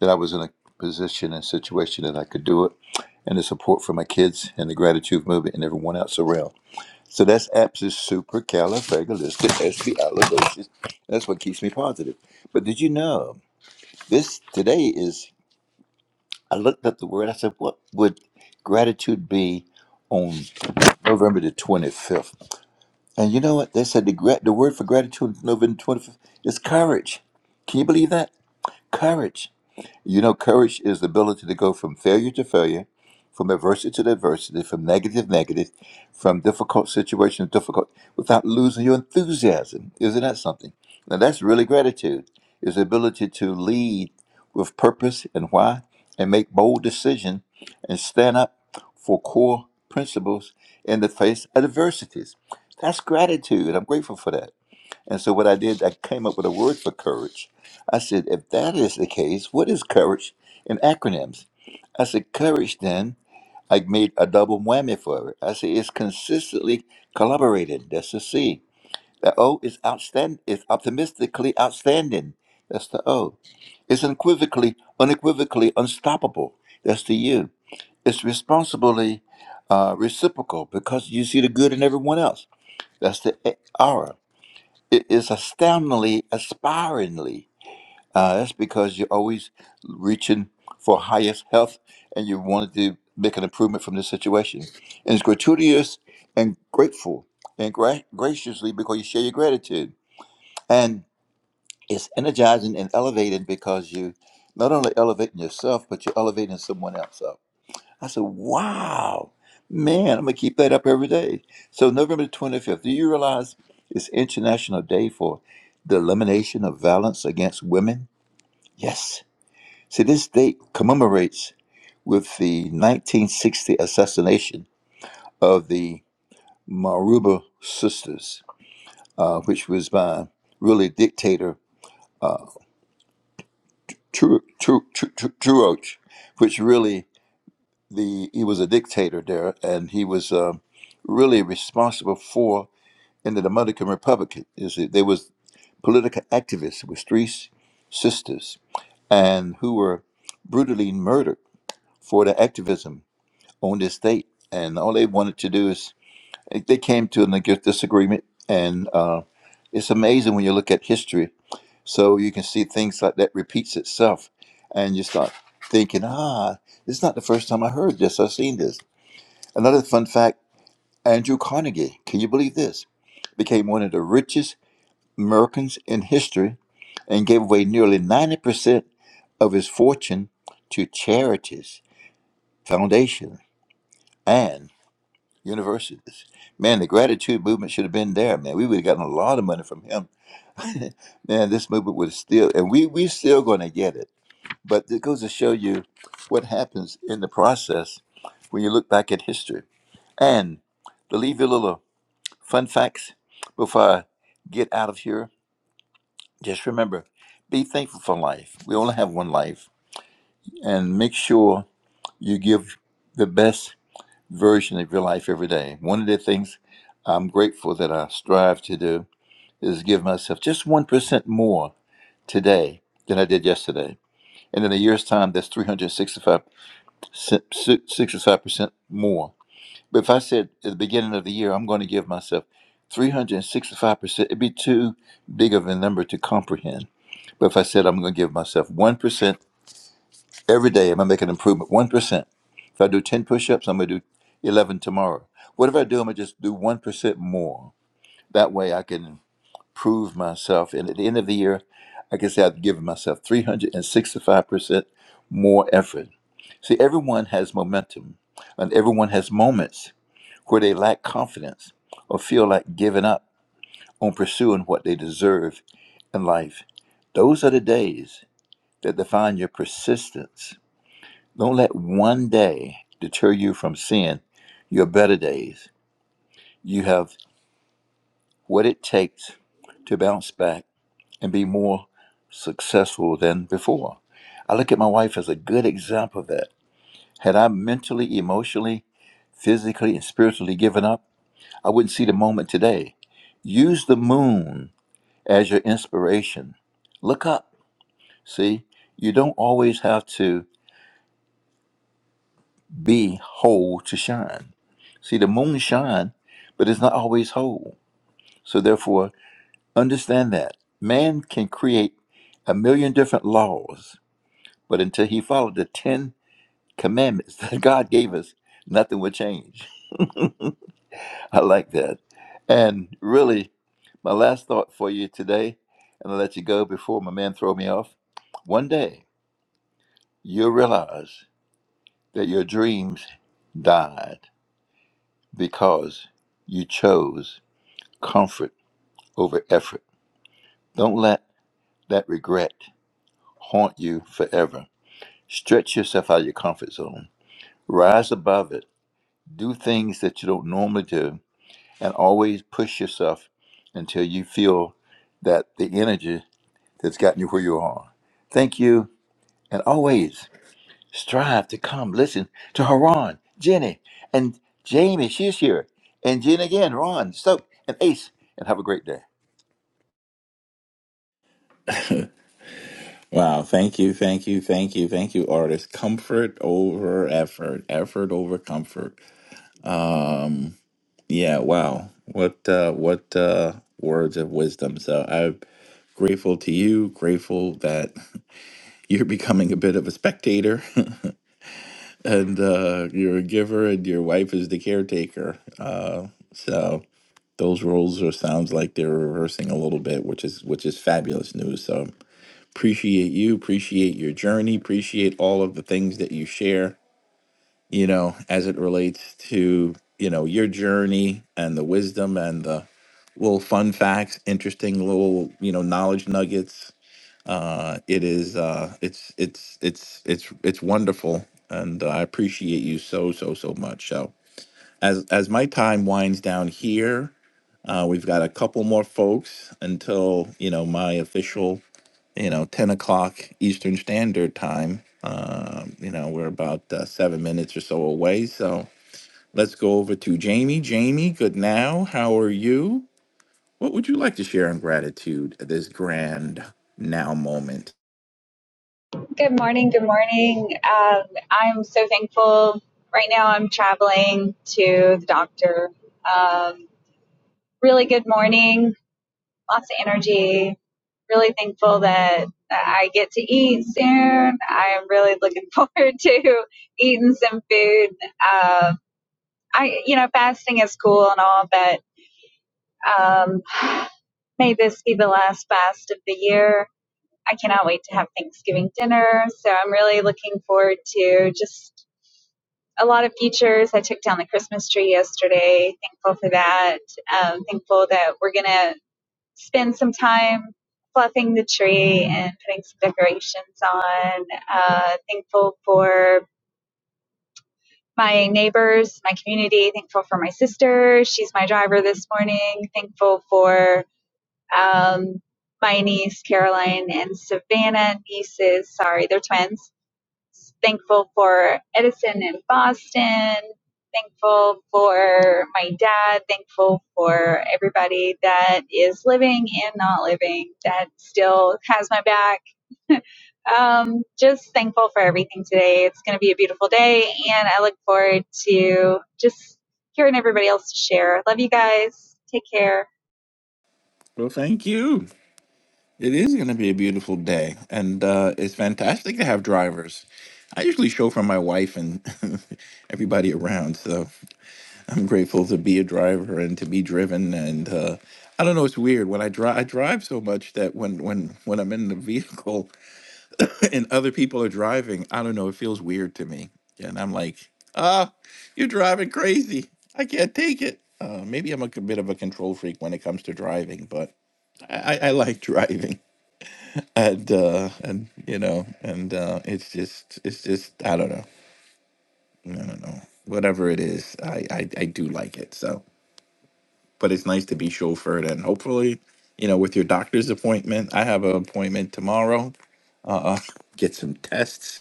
Speaker 34: that I was in a position and situation that I could do it and the support from my kids and the gratitude movement and everyone else around. So that's APSIS supercalifragilisticexpialidocious. That's what keeps me positive. But did you know this today is? I looked up the word. I said, "What would gratitude be on November the twenty fifth?" And you know what? They said the gra- the word for gratitude on November twenty fifth is courage. Can you believe that? Courage. You know, courage is the ability to go from failure to failure, from adversity to adversity, from negative to negative, from difficult situation to difficult, without losing your enthusiasm. Isn't that something? Now, that's really gratitude, is the ability to lead with purpose and why, and make bold decisions and stand up for core principles in the face of adversities. That's gratitude. I'm grateful for that. And so what I did, I came up with a word for courage. I said, if that is the case, what is courage in acronyms? I said, courage then, I made a double whammy for it. I said, it's consistently collaborated. That's the C. The O is outstand is optimistically outstanding. That's the O. It's unequivocally, unequivocally unstoppable. That's the U. It's responsibly uh, reciprocal because you see the good in everyone else. That's the A- R it is astoundingly aspiringly. Uh, that's because you're always reaching for highest health and you wanted to make an improvement from this situation. And it's gratuitous and grateful and gra- graciously because you share your gratitude. And it's energizing and elevating because you not only elevating yourself, but you're elevating someone else up. I said, wow, man, I'm going to keep that up every day. So, November the 25th, do you realize it's International Day for the Elimination of Violence Against Women? Yes. See, this date commemorates with the 1960 assassination of the Maruba sisters, uh, which was by really dictator Tru- Tru- Tru- Tru- Truoch, which really the he was a dictator there, and he was uh, really responsible for in the Dominican Republic is that there was political activists with three sisters and who were brutally murdered for their activism on this date. And all they wanted to do is they came to an ag- disagreement. And uh, it's amazing when you look at history. So you can see things like that repeats itself, and you start thinking, ah, this is not the first time I heard this. I've seen this. Another fun fact: Andrew Carnegie. Can you believe this? Became one of the richest Americans in history and gave away nearly 90% of his fortune to charities, foundations, and universities. Man, the gratitude movement should have been there, man. We would have gotten a lot of money from him. man, this movement would still, and we we still going to get it. But it goes to show you what happens in the process when you look back at history. And to leave you a little fun facts before I get out of here, Just remember, be thankful for life. We only have one life. And make sure you give the best version of your life every day. One of the things I'm grateful that I strive to do is give myself just 1% more today than I did yesterday. And in a year's time, that's 365 si- si- percent more. But if I said at the beginning of the year, I'm going to give myself 365%, it'd be too big of a number to comprehend But if I said I'm going to give myself 1% every day, I'm going to make an improvement 1%. If I do 10 push ups, I'm going to do 11 tomorrow. What if I do? I'm going to just do 1% more. That way I can improve myself. And at the end of the year, I can say I've given myself 365% more effort. See, everyone has momentum and everyone has moments where they lack confidence or feel like giving up on pursuing what they deserve in life. Those are the days that define your persistence. Don't let one day deter you from seeing your better days. You have what it takes to bounce back and be more successful than before. I look at my wife as a good example of that. Had I mentally, emotionally, physically, and spiritually given up, I wouldn't see the moment today. Use the moon as your inspiration. Look up. See, you don't always have to be whole to shine. See, the moon shine, but it's not always whole. So therefore, understand that man can create a million different laws, but until he followed the ten commandments that God gave us, nothing will change. I like that. And really, my last thought for you today, and I'll let you go before my man throw me off. One day, you'll realize that your dreams died because you chose comfort over effort. Don't let that regret haunt you forever. Stretch yourself out of your comfort zone. Rise above it. Do things that you don't normally do and always push yourself until you feel that the energy that's gotten you where you are. Thank you and always strive to come listen to Haran, Jenny, and Jamie. She's here. And Jen again, Ron, Stoke, and Ace. And have a great day.
Speaker 27: Wow, thank you, thank you, thank you, thank you, artist. Comfort over effort, effort over comfort. Um. Yeah, wow. What uh what uh words of wisdom. So I'm grateful to you, grateful that you're becoming a bit of a spectator and uh you're a giver and your wife is the caretaker. Uh so those roles are sounds like they're reversing a little bit, which is which is fabulous news. So appreciate you, appreciate your journey, appreciate all of the things that you share, you know, as it relates to, you know, your journey and the wisdom and the little fun facts, interesting little you know knowledge nuggets. Uh, it is uh, it's it's it's it's it's wonderful, and I appreciate you so so so much. So as as my time winds down here, uh, we've got a couple more folks until you know my official you know ten o'clock Eastern Standard Time. Um, you know we're about uh, seven minutes or so away, so. Let's go over to Jamie. Jamie, good now. How are you? What would you like to share in gratitude at this grand now moment?
Speaker 35: Good morning. Good morning. Um, I'm so thankful. Right now, I'm traveling to the doctor. Um, really good morning. Lots of energy. Really thankful that I get to eat soon. I'm really looking forward to eating some food. Um, I, you know, fasting is cool and all, but um, may this be the last fast of the year. I cannot wait to have Thanksgiving dinner. So I'm really looking forward to just a lot of features. I took down the Christmas tree yesterday. Thankful for that. Um, thankful that we're going to spend some time fluffing the tree and putting some decorations on. Uh, thankful for my neighbors, my community. Thankful for my sister. She's my driver this morning. Thankful for um, my niece Caroline and Savannah nieces. Sorry, they're twins. thankful for Edison in Boston, thankful for my dad, thankful for everybody that is living and not living that still has my back. Um, just thankful for everything today. It's going to be a beautiful day, and I look forward to just hearing everybody else share. Love you guys. Take care.
Speaker 27: Well, thank you. It is going to be a beautiful day, and uh, it's fantastic to have drivers. I usually show for my wife and everybody around, so I'm grateful to be a driver and to be driven. And uh, I don't know, it's weird when I drive. I drive so much that when when when I'm in the vehicle, and other people are driving. I don't know. It feels weird to me. And I'm like, ah, you're driving crazy. I can't take it. Uh, maybe I'm a c- bit of a control freak when it comes to driving, but I, I I like driving. And uh, and you know, and uh, it's just it's just I don't know. I don't know. Whatever it is, I, I I do like it. So, but it's nice to be chauffeured, and hopefully, you know, with your doctor's appointment, I have an appointment tomorrow. Uh, get some tests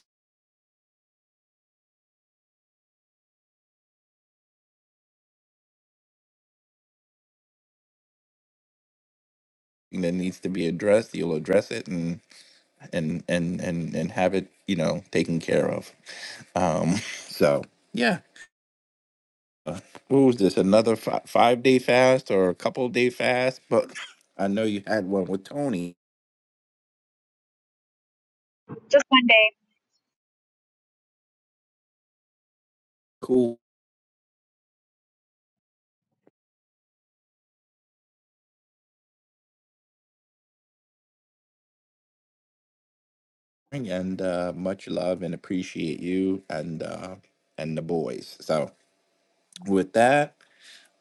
Speaker 27: that needs to be addressed, you'll address it and and and and and have it, you know, taken care of. Um, so yeah, Uh, what was this? Another fi- five day fast or a couple day fast? But I know you had one with Tony.
Speaker 35: Just one day.
Speaker 27: Cool, and uh, much love and appreciate you and uh, and the boys. So with that,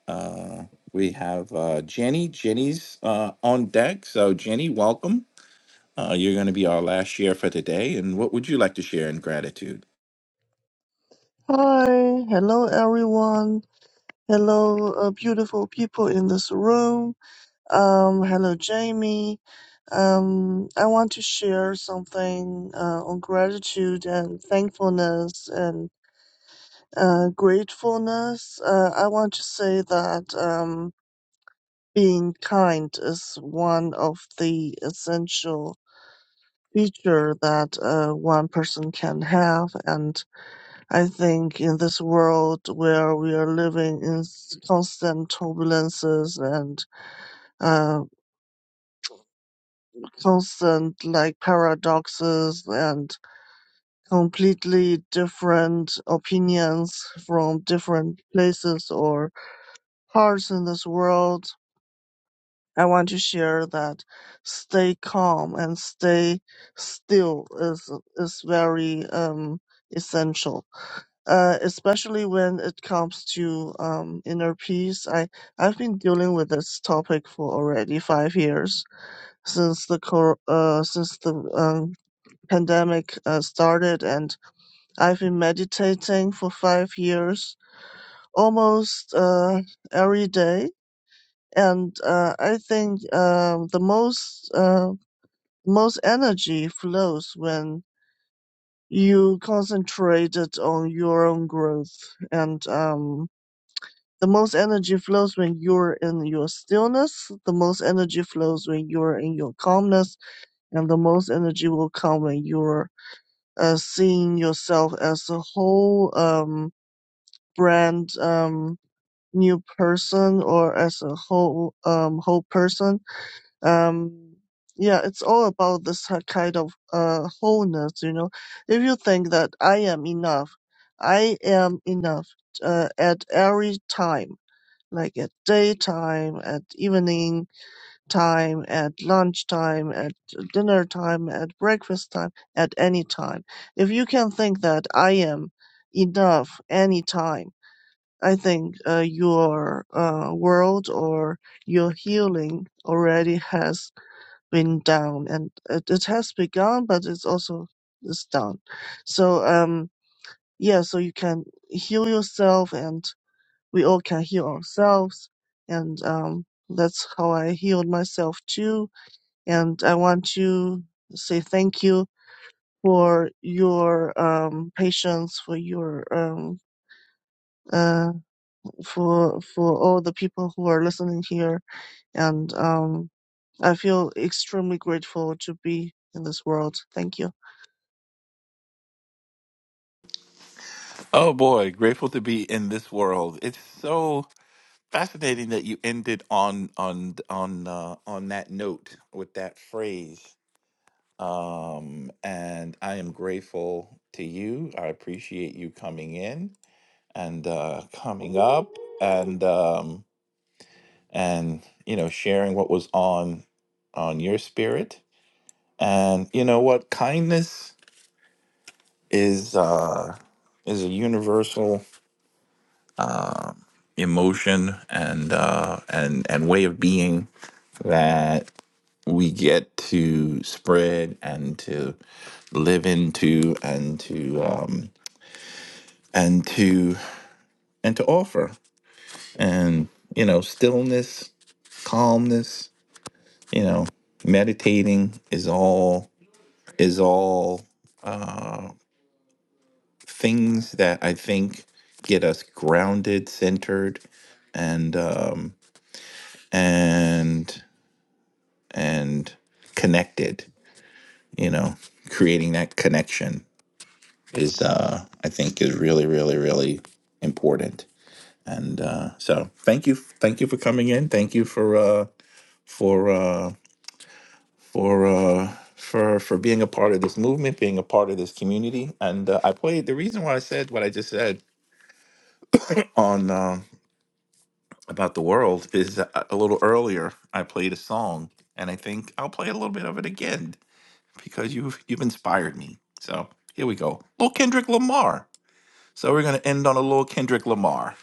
Speaker 27: uh, we have uh, Jenny. Jenny's uh, on deck. So Jenny, welcome. Uh, you're going to be our last share for today. And what would you like to share in gratitude?
Speaker 36: Hi, hello everyone. Hello, uh, beautiful people in this room. Um, hello, Jamie. Um, I want to share something uh, on gratitude and thankfulness and uh, gratefulness. Uh, I want to say that um, being kind is one of the essential feature that uh, one person can have, and. I think in this world where we are living in s- constant turbulences and uh, constant like paradoxes and completely different opinions from different places or parts in this world, I want to share that stay calm and stay still is is very um essential uh, especially when it comes to um, inner peace. I I've been dealing with this topic for already five years since the cor- uh, since the um, pandemic uh, started, and I've been meditating for five years almost uh, every day. And uh, I think um, the most uh, most energy flows when you concentrated on your own growth and um, The most energy flows when you're in your stillness. The most energy flows when you're in your calmness. And the most energy will come when you're uh, seeing yourself as a whole um, brand um, new person or as a whole um, whole person. Um, yeah, it's all about this h- kind of uh, wholeness, you know. If you think that I am enough, I am enough uh, at every time like at daytime, at evening time, at lunchtime, at dinner time, at breakfast time, at any time. If you can think that I am enough any time, I think uh, your uh, world or your healing already has been done, and it, it has begun, but it's also it's done. So um yeah, so you can heal yourself and we all can heal ourselves. And um, that's how I healed myself too. And I want to say thank you for your um, patience, for your um, uh, for for all the people who are listening here. And um, I feel extremely grateful to be in this world. Thank you.
Speaker 27: Oh boy, grateful to be in this world. It's so fascinating that you ended on on on uh, on that note with that phrase. Um, and I am grateful to you. I appreciate you coming in and uh, coming up and um, and you know sharing what was on on your spirit. And you know what kindness. is uh, is a universal um emotion and uh, and and way of being that we get to spread and to live into and to um, and to and to offer and you know stillness calmness you know meditating is all is all uh, things that I think get us grounded, centered, and um, and and connected. You know, creating that connection is uh, I think is really, really, really important. And uh, so, thank you, thank you for coming in. Thank you for uh, for uh, for. Uh, for for being a part of this movement, being a part of this community, and uh, I played the reason why I said what I just said on um about the world is uh, a little earlier I played a song and I think I'll play a little bit of it again because you've you've inspired me. So here we go. Little Kendrick Lamar. So we're gonna end on a little Kendrick Lamar.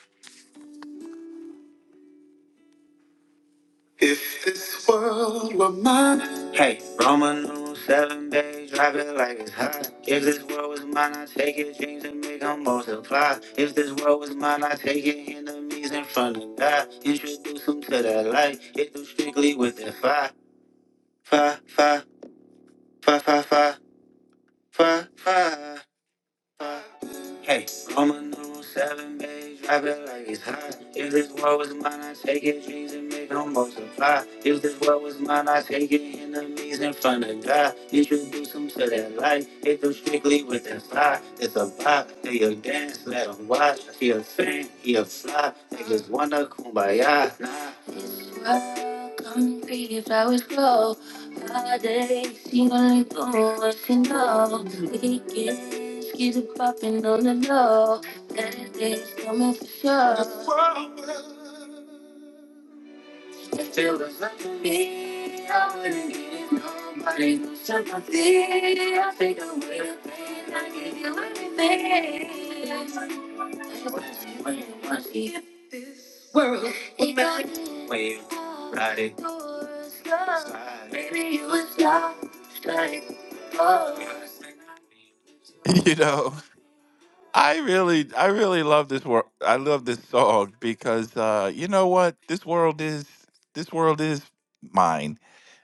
Speaker 27: If this world were mine, hey, Roman numeral seven, baby, drive it like it's hot. If this world was mine, I take it, dreams and make 'em multiply. If this world was mine, I take it, enemies in front of God, introduce 'em to that light, hit them strictly with that fire. fa fa fa fa fa fa fa fa. Hey, I'm a number seven, babe. Drop it like it's hot. If this world was mine, I take it. Dreams and make them multiply. If this world was mine, I take it. Enemies in front of God. Introduce them to that life. Hit them strictly with that fly. It's a vibe. They a dance. Let them watch. He a fan. He a fly. Niggas wanna kumbaya. Nah. This world, concrete flowers grow. Nowadays, she gon' leave for what she know. Weekends, get it poppin' on the low. Saturdays coming for sure. If it was up to me, I wouldn't give nobody no sympathy. I take away the pain, I give you everything. What you want, what you world will melt when you ride it. Maybe you was lost, like, oh. You know, I really, I really love this world. I love this song because uh, you know what? This world is, this world is mine,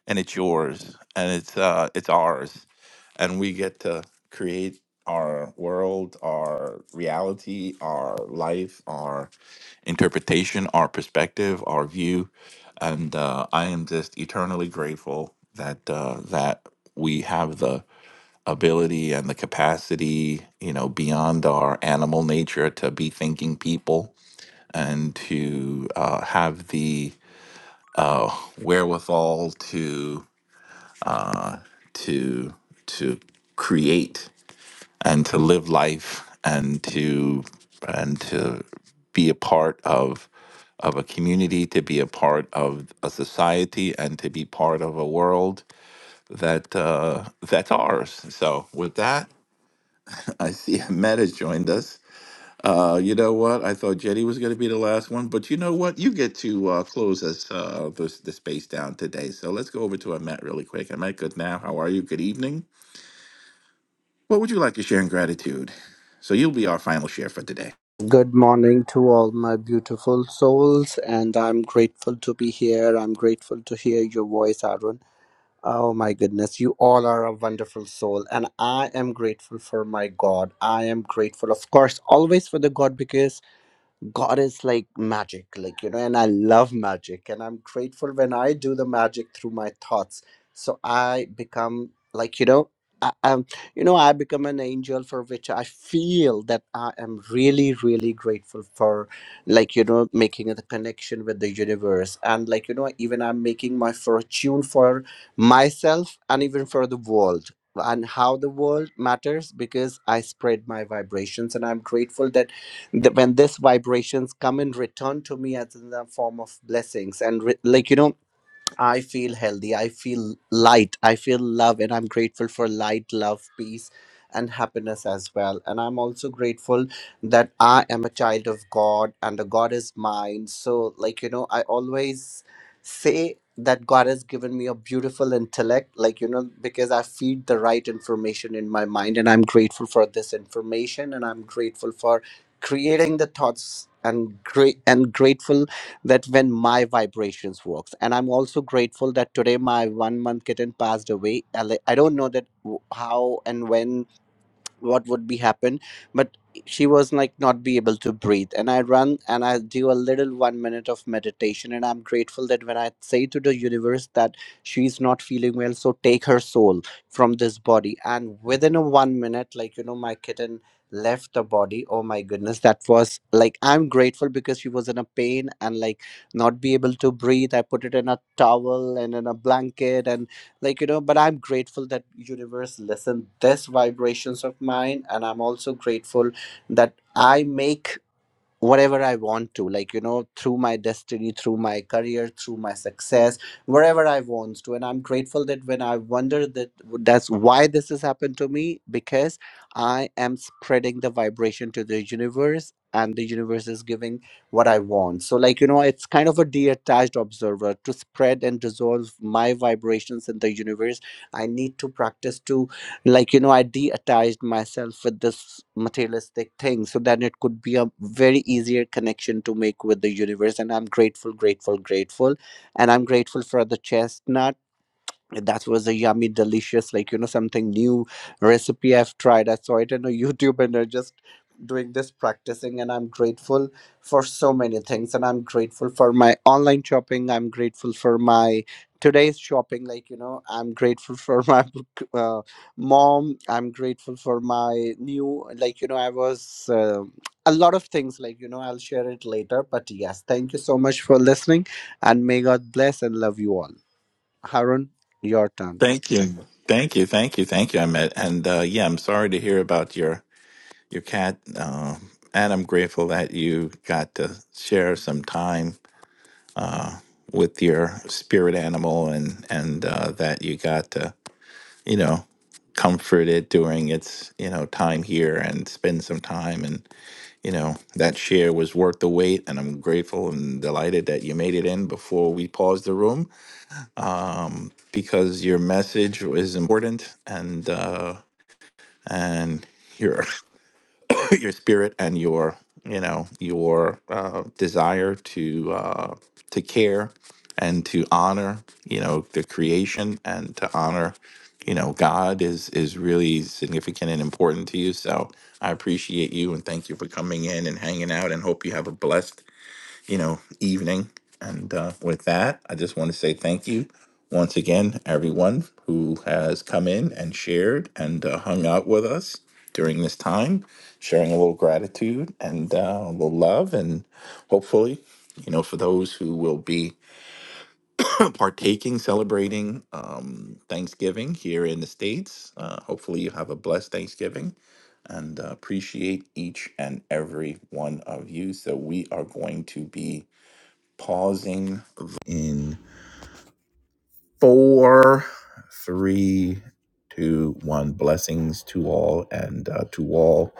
Speaker 27: and it's yours, and it's uh, it's ours, and we get to create our world, our reality, our life, our interpretation, our perspective, our view, and uh, I am just eternally grateful that uh, that we have the ability and the capacity, you know, beyond our animal nature to be thinking people and to uh, have the uh, wherewithal to to to create and to live life and to and to be a part of of a community to be a part of a society and to be part of a world that uh, that's ours so with that i see ahmed has joined us uh, you know what i thought jetty was going to be the last one but you know what you get to uh, close us uh, this, the space down today so let's go over to ahmed really quick ahmed good now how are you good evening what would you like to share in gratitude so you'll be our final share for today
Speaker 37: Good morning to all my beautiful souls, and I'm grateful to be here. I'm grateful to hear your voice, Arun. Oh my goodness, you all are a wonderful soul, and I am grateful for my God. I am grateful, of course, always for the God because God is like magic, like, you know, and I love magic. And I'm grateful when I do the magic through my thoughts. So I become like, you know, I, I'm, you know, I become an angel for which I feel that I am really, really grateful for, like, you know, making the connection with the universe. And like, you know, even I'm making my fortune for myself and even for the world and how the world matters because I spread my vibrations. And I'm grateful that the, when this vibrations come and return to me as in the form of blessings and re, like you know I feel healthy. I feel light. I feel love. And I'm grateful for light, love, peace, and happiness as well. And I'm also grateful that I am a child of God and the God is mine. So, like, you know, I always say that God has given me a beautiful intellect, like, you know, because I feed the right information in my mind. And I'm grateful for this information. And I'm grateful for creating the thoughts and great and grateful that when my vibrations works and i'm also grateful that today my one month kitten passed away i li- I don't know that w- how and when what would be happen but she was like not be able to breathe and i run and i do a little one minute of meditation and i'm grateful that when i say to the universe that she's not feeling well so take her soul from this body and within a one minute like you know my kitten left the body oh my goodness that was like i'm grateful because she was in a pain and like not be able to breathe i put it in a towel and in a blanket and like you know but i'm grateful that universe listened this vibrations of mine and i'm also grateful that i make whatever I want to, like, you know, through my destiny, through my career, through my success, wherever I want to. And I'm grateful that when I wonder that that's why this has happened to me, because I am spreading the vibration to the universe and the universe is giving what I want. So, like, you know, it's kind of a detached observer to spread and dissolve my vibrations in the universe. I need to practice to like you know i de-attached myself with this materialistic thing so that it could be a very easier connection to make with the universe and i'm grateful grateful grateful and i'm grateful for the chestnut that was a yummy delicious like you know something new recipe i've tried i saw it on a youtube and i just doing this practicing and i'm grateful for so many things and i'm grateful for my online shopping i'm grateful for my today's shopping like you know i'm grateful for my uh, mom i'm grateful for my new like you know i was uh, a lot of things like you know i'll share it later but yes thank you so much for listening and may god bless and love you all Aaron, your turn.
Speaker 27: Thank you. Thank you. Thank you. Thank you, Ahmed. And uh, yeah, I'm sorry to hear about your your cat. Uh, and I'm grateful that you got to share some time uh, with your spirit animal and, and uh, that you got to, you know, comfort it during its, you know, time here and spend some time. And, you know, that share was worth the wait. And I'm grateful and delighted that you made it in before we paused the room because your message was important. And, uh and your your spirit and your you know your uh, desire to uh, to care and to honor you know the creation and to honor you know God is is really significant and important to you. So I appreciate you and thank you for coming in and hanging out and hope you have a blessed you know, evening. And uh, with that, I just want to say thank you once again, everyone who has come in and shared and uh, hung out with us during this time, sharing a little gratitude and uh, a little love, and hopefully, you know, for those who will be partaking, celebrating um, Thanksgiving here in the States, uh, hopefully you have a blessed Thanksgiving and uh, appreciate each and every one of you. So we are going to be pausing in four, three, two, one. Blessings to all and uh, to all.